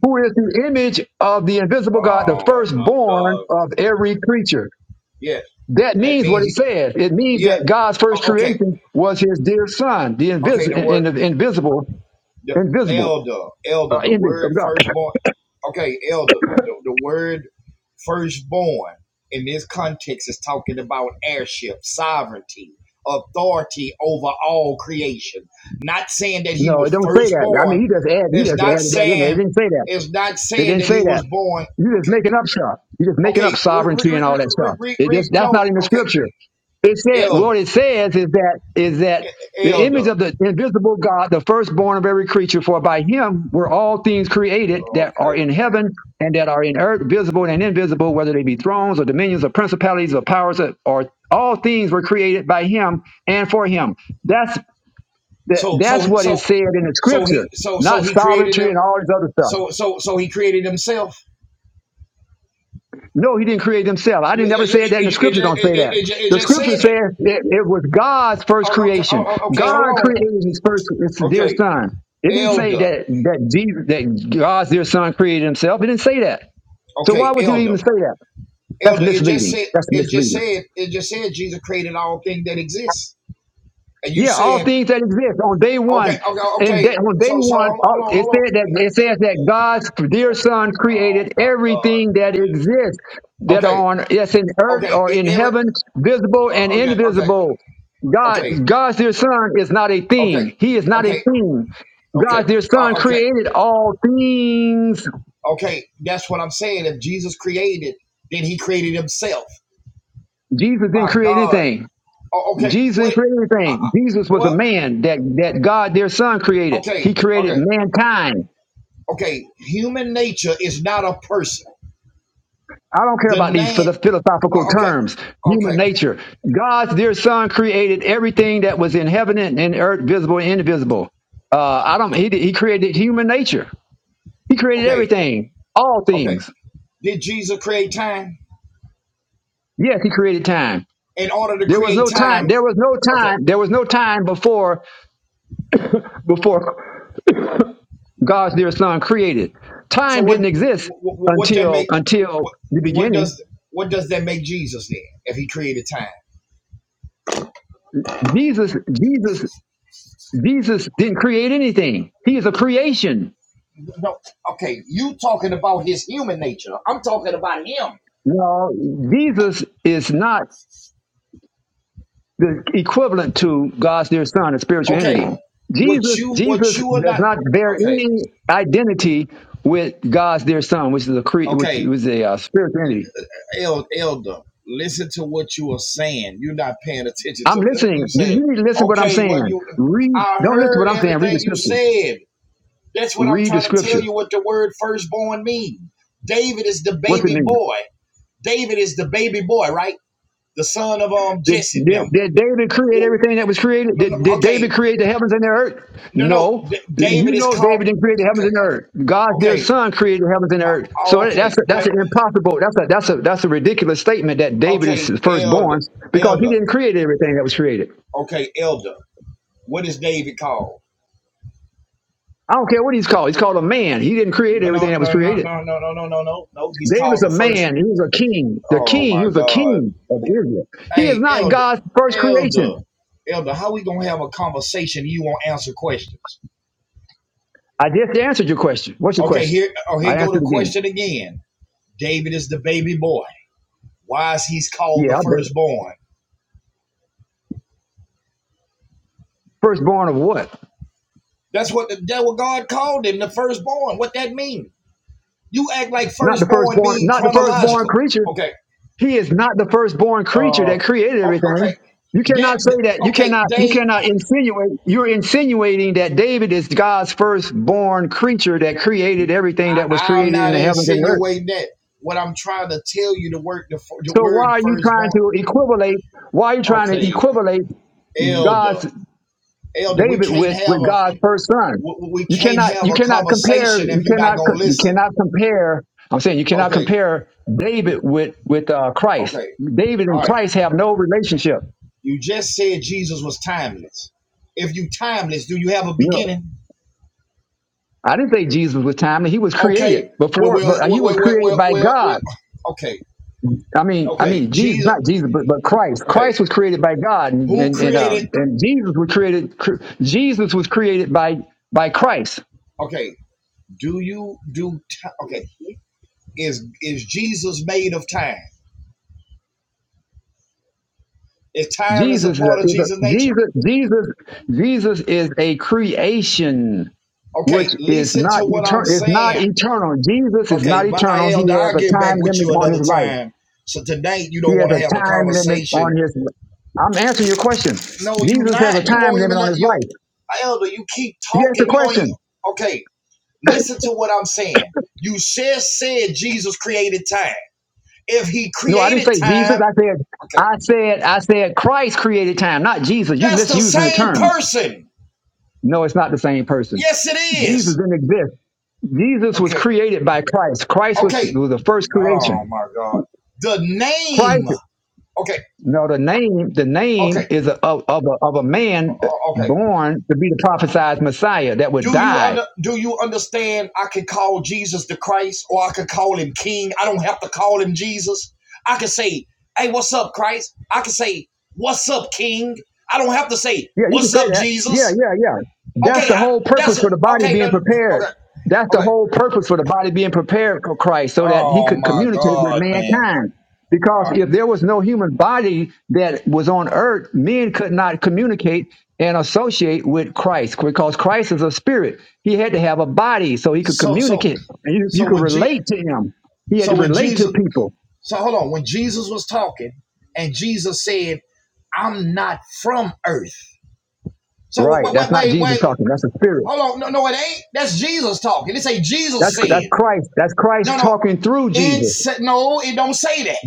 Speaker 1: who is the image of the invisible God, the
Speaker 5: Oh my
Speaker 1: firstborn
Speaker 5: God.
Speaker 1: of every creature.
Speaker 5: Yeah,
Speaker 1: That
Speaker 5: that
Speaker 1: means what
Speaker 5: means.
Speaker 1: it
Speaker 5: He,
Speaker 1: says. It means
Speaker 5: yeah.
Speaker 1: that God's first
Speaker 5: o- Okay.
Speaker 1: creation was His dear Son, the
Speaker 5: Okay. The
Speaker 1: invisible, in,
Speaker 5: word.
Speaker 1: in- invisible,
Speaker 5: the
Speaker 1: invisible
Speaker 5: elder, elder,
Speaker 1: uh,
Speaker 5: the
Speaker 1: image
Speaker 5: word
Speaker 1: of God.
Speaker 5: firstborn. Okay, elder, the, the word firstborn in this context is talking about heirship, sovereignty, authority over all creation. Not saying that he
Speaker 1: No, it
Speaker 5: was
Speaker 1: don't say that. I mean,
Speaker 5: firstborn.
Speaker 1: he just add, he
Speaker 5: It's
Speaker 1: just
Speaker 5: not
Speaker 1: added that in there. It
Speaker 5: saying.
Speaker 1: didn't say that.
Speaker 5: It's not
Speaker 1: It
Speaker 5: saying
Speaker 1: didn't
Speaker 5: that
Speaker 1: say
Speaker 5: he
Speaker 1: that.
Speaker 5: was born.
Speaker 1: You just
Speaker 5: Okay,
Speaker 1: making up stuff. You just making up
Speaker 5: okay, re, re,
Speaker 1: sovereignty
Speaker 5: re,
Speaker 1: and all that
Speaker 5: re,
Speaker 1: stuff.
Speaker 5: re,
Speaker 1: It
Speaker 5: re,
Speaker 1: just that's
Speaker 5: no,
Speaker 1: not in the
Speaker 5: okay,
Speaker 1: scripture. It said
Speaker 5: elder,
Speaker 1: what it says is that is that
Speaker 5: e- e,
Speaker 1: the
Speaker 5: elder.
Speaker 1: image of the invisible God, the firstborn of every creature, for by him were all things created that are
Speaker 5: Okay,
Speaker 1: in
Speaker 5: man.
Speaker 1: heaven and that are in earth, visible and invisible, whether they be thrones or dominions or principalities or powers or, or all things were created by him and for him. That's that,
Speaker 5: So,
Speaker 1: that's
Speaker 5: so,
Speaker 1: what is
Speaker 5: so,
Speaker 1: said in the
Speaker 5: so he,
Speaker 1: scripture,
Speaker 5: so, so
Speaker 1: not
Speaker 5: he created
Speaker 1: sovereignty
Speaker 5: him.
Speaker 1: and all this other stuff.
Speaker 5: So so so he created himself.
Speaker 1: No, he didn't create himself. I didn't
Speaker 5: You- you-
Speaker 1: never
Speaker 5: you-
Speaker 1: say
Speaker 5: It,
Speaker 1: that in the
Speaker 5: it, it,
Speaker 1: scripture.
Speaker 5: just-
Speaker 1: Don't say
Speaker 5: it, it,
Speaker 1: that.
Speaker 5: it it
Speaker 1: The
Speaker 5: just
Speaker 1: scripture
Speaker 5: said it.
Speaker 1: says it, it was God's first
Speaker 5: Oh, Okay, oh,
Speaker 1: creation.
Speaker 5: oh, okay, hold
Speaker 1: God
Speaker 5: on.
Speaker 1: created his first his dear
Speaker 5: Okay,
Speaker 1: son. It didn't say
Speaker 5: elder.
Speaker 1: that that Jesus, that God's dear son created himself. It didn't say that. So why
Speaker 5: Okay,
Speaker 1: would you
Speaker 5: elder,
Speaker 1: even say that? That's
Speaker 5: elder. It just
Speaker 1: misleading.
Speaker 5: said.
Speaker 1: That's
Speaker 5: It just
Speaker 1: misleading.
Speaker 5: said. It just said Jesus created all things that exist. And you
Speaker 1: Yeah, all
Speaker 5: saying,
Speaker 1: things that exist on day
Speaker 5: okay,
Speaker 1: one,
Speaker 5: okay,
Speaker 1: and
Speaker 5: okay.
Speaker 1: day, on day
Speaker 5: So so
Speaker 1: one,
Speaker 5: hold on,
Speaker 1: uh,
Speaker 5: hold on.
Speaker 1: it
Speaker 5: Hold on.
Speaker 1: said that it says that God's dear Son
Speaker 5: Oh
Speaker 1: created everything
Speaker 5: my
Speaker 1: that exists
Speaker 5: God.
Speaker 1: that
Speaker 5: Okay,
Speaker 1: are on yes in earth
Speaker 5: okay.
Speaker 1: or
Speaker 5: e-
Speaker 1: in
Speaker 5: Every.
Speaker 1: heaven, visible and
Speaker 5: uh, Okay, okay,
Speaker 1: invisible. God,
Speaker 5: okay,
Speaker 1: God's dear Son is not a
Speaker 5: okay, okay,
Speaker 1: thing. He is not a thing.
Speaker 5: okay,
Speaker 1: God's dear Son
Speaker 5: uh, okay,
Speaker 1: created all things.
Speaker 5: okay. That's what I'm saying. If Jesus created, then He created Himself.
Speaker 1: Jesus didn't
Speaker 5: My
Speaker 1: create
Speaker 5: God.
Speaker 1: anything.
Speaker 5: Oh, okay.
Speaker 1: Jesus didn't
Speaker 5: Wait.
Speaker 1: create
Speaker 5: Uh, uh,
Speaker 1: anything. Jesus was a
Speaker 5: Well,
Speaker 1: man that that God, their Son, created.
Speaker 5: okay,
Speaker 1: He created
Speaker 5: okay,
Speaker 1: mankind.
Speaker 5: okay. Human nature is not a person.
Speaker 1: I don't care
Speaker 5: The
Speaker 1: about these
Speaker 5: name,
Speaker 1: philo- philosophical
Speaker 5: o- okay,
Speaker 1: terms, human
Speaker 5: okay,
Speaker 1: nature. God's dear son created everything that was in heaven and in earth, visible and invisible. Uh, I don't, he, did- he created human nature. He created
Speaker 5: okay,
Speaker 1: everything, all
Speaker 5: okay.
Speaker 1: things.
Speaker 5: Did Jesus create time?
Speaker 1: Yes, he created time.
Speaker 5: In order to
Speaker 1: There was
Speaker 5: create
Speaker 1: no time,
Speaker 5: time,
Speaker 1: there was no
Speaker 5: okay.
Speaker 1: time, there was no time before, before God's dear son created.
Speaker 5: So
Speaker 1: Time didn't
Speaker 5: what,
Speaker 1: exist
Speaker 5: what, what that
Speaker 1: until,
Speaker 5: make?
Speaker 1: until
Speaker 5: What,
Speaker 1: the
Speaker 5: what
Speaker 1: beginning.
Speaker 5: does, what does that make Jesus then? If he created time?
Speaker 1: Jesus, Jesus, Jesus didn't create anything. He is a creation.
Speaker 5: No. Okay, you talking about his human nature? I'm talking about him.
Speaker 1: No, Jesus is not the equivalent to God's dear son, a spiritual entity.
Speaker 5: Okay. What
Speaker 1: Jesus,
Speaker 5: you, what
Speaker 1: Jesus
Speaker 5: you are
Speaker 1: does
Speaker 5: not?
Speaker 1: not bear
Speaker 5: Okay,
Speaker 1: any identity with God's dear son, which is a cre- which
Speaker 5: okay.
Speaker 1: was a uh, spiritual entity.
Speaker 5: El- elder, listen to what you are saying. You're not paying attention
Speaker 1: I'm
Speaker 5: to nothing
Speaker 1: listening.
Speaker 5: you
Speaker 1: You,
Speaker 5: said.
Speaker 1: you need to listen to what I'm
Speaker 5: Okay, well
Speaker 1: saying.
Speaker 5: you,
Speaker 1: Read.
Speaker 5: I
Speaker 1: Don't listen to what
Speaker 5: heard
Speaker 1: I'm saying. Read the
Speaker 5: everything you
Speaker 1: scripture.
Speaker 5: said. That's what I'm
Speaker 1: Read the
Speaker 5: trying to tell
Speaker 1: scripture.
Speaker 5: you. What the word firstborn mean? David is the
Speaker 1: What's it
Speaker 5: baby
Speaker 1: mean?
Speaker 5: boy. David is the baby boy, right? The son of um
Speaker 1: Did,
Speaker 5: Jesse.
Speaker 1: did,
Speaker 5: Them.
Speaker 1: did David create
Speaker 5: Well,
Speaker 1: everything that was created?
Speaker 5: no, no,
Speaker 1: Did, did
Speaker 5: okay,
Speaker 1: David create the heavens and the earth?
Speaker 5: no, no.
Speaker 1: No.
Speaker 5: D-
Speaker 1: You
Speaker 5: David is
Speaker 1: know
Speaker 5: called.
Speaker 1: David didn't create the heavens
Speaker 5: Okay,
Speaker 1: and the earth. God's dear
Speaker 5: okay,
Speaker 1: son created the heavens and the earth. So
Speaker 5: oh,
Speaker 1: that- that's
Speaker 5: okay,
Speaker 1: that's
Speaker 5: Da-
Speaker 1: an impossible, that's a that's a that's a ridiculous statement that David is
Speaker 5: okay.
Speaker 1: the
Speaker 5: Elder,
Speaker 1: firstborn because he
Speaker 5: elder.
Speaker 1: didn't create everything that was created.
Speaker 5: Okay, elder. What is David called?
Speaker 1: I don't care what he's called. He's called a man. He didn't create
Speaker 5: No,
Speaker 1: everything that was
Speaker 5: no, no, no,
Speaker 1: created.
Speaker 5: no, no, no, no, no, no. no. He's
Speaker 1: David's
Speaker 5: called
Speaker 1: a
Speaker 5: the first.
Speaker 1: man. He was a king. The
Speaker 5: Oh
Speaker 1: king, he
Speaker 5: my
Speaker 1: was a
Speaker 5: God.
Speaker 1: king of Israel. He is
Speaker 5: Hey,
Speaker 1: not
Speaker 5: Elder,
Speaker 1: God's first
Speaker 5: Elder,
Speaker 1: creation.
Speaker 5: Elder, how we gonna have a conversation? You won't answer questions.
Speaker 1: I just answered your question. What's your
Speaker 5: Okay,
Speaker 1: question?
Speaker 5: here, oh,
Speaker 1: I
Speaker 5: here go the
Speaker 1: answered again.
Speaker 5: question again. David is the baby boy. Why is he's called the
Speaker 1: Yeah, I bet.
Speaker 5: firstborn?
Speaker 1: Firstborn of what?
Speaker 5: That's what the that what God called him, the firstborn. What that mean? You act like
Speaker 1: Not the
Speaker 5: firstborn
Speaker 1: firstborn,
Speaker 5: mean
Speaker 1: not the firstborn
Speaker 5: chronological.
Speaker 1: creature.
Speaker 5: Okay.
Speaker 1: He is not the firstborn creature
Speaker 5: Uh.
Speaker 1: that created
Speaker 5: Okay.
Speaker 1: everything. You
Speaker 5: That.
Speaker 1: cannot say that. You
Speaker 5: Okay,
Speaker 1: cannot you
Speaker 5: They.
Speaker 1: cannot insinuate you're insinuating that David is God's firstborn creature that created everything that was
Speaker 5: I, I'm
Speaker 1: created in
Speaker 5: not
Speaker 1: the heavens and the earth.
Speaker 5: insinuating that. What I'm trying to tell you, the word, the, fir- the
Speaker 1: So why
Speaker 5: word
Speaker 1: are you trying
Speaker 5: firstborn.
Speaker 1: to equivalate why are you trying to
Speaker 5: Okay,
Speaker 1: equivalate
Speaker 5: elder,
Speaker 1: God's
Speaker 5: elder, we
Speaker 1: David
Speaker 5: can't
Speaker 1: with with
Speaker 5: have a
Speaker 1: God's first son.
Speaker 5: we, we
Speaker 1: You
Speaker 5: can't
Speaker 1: cannot
Speaker 5: have
Speaker 1: you
Speaker 5: a
Speaker 1: cannot compare
Speaker 5: conversation if
Speaker 1: you
Speaker 5: you're not
Speaker 1: cannot
Speaker 5: gonna
Speaker 1: co- you
Speaker 5: listen.
Speaker 1: cannot compare. I'm saying you cannot
Speaker 5: Okay,
Speaker 1: compare David with with uh, Christ.
Speaker 5: okay,
Speaker 1: David
Speaker 5: all
Speaker 1: and
Speaker 5: right.
Speaker 1: Christ have no relationship.
Speaker 5: You just said Jesus was timeless. If you timeless, do you have a
Speaker 1: No,
Speaker 5: beginning?
Speaker 1: I didn't say Jesus was timely. He was
Speaker 5: Okay,
Speaker 1: created
Speaker 5: well,
Speaker 1: before,
Speaker 5: well,
Speaker 1: but uh, he
Speaker 5: well,
Speaker 1: was
Speaker 5: well, well,
Speaker 1: created
Speaker 5: well,
Speaker 1: by
Speaker 5: well,
Speaker 1: God.
Speaker 5: well okay,
Speaker 1: I mean, I
Speaker 5: okay,
Speaker 1: mean Jesus,
Speaker 5: Jesus,
Speaker 1: not Jesus, but, but Christ.
Speaker 5: okay.
Speaker 1: Christ was created by God, and
Speaker 5: Who
Speaker 1: and and, uh,
Speaker 5: created?
Speaker 1: and Jesus was created. cr- Jesus was created by by Christ.
Speaker 5: Okay, do you do? T- okay, Is is Jesus made of time? Is time is a
Speaker 1: Jesus is
Speaker 5: part
Speaker 1: a,
Speaker 5: of
Speaker 1: is
Speaker 5: Jesus'
Speaker 1: a-
Speaker 5: nature?
Speaker 1: Jesus Jesus Jesus is a creation which
Speaker 5: Okay,
Speaker 1: is
Speaker 5: listen
Speaker 1: not
Speaker 5: to what I'm
Speaker 1: eternal. It's not
Speaker 5: saying.
Speaker 1: eternal. Jesus is
Speaker 5: Okay,
Speaker 1: not
Speaker 5: but
Speaker 1: eternal.
Speaker 5: I
Speaker 1: He
Speaker 5: Elder,
Speaker 1: has
Speaker 5: I'll
Speaker 1: a
Speaker 5: get back
Speaker 1: time
Speaker 5: with
Speaker 1: limit
Speaker 5: you
Speaker 1: on his
Speaker 5: another
Speaker 1: life.
Speaker 5: time. So tonight you
Speaker 1: He
Speaker 5: don't
Speaker 1: has
Speaker 5: want to
Speaker 1: a
Speaker 5: have a
Speaker 1: time limit
Speaker 5: conversation.
Speaker 1: on his. I'm answering your question.
Speaker 5: No, you
Speaker 1: Jesus has a
Speaker 5: not. You
Speaker 1: time
Speaker 5: won't
Speaker 1: limit
Speaker 5: even
Speaker 1: on
Speaker 5: let
Speaker 1: his
Speaker 5: you
Speaker 1: life.
Speaker 5: Elder, you keep
Speaker 1: You asked a
Speaker 5: talking. You ain't
Speaker 1: question.
Speaker 5: okay. Listen to what I'm saying. You just said Jesus created time. If he
Speaker 1: No, I didn't
Speaker 5: created
Speaker 1: say Jesus.
Speaker 5: time,
Speaker 1: I said
Speaker 5: okay,
Speaker 1: I said I said Christ created time, not Jesus. You
Speaker 5: that's the
Speaker 1: misusing the
Speaker 5: same
Speaker 1: term.
Speaker 5: person.
Speaker 1: No, it's not the same person.
Speaker 5: Yes, it
Speaker 1: Jesus
Speaker 5: is.
Speaker 1: didn't exist. Jesus was
Speaker 5: Okay.
Speaker 1: created by Christ. Christ was,
Speaker 5: Okay.
Speaker 1: was the first
Speaker 5: Oh
Speaker 1: creation.
Speaker 5: my God. The
Speaker 1: Christ,
Speaker 5: name. Okay.
Speaker 1: no, the name, the
Speaker 5: Okay.
Speaker 1: name is a, of, of, a, of a man
Speaker 5: uh, Okay.
Speaker 1: born to be the prophesied Messiah that would
Speaker 5: Do you
Speaker 1: die
Speaker 5: under do you understand I can call Jesus the Christ or I can call him King? I don't have to call him Jesus. I can say, "Hey, what's up, Christ?" I can say, "What's up, King?" I don't have to say,
Speaker 1: Yeah, you can
Speaker 5: "What's
Speaker 1: say
Speaker 5: up,
Speaker 1: that. Yeah,
Speaker 5: Jesus?"
Speaker 1: yeah, yeah. That's
Speaker 5: Okay,
Speaker 1: the
Speaker 5: I,
Speaker 1: whole
Speaker 5: that's
Speaker 1: purpose for the body
Speaker 5: okay.
Speaker 1: being
Speaker 5: that-
Speaker 1: prepared.
Speaker 5: Okay.
Speaker 1: That's the
Speaker 5: Okay.
Speaker 1: whole purpose for the body being prepared for Christ so that he
Speaker 5: Oh
Speaker 1: could
Speaker 5: my
Speaker 1: communicate with
Speaker 5: God, man.
Speaker 1: mankind.
Speaker 5: All
Speaker 1: Because
Speaker 5: right.
Speaker 1: if there was no human body that was on earth, men could not communicate and associate with Christ because Christ is a spirit. He had to have a body so he could
Speaker 5: So so
Speaker 1: communicate and you, you
Speaker 5: so
Speaker 1: could
Speaker 5: when G
Speaker 1: relate to him. He had to
Speaker 5: so when
Speaker 1: relate
Speaker 5: Jesus
Speaker 1: to people.
Speaker 5: So hold on. When Jesus was talking, and Jesus said, "I'm not from earth." So
Speaker 1: Right.
Speaker 5: wait,
Speaker 1: That's
Speaker 5: wait,
Speaker 1: not
Speaker 5: wait,
Speaker 1: Jesus
Speaker 5: wait.
Speaker 1: talking. That's a spirit.
Speaker 5: Hold on. No, no, it ain't. That's Jesus talking. It say Jesus
Speaker 1: That's, that's
Speaker 5: said.
Speaker 1: Christ. That's Christ
Speaker 5: No, no.
Speaker 1: talking through
Speaker 5: It
Speaker 1: Jesus.
Speaker 5: said no. It don't say that.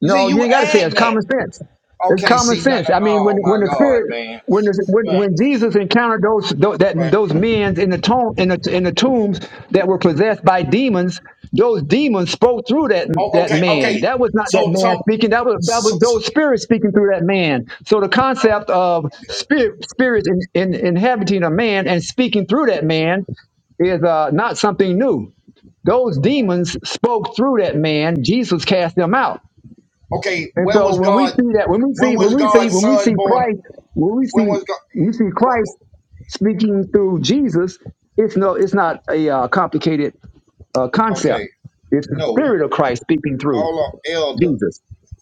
Speaker 5: You see,
Speaker 1: No, you
Speaker 5: you
Speaker 1: ain't got to say it.
Speaker 5: add
Speaker 1: it's
Speaker 5: that.
Speaker 1: common sense. It's
Speaker 5: Okay.
Speaker 1: common
Speaker 5: See. No,
Speaker 1: sense.
Speaker 5: no,
Speaker 1: I mean, when
Speaker 5: oh my
Speaker 1: when the
Speaker 5: God,
Speaker 1: spirit
Speaker 5: man.
Speaker 1: when the, when,
Speaker 5: But,
Speaker 1: when Jesus encountered those those, that,
Speaker 5: but
Speaker 1: those men in the tomb in the in the tombs that were possessed by demons, those demons spoke through that
Speaker 5: oh,
Speaker 1: that
Speaker 5: okay,
Speaker 1: man.
Speaker 5: okay.
Speaker 1: That was not that
Speaker 5: So,
Speaker 1: man
Speaker 5: so,
Speaker 1: speaking. That was that
Speaker 5: so,
Speaker 1: was
Speaker 5: so
Speaker 1: those spirits speaking through that man. So the concept of
Speaker 5: okay,
Speaker 1: spirit spirits in, in, inhabiting a man and speaking through that man is uh, not something new. Those demons spoke through that man. Jesus cast them out.
Speaker 5: okay.
Speaker 1: And
Speaker 5: Where
Speaker 1: so
Speaker 5: was
Speaker 1: when we
Speaker 5: God?
Speaker 1: see that, when we
Speaker 5: When
Speaker 1: see, when
Speaker 5: was
Speaker 1: we see,
Speaker 5: God's
Speaker 1: when we
Speaker 5: son
Speaker 1: see
Speaker 5: born?
Speaker 1: Christ, when we see,
Speaker 5: When was God?
Speaker 1: when we see
Speaker 5: wh-
Speaker 1: Christ speaking through Jesus. It's no, it's not a uh, complicated uh,
Speaker 5: wh-
Speaker 1: concept.
Speaker 5: okay.
Speaker 1: It's the
Speaker 5: No.
Speaker 1: Spirit of Christ speaking through
Speaker 5: Hold on, elder.
Speaker 1: Jesus.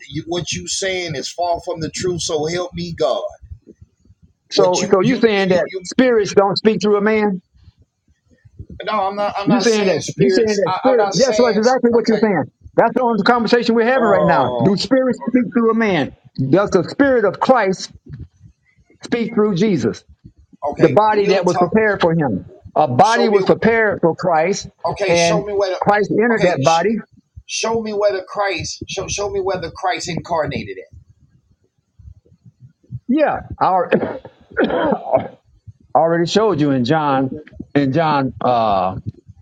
Speaker 5: you, what you saying is far from the truth. So help me, God. What
Speaker 1: So,
Speaker 5: you
Speaker 1: so you
Speaker 5: you you
Speaker 1: saying
Speaker 5: you?
Speaker 1: that
Speaker 5: you
Speaker 1: spirits don't speak through a man?
Speaker 5: no, I'm not. I'm
Speaker 1: You
Speaker 5: not
Speaker 1: saying
Speaker 5: saying
Speaker 1: that? You saying
Speaker 5: spirits.
Speaker 1: that
Speaker 5: I, I'm
Speaker 1: spirit?
Speaker 5: not
Speaker 1: yes, That's what
Speaker 5: saying.
Speaker 1: exactly what you're
Speaker 5: Okay.
Speaker 1: saying. That's the only conversation we're having right now. Do
Speaker 5: Oh.
Speaker 1: spirits speak through a man? Does the Spirit of Christ speak through Jesus?
Speaker 5: Okay.
Speaker 1: the
Speaker 5: Okay.
Speaker 1: body
Speaker 5: We'll
Speaker 1: that was
Speaker 5: talk.
Speaker 1: prepared for him. A
Speaker 5: Show
Speaker 1: body
Speaker 5: me.
Speaker 1: was prepared for Christ,
Speaker 5: Okay. Show
Speaker 1: and
Speaker 5: me where. The,
Speaker 1: Christ entered
Speaker 5: okay.
Speaker 1: that
Speaker 5: Sh-
Speaker 1: body.
Speaker 5: show me where the Christ. Show show me where the Christ incarnated at.
Speaker 1: Yeah, I al- already showed you in John, in John, uh,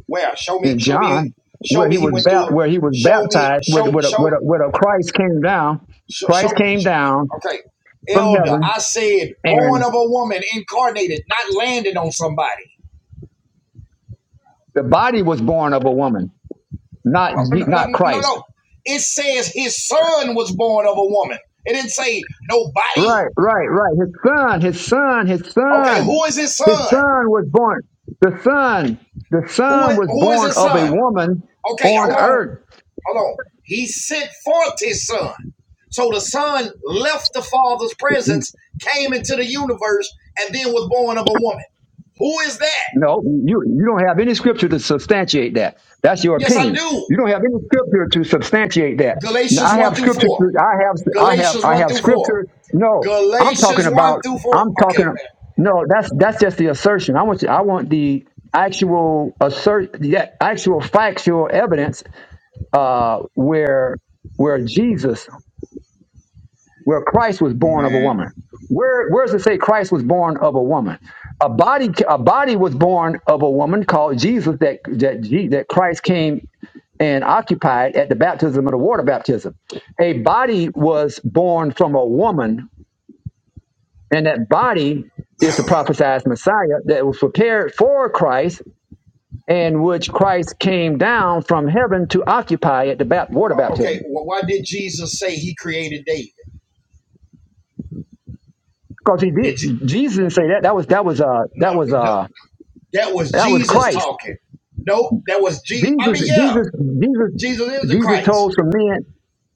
Speaker 5: Where? Show me.
Speaker 1: in
Speaker 5: Show me.
Speaker 1: John, where
Speaker 5: Show me.
Speaker 1: he
Speaker 5: He
Speaker 1: was
Speaker 5: went
Speaker 1: bap-
Speaker 5: through.
Speaker 1: where he was
Speaker 5: Show me.
Speaker 1: baptized, with
Speaker 5: Show
Speaker 1: with a,
Speaker 5: show.
Speaker 1: with a, with a Christ came down.
Speaker 5: Show, show
Speaker 1: Christ
Speaker 5: me.
Speaker 1: came
Speaker 5: sh-
Speaker 1: down
Speaker 5: Okay.
Speaker 1: from
Speaker 5: Elder,
Speaker 1: heaven,
Speaker 5: I said born
Speaker 1: and
Speaker 5: of a woman, incarnated, not landing on somebody.
Speaker 1: the body was born of a woman, not
Speaker 5: Well,
Speaker 1: Je-
Speaker 5: No, no,
Speaker 1: not
Speaker 5: no.
Speaker 1: Christ.
Speaker 5: no. It says his son was born of a woman. It didn't say nobody.
Speaker 1: Right, right, right. His son, his son, his
Speaker 5: Okay,
Speaker 1: son,
Speaker 5: who is his
Speaker 1: his
Speaker 5: son?
Speaker 1: son was born. The son, the
Speaker 5: Who,
Speaker 1: son
Speaker 5: is,
Speaker 1: was
Speaker 5: who is
Speaker 1: born
Speaker 5: his
Speaker 1: of a
Speaker 5: son?
Speaker 1: woman
Speaker 5: Okay,
Speaker 1: on
Speaker 5: hold on.
Speaker 1: earth.
Speaker 5: Hold on. He sent forth his son. So the son left the father's
Speaker 1: He's-
Speaker 5: presence, came into the universe, and then was born of a woman. Who is that?
Speaker 1: No, you you don't have any scripture to substantiate that. That's your
Speaker 5: Yes, I
Speaker 1: opinion.
Speaker 5: do.
Speaker 1: You don't have any scripture to substantiate that. Now,
Speaker 5: Galatians
Speaker 1: I
Speaker 5: 1
Speaker 1: have
Speaker 5: through
Speaker 1: scripture.
Speaker 5: 4.
Speaker 1: To, I have I have
Speaker 5: Galatians
Speaker 1: I
Speaker 5: 1
Speaker 1: have
Speaker 5: through 4.
Speaker 1: scripture. No, I'm talking
Speaker 5: Galatians 1
Speaker 1: about.
Speaker 5: through 4.
Speaker 1: I'm
Speaker 5: Okay,
Speaker 1: talking.
Speaker 5: man.
Speaker 1: No, that's that's just the assertion. I want you, I want the actual assert the actual factual evidence uh, where where Jesus, where Christ was born of a
Speaker 5: Man.
Speaker 1: woman. Where where does it say Christ was born of a woman? A body a body was born of a woman called Jesus that that Je- that Christ came and occupied at the baptism of the water baptism. A body was born from a woman, and that body is the prophesied Messiah that was prepared for Christ and which Christ came down from heaven to occupy at the bap- water baptism.
Speaker 5: Okay, well, why did Jesus say he created David?
Speaker 1: Because he did
Speaker 5: Did you,
Speaker 1: Jesus didn't say that. That was that was uh that
Speaker 5: no,
Speaker 1: was
Speaker 5: no,
Speaker 1: uh
Speaker 5: that was
Speaker 1: that was
Speaker 5: Jesus
Speaker 1: Christ.
Speaker 5: talking. Nope, that was Jesus. I
Speaker 1: Jesus
Speaker 5: mean, yeah,
Speaker 1: Jesus Jesus
Speaker 5: Jesus is the
Speaker 1: Jesus told
Speaker 5: Christ.
Speaker 1: some men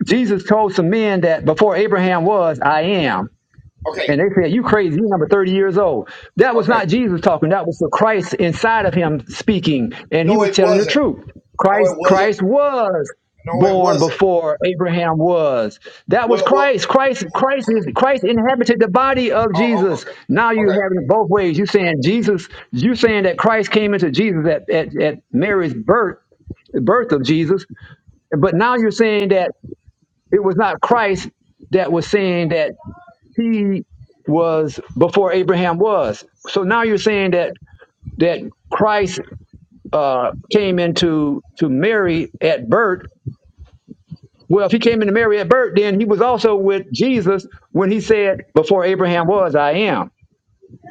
Speaker 1: Jesus told some men that before Abraham was, I am.
Speaker 5: Okay,
Speaker 1: And they said, You crazy, you're number 30 years old. That was
Speaker 5: okay.
Speaker 1: not Jesus talking, that was the Christ inside of him speaking. And he
Speaker 5: No,
Speaker 1: was
Speaker 5: it
Speaker 1: telling the
Speaker 5: wasn't.
Speaker 1: truth.
Speaker 5: No,
Speaker 1: Christ,
Speaker 5: it wasn't.
Speaker 1: Christ was
Speaker 5: No, it
Speaker 1: born
Speaker 5: wasn't.
Speaker 1: before Abraham was. That was
Speaker 5: Well, well,
Speaker 1: Christ. Christ, Christ is Christ inhabited the body of
Speaker 5: oh, oh,
Speaker 1: Jesus.
Speaker 5: okay,
Speaker 1: Now you
Speaker 5: okay.
Speaker 1: have it both ways. You saying Jesus, you saying that Christ came into Jesus at, at, at Mary's birth, birth of Jesus. But now you're saying that it was not Christ that was saying that he was before Abraham was. So now you're saying that that Christ uh, came into to Mary at birth. Well, if he came into Mary at birth, then he was also with Jesus when he said, "Before Abraham was, I am."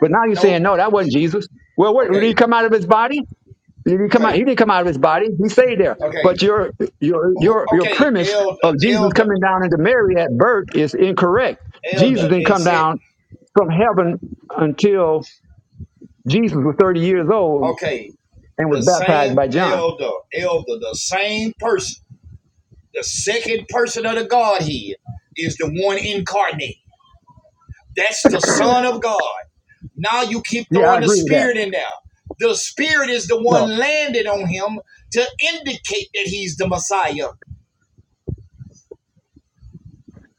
Speaker 1: But now you're
Speaker 5: No,
Speaker 1: saying, "No, that wasn't Jesus." Well, what, did
Speaker 5: okay,
Speaker 1: he come out of his body? Did he come out?
Speaker 5: okay,
Speaker 1: He didn't come out of his body. He stayed there.
Speaker 5: okay.
Speaker 1: But your your your your
Speaker 5: Okay,
Speaker 1: premise
Speaker 5: elder,
Speaker 1: of Jesus
Speaker 5: elder,
Speaker 1: coming down into Mary at birth is incorrect. Jesus
Speaker 5: elder.
Speaker 1: didn't
Speaker 5: It
Speaker 1: come
Speaker 5: said,
Speaker 1: down from heaven until Jesus was 30 years old
Speaker 5: okay,
Speaker 1: and was
Speaker 5: the
Speaker 1: baptized
Speaker 5: same
Speaker 1: by John.
Speaker 5: elder, elder, the same person, the second person of the Godhead is the one incarnate. That's the Son of God. Now you keep
Speaker 1: Yeah, I
Speaker 5: throwing the
Speaker 1: agree with that.
Speaker 5: Spirit in there. The Spirit is the
Speaker 1: No,
Speaker 5: one landed on him to indicate that he's the Messiah.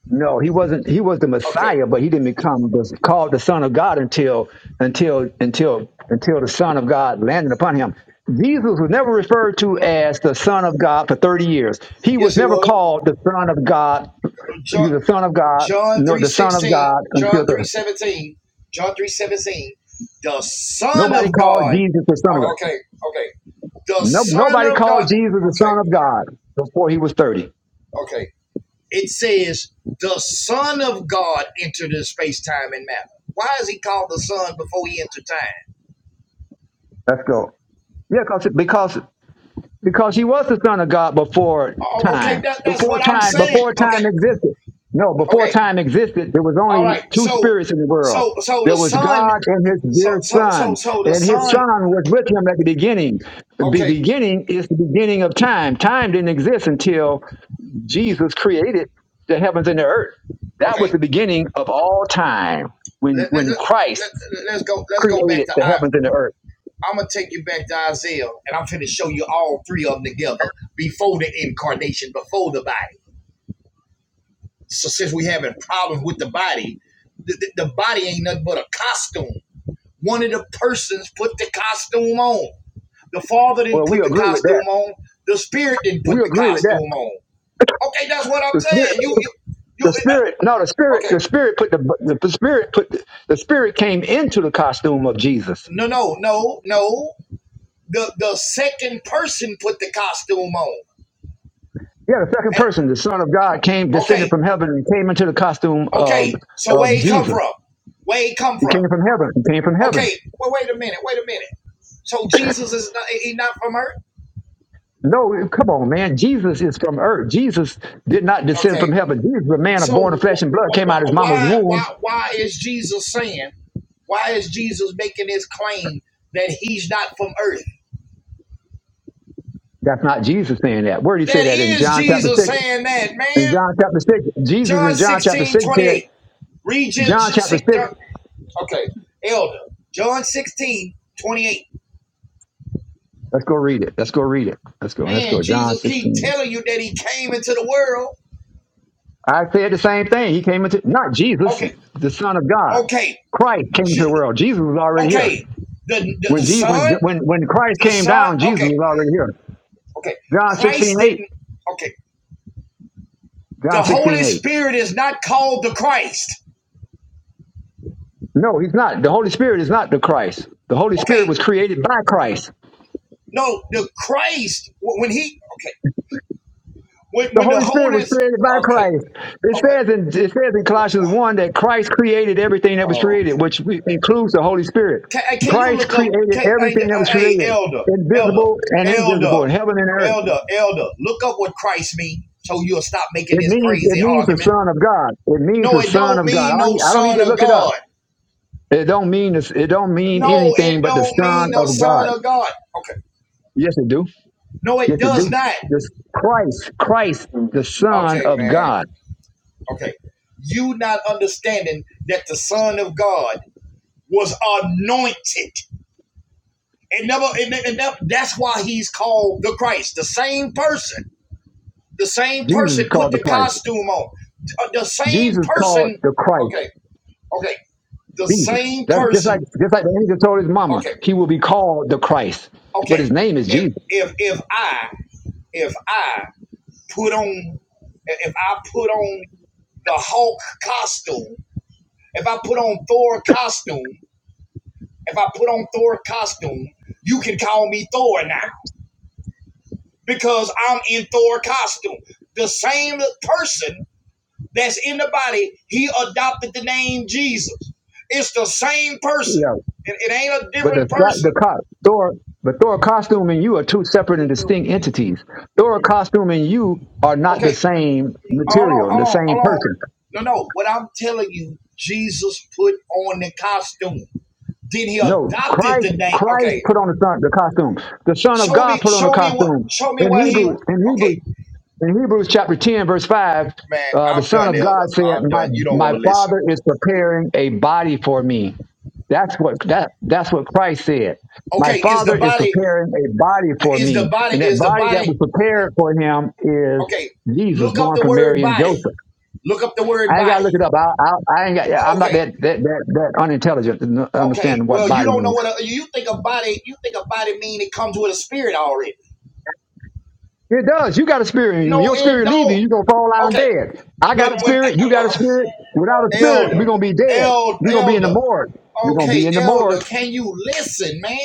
Speaker 1: no, he wasn't. He was the
Speaker 5: Okay.
Speaker 1: Messiah, but he didn't become the, called the Son of God until until until until the Son of God landed upon him. Jesus was never referred to
Speaker 5: No,
Speaker 1: as the Son of God for 30 years. He was
Speaker 5: yes, it
Speaker 1: never
Speaker 5: was.
Speaker 1: called the Son of God. He
Speaker 5: John,
Speaker 1: was the Son of God,
Speaker 5: John
Speaker 1: no,
Speaker 5: 3
Speaker 1: the Son of
Speaker 5: 16,
Speaker 1: God until
Speaker 5: John 3
Speaker 1: the
Speaker 5: 17, John 3 17. The Son
Speaker 1: nobody
Speaker 5: of
Speaker 1: called
Speaker 5: God.
Speaker 1: Jesus the Son of God.
Speaker 5: Oh, okay, okay. The
Speaker 1: No,
Speaker 5: Son
Speaker 1: nobody
Speaker 5: of God.
Speaker 1: called Jesus the
Speaker 5: Okay.
Speaker 1: Son of God before he was 30.
Speaker 5: Okay. It says the Son of God entered into space, time, and matter. Why is he called the Son before he entered time?
Speaker 1: Let's go. Yeah, cause, because because he was the son of God before
Speaker 5: Oh, okay,
Speaker 1: time.
Speaker 5: that, that's
Speaker 1: Before
Speaker 5: what I'm
Speaker 1: time,
Speaker 5: saying.
Speaker 1: before
Speaker 5: Okay,
Speaker 1: time existed. No, before
Speaker 5: okay,
Speaker 1: time existed, there was
Speaker 5: all
Speaker 1: only
Speaker 5: right.
Speaker 1: two
Speaker 5: So,
Speaker 1: spirits in the world.
Speaker 5: so, so the
Speaker 1: There was
Speaker 5: Son,
Speaker 1: God and his
Speaker 5: so,
Speaker 1: dear
Speaker 5: so, so,
Speaker 1: son,
Speaker 5: so the
Speaker 1: and his
Speaker 5: Son.
Speaker 1: son was with him at the beginning. The
Speaker 5: Okay,
Speaker 1: beginning is the beginning of time. Time didn't exist until Jesus created the heavens and the earth. That was
Speaker 5: okay.
Speaker 1: the beginning of all time when
Speaker 5: Let, let,
Speaker 1: when
Speaker 5: let,
Speaker 1: Christ
Speaker 5: let, let's go. Let's go back
Speaker 1: created
Speaker 5: to
Speaker 1: the
Speaker 5: I.
Speaker 1: heavens and the earth.
Speaker 5: I'm gonna take you back to Isaiah, and I'm to show you all three of them together before the incarnation, before the body. So since we having problems with the body, the, the, body ain't nothing but a costume. One of the persons put the costume on. The father didn't
Speaker 1: Well, we
Speaker 5: put the
Speaker 1: agree with that.
Speaker 5: costume on. The spirit didn't
Speaker 1: We
Speaker 5: put the
Speaker 1: agree with
Speaker 5: costume on. Okay, that's what I'm
Speaker 1: that.
Speaker 5: saying. You you you.
Speaker 1: The
Speaker 5: uh,
Speaker 1: spirit, no, the spirit,
Speaker 5: okay,
Speaker 1: the spirit put the the, the spirit put the, the spirit came into the costume of Jesus.
Speaker 5: no no no no. The the second person put the costume on.
Speaker 1: Yeah, the second
Speaker 5: And-
Speaker 1: person, the Son of God, came descended
Speaker 5: okay
Speaker 1: from heaven and came into the costume of
Speaker 5: okay. So
Speaker 1: of
Speaker 5: where he come
Speaker 1: Jesus.
Speaker 5: from? Where he come
Speaker 1: He
Speaker 5: from?
Speaker 1: came from heaven. He came from heaven.
Speaker 5: Okay. Well, wait a minute. Wait a minute. So Jesus is not he not from earth?
Speaker 1: No, come on, man. Jesus is from earth. Jesus did not descend
Speaker 5: Okay.
Speaker 1: from heaven. Jesus, a man of born
Speaker 5: So
Speaker 1: of flesh and blood, came out of his mama's
Speaker 5: why why
Speaker 1: womb.
Speaker 5: why is Jesus saying? Why is Jesus making this claim that he's not from earth?
Speaker 1: That's not Jesus saying that. Where did he say
Speaker 5: That
Speaker 1: that in
Speaker 5: is
Speaker 1: John chapter
Speaker 5: Jesus
Speaker 1: six?
Speaker 5: saying that,
Speaker 1: In
Speaker 5: man.
Speaker 1: John chapter six, Jesus in
Speaker 5: John
Speaker 1: John chapter
Speaker 5: 16
Speaker 1: six
Speaker 5: twenty
Speaker 1: said,
Speaker 5: eight. Read
Speaker 1: John chapter
Speaker 5: John-
Speaker 1: 6
Speaker 5: Okay, elder. John 16 28.
Speaker 1: Let's go read it. Let's go read it. Let's go. Let's
Speaker 5: Man,
Speaker 1: go. John
Speaker 5: Jesus keep
Speaker 1: 16.
Speaker 5: telling you that he came into the world.
Speaker 1: I said the same thing. He came into, not Jesus,
Speaker 5: Okay,
Speaker 1: the Son of God.
Speaker 5: okay,
Speaker 1: Christ came to the world. Jesus was already here.
Speaker 5: okay. The, the, the
Speaker 1: When, Je- when,
Speaker 5: son,
Speaker 1: when, when Christ
Speaker 5: the
Speaker 1: came
Speaker 5: son.
Speaker 1: down, Jesus
Speaker 5: Okay,
Speaker 1: was already here.
Speaker 5: okay.
Speaker 1: John 16
Speaker 5: Christ
Speaker 1: 8.
Speaker 5: didn't. Okay. The
Speaker 1: John 16
Speaker 5: Holy
Speaker 1: 8.
Speaker 5: Spirit is not called the Christ.
Speaker 1: No, he's not. The Holy Spirit is not the Christ. The Holy Spirit
Speaker 5: Okay,
Speaker 1: was created by Christ.
Speaker 5: no, the Christ when he okay when
Speaker 1: The
Speaker 5: when the
Speaker 1: Holy Spirit
Speaker 5: Holy
Speaker 1: was
Speaker 5: S-
Speaker 1: created by
Speaker 5: okay
Speaker 1: Christ. It
Speaker 5: okay
Speaker 1: says in it says in Colossians one that Christ created everything that was created,
Speaker 5: okay
Speaker 1: which includes the Holy Spirit.
Speaker 5: can, hey, can you
Speaker 1: Christ
Speaker 5: look up
Speaker 1: created
Speaker 5: can, hey,
Speaker 1: everything
Speaker 5: uh,
Speaker 1: that was
Speaker 5: hey
Speaker 1: created,
Speaker 5: elder elder
Speaker 1: invisible and
Speaker 5: elder
Speaker 1: invisible, in heaven and earth.
Speaker 5: elder elder look up what Christ means so you'll stop making
Speaker 1: It
Speaker 5: this
Speaker 1: means it
Speaker 5: crazy
Speaker 1: means the
Speaker 5: argument.
Speaker 1: Son of God. It means
Speaker 5: No,
Speaker 1: the
Speaker 5: it
Speaker 1: Son
Speaker 5: don't
Speaker 1: of God.
Speaker 5: mean
Speaker 1: I don't,
Speaker 5: no
Speaker 1: need- I don't need
Speaker 5: son
Speaker 1: to
Speaker 5: of
Speaker 1: look it up.
Speaker 5: God.
Speaker 1: It don't mean this, it don't mean
Speaker 5: No,
Speaker 1: anything
Speaker 5: it
Speaker 1: but the
Speaker 5: don't
Speaker 1: Son
Speaker 5: mean no
Speaker 1: of God.
Speaker 5: son of God. Okay,
Speaker 1: Yes, it do.
Speaker 5: no, it
Speaker 1: Yes, it
Speaker 5: does
Speaker 1: do.
Speaker 5: not.
Speaker 1: This Christ, Christ, the Son
Speaker 5: Okay,
Speaker 1: of
Speaker 5: man.
Speaker 1: God.
Speaker 5: Okay. You not understanding that the Son of God was anointed. And never and, and that, that's why he's called the Christ. The same person. The same
Speaker 1: Jesus
Speaker 5: person
Speaker 1: is called
Speaker 5: put
Speaker 1: the
Speaker 5: the
Speaker 1: Christ.
Speaker 5: costume on. Uh, The same
Speaker 1: Jesus called
Speaker 5: person.
Speaker 1: the Christ.
Speaker 5: Okay. Okay. The
Speaker 1: Jesus.
Speaker 5: same
Speaker 1: That's just like
Speaker 5: person.
Speaker 1: just like the angel told his mama,
Speaker 5: Okay.
Speaker 1: he will be called the Christ, but his
Speaker 5: Okay.
Speaker 1: name is
Speaker 5: If
Speaker 1: Jesus.
Speaker 5: if if I if I put on if I put on the Hulk costume, if I put on Thor costume If I put on Thor costume, you can call me Thor now because I'm in Thor costume. The same person that's in the body, he adopted the name Jesus. It's the same person.
Speaker 1: Yeah.
Speaker 5: It, it ain't a
Speaker 1: But the
Speaker 5: different
Speaker 1: the
Speaker 5: person.
Speaker 1: co- Thor, but Thor costume and you are two separate and distinct entities. Thor costume and you are not the
Speaker 5: Okay,
Speaker 1: same
Speaker 5: hold on,
Speaker 1: material and the
Speaker 5: hold on,
Speaker 1: same
Speaker 5: hold on.
Speaker 1: person.
Speaker 5: No, no. What I'm telling you, Jesus put on the costume. Then he
Speaker 1: No,
Speaker 5: adopted
Speaker 1: Christ
Speaker 5: the name.
Speaker 1: Christ
Speaker 5: Okay,
Speaker 1: put on the son the costume. The Son of
Speaker 5: show me,
Speaker 1: God put on the
Speaker 5: show me what,
Speaker 1: costume.
Speaker 5: show me
Speaker 1: In
Speaker 5: what he.
Speaker 1: Hebrews, in Hebrews,
Speaker 5: Okay,
Speaker 1: in Hebrews chapter ten, verse five,
Speaker 5: man,
Speaker 1: uh, the
Speaker 5: I'm
Speaker 1: Son
Speaker 5: done,
Speaker 1: of
Speaker 5: Elder.
Speaker 1: God said,
Speaker 5: I'm
Speaker 1: "My
Speaker 5: done. You don't
Speaker 1: my
Speaker 5: want to listen.
Speaker 1: Father is preparing a body for me." That's what that that's what Christ said. My
Speaker 5: Okay, is
Speaker 1: father
Speaker 5: the
Speaker 1: is
Speaker 5: body
Speaker 1: preparing a body for
Speaker 5: is the
Speaker 1: me.
Speaker 5: body
Speaker 1: And that
Speaker 5: is the
Speaker 1: body that
Speaker 5: body
Speaker 1: was prepared for him is
Speaker 5: okay?
Speaker 1: Jesus
Speaker 5: Look up
Speaker 1: born
Speaker 5: the
Speaker 1: from
Speaker 5: word
Speaker 1: Mary and
Speaker 5: body.
Speaker 1: Joseph.
Speaker 5: Look up the word
Speaker 1: I ain't gotta look
Speaker 5: body.
Speaker 1: it up. I, I, I ain't got
Speaker 5: O-
Speaker 1: I'm not
Speaker 5: Okay,
Speaker 1: that that that, that unintelligent to n-
Speaker 5: okay.
Speaker 1: understand what
Speaker 5: Well, you
Speaker 1: body
Speaker 5: don't know
Speaker 1: means.
Speaker 5: what a, you think a body. You think a body mean it comes with a spirit already?
Speaker 1: It does. You got a spirit. in you. When
Speaker 5: No,
Speaker 1: your
Speaker 5: it
Speaker 1: spirit leaves you,
Speaker 5: don't.
Speaker 1: you're gonna fall down
Speaker 5: Okay,
Speaker 1: dead. I
Speaker 5: when
Speaker 1: got a
Speaker 5: when
Speaker 1: spirit, you got a
Speaker 5: uh, uh, uh,
Speaker 1: spirit. Without a spirit,
Speaker 5: elder,
Speaker 1: we're gonna be dead.
Speaker 5: elder,
Speaker 1: We're gonna be in the
Speaker 5: elder.
Speaker 1: morgue. We're gonna
Speaker 5: Okay,
Speaker 1: be in the
Speaker 5: elder.
Speaker 1: morgue.
Speaker 5: Can you listen, man?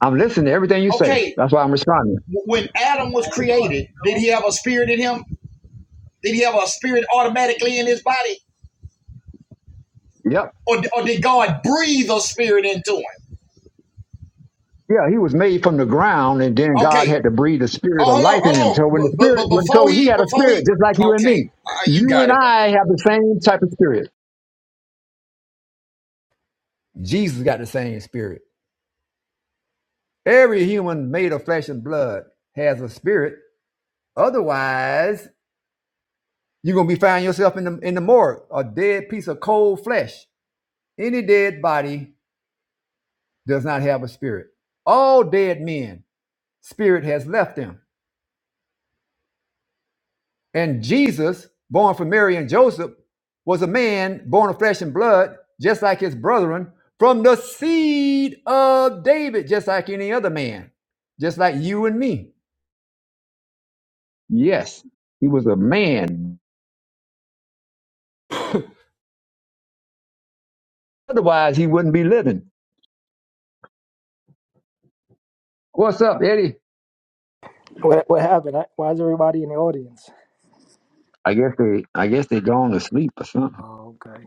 Speaker 1: I'm listening to everything you say.
Speaker 5: Okay,
Speaker 1: That's why I'm responding.
Speaker 5: w- when Adam was created, did he have a spirit in him? Did he have a spirit automatically in his body?
Speaker 1: Yep.
Speaker 5: or, or did God breathe a spirit into him?
Speaker 1: Yeah, he was made from the ground, and then God
Speaker 5: Okay.
Speaker 1: had to breathe the spirit
Speaker 5: Oh,
Speaker 1: of
Speaker 5: hold on,
Speaker 1: life in him.
Speaker 5: hold
Speaker 1: So when the
Speaker 5: on. But but,
Speaker 1: spirit, when
Speaker 5: before
Speaker 1: so he
Speaker 5: he
Speaker 1: had a
Speaker 5: before he
Speaker 1: spirit just like you and me.
Speaker 5: okay, uh, you
Speaker 1: You
Speaker 5: got
Speaker 1: and
Speaker 5: it.
Speaker 1: I have the same type of spirit. Jesus got the same spirit. Every human made of flesh and blood has a spirit. Otherwise, you're gonna be finding yourself in the in the morgue, a dead piece of cold flesh. Any dead body does not have a spirit. All dead men, spirit has left them. And Jesus, born from Mary and Joseph, was a man born of flesh and blood, just like his brethren, from the seed of David, just like any other man, just like you and me. Yes, he was a man. Otherwise, he wouldn't be living. What's up, Eddie?
Speaker 3: What, what happened? I, why is everybody in the audience?
Speaker 1: I guess they, I guess they gone to sleep or something.
Speaker 3: Oh, okay.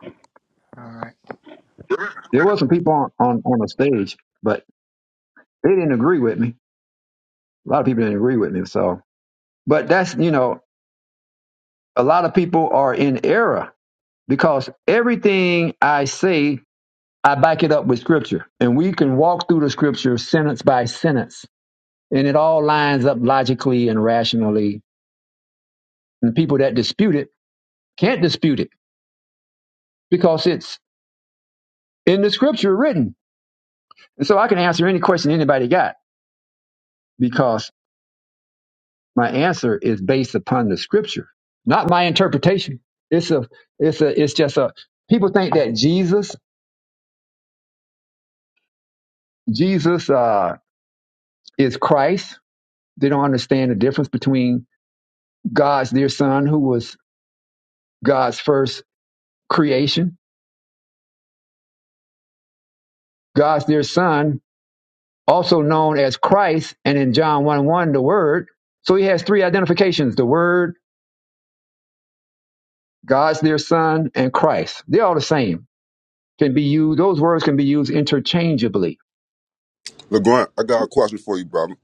Speaker 3: All right.
Speaker 1: There was some people on, on, on the stage, but they didn't agree with me. A lot of people didn't agree with me. So, but that's, you know, a lot of people are in error because everything I say, I back it up with scripture. And we can walk through the scripture sentence by sentence, and it all lines up logically and rationally. And the people that dispute it can't dispute it because it's in the scripture written. And so I can answer any question anybody got because my answer is based upon the scripture, not my interpretation. It's a, it's a, it's just a, people think that Jesus, Jesus, uh, is Christ. They don't understand the difference between God's dear son, who was God's first creation. God's dear son, also known as Christ, and in John 1 1, the Word. So he has three identifications the Word, God's dear son, and Christ. They're all the same. Can be used, those words can be used interchangeably.
Speaker 14: LeGrant, I got a question for you, brother.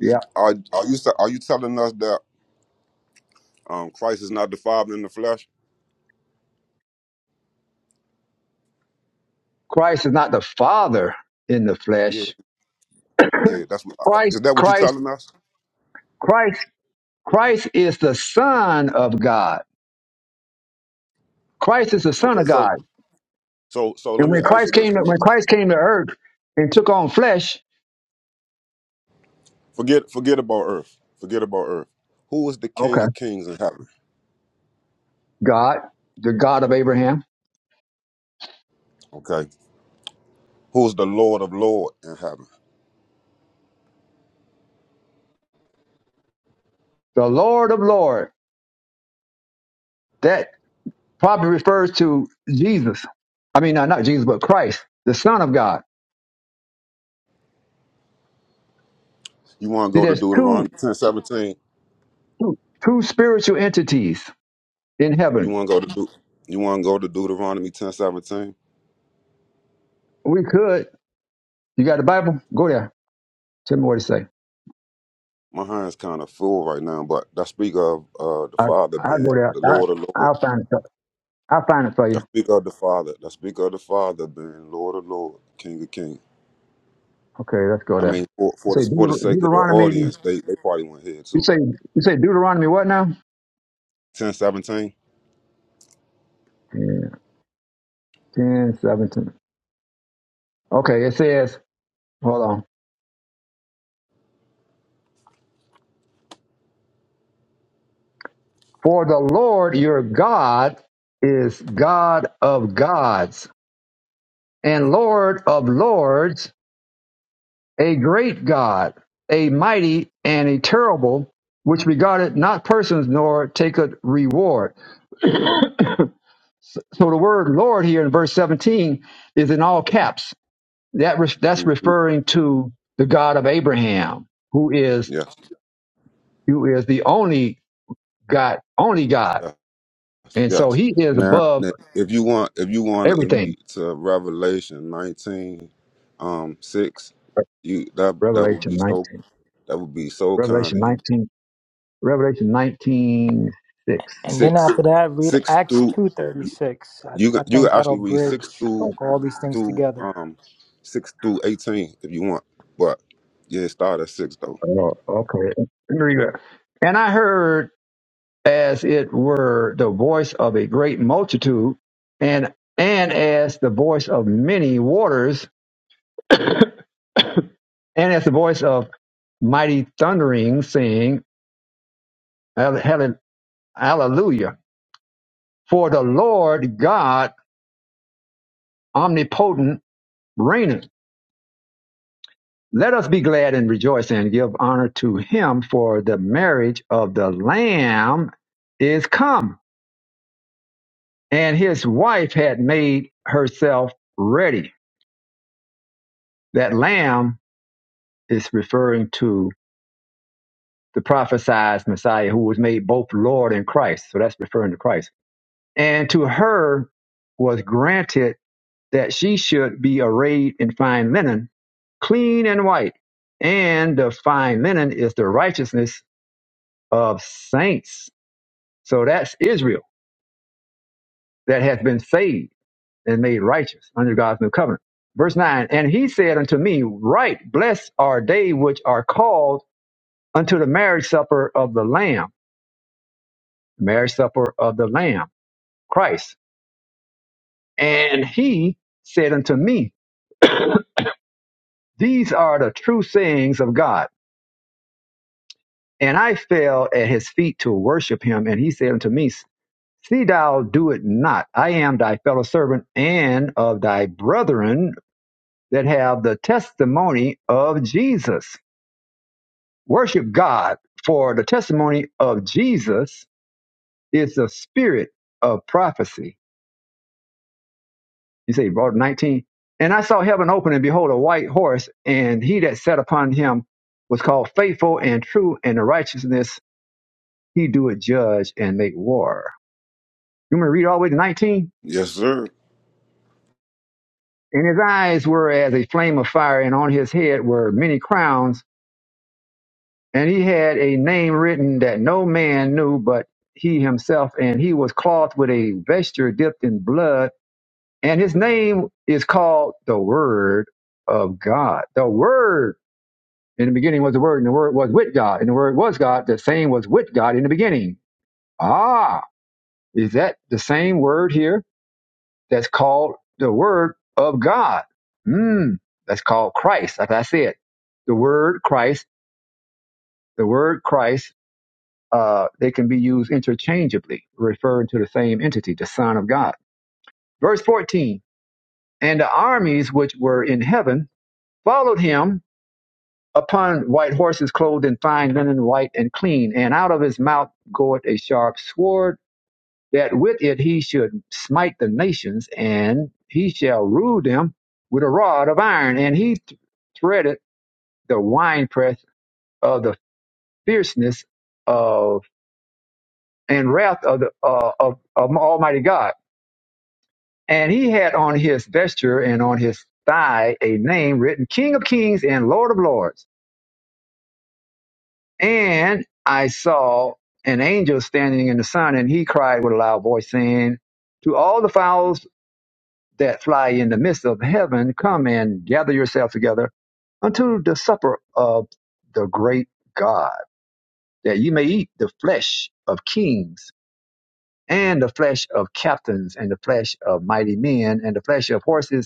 Speaker 14: You are are you are you telling us that um Christ is not defied in the flesh?
Speaker 1: Christ is not the Father in the
Speaker 14: Yeah,
Speaker 1: flesh.
Speaker 14: yeah. That's what I- is
Speaker 1: Christ,
Speaker 14: that what you're
Speaker 1: Christ,
Speaker 14: telling us?
Speaker 1: Christ, Christ is the Son of God. Christ is the Son
Speaker 14: Okay,
Speaker 1: of God.
Speaker 14: so so so
Speaker 1: And
Speaker 14: let me
Speaker 1: when
Speaker 14: ask you
Speaker 1: Christ
Speaker 14: this:
Speaker 1: came to,
Speaker 14: Who-
Speaker 1: when Christ came to earth and took on flesh,
Speaker 14: forget forget about earth, forget about earth. Who is the
Speaker 1: Okay.
Speaker 14: King of Kings in heaven?
Speaker 1: God, the God of Abraham,
Speaker 14: Okay, who is the Lord of Lord in heaven?
Speaker 1: the Lord of Lords. That probably refers to Jesus. I mean, not, not Jesus, but Christ, the Son of God.
Speaker 14: You want to
Speaker 1: See,
Speaker 14: go to
Speaker 1: there's two,
Speaker 14: Deuteronomy ten seventeen?
Speaker 1: two, two spiritual entities in
Speaker 14: You
Speaker 1: heaven.
Speaker 14: want to go to Deut- you want to go to Deuteronomy ten seventeen?
Speaker 1: We could. You got the Bible? Go there. Tell me what it say.
Speaker 14: My hand's kind of full right now, but I speak of uh, the
Speaker 1: I,
Speaker 14: Father
Speaker 1: I'll
Speaker 14: being
Speaker 1: go there.
Speaker 14: the
Speaker 1: I,
Speaker 14: Lord of Lord.
Speaker 1: I'll find it. I'll find it for you.
Speaker 14: Let's speak of the Father. Let's speak of the Father being Lord of Lord, King of King.
Speaker 1: Okay, let's go
Speaker 14: I
Speaker 1: there.
Speaker 14: mean, for
Speaker 1: You
Speaker 14: for the
Speaker 1: say
Speaker 14: for the
Speaker 1: Deut-
Speaker 14: sake of the
Speaker 1: Deuteronomy.
Speaker 14: audience, they they probably went here
Speaker 1: You
Speaker 14: too.
Speaker 1: say you say Deuteronomy what now?
Speaker 14: Ten seventeen.
Speaker 1: 10, 10, seventeen. Okay, it says. Hold on. For the Lord your God is God of gods and Lord of lords, a great God, a mighty and a terrible, which regardeth not persons nor taketh reward. So the word Lord here in verse 17 is in all caps. That re- that's
Speaker 14: Mm-hmm.
Speaker 1: referring to the God of Abraham, who is
Speaker 14: Yes,
Speaker 1: who is the only God, only God.
Speaker 14: yes,
Speaker 1: And so
Speaker 14: yes.
Speaker 1: he is
Speaker 14: Now,
Speaker 1: above
Speaker 14: now, if you want, if you want, if you
Speaker 1: everything.
Speaker 14: to Revelation nineteen, um, six, you that that would be
Speaker 1: Revelation 19.
Speaker 14: so that would be so kind
Speaker 1: Revelation
Speaker 14: of you.
Speaker 1: 19. Revelation 19 6.
Speaker 3: And then
Speaker 14: Six,
Speaker 3: after that, read
Speaker 14: six
Speaker 3: Acts
Speaker 14: through
Speaker 3: 2.36.
Speaker 14: you.
Speaker 3: I,
Speaker 14: can-
Speaker 3: I
Speaker 14: You can
Speaker 3: think that'll
Speaker 14: actually read six
Speaker 3: bridge
Speaker 14: through
Speaker 1: Oh,
Speaker 3: all these things
Speaker 14: through
Speaker 3: together.
Speaker 14: um six through eighteen if you want. But yeah, it start at six though.
Speaker 1: oh, okay. Let me read that. And I heard as it were the voice of a great multitude and and as the voice of many waters and as the voice of mighty thundering saying "Halle- halle- hallelujah for the lord god omnipotent reigneth Let us be glad and rejoice and give honor to him, for the marriage of the Lamb is come, and his wife had made herself ready. That Lamb is referring to the prophesied Messiah who was made both Lord and Christ. So that's referring to Christ. And to her was granted that she should be arrayed in fine linen, clean and white. And the fine linen is the righteousness of saints So that's Israel that hath been saved and made righteous under God's new covenant. Verse 9, and he said unto me, Right, blessed are they which are called unto the marriage supper of the Lamb, marriage supper of the Lamb, Christ. And he said unto me, These are the true sayings of God. And I fell at his feet to worship him. And he said unto me, See thou do it not. I am thy fellow servant and of thy brethren that have the testimony of Jesus. Worship God, for the testimony of Jesus is the spirit of prophecy. You say, verse 19. And I saw heaven open, and behold, a white horse, and he that sat upon him was called faithful and true, and the righteousness he doeth judge and make war. You want me to read all the way to 19?
Speaker 14: Yes, sir.
Speaker 1: And his eyes were as a flame of fire, and on his head were many crowns And he had a name written that no man knew but he himself, and he was clothed with a vesture dipped in blood, and his name is called the Word of God. The Word. In the beginning was the Word, and the Word was with God, and the Word was God. The same was with God in the beginning. Ah, is that the same word here that's called the Word of God? Hmm, that's called Christ, as I said. The Word Christ, the Word Christ uh, they can be used interchangeably, referring to the same entity, the Son of God. Verse 14 And the armies which were in heaven followed him upon white horses, clothed in fine linen, white and clean. And out of his mouth goeth a sharp sword, that with it he should smite the nations, and he shall rule them with a rod of iron. And he th- threaded the winepress of the fierceness of and wrath of the uh, of, of Almighty God And he had on his vesture and on his thigh a name written King of Kings and Lord of Lords. And I saw an angel standing in the sun, and he cried with a loud voice, saying, To all the fowls that fly in the midst of heaven, come and gather yourselves together unto the supper of the great God, that ye may eat the flesh of kings, and the flesh of captains, and the flesh of mighty men, and the flesh of horses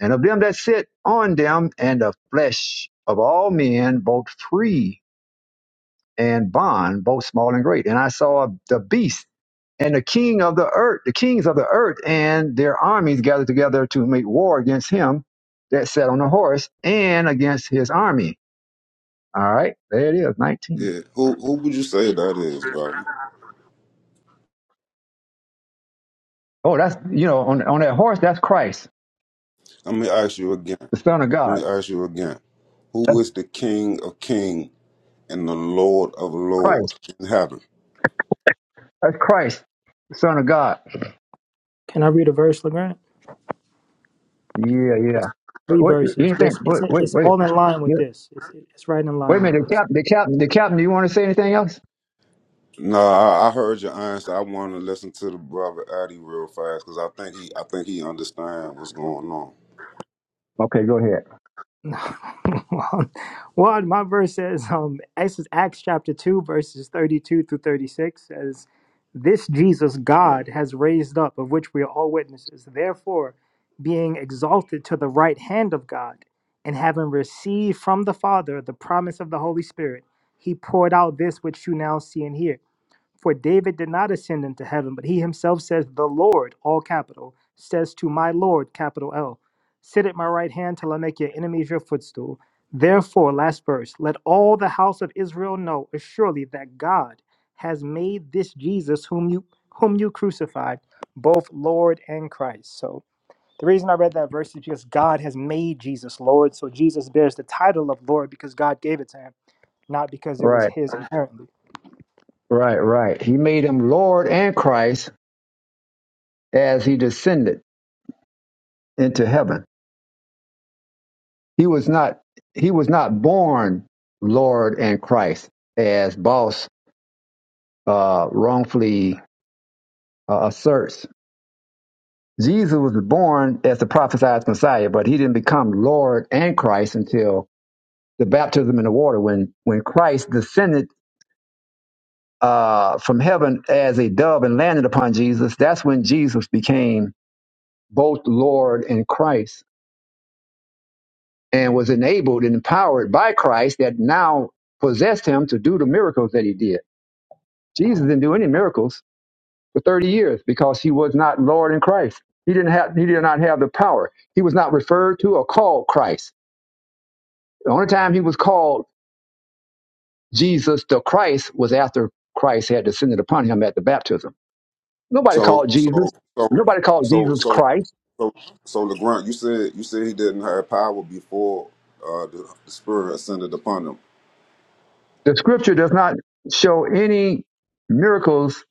Speaker 1: and of them that sit on them, and the flesh of all men, both free and bond, both small and great. And I saw the beast and the king of the earth, the kings of the earth, and their armies gathered together to make war against him that sat on the horse and against his army. All right, there it is, 19.
Speaker 14: Yeah. Who who would you say that is, brother?
Speaker 1: Oh, that's, you know, on, on that horse, that's Christ,
Speaker 14: Let me ask you again.
Speaker 1: the Son of
Speaker 14: Let
Speaker 1: God.
Speaker 14: me ask you again.
Speaker 1: That's
Speaker 14: Who is the King of King and the Lord of
Speaker 1: Christ.
Speaker 14: Lords in heaven?
Speaker 1: That's Christ, the Son of God.
Speaker 3: Can I read a verse, LeGrand?
Speaker 1: Yeah, yeah.
Speaker 3: Three
Speaker 1: What,
Speaker 3: verses.
Speaker 1: anything,
Speaker 3: just it's,
Speaker 1: wait, wait,
Speaker 3: it's
Speaker 1: wait.
Speaker 3: all in line
Speaker 1: Yeah,
Speaker 3: with this. It's, it's right in
Speaker 1: Wait a
Speaker 3: line with
Speaker 1: minute,
Speaker 3: this.
Speaker 1: the captain, the captain, the captain. Do you want to say anything else?
Speaker 14: Nah, I, I heard your answer. I want to listen to the brother Addy real fast because I think he, I think he understand what's going on.
Speaker 1: Okay, go ahead.
Speaker 3: well, my verse says, um, this is Acts chapter 2, verses 32 through 36 says, This Jesus God has raised up, of which we are all witnesses. Therefore, being exalted to the right hand of God, and having received from the Father the promise of the Holy Spirit, he poured out this which you now see and hear. For David did not ascend into heaven, but he himself says, The Lord, all capital, says to my Lord, capital L, Sit at my right hand till I make your enemies your footstool. Therefore, last verse, let all the house of Israel know assuredly that God has made this Jesus whom you whom you crucified, both Lord and Christ. So the reason I read that verse is because God has made Jesus Lord. So Jesus bears the title of Lord because God gave it to him, not because it was
Speaker 1: Right,
Speaker 3: his inherently.
Speaker 1: right, right. He made him Lord and Christ as he descended into heaven. He was not, he was not born Lord and Christ as boss uh, wrongfully uh, asserts. Jesus was born as the prophesied Messiah, but he didn't become Lord and Christ until the baptism in the water when when Christ descended uh, from heaven as a dove and landed upon Jesus, that's when Jesus became both Lord and Christ and was enabled and empowered by Christ that now possessed him to do the miracles that he did. Jesus didn't do any miracles for 30 years because he was not Lord in Christ. He didn't have he did not have the power. He was not referred to or called Christ. The only time he was called Jesus the Christ was after Christ had descended upon him at the baptism. Nobody
Speaker 14: So,
Speaker 1: called
Speaker 14: so,
Speaker 1: Jesus.
Speaker 14: so,
Speaker 1: Nobody called
Speaker 14: so,
Speaker 1: Jesus
Speaker 14: so,
Speaker 1: Christ.
Speaker 14: So, so Legrand, you said you said he didn't have power before uh, the, the spirit ascended upon him.
Speaker 1: The scripture does not show any miracles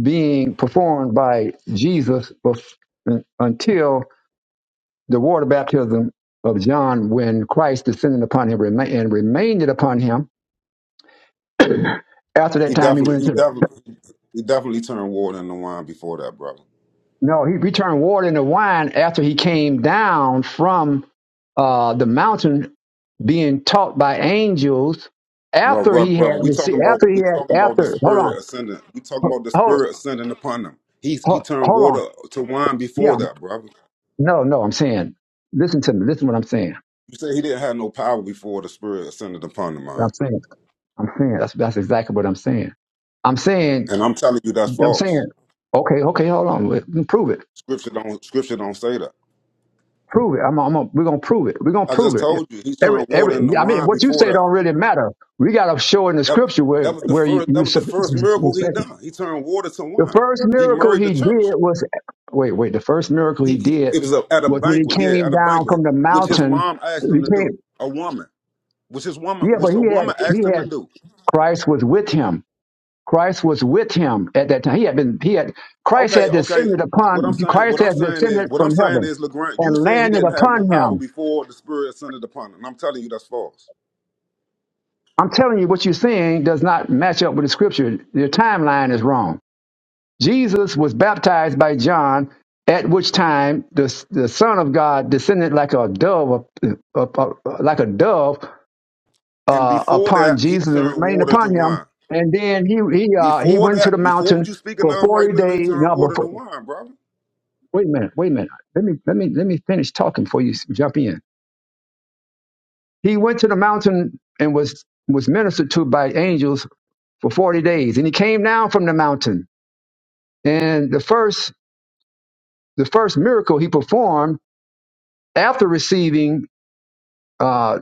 Speaker 1: being performed by Jesus bef- until the water baptism of John when Christ descended upon him rema- and remained it upon him. After that
Speaker 14: He
Speaker 1: time, he
Speaker 14: definitely,
Speaker 1: went
Speaker 14: he
Speaker 1: into the.
Speaker 14: definitely, he definitely turned water into wine before that, brother.
Speaker 1: No, he he turned water into wine after he came down from uh, the mountain being taught by angels
Speaker 14: Well,
Speaker 1: after
Speaker 14: well,
Speaker 1: he had
Speaker 14: brother, we
Speaker 1: received,
Speaker 14: talking about
Speaker 1: after he
Speaker 14: we talking
Speaker 1: had,
Speaker 14: about the
Speaker 1: after, hold
Speaker 14: spirit
Speaker 1: on,
Speaker 14: ascending. We talking about the
Speaker 1: hold,
Speaker 14: spirit ascending upon him. He he
Speaker 1: hold,
Speaker 14: turned
Speaker 1: hold on.
Speaker 14: water to wine
Speaker 1: yeah.
Speaker 14: before that, brother.
Speaker 1: No, no, I'm saying, listen to me. Listen to what I'm saying.
Speaker 14: You said he didn't have no power before the spirit ascended upon him, man.
Speaker 1: I'm saying, I'm saying, that's, that's exactly what I'm saying. I'm saying,
Speaker 14: And I'm telling you that's
Speaker 1: I'm saying,
Speaker 14: false.
Speaker 1: okay, okay, hold on. Wait, Prove it.
Speaker 14: Scripture don't scripture don't say that.
Speaker 1: Prove it. I'm, I'm gonna, we're going to prove it. We're going to
Speaker 14: I
Speaker 1: prove
Speaker 14: just
Speaker 1: it.
Speaker 14: told you he
Speaker 1: Every,
Speaker 14: turned water
Speaker 1: every,
Speaker 14: into
Speaker 1: I mean,
Speaker 14: wine
Speaker 1: what you
Speaker 14: before
Speaker 1: say
Speaker 14: that.
Speaker 1: don't really matter. We got to show in the
Speaker 14: That
Speaker 1: scripture where,
Speaker 14: that was the
Speaker 1: where you,
Speaker 14: first that
Speaker 1: you
Speaker 14: was the
Speaker 1: said,
Speaker 14: first miracle he
Speaker 1: the
Speaker 14: done. He turned water to wine.
Speaker 1: first
Speaker 14: He
Speaker 1: miracle
Speaker 14: married the
Speaker 1: he did
Speaker 14: church.
Speaker 1: was, wait, wait, the first miracle he
Speaker 14: He he
Speaker 1: did
Speaker 14: it was a, at a
Speaker 1: was when he
Speaker 14: banquet,
Speaker 1: came
Speaker 14: yeah, at a
Speaker 1: down
Speaker 14: banquet,
Speaker 1: from the
Speaker 14: which his
Speaker 1: mountain.
Speaker 14: mom
Speaker 1: He
Speaker 14: asked him to do.
Speaker 1: came,
Speaker 14: A woman. Which his woman
Speaker 1: yeah, but
Speaker 14: which a
Speaker 1: he had,
Speaker 14: woman asked
Speaker 1: he
Speaker 14: him to
Speaker 1: had,
Speaker 14: do.
Speaker 1: Christ was with him. Christ was with him at that time. He had been, he had, Christ
Speaker 14: Okay,
Speaker 1: had
Speaker 14: okay.
Speaker 1: descended
Speaker 14: What I'm
Speaker 1: upon,
Speaker 14: saying,
Speaker 1: Christ
Speaker 14: what I'm
Speaker 1: had
Speaker 14: saying is,
Speaker 1: descended
Speaker 14: what I'm
Speaker 1: from
Speaker 14: saying
Speaker 1: heaven
Speaker 14: is, LeGrand, you
Speaker 1: and
Speaker 14: said he
Speaker 1: landed
Speaker 14: didn't have no
Speaker 1: upon
Speaker 14: power
Speaker 1: him.
Speaker 14: before the Spirit ascended upon him. And I'm telling you that's false.
Speaker 1: I'm telling you, what you're seeing does not match up with the scripture. Your timeline is wrong. Jesus was baptized by John, at which time the, the Son of God descended like a dove, uh, uh, uh, like a dove
Speaker 14: And
Speaker 1: uh,
Speaker 14: before
Speaker 1: upon
Speaker 14: that, he
Speaker 1: Jesus and
Speaker 14: turned
Speaker 1: remained
Speaker 14: water to
Speaker 1: upon him.
Speaker 14: wine.
Speaker 1: And then he he uh, he
Speaker 14: Before
Speaker 1: went to the
Speaker 14: that, before what
Speaker 1: mountain
Speaker 14: you speaking
Speaker 1: for
Speaker 14: of right
Speaker 1: forty
Speaker 14: now, he
Speaker 1: days.
Speaker 14: turned
Speaker 1: No,
Speaker 14: water to
Speaker 1: before.
Speaker 14: wine, brother.
Speaker 1: Wait a minute. Wait a minute. Let me let me let me finish talking before you s- jump in. He went to the mountain and was was ministered to by angels for forty days, and he came down from the mountain. And the first the first miracle he performed after receiving uh,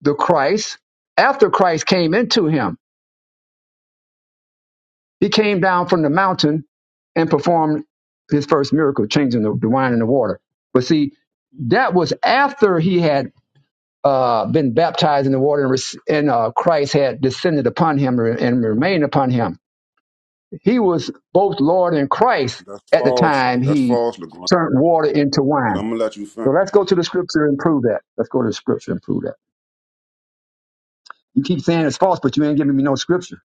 Speaker 1: the Christ, after Christ came into him, he came down from the mountain and performed his first miracle, changing the, the wine and the water. But see, that was after he had uh, been baptized in the water and, and uh, Christ had descended upon him and remained upon him. He was both Lord and Christ
Speaker 14: That's
Speaker 1: at the
Speaker 14: false.
Speaker 1: time
Speaker 14: That's
Speaker 1: he
Speaker 14: false, LeGrand.
Speaker 1: turned water into
Speaker 14: But
Speaker 1: wine.
Speaker 14: I'm gonna let you finish.
Speaker 1: So let's go to the scripture and prove that. Let's go to the scripture and prove that. You keep saying it's false, but you ain't giving me no scripture.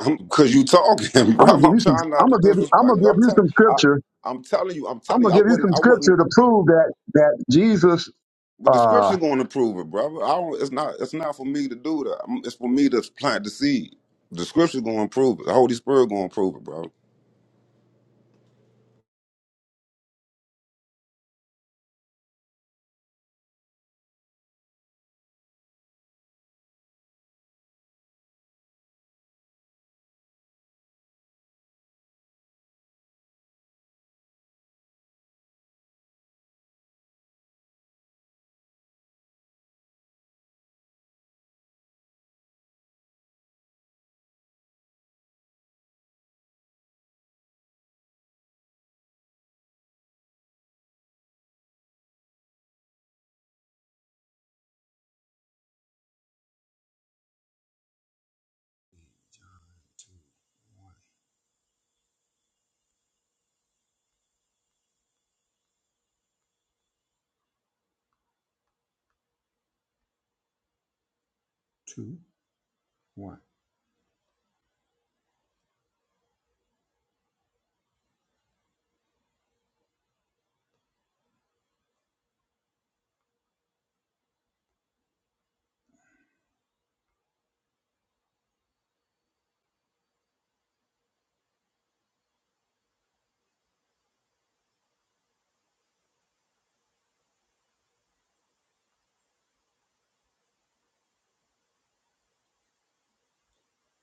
Speaker 14: I'm, Cause you talking, bro.
Speaker 1: I'm gonna give
Speaker 14: I'm
Speaker 1: you some.
Speaker 14: trying not
Speaker 1: I'm
Speaker 14: to
Speaker 1: gonna give. I'm
Speaker 14: disrespect
Speaker 1: gonna
Speaker 14: you.
Speaker 1: give
Speaker 14: I'm
Speaker 1: you
Speaker 14: tell,
Speaker 1: some
Speaker 14: I,
Speaker 1: scripture.
Speaker 14: I'm telling you. I'm
Speaker 1: I'm
Speaker 14: telling you.
Speaker 1: gonna
Speaker 14: I
Speaker 1: give you
Speaker 14: wouldn't.
Speaker 1: some
Speaker 14: I wouldn't.
Speaker 1: scripture to prove that that Jesus.
Speaker 14: But the scripture's
Speaker 1: Uh,
Speaker 14: going to prove it, brother. I don't. It's not. It's not for me to do that. I'm- It's for me to plant the seed. The scripture's going to prove it. The Holy Spirit going to prove it, bro.
Speaker 1: two, one.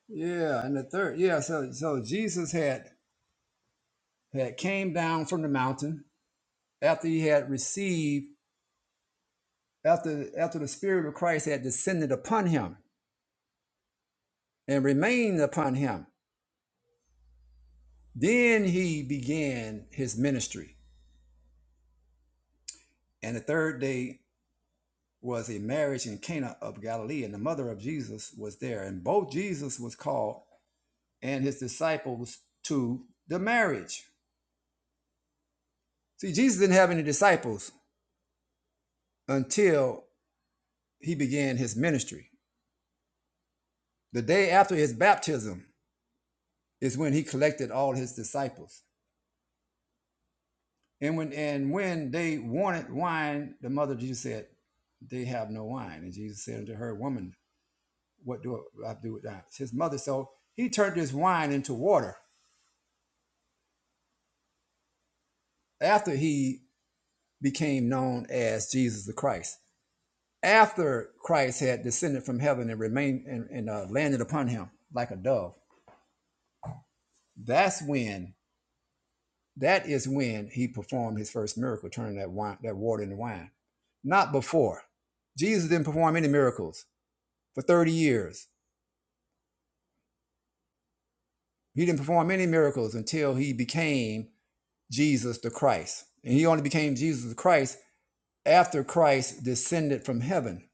Speaker 1: Yeah, and the third. Yeah, so so Jesus had had came down from the mountain. after he had received, after after the Spirit of Christ had descended upon him and remained upon him, then he began his ministry. And the third day was a marriage in Cana of Galilee, and the mother of Jesus was there. And both Jesus was called and his disciples to the marriage. See, Jesus didn't have any disciples until he began his ministry. The day after his baptism is when he collected all his disciples. And when and when they wanted wine, the mother of Jesus said, They have no wine. And Jesus said unto her, Woman, what do I have to do with that? His mother. So he turned this wine into water after he became known as Jesus the Christ. After Christ had descended from heaven and remained and, and uh, landed upon him like a dove, that's when that is when he performed his first miracle, turning that wine, that water into wine. Not before. Jesus didn't perform any miracles for 30 years He didn't perform any miracles until he became Jesus the Christ. And he only became Jesus the Christ after Christ descended from heaven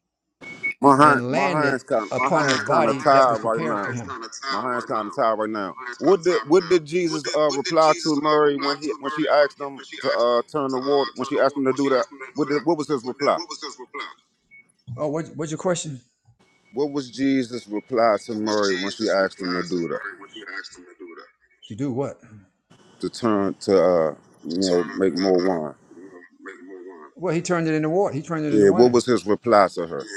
Speaker 14: My hand,
Speaker 1: and
Speaker 14: my
Speaker 1: landed
Speaker 14: hands kind, my
Speaker 1: upon
Speaker 14: hands
Speaker 1: the
Speaker 14: kind of
Speaker 1: body that
Speaker 14: tied
Speaker 1: was
Speaker 14: right
Speaker 1: prepared for
Speaker 14: now.
Speaker 1: him.
Speaker 14: My hands kind of tied right now. What did what did Jesus uh, reply to Mary when he when she asked him to uh, turn the water when she asked him to do that? What did, what was his reply?
Speaker 1: Oh, what, what's your question?
Speaker 14: What was Jesus' reply to Mary when she asked him to do that?
Speaker 1: To do what?
Speaker 14: To turn to uh, you know, make more wine.
Speaker 1: Well, he turned it into water. He turned it into
Speaker 14: Yeah, what
Speaker 1: wine.
Speaker 14: was his reply to her?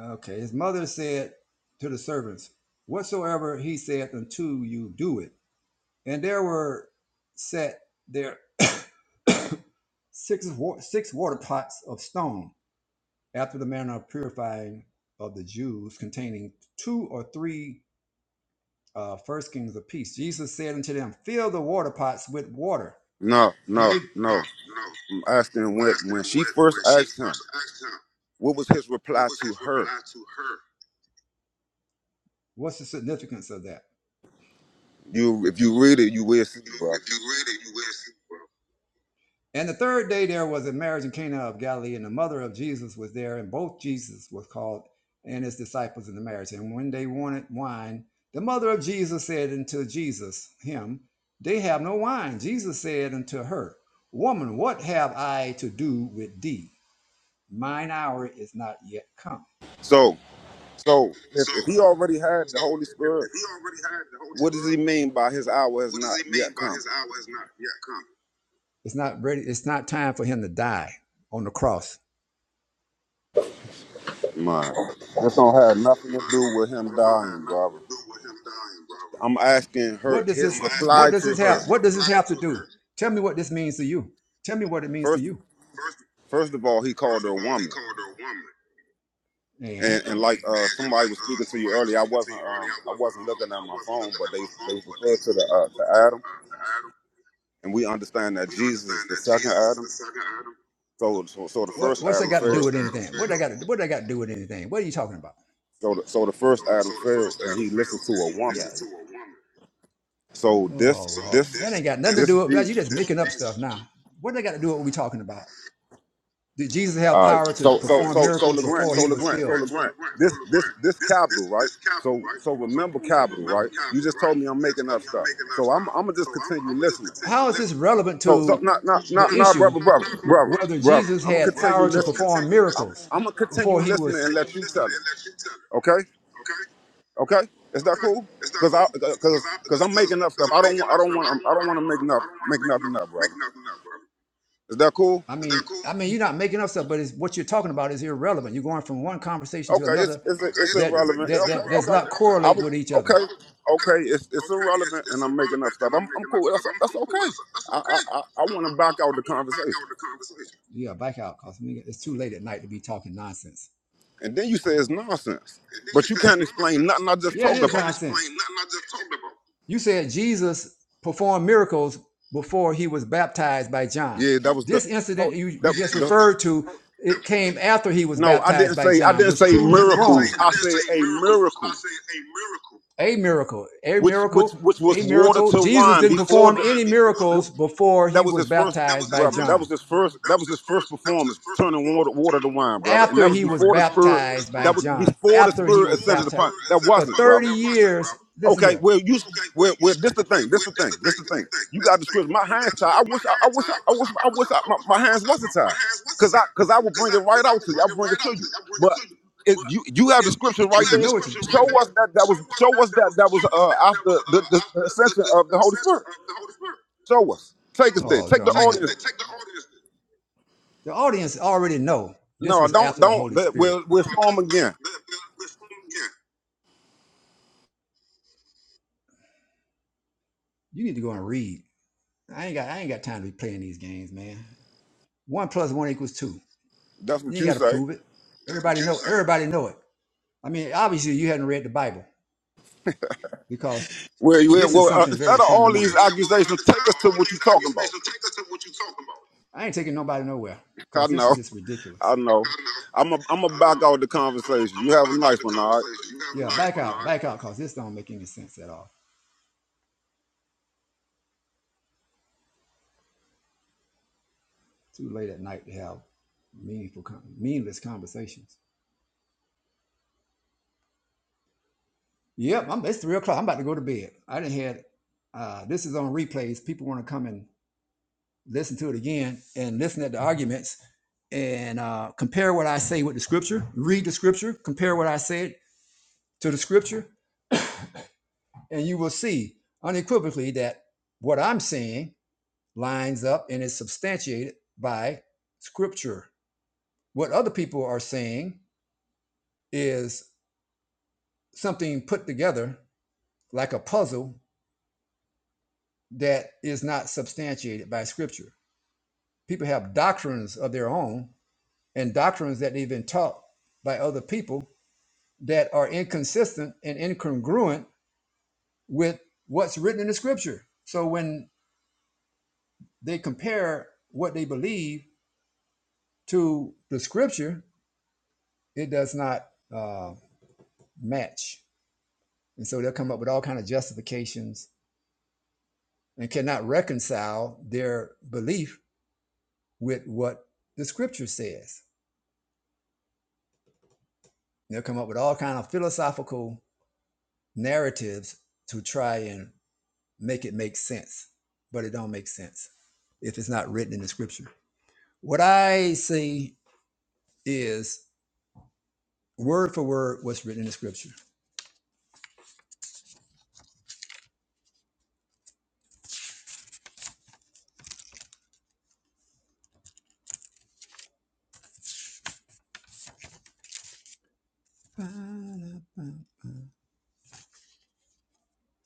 Speaker 1: Okay. His mother said to the servants, Whatsoever he said unto you, do it. And there were set there six, six water pots of stone after the manner of purifying of the Jews, containing two or three uh, first kings apiece. Jesus said unto them, Fill the water pots with water.
Speaker 14: No,
Speaker 1: And they,
Speaker 14: no, no. I'm asking when when she first asked him, what was his reply to her?
Speaker 1: what's the significance of that?
Speaker 14: You if you read it, you will see, brother.
Speaker 1: And the third day there was a marriage in Cana of Galilee, and the mother of Jesus was there, and both Jesus was called and his disciples in the marriage. And when they wanted wine, the mother of Jesus said unto Jesus, him, They have no wine. Jesus said unto her, Woman, what have I to do with thee? Mine hour is not yet come.
Speaker 14: So so if, if he already had the Holy Spirit, what does he mean by his hour has not yet come?
Speaker 1: It's not ready. It's not time for him to die on the cross.
Speaker 14: My that's don't have nothing to do with him dying, brother. I'm asking her
Speaker 1: What does this?
Speaker 14: his
Speaker 1: What
Speaker 14: reply
Speaker 1: does
Speaker 14: to
Speaker 1: this have?
Speaker 14: her.
Speaker 1: What does this have to do? Tell me what this means to you. Tell me what it means to
Speaker 14: First,
Speaker 1: you.
Speaker 14: first of all, he called her a woman,
Speaker 1: And
Speaker 14: and and like uh, somebody was speaking to you earlier, I wasn't um I wasn't looking at my phone, but they they referred to the uh, to Adam, and we understand that Jesus is the second Adam. So so, so the
Speaker 1: what
Speaker 14: first
Speaker 1: what's that
Speaker 14: Adam
Speaker 1: got to do
Speaker 14: failed.
Speaker 1: with anything? What I got? to What I got to do with anything? What are you talking about?
Speaker 14: So the, so the first Adam failed, and he listened to a woman. So this
Speaker 1: Oh Lord, that
Speaker 14: this
Speaker 1: ain't got nothing to
Speaker 14: this
Speaker 1: do with that. You
Speaker 14: Jesus.
Speaker 1: just making up stuff now. What they got to do with what we talking about? Did Jesus have
Speaker 14: All right.
Speaker 1: power to right.
Speaker 14: So so
Speaker 1: perform
Speaker 14: so so
Speaker 1: miracles
Speaker 14: Legrand.
Speaker 1: before
Speaker 14: So
Speaker 1: he was
Speaker 14: Legrand.
Speaker 1: filled?
Speaker 14: So Legrand. This this this capital right. So so remember capital right. You just told me I'm making up stuff. So I'm I'm gonna just continue listening.
Speaker 1: How is this relevant
Speaker 14: So, so,
Speaker 1: to
Speaker 14: no, no,
Speaker 1: the
Speaker 14: no, no,
Speaker 1: issue
Speaker 14: brother, brother, brother,
Speaker 1: whether
Speaker 14: brother.
Speaker 1: Jesus
Speaker 14: I'm gonna
Speaker 1: had
Speaker 14: continue
Speaker 1: power to
Speaker 14: listening.
Speaker 1: perform
Speaker 14: I'm,
Speaker 1: miracles
Speaker 14: I'm gonna
Speaker 1: before
Speaker 14: continue
Speaker 1: he was?
Speaker 14: listening and let you tell it. Okay, okay. Is that cool? Cause I, cause, cause I'm making up stuff. I don't, want, I don't want, I don't want to make up, make nothing up, brother. Is that cool?
Speaker 1: I mean, I mean, you're not making up stuff, but it's, what you're talking about is irrelevant. You're going from one conversation to
Speaker 14: Okay,
Speaker 1: another
Speaker 14: it's,
Speaker 1: Okay,
Speaker 14: it's, it's
Speaker 1: that that
Speaker 14: irrelevant.
Speaker 1: it's that
Speaker 14: Okay,
Speaker 1: does not
Speaker 14: okay. I
Speaker 1: correlate
Speaker 14: was,
Speaker 1: with each other.
Speaker 14: okay, okay. It's, it's irrelevant, and I'm making up stuff. I'm, I'm cool. That's, that's okay. I, I, I, I want to back out the conversation,
Speaker 1: Yeah, back out, cause it's too late at night to be talking nonsense.
Speaker 14: and then you say it's nonsense, but you can't explain nothing I just
Speaker 1: Yeah, it is
Speaker 14: talked about.
Speaker 1: nonsense. You said Jesus performed miracles before he was baptized by John.
Speaker 14: Yeah, that was the
Speaker 1: This
Speaker 14: hold-
Speaker 1: incident you, you
Speaker 14: that
Speaker 1: just
Speaker 14: the
Speaker 1: referred to, it came after he was
Speaker 14: no, I didn't
Speaker 1: baptized by
Speaker 14: say I
Speaker 1: John,
Speaker 14: didn't
Speaker 1: which
Speaker 14: say
Speaker 1: proves you did wrong.
Speaker 14: miracles. I said a miracle,
Speaker 1: A miracle, a
Speaker 14: which
Speaker 1: miracle,
Speaker 14: which which
Speaker 1: a
Speaker 14: was water
Speaker 1: miracle.
Speaker 14: to
Speaker 1: Jesus
Speaker 14: wine
Speaker 1: didn't
Speaker 14: before
Speaker 1: perform
Speaker 14: the
Speaker 1: any
Speaker 14: wh-
Speaker 1: miracles before
Speaker 14: that
Speaker 1: he was
Speaker 14: was his first
Speaker 1: baptized by
Speaker 14: brother. That
Speaker 1: John
Speaker 14: was his first that was his first performance, turning water water to wine, brother. And
Speaker 1: after
Speaker 14: that was
Speaker 1: he was
Speaker 14: before the spirit
Speaker 1: baptized by
Speaker 14: that was
Speaker 1: John,
Speaker 14: before the
Speaker 1: after he
Speaker 14: spirit
Speaker 1: was
Speaker 14: ascended
Speaker 1: baptized
Speaker 14: upon. That
Speaker 1: for
Speaker 14: wasn't,
Speaker 1: 30
Speaker 14: brother.
Speaker 1: years. Listen
Speaker 14: Okay,
Speaker 1: here.
Speaker 14: well, you, well, well, this the thing, this the thing, this the thing. You got the script. My hands tied. I wish, I, I wish, I, I wish, I wish I, my, my hands wasn't tied, cause I, cause I would bring it right out to you. I would bring it to you. But if you, you have the scripture right there.
Speaker 1: know
Speaker 14: Show us that that was. Show us that that was uh after the, the, the ascension of the Holy Spirit. Show us. Take us there.
Speaker 1: Oh,
Speaker 14: Take
Speaker 1: John,
Speaker 14: the
Speaker 1: man.
Speaker 14: audience. There.
Speaker 1: The audience already know this
Speaker 14: No,
Speaker 1: was
Speaker 14: don't,
Speaker 1: after the
Speaker 14: don't.
Speaker 1: Holy
Speaker 14: That,
Speaker 1: Spirit.
Speaker 14: we'll, we'll show them again.
Speaker 1: You need to go and read. I ain't got I ain't got time to be playing these games, man. One plus one equals two.
Speaker 14: That's
Speaker 1: You
Speaker 14: what
Speaker 1: ain't
Speaker 14: you
Speaker 1: got to
Speaker 14: say.
Speaker 1: prove it. Everybody know. Everybody know it. I mean, obviously you hadn't read the Bible because
Speaker 14: Well, you,
Speaker 1: This is
Speaker 14: well uh,
Speaker 1: something
Speaker 14: instead
Speaker 1: very We,
Speaker 14: of all
Speaker 1: fundamental.
Speaker 14: these accusations, take us to what you're talking about.
Speaker 1: I ain't taking nobody nowhere
Speaker 14: I
Speaker 1: because this
Speaker 14: know.
Speaker 1: is just
Speaker 14: I
Speaker 1: ridiculous.
Speaker 14: know. I'm a, I'm gonna back out the conversation. You have a nice one, all right?
Speaker 1: Yeah, back out, back out because this don't make any sense at all. Too late at night to have meaningful, meaningless conversations. Yep, I'm, it's three o'clock. I'm about to go to bed. I didn't had uh, this is on replays. People want to come and listen to it again and listen at the arguments and uh, compare what I say with the scripture. Read the scripture. Compare what I said to the scripture, and you will see unequivocally that what I'm saying lines up and is substantiated by scripture. What other people are saying is something put together like a puzzle that is not substantiated by scripture. People have doctrines of their own and doctrines that they've been taught by other people that are inconsistent and incongruent with what's written in the scripture. So when they compare what they believe to the scripture, it does not uh, match, and so they'll come up with all kind of justifications and cannot reconcile their belief with what the scripture says. They'll come up with all kind of philosophical narratives to try and make it make sense, but it don't make sense if it's not written in the scripture. What I see is word for word what's written in the scripture.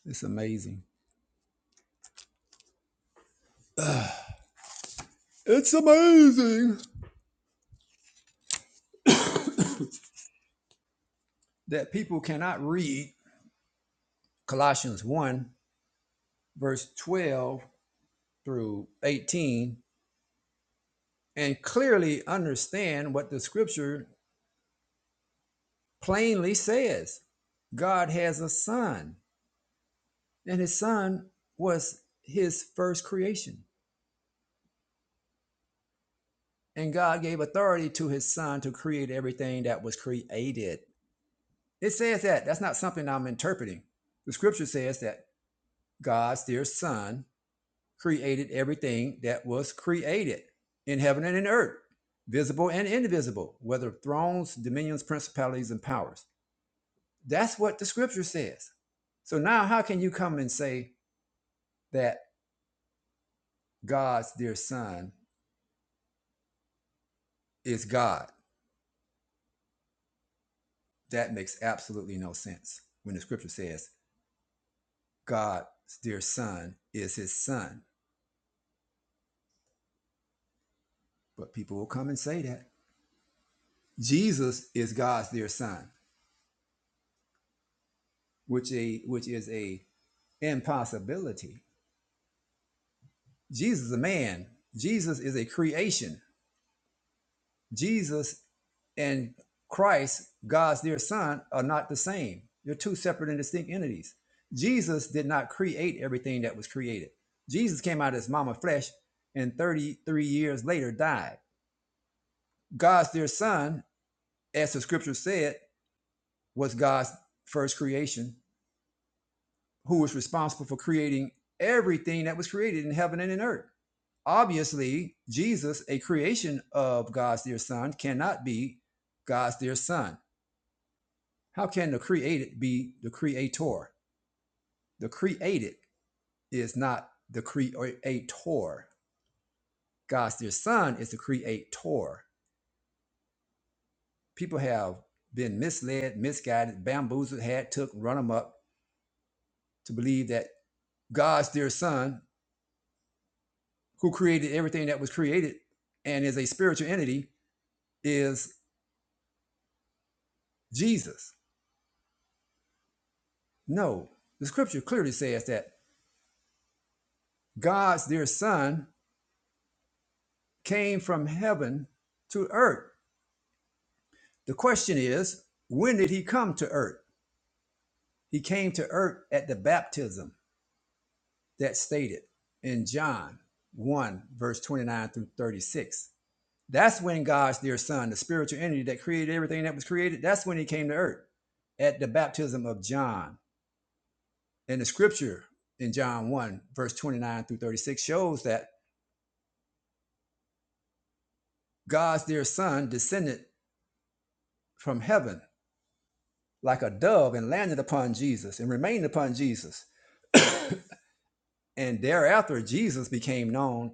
Speaker 1: It's amazing. Ugh. It's amazing that people cannot read Colossians 1, verse 12 through 18, and clearly understand what the scripture plainly says. God has a son, and his son was his first creation. And God gave authority to his son to create everything that was created. It says that. That's not something I'm interpreting. The scripture says that God's dear son created everything that was created in heaven and in earth, visible and invisible, whether thrones, dominions, principalities, and powers. That's what the scripture says. So now, how can you come and say that God's dear son is God? That makes absolutely no sense when the scripture says God's dear son is his son. But people will come and say that Jesus is God's dear son, which a which is a impossibility Jesus is a man. Jesus is a creation. Jesus and Christ, God's dear son, are not the same. They're two separate and distinct entities. Jesus did not create everything that was created. Jesus came out of his mama flesh and 33 years later died. God's dear son, as the scripture said, was God's first creation who was responsible for creating everything that was created in heaven and in earth. Obviously, Jesus, a creation of God's dear son, cannot be God's dear son. How can the created be the creator? The created is not the creator. God's dear son is the creator. People have been misled, misguided, bamboozled, had took, run them up to believe that God's dear son, who created everything that was created and is a spiritual entity, is Jesus. No, the scripture clearly says that God's dear son came from heaven to earth. The question is, when did he come to earth? He came to earth at the baptism that's stated in John 1, verse 29 through 36. That's when God's dear son, the spiritual entity that created everything that was created, that's when he came to earth at the baptism of John. And the scripture in John 1, verse 29 through 36 shows that God's dear son descended from heaven like a dove and landed upon Jesus and remained upon Jesus. and thereafter, Jesus became known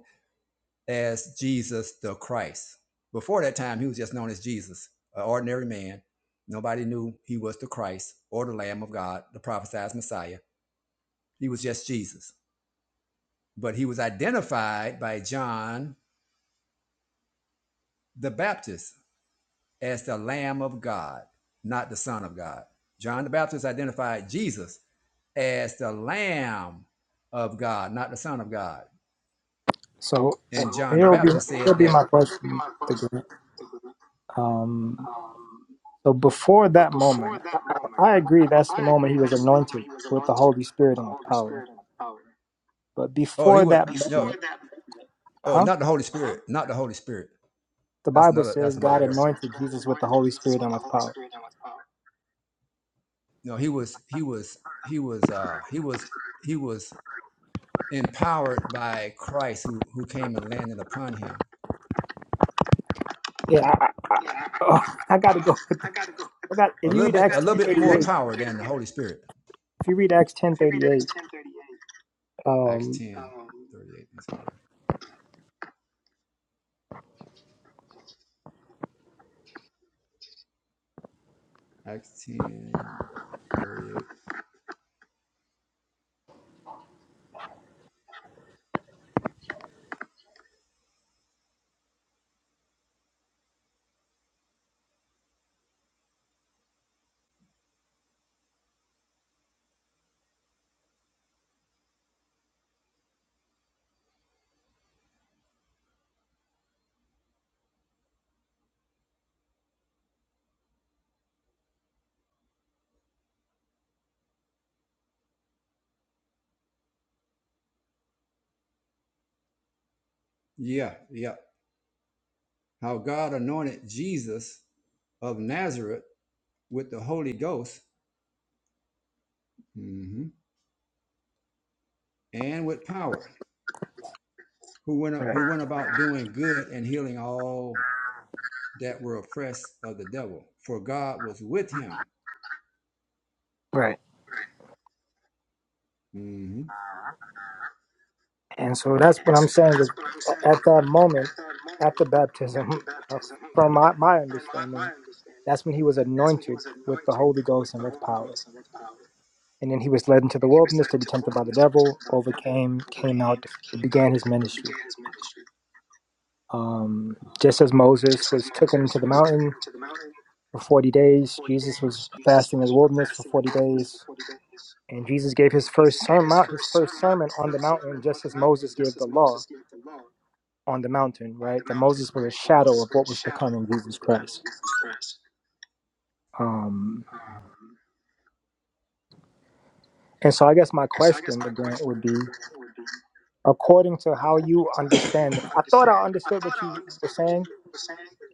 Speaker 1: as Jesus the Christ. Before that time, he was just known as Jesus, an ordinary man. Nobody knew he was the Christ or the Lamb of God, the prophesied Messiah. He was just Jesus. But he was identified by John the Baptist as the Lamb of God, not the Son of God. John the Baptist identified Jesus as the Lamb of God, not the Son of God.
Speaker 3: So
Speaker 1: And
Speaker 3: uh,
Speaker 1: So, John the
Speaker 3: here'll be
Speaker 1: Baptist said
Speaker 3: here'll
Speaker 1: that.
Speaker 3: be
Speaker 1: this
Speaker 3: my
Speaker 1: be
Speaker 3: question
Speaker 1: my
Speaker 3: to
Speaker 1: question.
Speaker 3: Grant. Um, so before that moment, I agree that's the moment he was anointed with the Holy Spirit and with power. But
Speaker 1: Oh, he
Speaker 3: before
Speaker 1: would
Speaker 3: that
Speaker 1: no.
Speaker 3: moment,
Speaker 1: that- Oh,
Speaker 3: huh?
Speaker 1: not the Holy Spirit, not the Holy Spirit.
Speaker 3: The
Speaker 1: That's
Speaker 3: Bible
Speaker 1: another. That's
Speaker 3: says
Speaker 1: another
Speaker 3: God
Speaker 1: error.
Speaker 3: anointed Jesus with the Holy Spirit and with power.
Speaker 1: No, he was. He was. He was. uh He was. He was empowered by Christ, who who came and landed upon him.
Speaker 3: Yeah, I, I, oh, I got to go. With the, I got.
Speaker 1: A
Speaker 3: If you
Speaker 1: little
Speaker 3: read
Speaker 1: bit.
Speaker 3: Acts
Speaker 1: A
Speaker 3: ten
Speaker 1: little bit
Speaker 3: thirty
Speaker 1: more
Speaker 3: eight,
Speaker 1: power than the Holy Spirit.
Speaker 3: if you read Acts ten thirty eight,
Speaker 1: Acts
Speaker 3: um,
Speaker 1: ten thirty-eight. Let's go there. Acts 10 38. Yeah, yeah. how God anointed Jesus of Nazareth with the Holy Ghost mhm, and with power, who went,
Speaker 3: right,
Speaker 1: who went about doing good and healing all that were oppressed of the devil, for God was with him.
Speaker 3: right.
Speaker 1: hmm
Speaker 3: And so that's what I'm saying. is At that moment, at the baptism, uh, from my, my understanding That's when he was anointed with the Holy Ghost and with power. And then he was led into the wilderness to be tempted by the devil, overcame, came out, began his ministry. Um, just as Moses was taken into the mountain for 40 days, Jesus was fasting in the wilderness for 40 days. And Jesus gave his first sermon, his first sermon on the mountain, just as Moses gave the law on the mountain, right? That Moses was a shadow of what was to come in Jesus Christ. Um, and so I guess my question again would be according to how you understand it. I thought I understood what you were saying,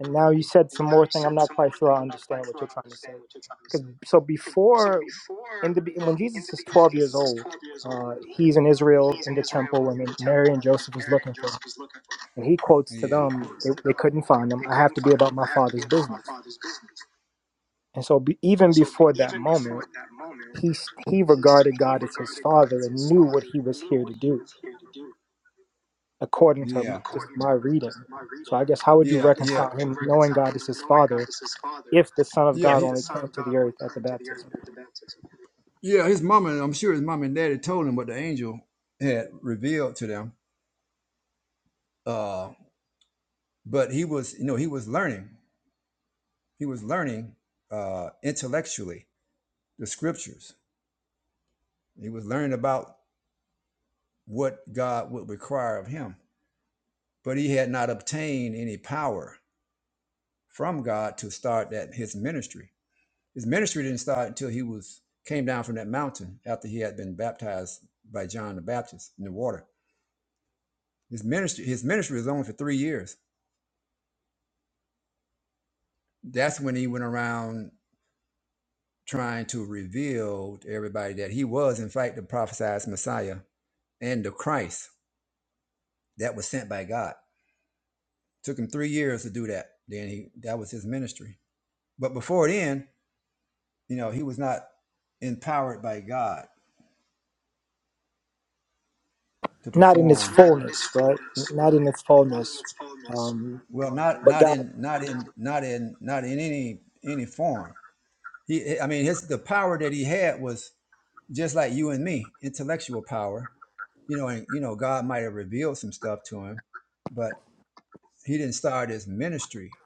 Speaker 3: and now you said some more thing. I'm not quite sure I understand what you're trying to say. Because so before in the be- when Jesus is 12 years old, uh, he's in Israel in the temple, and then Mary and Joseph is looking for him, and he quotes to
Speaker 1: Yeah.
Speaker 3: them, they, they couldn't find him. I have to be about my father's business. And so be, even before that moment, he he regarded God as his father and knew what he was here to do according to
Speaker 1: Yeah.
Speaker 3: just my reading. So I guess how would you
Speaker 1: Yeah,
Speaker 3: reconcile him knowing God is his father if the Son of God only came to the earth at the baptism?
Speaker 1: Yeah, his mom and I'm sure his mom and daddy told him what the angel had revealed to them. Uh, but he was, you know, he was learning. He was learning uh, intellectually the scriptures. He was learning about what God would require of him. But he had not obtained any power from God to start that his ministry. His ministry didn't start until he was came down from that mountain after he had been baptized by John the Baptist in the water. His ministry, his ministry was only for three years that's when he went around trying to reveal to everybody that he was, in fact, the prophesied Messiah and the Christ that was sent by God. Took him three years to do that. Then he that was his ministry. But before then, you know, he was not empowered by God to
Speaker 3: Not in its
Speaker 1: perform. Not in his
Speaker 3: fullness, right?
Speaker 1: fullness,
Speaker 3: Not
Speaker 1: right?
Speaker 3: in its
Speaker 1: Not in
Speaker 3: fullness.
Speaker 1: his fullness.
Speaker 3: Um,
Speaker 1: Well, not
Speaker 3: but
Speaker 1: not
Speaker 3: God,
Speaker 1: in not in not in not in any any form. He, I mean, his the power that he had was just like you and me, intellectual power you know, and you know, God might have revealed some stuff to him, but he didn't start his ministry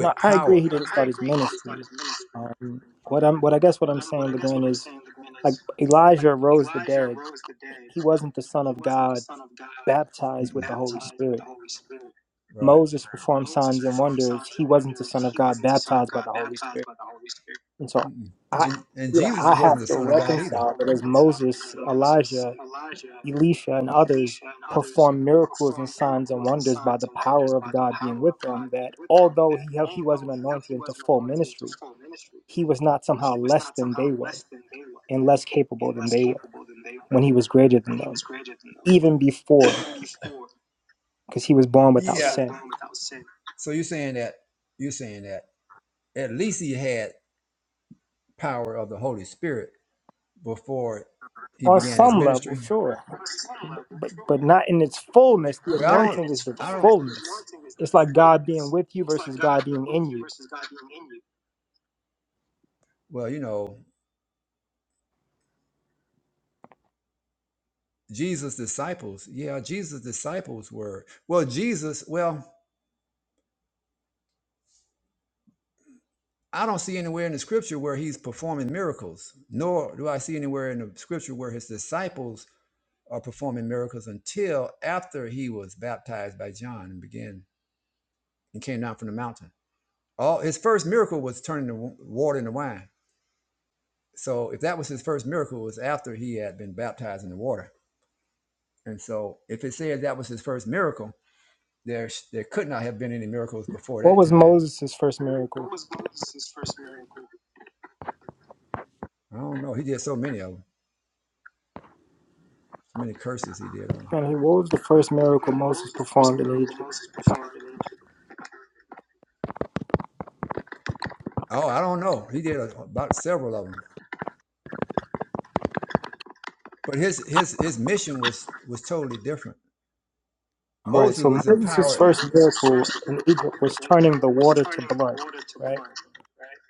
Speaker 3: no, I agree
Speaker 1: power.
Speaker 3: he
Speaker 1: No,
Speaker 3: didn't
Speaker 1: I
Speaker 3: start his
Speaker 1: agree. He didn't
Speaker 3: ministry.
Speaker 1: start his ministry
Speaker 3: Um, what I'm, what I guess what I'm saying, Legrand, is like Elijah rose the dead. He wasn't the Son of God baptized
Speaker 1: Mm-mm.
Speaker 3: with the Holy
Speaker 1: baptized with
Speaker 3: Spirit.
Speaker 1: the Holy Spirit. Right.
Speaker 3: Moses performed signs and wonders. He wasn't the Son of God baptized by the Holy Spirit And so
Speaker 1: Mm-mm.
Speaker 3: I
Speaker 1: And, and
Speaker 3: you know,
Speaker 1: Jesus
Speaker 3: I
Speaker 1: wasn't
Speaker 3: have
Speaker 1: the
Speaker 3: to
Speaker 1: son of God either.
Speaker 3: reconcile
Speaker 1: To
Speaker 3: that as
Speaker 1: reconcile
Speaker 3: Moses,
Speaker 1: because Moses,
Speaker 3: Elijah,
Speaker 1: Elijah,
Speaker 3: Elisha, and others performed miracles and signs and wonders by the power of God being with them, that although he he wasn't anointed into full ministry, he was not somehow less than they were and less capable than they were when he was greater than them, even before, because he was born without
Speaker 1: yeah, were
Speaker 3: sin.
Speaker 1: born without sin. So you're saying that you're saying that at least he had power of the Holy Spirit before he
Speaker 3: On
Speaker 1: began his
Speaker 3: some level,
Speaker 1: ministry.
Speaker 3: sure. but but not in its fullness. The
Speaker 1: But, Well, I not in don't.
Speaker 3: anointing is
Speaker 1: its
Speaker 3: the
Speaker 1: I don't. fullness. The
Speaker 3: fullness.
Speaker 1: anointing is the
Speaker 3: It's like God being
Speaker 1: fullness.
Speaker 3: with you versus God being in you.
Speaker 1: Well, you know, Jesus' disciples, yeah, Jesus' disciples were, well, Jesus, well, I don't see anywhere in the scripture where he's performing miracles, nor do I see anywhere in the scripture where his disciples are performing miracles until after he was baptized by John and began and came down from the mountain. All his first miracle was turning the wa- water into wine. So if that was his first miracle, it was after he had been baptized in the water. And so if it says that was his first miracle, There, there could not have been any miracles before
Speaker 3: What
Speaker 1: that
Speaker 3: was
Speaker 1: time.
Speaker 3: Moses' first miracle?
Speaker 1: I don't know. He did so many of them. So many curses he did on 'em.
Speaker 3: And he- What was the first miracle Moses performed in Egypt?
Speaker 1: Oh, I don't know. He did a, about several of them. But his his his mission was was totally different.
Speaker 3: All right,
Speaker 1: Moses
Speaker 3: so
Speaker 1: was empowered.
Speaker 3: Moses'
Speaker 1: So
Speaker 3: first
Speaker 1: Moses'
Speaker 3: miracle
Speaker 1: first
Speaker 3: in
Speaker 1: miracle
Speaker 3: Egypt was turning the
Speaker 1: was
Speaker 3: water to
Speaker 1: turning the
Speaker 3: blood,
Speaker 1: water to
Speaker 3: right?
Speaker 1: blood.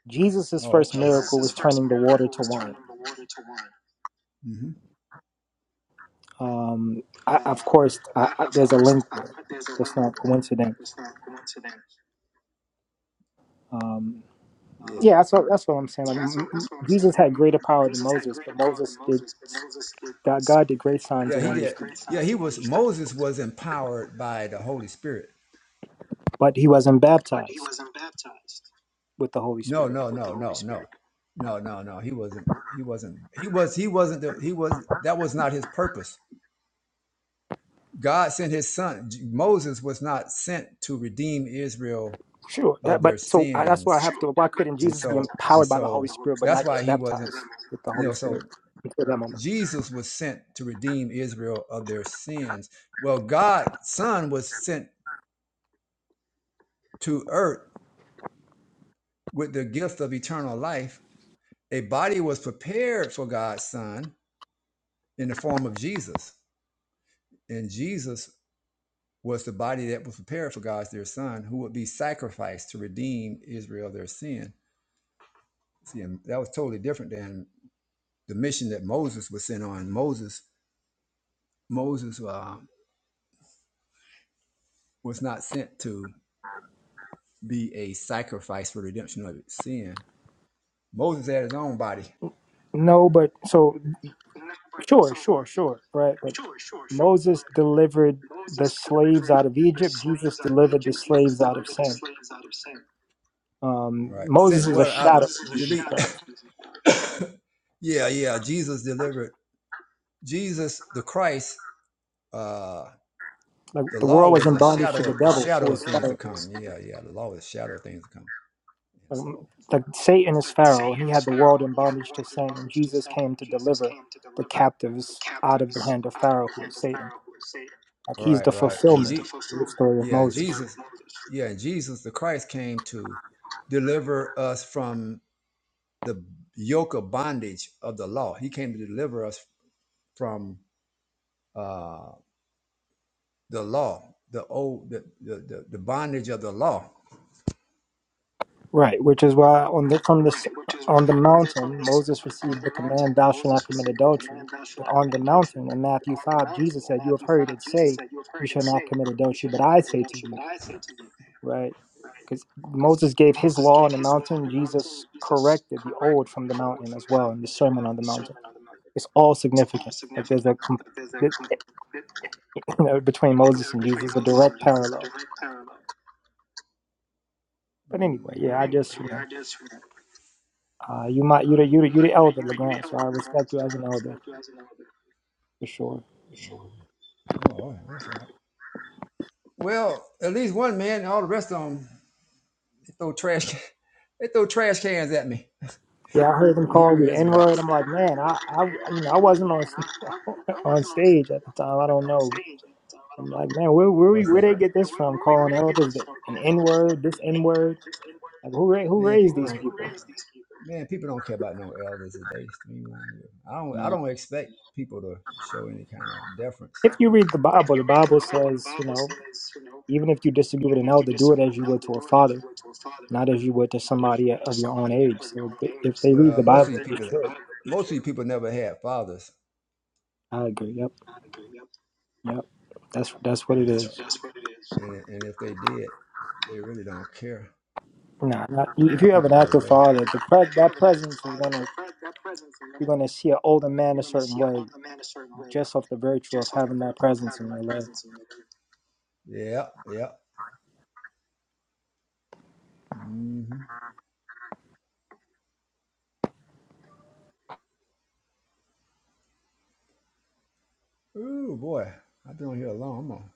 Speaker 3: Jesus'
Speaker 1: Oh,
Speaker 3: first
Speaker 1: okay.
Speaker 3: miracle
Speaker 1: Jesus'
Speaker 3: was
Speaker 1: first
Speaker 3: turning the water
Speaker 1: miracle
Speaker 3: to
Speaker 1: was
Speaker 3: wine.
Speaker 1: turning the water to hmm
Speaker 3: Um, I, of course, I, I, there's a link there. That's not coincidence. Um, Yeah, that's what that's what I'm saying. Like m- m- Jesus had greater power than Moses, but Moses did God God did great signs
Speaker 1: Yeah,
Speaker 3: and
Speaker 1: he
Speaker 3: wonders,
Speaker 1: did. Yeah, he was. Moses was empowered by the Holy Spirit.
Speaker 3: but he wasn't baptized with the Holy
Speaker 1: No,
Speaker 3: Spirit.
Speaker 1: no, no, no, no, no, no, no. He wasn't. He wasn't. He was. He wasn't. The, he was. That was not his purpose. God sent His Son. J- Moses was not sent to redeem Israel
Speaker 3: Sure,
Speaker 1: of
Speaker 3: that,
Speaker 1: their
Speaker 3: but so I, that's
Speaker 1: sins,
Speaker 3: why I have to. Why couldn't
Speaker 1: and
Speaker 3: Jesus
Speaker 1: so
Speaker 3: be
Speaker 1: and
Speaker 3: empowered by
Speaker 1: so
Speaker 3: the Holy Spirit but
Speaker 1: that's
Speaker 3: not
Speaker 1: why
Speaker 3: get
Speaker 1: he wasn't.
Speaker 3: baptized with the
Speaker 1: You
Speaker 3: Holy
Speaker 1: know,
Speaker 3: Spirit
Speaker 1: so
Speaker 3: until that moment?
Speaker 1: Jesus was sent to redeem Israel of their sins. Well, God's Son was sent to earth with the gift of eternal life. A body was prepared for God's Son in the form of Jesus. And Jesus was the body that was prepared for God's dear son, who would be sacrificed to redeem Israel their sin. See, and that was totally different than the mission that Moses was sent on. Moses, Moses uh, was not sent to be a sacrifice for redemption of sin. Moses had his own body,
Speaker 3: No, but so sure, sure, sure, right? But Moses delivered the slaves out of Egypt. Jesus delivered the slaves out of sin. Um,
Speaker 1: right? Um,
Speaker 3: Moses
Speaker 1: Sent
Speaker 3: is a
Speaker 1: well out.
Speaker 3: shadow of Jesus
Speaker 1: delete-
Speaker 3: Christ.
Speaker 1: yeah, yeah. Jesus delivered. Jesus, the Christ. uh
Speaker 3: Like
Speaker 1: the
Speaker 3: the
Speaker 1: law
Speaker 3: world was
Speaker 1: was
Speaker 3: in
Speaker 1: a
Speaker 3: bondage to the
Speaker 1: shadow a
Speaker 3: devil, who
Speaker 1: shadow of
Speaker 3: was
Speaker 1: things to
Speaker 3: Pharaoh.
Speaker 1: come. Yeah, yeah. The law was a shadow of things to come. And
Speaker 3: Um,
Speaker 1: so
Speaker 3: like Satan is Pharaoh, and he had the world in bondage to sin. And Jesus came to deliver the captives out of the hand of Pharaoh, who is Satan. Like
Speaker 1: all
Speaker 3: he's
Speaker 1: right,
Speaker 3: the
Speaker 1: right. And
Speaker 3: fulfillment
Speaker 1: Je-
Speaker 3: of the story of
Speaker 1: yeah,
Speaker 3: Moses,
Speaker 1: Jesus yeah, and Jesus the Christ came to deliver us from the yoke of bondage of the law. He came to deliver us from uh the law, the old the the, the, the bondage of the law.
Speaker 3: right? Which is why on the from this on the mountain Moses received the command, "Thou shalt not commit adultery." But on the mountain in Matthew five, Jesus said, "You have heard it say." You shall not commit adultery, but I say to you, Right. Because Moses gave his law on the mountain, Jesus corrected the old from the mountain as well in the Sermon on the Mountain. It's all significant. Like there's a com- you know, between Moses and Jesus, a direct parallel. But anyway,
Speaker 1: Mhm.
Speaker 3: yeah, I just you know, uh, you might you the you the, you the elder Legrand, so I respect you as an elder for sure.
Speaker 1: Oh, that's right. Well, at least one man, all the rest of them. Throw trash. can- They throw trash cans at me.
Speaker 3: Yeah, I heard them call you
Speaker 1: Hebrew
Speaker 3: the N word.
Speaker 1: Israelites.
Speaker 3: I'm like, man, I, I you know I wasn't on on stage at the time. I don't know. I'm like, man, where where we
Speaker 1: What's that?
Speaker 3: where
Speaker 1: Hey, where,
Speaker 3: they
Speaker 1: where
Speaker 3: get this from?
Speaker 1: we- where
Speaker 3: Calling
Speaker 1: did they get
Speaker 3: elders
Speaker 1: this
Speaker 3: the,
Speaker 1: stuff called
Speaker 3: an N word, this
Speaker 1: An
Speaker 3: N
Speaker 1: N-word,
Speaker 3: word.
Speaker 1: this N-word?
Speaker 3: Like who ra- who
Speaker 1: Man,
Speaker 3: raised
Speaker 1: people who,
Speaker 3: these
Speaker 1: don't. Who
Speaker 3: people?
Speaker 1: raised these people? Man, people don't care about no elders today. I don't.
Speaker 3: You
Speaker 1: I
Speaker 3: know,
Speaker 1: don't expect people to show any kind of deference.
Speaker 3: If you read the Bible, the Bible says, you know, even if you disagree with an elder, do it as you would to a father, not as you would to
Speaker 1: Not if you
Speaker 3: somebody
Speaker 1: went to
Speaker 3: of your own
Speaker 1: somebody
Speaker 3: age.
Speaker 1: of your
Speaker 3: So
Speaker 1: own
Speaker 3: if
Speaker 1: age.
Speaker 3: they if they
Speaker 1: So
Speaker 3: read
Speaker 1: Well,
Speaker 3: the
Speaker 1: most of
Speaker 3: Bible,
Speaker 1: these
Speaker 3: they
Speaker 1: people, that-
Speaker 3: should.
Speaker 1: most of these people never had fathers.
Speaker 3: I agree. Yep. Yep. That's that's what
Speaker 1: And
Speaker 3: it
Speaker 1: that's, so-
Speaker 3: is.
Speaker 1: that's what it is. And, and if they did, they really don't care.
Speaker 3: Nah, not,
Speaker 1: You know
Speaker 3: if
Speaker 1: how
Speaker 3: you have an
Speaker 1: people are
Speaker 3: active
Speaker 1: today.
Speaker 3: father, the pre- that presence is gonna you're gonna see an older man a certain way just off the virtue of having that presence in your life.
Speaker 1: Yeah, yeah. hmm Ooh, boy, I've been on here alone. I'm, on,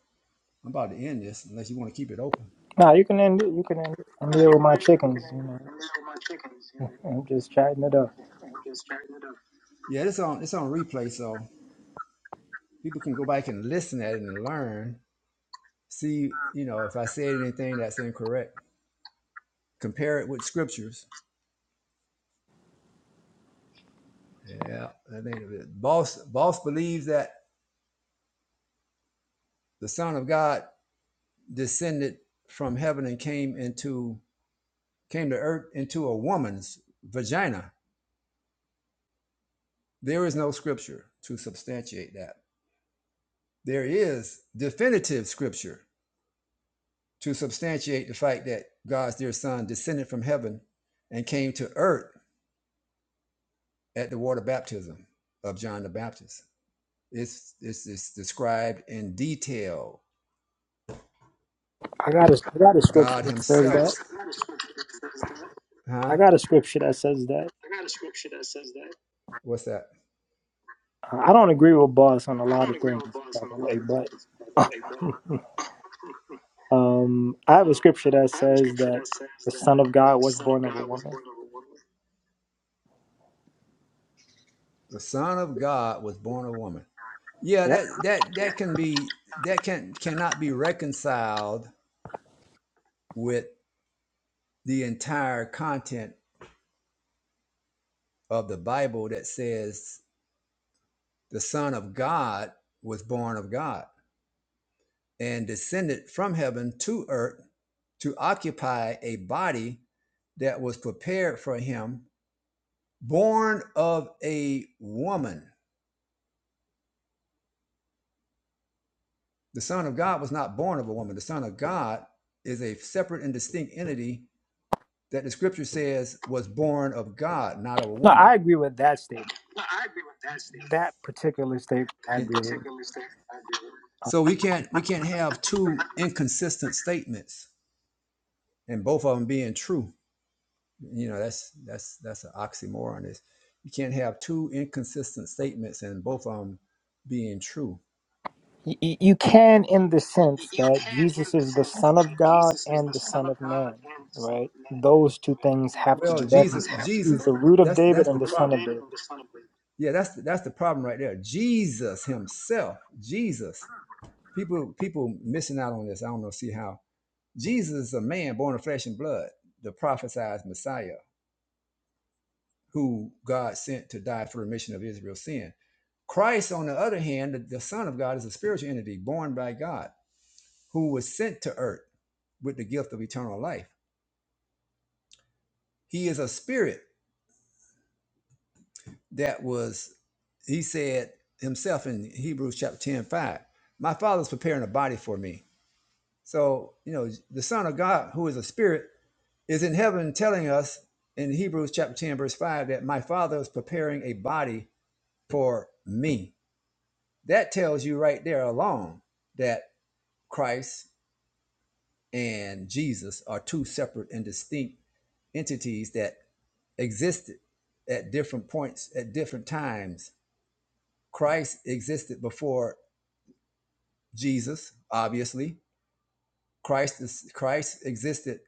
Speaker 1: I'm about to end this unless you want to keep it open.
Speaker 3: Nah, you can end it. You can end it. I'm here with my chickens. You know, I'm just chatting it up.
Speaker 1: Yeah, this on it's on replay, so people can go back and listen at it and learn. See, you know, if I said anything that's incorrect, compare it with scriptures. Yeah, I think of it. Boss, boss believes that the Son of God descended from heaven and came into came to earth into a woman's vagina. There is no scripture to substantiate that. There is definitive scripture to substantiate the fact that God's dear son descended from heaven and came to earth at the water baptism of John the Baptist. It's, it's, it's described in detail.
Speaker 3: I got a, I got a scripture
Speaker 1: God
Speaker 3: that says
Speaker 1: himself.
Speaker 3: that.
Speaker 1: Huh?
Speaker 3: I got a scripture that says that.
Speaker 1: What's that?
Speaker 3: Uh, I don't agree with boss on a lot of things, by the way, but um, I have a scripture that says that the Son of God was born of a woman.
Speaker 1: The son of God was born of woman. Yeah,
Speaker 3: Yeah,
Speaker 1: that that that can be that can cannot be reconciled with the entire content of the Bible that says the Son of God was born of God and descended from heaven to earth to occupy a body that was prepared for him, born of a woman. The Son of God was not born of a woman. The Son of God is a separate and distinct entity that the scripture says was born of God, not of a
Speaker 3: No,
Speaker 1: woman.
Speaker 3: I agree with that statement. That particular statement, I agree with.
Speaker 1: So we can't we can't have two inconsistent statements and both of them being true. You know, that's that's that's an oxymoron. Is you can't have two inconsistent statements and both of them being true.
Speaker 3: Y- y- You can, in the sense that Jesus is the Son of God and the Son of Man, right? Those two things have to
Speaker 1: Well,
Speaker 3: be
Speaker 1: Jesus,
Speaker 3: reconciled. He's
Speaker 1: Jesus,
Speaker 3: the root of
Speaker 1: that's
Speaker 3: David
Speaker 1: that's
Speaker 3: and the Son
Speaker 1: problem.
Speaker 3: of David.
Speaker 1: Yeah, that's that's the problem right there. Jesus Himself, Jesus. People people missing out on this. I don't know. See how. Jesus is a man born of flesh and blood, the prophesied Messiah, who God sent to die for remission of Israel's sin. Christ, on the other hand, the, the Son of God, is a spiritual entity born by God who was sent to earth with the gift of eternal life. He is a spirit that was, he said himself in Hebrews chapter ten five. 5, my father's preparing a body for me. So, you know, the Son of God, who is a spirit, is in heaven telling us in Hebrews chapter 10, verse 5, that my father is preparing a body for me. That tells you right there alone that Christ and Jesus are two separate and distinct entities that existed at different points, at different times. Christ existed before Jesus, obviously. Christ is Christ existed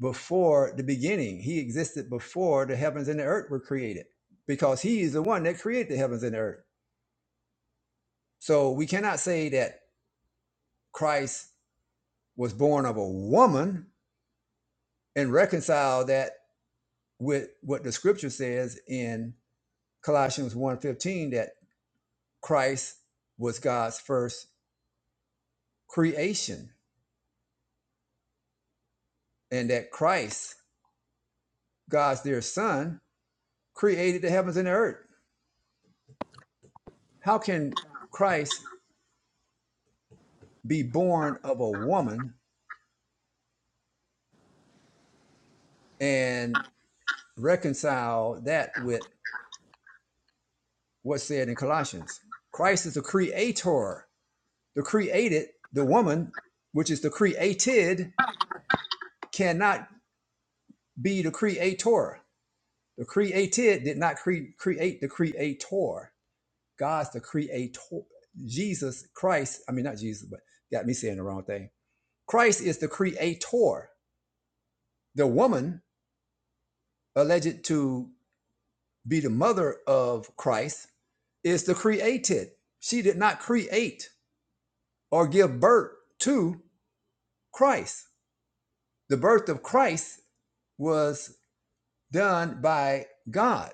Speaker 1: before the beginning. He existed before the heavens and the earth were created because he is the one that created the heavens and the earth. So we cannot say that Christ was born of a woman and reconcile that with what the scripture says in Colossians one fifteen that Christ was God's first creation and that Christ, God's dear son, created the heavens and the earth. How can Christ be born of a woman and reconcile that with what's said in Colossians. Christ is the creator. The created, the woman, which is the created, cannot be the creator. The created did not cre- create the creator. God's the creator. Jesus Christ, I mean, not Jesus, but got me saying the wrong thing. Christ is the creator. The woman, alleged to be the mother of Christ, is the created. She did not create. or give birth to Christ. The birth of Christ was done by God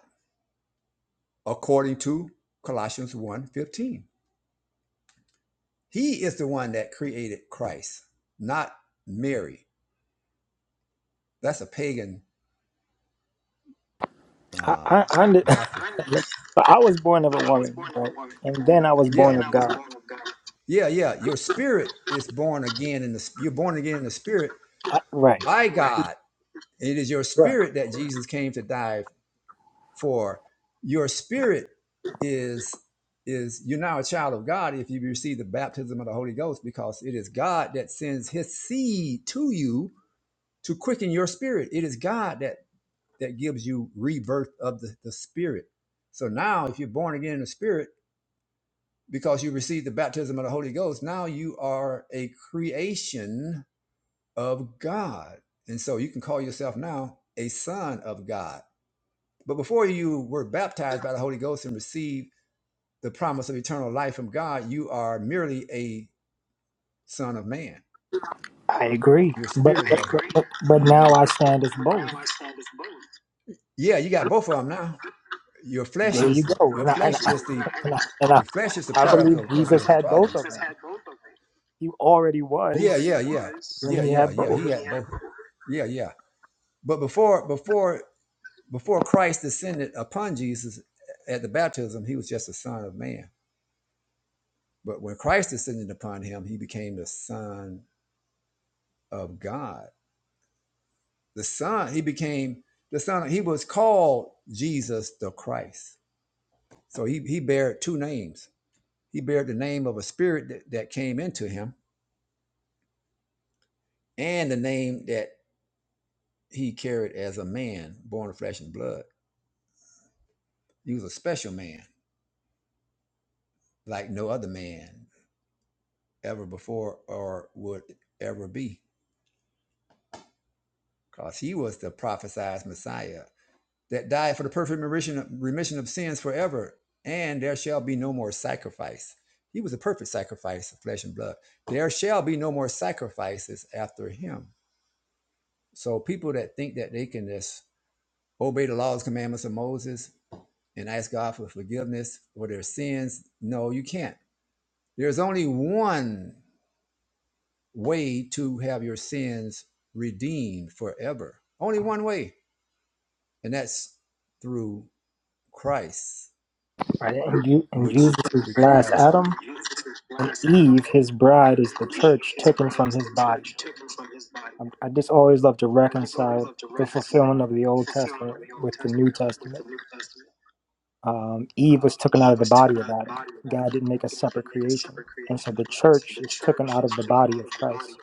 Speaker 1: according to Colossians one fifteen. He is the one that created Christ, not Mary. That's a pagan
Speaker 3: I,
Speaker 1: uh
Speaker 3: I, I, under-
Speaker 1: doctrine.
Speaker 3: So I was born of a woman, right? And then I was
Speaker 1: And yeah.
Speaker 3: born
Speaker 1: Then
Speaker 3: of
Speaker 1: I was
Speaker 3: God.
Speaker 1: born of God. Yeah, yeah. Your spirit is born again in the you're born again in the spirit
Speaker 3: Right.
Speaker 1: by God. It is your
Speaker 3: Right.
Speaker 1: spirit that Jesus came to die For your spirit is is you're now a child of God if you receive the baptism of the Holy Ghost, because it is God that sends his seed to you to quicken your spirit. It is God that that gives you rebirth of the, the spirit. So now if you're born again in the spirit, because you received the baptism of the Holy Ghost, now you are a creation of God. And so you can call yourself now a son of God. But before you were baptized by the Holy Ghost and received the promise of eternal life from God, you are merely a son of man.
Speaker 3: I agree.
Speaker 1: Your
Speaker 3: But
Speaker 1: spirit
Speaker 3: but, but, but
Speaker 1: But,
Speaker 3: but
Speaker 1: Yeah.
Speaker 3: now I stand as both.
Speaker 1: yeah, you got both of them now. Your flesh
Speaker 3: There you
Speaker 1: is
Speaker 3: go.
Speaker 1: your
Speaker 3: And I
Speaker 1: flesh
Speaker 3: and I,
Speaker 1: is the
Speaker 3: and I, and I,
Speaker 1: your flesh is the
Speaker 3: I
Speaker 1: product of,
Speaker 3: believe
Speaker 1: of your
Speaker 3: Jesus had
Speaker 1: father.
Speaker 3: both of them. He already
Speaker 1: Yeah,
Speaker 3: was
Speaker 1: yeah, yeah,
Speaker 3: when
Speaker 1: yeah,
Speaker 3: he
Speaker 1: yeah,
Speaker 3: had
Speaker 1: yeah.
Speaker 3: both.
Speaker 1: had both. Yeah, yeah. But before before before Christ descended upon Jesus at the baptism, he was just a son of man. But when Christ descended upon him, he became the son. of God. The Son, he became the Son, he was called Jesus the Christ. So he, he bared two names. He bared the name of a spirit that, that came into him and the name that he carried as a man born of flesh and blood. He was a special man, like no other man ever before or would ever be, because he was the prophesied Messiah that died for the perfect remission, remission of sins forever, and there shall be no more sacrifice. He was a perfect sacrifice of flesh and blood. There shall be no more sacrifices after him. So people that think that they can just obey the laws, commandments of Moses and ask God for forgiveness for their sins, no, you can't. There's only one way to have your sins redeemed forever. Only one way, and that's through Christ.
Speaker 3: Right? And you and Jesus
Speaker 1: which
Speaker 3: is last
Speaker 1: requires
Speaker 3: Adam. Eve, his bride, is the church taken from his body. I, I just always love to reconcile the fulfillment of the Old Testament with the New Testament. um, Eve was taken out of the body of Adam. God didn't make a separate creation. And so the church is taken out of the body of Christ,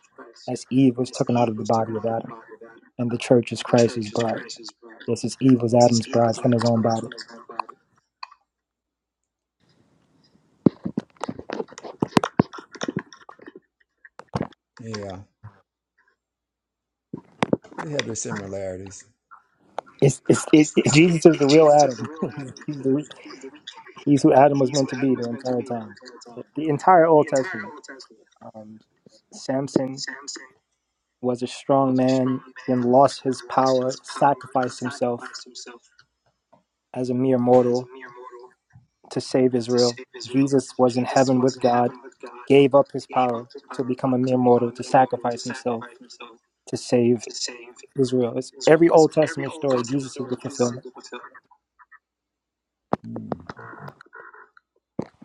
Speaker 3: as Eve was taken out of the body of Adam. And the church is Christ's bride. This is Eve was Adam's bride from his own body.
Speaker 1: yeah they have their similarities
Speaker 3: It's, it's, it, it- Jesus is the real Adam. he's, the, re- he's who Adam was meant to be the entire time. The entire Old Testament. Um, Samson was a strong man, then lost his power, sacrificed himself as a mere mortal to save Israel. Jesus was in heaven with God, gave up his power to become a mere mortal, to sacrifice himself to save Israel. It's every Old Testament story, Jesus is the fulfillment.
Speaker 1: mm.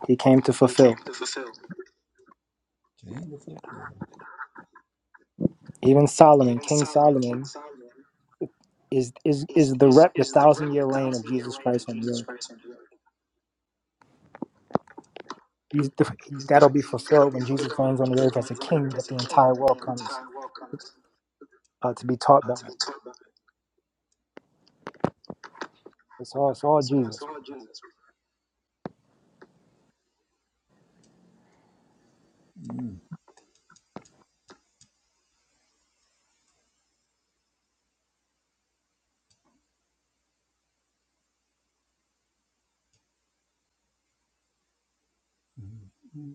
Speaker 3: He came to fulfill.
Speaker 1: Jane to fulfill
Speaker 3: Even Solomon, King Solomon, is is is the rep the thousand year reign of Jesus Christ on the earth. He's the, that'll be fulfilled when Jesus reigns on the earth as a king that the entire world comes uh, to be taught by. It's all it's all Jesus.
Speaker 1: mm. mm,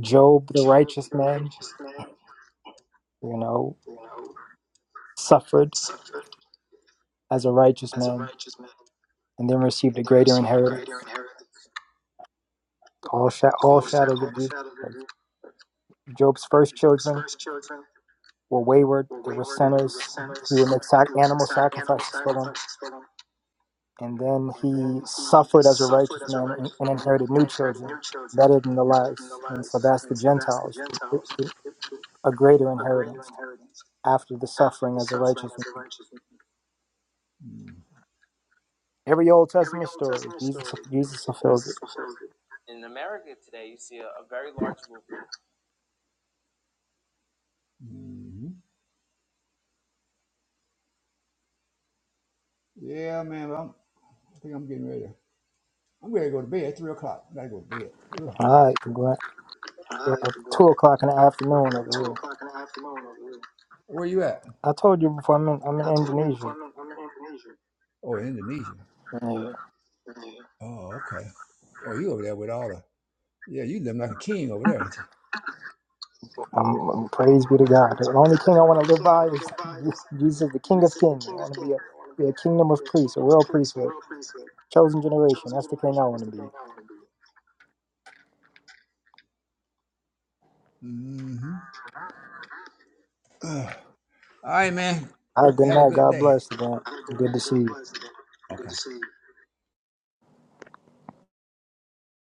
Speaker 3: Job, the righteous man, you know, suffered as a righteous man and then received a greater inheritance. All, sha- all shadows of these. Job's first children were wayward, they were sinners. He would make sac- animal sacrifices for them. And then he suffered as a righteous man and, and inherited new children better than the last. And so that's the Gentiles, it- it- a greater inheritance after the suffering as a righteous man.
Speaker 1: mm,
Speaker 3: Every Old Testament story, Jesus Jesus fulfills it.
Speaker 1: mm. yeah man I'm, I think I'm getting ready to, I'm ready to go to bed three o'clock I gotta go to bed Ugh.
Speaker 3: All right, Glenn. Well, two o'clock in the afternoon over here.
Speaker 1: where you at
Speaker 3: I told you before, I'm in, I'm in Indonesia.
Speaker 1: oh in Indonesia
Speaker 3: Right.
Speaker 1: oh okay oh you over there with all the yeah you living like a king over there ain't you
Speaker 3: Um, um, praise be to God. The only king I want to live by is Jesus, the King of Kings. I want to be a, be a kingdom of priests, a royal priesthood, chosen generation. That's the king I want to be.
Speaker 1: mm-hmm. all right man
Speaker 3: All right, good
Speaker 1: have a
Speaker 3: night.
Speaker 1: good
Speaker 3: God
Speaker 1: day
Speaker 3: bless. Good, good to see you.
Speaker 1: okay